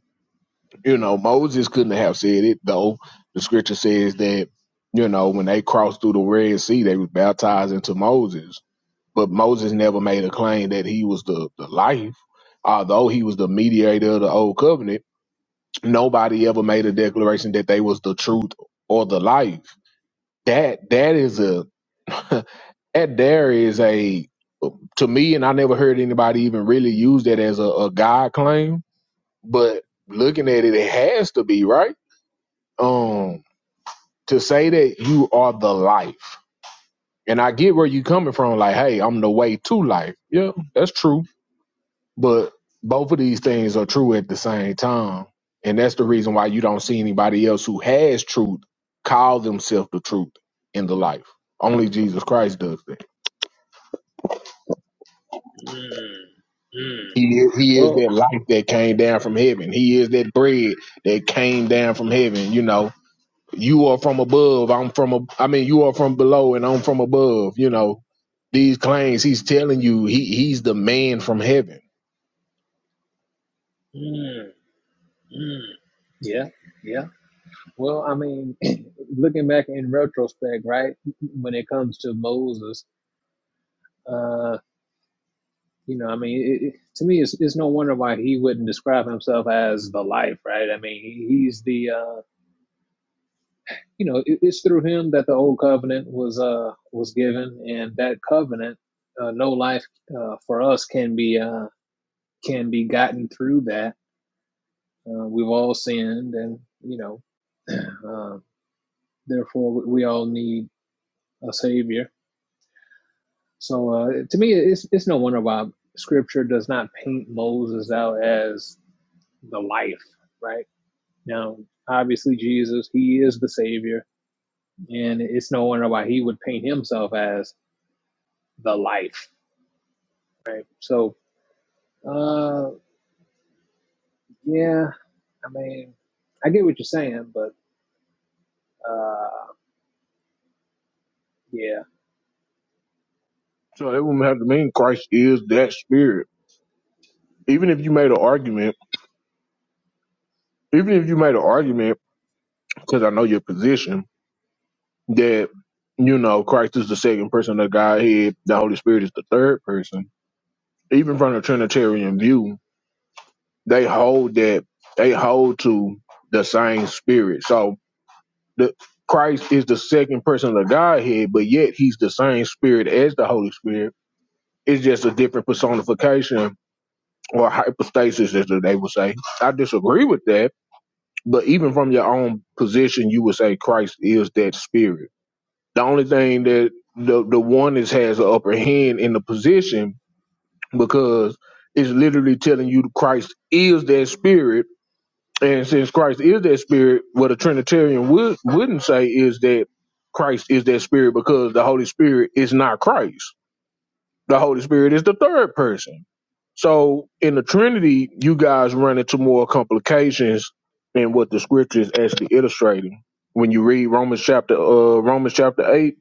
Speaker 4: You know, Moses couldn't have said it, though the scripture says that, you know, when they crossed through the Red Sea, they was baptized into Moses. But Moses never made a claim that he was the, the life. Although he was the mediator of the old covenant, nobody ever made a declaration that they was the truth or the life. That that is a that there is a to me, and I never heard anybody even really use that as a, a God claim. But looking at it, it has to be right. Um. to say that you are the life. And I get where you coming from, like, hey, I'm the way to life. Yeah, that's true. But both of these things are true at the same time. And that's the reason why you don't see anybody else who has truth call themselves the truth in the life. Only Jesus Christ does that.
Speaker 12: Mm, mm,
Speaker 4: He is, he is
Speaker 12: Well,
Speaker 4: that life that came down from heaven. He is that bread that came down from heaven, you know You are from above. I'm from. A, I mean, you are from below, and I'm from above. You know these claims. He's telling you he he's the man from heaven.
Speaker 12: mm, mm. yeah, yeah. Well, I mean, looking back in retrospect, right? When it comes to Moses, uh, you know, I mean, it, it, to me, it's it's no wonder why he wouldn't describe himself as the life, right? I mean, he, he's the uh you know it, it's through him that the old covenant was uh was given and that covenant uh, no life uh, for us can be uh can be gotten through that uh, we've all sinned and you know uh, therefore we all need a savior so uh, to me it's it's no wonder why scripture does not paint Moses out as the life right now obviously Jesus he is the savior and it's no wonder why he would paint himself as the life so Uh, yeah. I mean, I get what you're saying, but uh, yeah.
Speaker 4: So that would have to mean Christ is that spirit. Even if you made an argument, even if you made an argument, because I know your position that you know Christ is the second person of the Godhead, the Holy Spirit is the third person. Even from the Trinitarian view, they hold that they hold to the same spirit. So the Christ is the second person of the Godhead, but yet he's the same spirit as the Holy Spirit. It's just a different personification or hypostasis, as they would say. I disagree with that, but even from your own position, you would say Christ is that spirit. The only thing that the the one is has an upper hand in the position because it's literally telling you Christ is that spirit And since Christ is that spirit, what a Trinitarian would wouldn't say is that Christ is that spirit because the Holy Spirit is not Christ. The Holy Spirit is the third person. So in the Trinity, you guys run into more complications than what the scripture is actually illustrating. When you read Romans chapter uh Romans chapter eight,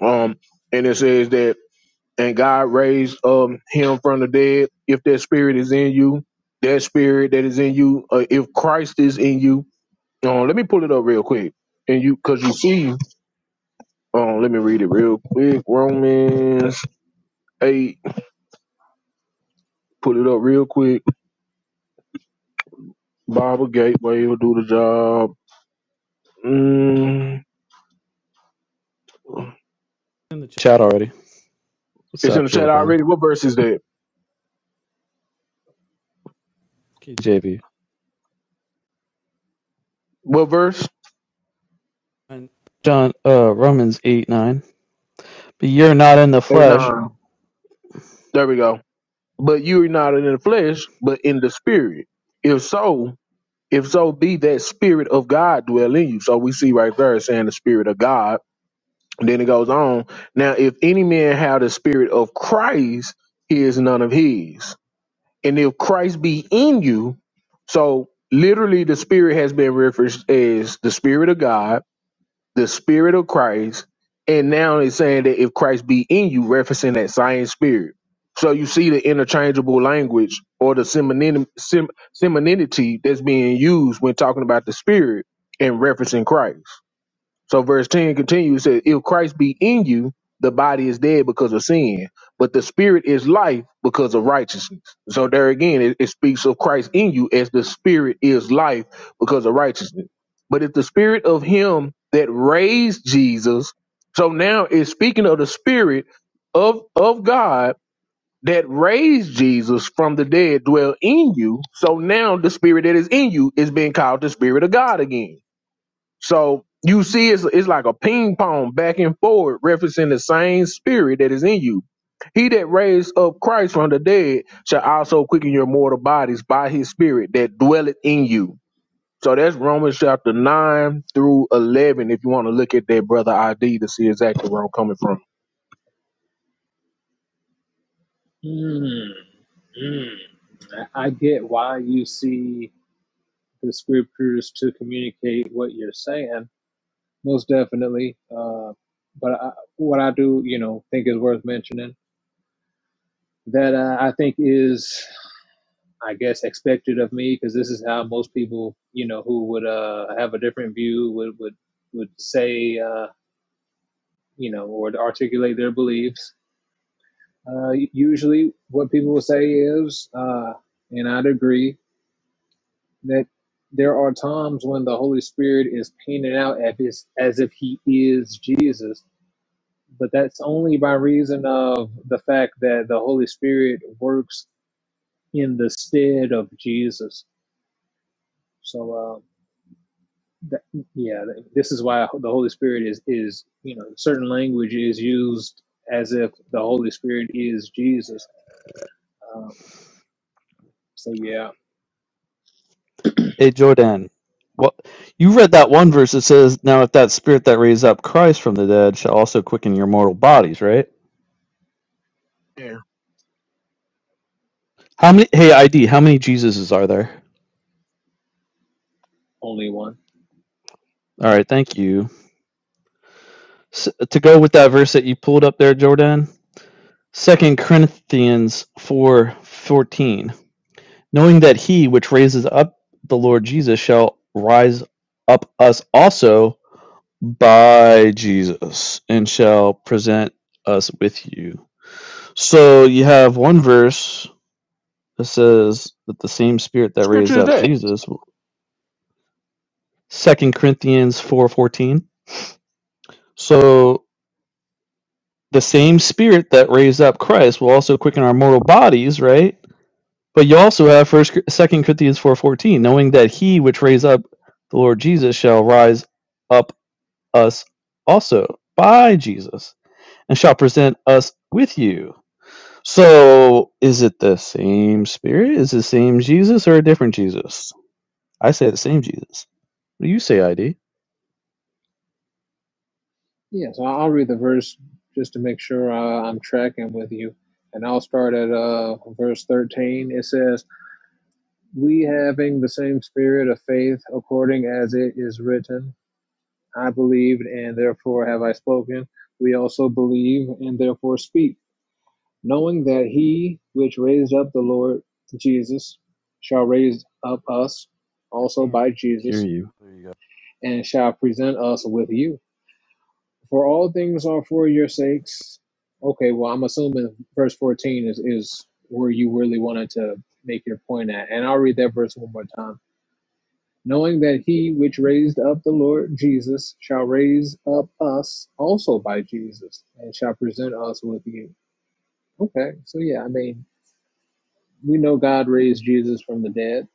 Speaker 4: um, and it says that and God raised um him from the dead. If that spirit is in you, that spirit that is in you, uh, if Christ is in you, um, let me pull it up real quick, and you because you see, um, let me read it real quick. Romans eight, pull it up real quick. Bible Gateway will do the job. Mm,
Speaker 13: in the chat chat already. What's
Speaker 4: it's in
Speaker 13: up,
Speaker 4: the chat
Speaker 13: Jordan?
Speaker 4: already. What verse is that?
Speaker 13: KJV.
Speaker 4: What verse?
Speaker 13: John, uh, Romans 8, 9. But you're not in the
Speaker 4: Eight
Speaker 13: flesh,
Speaker 4: nine. There we go. But you are not in the flesh, but in the spirit. If so, if so be that spirit of God dwell in you. So we see right there it's saying the spirit of God then it goes on. Now, if any man have the spirit of Christ, he is none of his. And if Christ be in you, so literally the spirit has been referenced as the spirit of God, the spirit of Christ, and now it's saying that if Christ be in you, referencing that same spirit. So you see the interchangeable language or the seminim- sem- seminity that's being used when talking about the spirit and referencing Christ. So verse 10 continues, says, if Christ be in you, the body is dead because of sin, but the spirit is life because of righteousness. So there again, it, it speaks of Christ in you as the spirit is life because of righteousness. But if the spirit of him that raised Jesus, so now it's speaking of the spirit of, of God that raised Jesus from the dead dwell in you. So now the spirit that is in you is being called the spirit of God again. So you see, it's, it's like a ping pong back and forward, referencing the same spirit that is in you. He that raised up Christ from the dead shall also quicken your mortal bodies by his spirit that dwelleth in you. So that's Romans chapter 9 through 11, if you want to look at that brother ID to see exactly where I'm coming from.
Speaker 12: Mm, mm. I I get why you see the scriptures to communicate what you're saying, most definitely. Uh, but I, what I do, you know, think is worth mentioning that uh, I think is, I guess, expected of me because this is how most people, you know, who would uh, have a different view would would would say, uh, you know, or articulate their beliefs Uh, usually, what people will say is, uh, and I'd agree, that there are times when the Holy Spirit is painted out as, as if He is Jesus, but that's only by reason of the fact that the Holy Spirit works in the stead of Jesus. So, uh, that, yeah, this is why the Holy Spirit is is you know certain language is used as if the Holy Spirit is Jesus. Um, so yeah,
Speaker 13: a Jordan. What you read that one verse that says, "Now if that spirit that raised up Christ from the dead shall also quicken your mortal bodies," right?
Speaker 4: Yeah.
Speaker 13: How many? Hey, ID, how many Jesuses are there?
Speaker 12: only one.
Speaker 13: All right, thank you. S to go with that verse that you pulled up there, Jordan. Second Corinthians four fourteen. knowing that he which raises up the Lord Jesus shall rise up us also by Jesus and shall present us with you. So you have one verse that says that the same spirit that raised
Speaker 4: Scripture is
Speaker 13: up
Speaker 4: that.
Speaker 13: Jesus, Second Corinthians 4:14. So the same spirit that raised up Christ will also quicken our mortal bodies, right? But you also have first Second Corinthians 4:14, knowing that he which raised up the Lord Jesus shall rise up us also by Jesus, and shall present us with you. So, is it the same Spirit? Is it the same Jesus or a different Jesus? I say the same Jesus. What do you say, ID?
Speaker 12: Yes, I- I'll read the verse just to make sure uh, I'm tracking with you. And I'll start at uh, verse 13. It says, We having the same spirit of faith, according as it is written, I believed, and therefore have I spoken. We also believe, and therefore speak, knowing that he which raised up the Lord Jesus shall raise up us
Speaker 13: I
Speaker 12: also
Speaker 13: can't
Speaker 12: by
Speaker 13: hear
Speaker 12: Jesus,
Speaker 13: you. There you go.
Speaker 12: and shall present us with you. For all things are for your sakes. Okay, well, I'm assuming verse 14 is, is where you really wanted to make your point at. And I'll read that verse one more time. Knowing that he which raised up the Lord Jesus shall raise up us also by Jesus and shall present us with you. Okay, so yeah, I mean, we know God raised Jesus from the dead,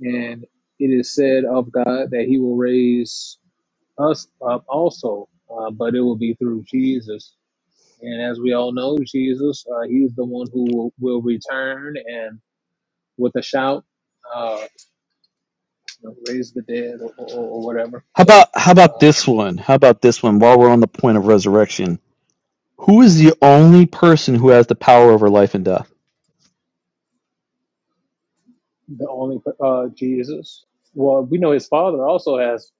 Speaker 12: and it is said of God that he will raise us up also, uh, but it will be through Jesus And as we all know, Jesus, uh, He is the one who will, will return and with a shout, uh, you know, raise the dead or, or, or whatever.
Speaker 13: How
Speaker 12: So
Speaker 13: about how about
Speaker 12: uh,
Speaker 13: this one? How about this one? While we're on the point of resurrection, who is the only person who has the power over life and death?
Speaker 12: the only uh, Jesus. Well, we know His Father also has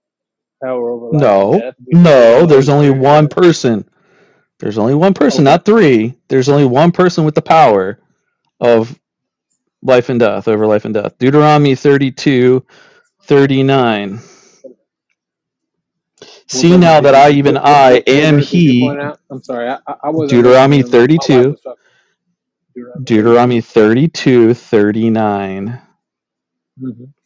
Speaker 12: power over life and
Speaker 13: No,
Speaker 12: death. We know, we know
Speaker 13: no.
Speaker 12: the
Speaker 13: There's
Speaker 12: Holy
Speaker 13: only
Speaker 12: Spirit
Speaker 13: one
Speaker 12: has.
Speaker 13: person. There's only one person,
Speaker 12: Okay,
Speaker 13: not three. There's only one person with the power of life and death over life and death. Deuteronomy 32 39.
Speaker 12: what
Speaker 13: See
Speaker 12: verse
Speaker 13: now
Speaker 12: did
Speaker 13: that
Speaker 12: you
Speaker 13: I even
Speaker 12: what what,
Speaker 13: I
Speaker 12: what, what
Speaker 13: am
Speaker 12: verse did you point
Speaker 13: He.
Speaker 12: out? I'm sorry, I, I I wasn't
Speaker 13: Deuteronomy
Speaker 12: listening. My, my wife
Speaker 13: 32.
Speaker 12: was talking. Deuteronomy 32.
Speaker 13: Deuteronomy 32 39.
Speaker 12: Mm-hmm.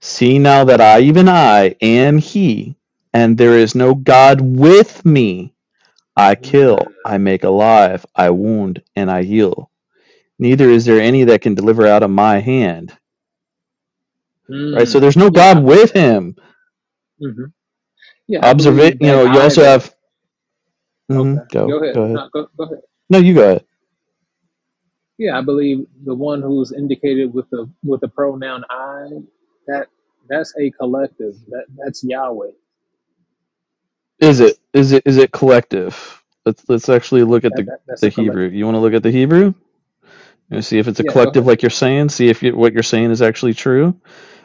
Speaker 13: See now that I, even I, am He, and there is no God with me. I kill,
Speaker 12: Mm.
Speaker 13: I make alive, I wound, and I heal. Neither is there any that can deliver out of my hand. Right? So
Speaker 12: Mm.
Speaker 13: there's no
Speaker 12: Yeah,
Speaker 13: God
Speaker 12: I believe.
Speaker 13: with him.
Speaker 12: hmm Yeah, I
Speaker 13: Observe it.
Speaker 12: believe
Speaker 13: you
Speaker 12: that
Speaker 13: know, you
Speaker 12: I
Speaker 13: also
Speaker 12: there.
Speaker 13: have hmm
Speaker 12: Okay, go
Speaker 13: go.
Speaker 12: ahead.
Speaker 13: Go ahead.
Speaker 12: No, go, go ahead.
Speaker 13: No, you go ahead.
Speaker 12: Yeah, I believe the one who's indicated with the with the pronoun I, that that's a collective. That that's Yahweh.
Speaker 13: Is it is it is it collective? Let's let's actually look at
Speaker 12: That,
Speaker 13: the
Speaker 12: that that's
Speaker 13: the
Speaker 12: a
Speaker 13: Hebrew.
Speaker 12: collective.
Speaker 13: You want to look at the Hebrew? You know, see if it's a
Speaker 12: Yeah, go
Speaker 13: collective,
Speaker 12: ahead.
Speaker 13: like you're saying. See if you, what you're saying is actually true,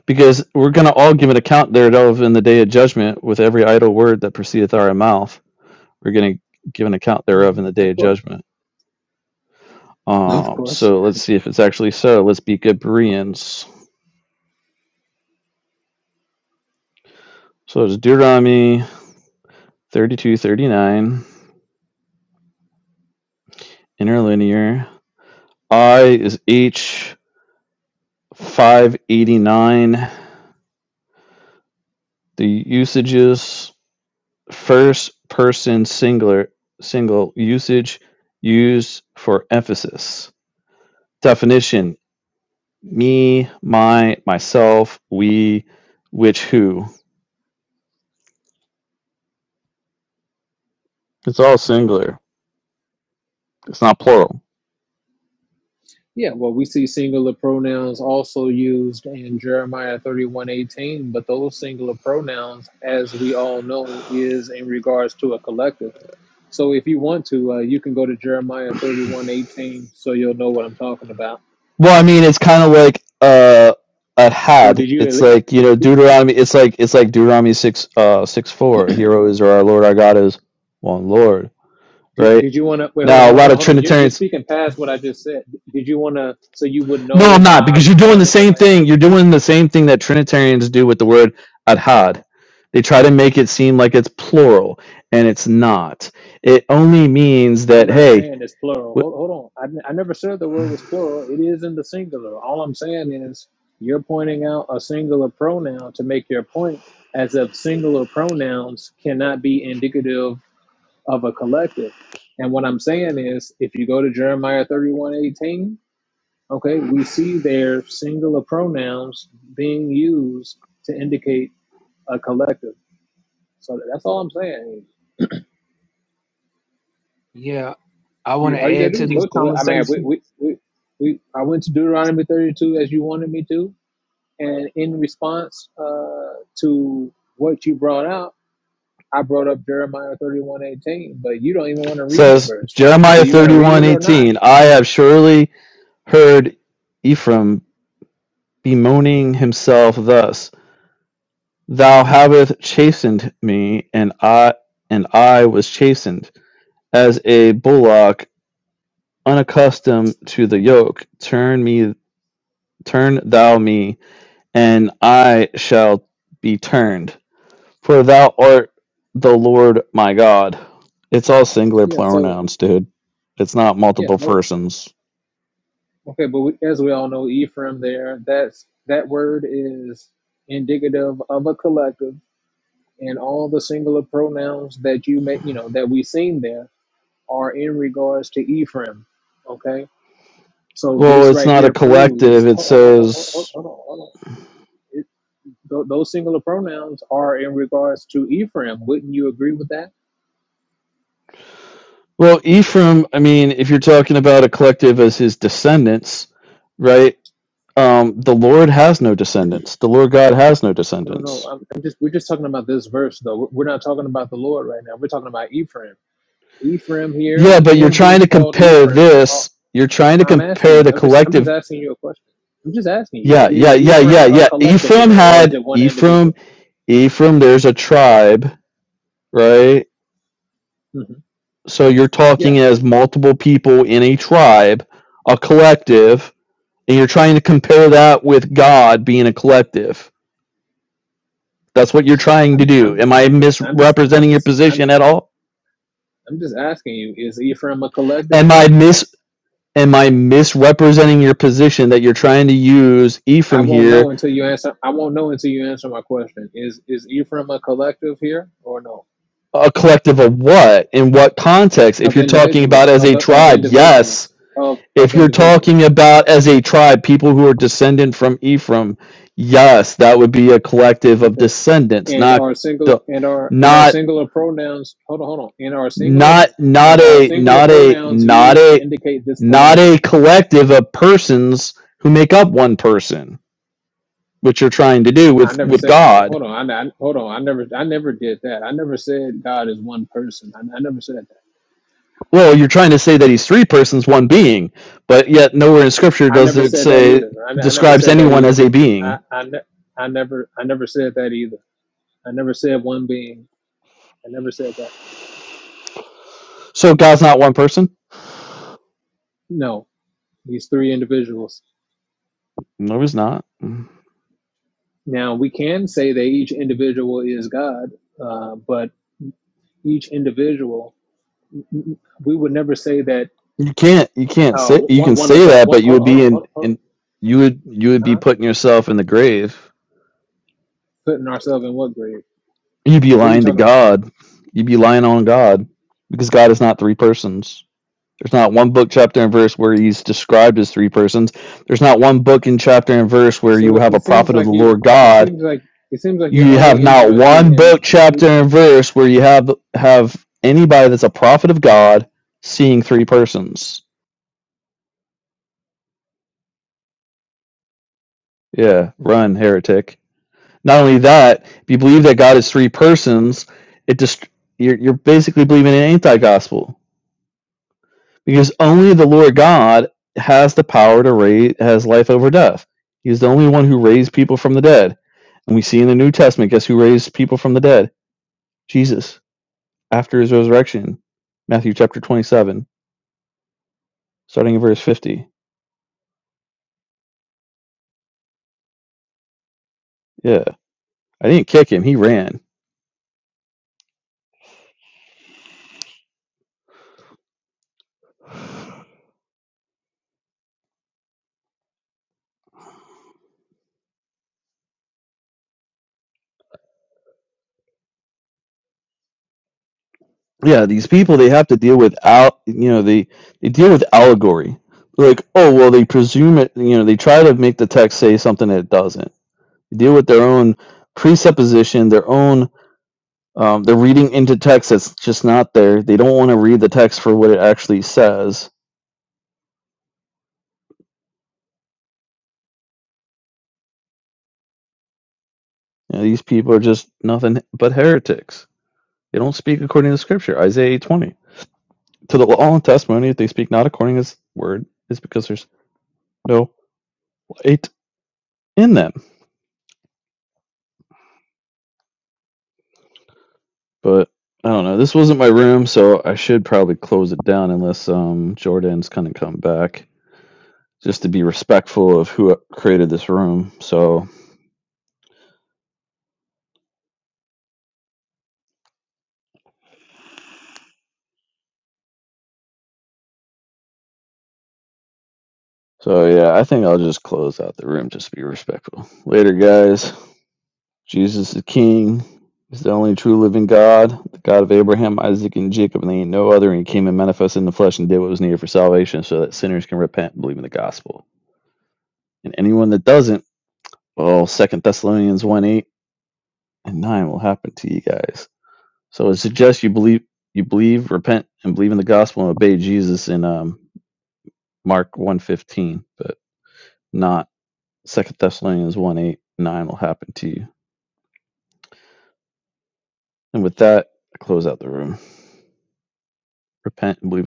Speaker 13: because we're going to all give an account thereof in the day of judgment. With every idle word that proceedeth out of our mouth, we're going to give an account thereof
Speaker 12: hmm
Speaker 13: in the day
Speaker 12: Of
Speaker 13: of
Speaker 12: course,
Speaker 13: judgment.
Speaker 12: of
Speaker 13: Um,
Speaker 12: course.
Speaker 13: so let's see if it's actually so. Let's be good Bereans. So it's Deuteronomy thirty-two, thirty-nine, interlinear. I is H 589. The usages first person singular single usage used for emphasis. Definition me, my, myself, we, which, who. It's all
Speaker 12: Mhm.
Speaker 13: singular. It's not plural.
Speaker 12: Yeah, well, we see singular pronouns also used in Jeremiah thirty-one eighteen, but those singular pronouns, as we all know, is in regards to a collective. So if you want to, uh, you can go to Jeremiah thirty-one eighteen, so you'll know what I'm talking about
Speaker 13: Well, I mean, it's kind of like uh, a
Speaker 12: Or
Speaker 13: had.
Speaker 12: did
Speaker 13: It's
Speaker 12: you
Speaker 13: like you know
Speaker 12: did,
Speaker 13: Deuteronomy. It's like it's like Deuteronomy six uh six four. Hero is or our Lord, our God is one Lord.
Speaker 12: did
Speaker 13: Right
Speaker 12: you want to wait? Hold on,
Speaker 13: now, a
Speaker 12: hold on,
Speaker 13: lot
Speaker 12: hold on,
Speaker 13: of
Speaker 12: hold on. You're, you're
Speaker 13: Trinitarians
Speaker 12: speaking past what I just said. Did you want to so you would know
Speaker 13: No, I'm not
Speaker 12: why I
Speaker 13: because you're doing the
Speaker 12: responded the
Speaker 13: same
Speaker 12: way I?
Speaker 13: thing. You're doing the same thing that Trinitarians do with the word adhad. They try to make it seem like it's plural, and it's not. It only means
Speaker 12: I'm
Speaker 13: that
Speaker 12: not
Speaker 13: hey,
Speaker 12: saying it's plural. Hold,
Speaker 13: wh-
Speaker 12: hold on. I I never said the word was plural. It is in the singular. All I'm saying is you're pointing out a singular pronoun to make your point, as if singular pronouns cannot be indicative of a collective. And what I'm saying is, if you go to Jeremiah 31:18 Okay, we see their singular pronouns being used to indicate a collective. So that's all I'm saying.
Speaker 14: Yeah, I want
Speaker 12: You,
Speaker 14: to
Speaker 12: all you gotta
Speaker 14: add
Speaker 12: do
Speaker 14: to
Speaker 12: is
Speaker 14: this
Speaker 12: go to it. I mean,
Speaker 14: conversation.
Speaker 12: we, we, we, we, I went to Deuteronomy 32 as you wanted me to, and in response uh, to what you brought out, I brought up Jeremiah 31:18, but you don't even want to read the
Speaker 13: says
Speaker 12: verse. Do
Speaker 13: Jeremiah
Speaker 12: you want to read it or not?
Speaker 13: 31:18, I have surely heard Ephraim bemoaning himself thus, Thou hast chastened me, and I and I was chastened, as a bullock unaccustomed to the yoke. Turn me Turn thou me, and I shall be turned. For thou art the Lord my God. It's all singular
Speaker 12: Yeah. So
Speaker 13: pronouns, dude. It's not
Speaker 12: yeah,
Speaker 13: multiple persons.
Speaker 12: Okay, but we, as we all know, Ephraim there, that's that word is indicative of a collective, and all the singular pronouns that you may, you know, that we've seen there are in regards to Ephraim. Okay, so
Speaker 13: Well,
Speaker 12: this
Speaker 13: it's
Speaker 12: right
Speaker 13: not a
Speaker 12: here
Speaker 13: collective.
Speaker 12: proves.
Speaker 13: It
Speaker 12: Hold, hold, hold,
Speaker 13: says,
Speaker 12: hold, on, hold on. It, th- those singular pronouns are in regards to Ephraim. Wouldn't you agree with that?
Speaker 13: well, Ephraim, I mean, if you're talking about a collective as his descendants, right? Um, the Lord has no descendants. The Lord God has no
Speaker 12: No, no.
Speaker 13: descendants.
Speaker 12: I'm, I'm just we're just talking about this verse though. We're we're not talking about the Lord right now. We're talking about Ephraim. Ephraim here,
Speaker 13: Yeah, but you're
Speaker 12: him
Speaker 13: trying
Speaker 12: who's
Speaker 13: to
Speaker 12: called
Speaker 13: compare
Speaker 12: Ephraim,
Speaker 13: this. You're trying to
Speaker 12: I'm asking
Speaker 13: compare
Speaker 12: you.
Speaker 13: the
Speaker 12: I'm just I'm
Speaker 13: collective
Speaker 12: just asking you a question. I'm just asking you.
Speaker 13: Yeah, yeah,
Speaker 12: Is
Speaker 13: yeah, yeah,
Speaker 12: Ephraim a
Speaker 13: yeah.
Speaker 12: collective
Speaker 13: Ephraim
Speaker 12: here, or is
Speaker 13: had
Speaker 12: it one
Speaker 13: Ephraim,
Speaker 12: individual?
Speaker 13: Ephraim, there's a tribe, right?
Speaker 12: hmm
Speaker 13: So you're
Speaker 12: Yeah.
Speaker 13: talking as multiple people in a tribe, a collective, and you're trying to compare that with God being a collective. That's what you're trying to
Speaker 12: I'm just I'm
Speaker 13: do. Am
Speaker 12: just
Speaker 13: I
Speaker 12: I'm just I'm just I'm
Speaker 13: misrepresenting your
Speaker 12: just I'm
Speaker 13: position
Speaker 12: just
Speaker 13: at all?
Speaker 12: I'm just asking you. Is Ephraim a collective
Speaker 13: Am
Speaker 12: here?
Speaker 13: I mis am I misrepresenting your position that you're trying to use
Speaker 12: I
Speaker 13: Ephraim
Speaker 12: won't
Speaker 13: here?
Speaker 12: know until you answer. I won't know until you answer my question. Is is Ephraim a collective here or no?
Speaker 13: A collective of what? In what context? If
Speaker 12: Of
Speaker 13: you're talking about
Speaker 12: individuals.
Speaker 13: as
Speaker 12: Of
Speaker 13: a
Speaker 12: of
Speaker 13: tribe, yes
Speaker 12: individuals. Of
Speaker 13: If
Speaker 12: of
Speaker 13: you're talking
Speaker 12: individuals.
Speaker 13: about as a tribe, people who are descendant from Ephraim, yes, that would be a collective of
Speaker 12: Okay.
Speaker 13: descendants,
Speaker 12: and
Speaker 13: not
Speaker 12: our singular
Speaker 13: the-
Speaker 12: and our and our
Speaker 13: not
Speaker 12: singular pronouns hold on hold on and our singular
Speaker 13: not not
Speaker 12: and our
Speaker 13: a
Speaker 12: singular
Speaker 13: not a
Speaker 12: pronouns
Speaker 13: not
Speaker 12: used to
Speaker 13: a
Speaker 12: indicate this
Speaker 13: not
Speaker 12: collective
Speaker 13: a collective of persons who make up one person, which you're trying to do
Speaker 12: i
Speaker 13: with
Speaker 12: never
Speaker 13: with
Speaker 12: said
Speaker 13: God.
Speaker 12: hold on i, I hold on i never i never did that i never said god is one person i, I never said that
Speaker 13: Well, you're trying to say that he's three persons, one being, but yet nowhere in scripture
Speaker 12: i
Speaker 13: does
Speaker 12: never
Speaker 13: it
Speaker 12: said that
Speaker 13: say
Speaker 12: either i, I never
Speaker 13: describes
Speaker 12: said that
Speaker 13: anyone
Speaker 12: either
Speaker 13: as a
Speaker 12: I,
Speaker 13: being.
Speaker 12: I ne- I never i never said that either i never said one being i never said that
Speaker 13: So God's not one person?
Speaker 12: no these three individuals
Speaker 13: No, he's not.
Speaker 12: now we can say that each individual is god uh, but each individual we would never say that
Speaker 13: You can't you can't
Speaker 12: uh,
Speaker 13: say you can
Speaker 12: one one of
Speaker 13: say
Speaker 12: the
Speaker 13: that,
Speaker 12: one,
Speaker 13: but you
Speaker 12: hold
Speaker 13: would
Speaker 12: on hold
Speaker 13: be
Speaker 12: on
Speaker 13: in
Speaker 12: hold on, hold
Speaker 13: in you would you would
Speaker 12: on
Speaker 13: be
Speaker 12: huh?
Speaker 13: putting yourself in the grave.
Speaker 12: putting ourselves in what grave?
Speaker 13: You'd be
Speaker 12: What are you
Speaker 13: lying to
Speaker 12: talking about?
Speaker 13: God. You'd be lying on God because God is not three persons. There's not one book chapter and verse where he's described as three persons. There's not one book and chapter and verse where you
Speaker 12: So
Speaker 13: have a
Speaker 12: it seems
Speaker 13: prophet of
Speaker 12: like
Speaker 13: the
Speaker 12: you
Speaker 13: Lord
Speaker 12: it
Speaker 13: God.
Speaker 12: seems like it seems like you're
Speaker 13: You have
Speaker 12: only
Speaker 13: not
Speaker 12: interested
Speaker 13: one
Speaker 12: in
Speaker 13: book chapter and verse where you have have anybody that's a prophet of God seeing three persons. Yeah, run heretic. Not only that, if you believe that God is three persons, it just you're, you're basically believing in anti-gospel because only the Lord God has the power to raise has life over death. He's the only one who raised people from the dead. And we see in the New Testament, guess who raised people from the dead? Jesus after his resurrection. Matthew chapter 27, starting in verse 50. Yeah. I didn't kick him, he ran. yeah, these people they have to deal with al— you know they they deal with allegory. They're like, oh well, they presume it. You know, they try to make the text say something that it doesn't. They deal with their own presupposition, their own um, they're reading into text that's just not there. They don't want to read the text for what it actually says. You know, these people are just nothing but heretics. They don't speak according to Scripture. Isaiah eight twenty to the law and testimony. If they speak not according to His word, is because there's no light in them But I don't know. This wasn't my room, so I should probably close it down unless um Jordan's kind of come back, just to be respectful of who created this room. So so yeah, I think I'll just close out the room just to be respectful. Later, guys. Jesus is King. He's the only true living God, the God of Abraham, Isaac, and Jacob, and there ain't no other. And he came and manifested in the flesh and did what was needed for salvation, so that sinners can repent and believe in the gospel. And anyone that doesn't, well, Second Thessalonians one eight and nine will happen to you guys. So it suggests you believe you believe, repent, and believe in the gospel and obey Jesus in um, Mark one fifteen, but not Second Thessalonians one eight nine will happen to you. And with that, I close out the room. Repent and believe. in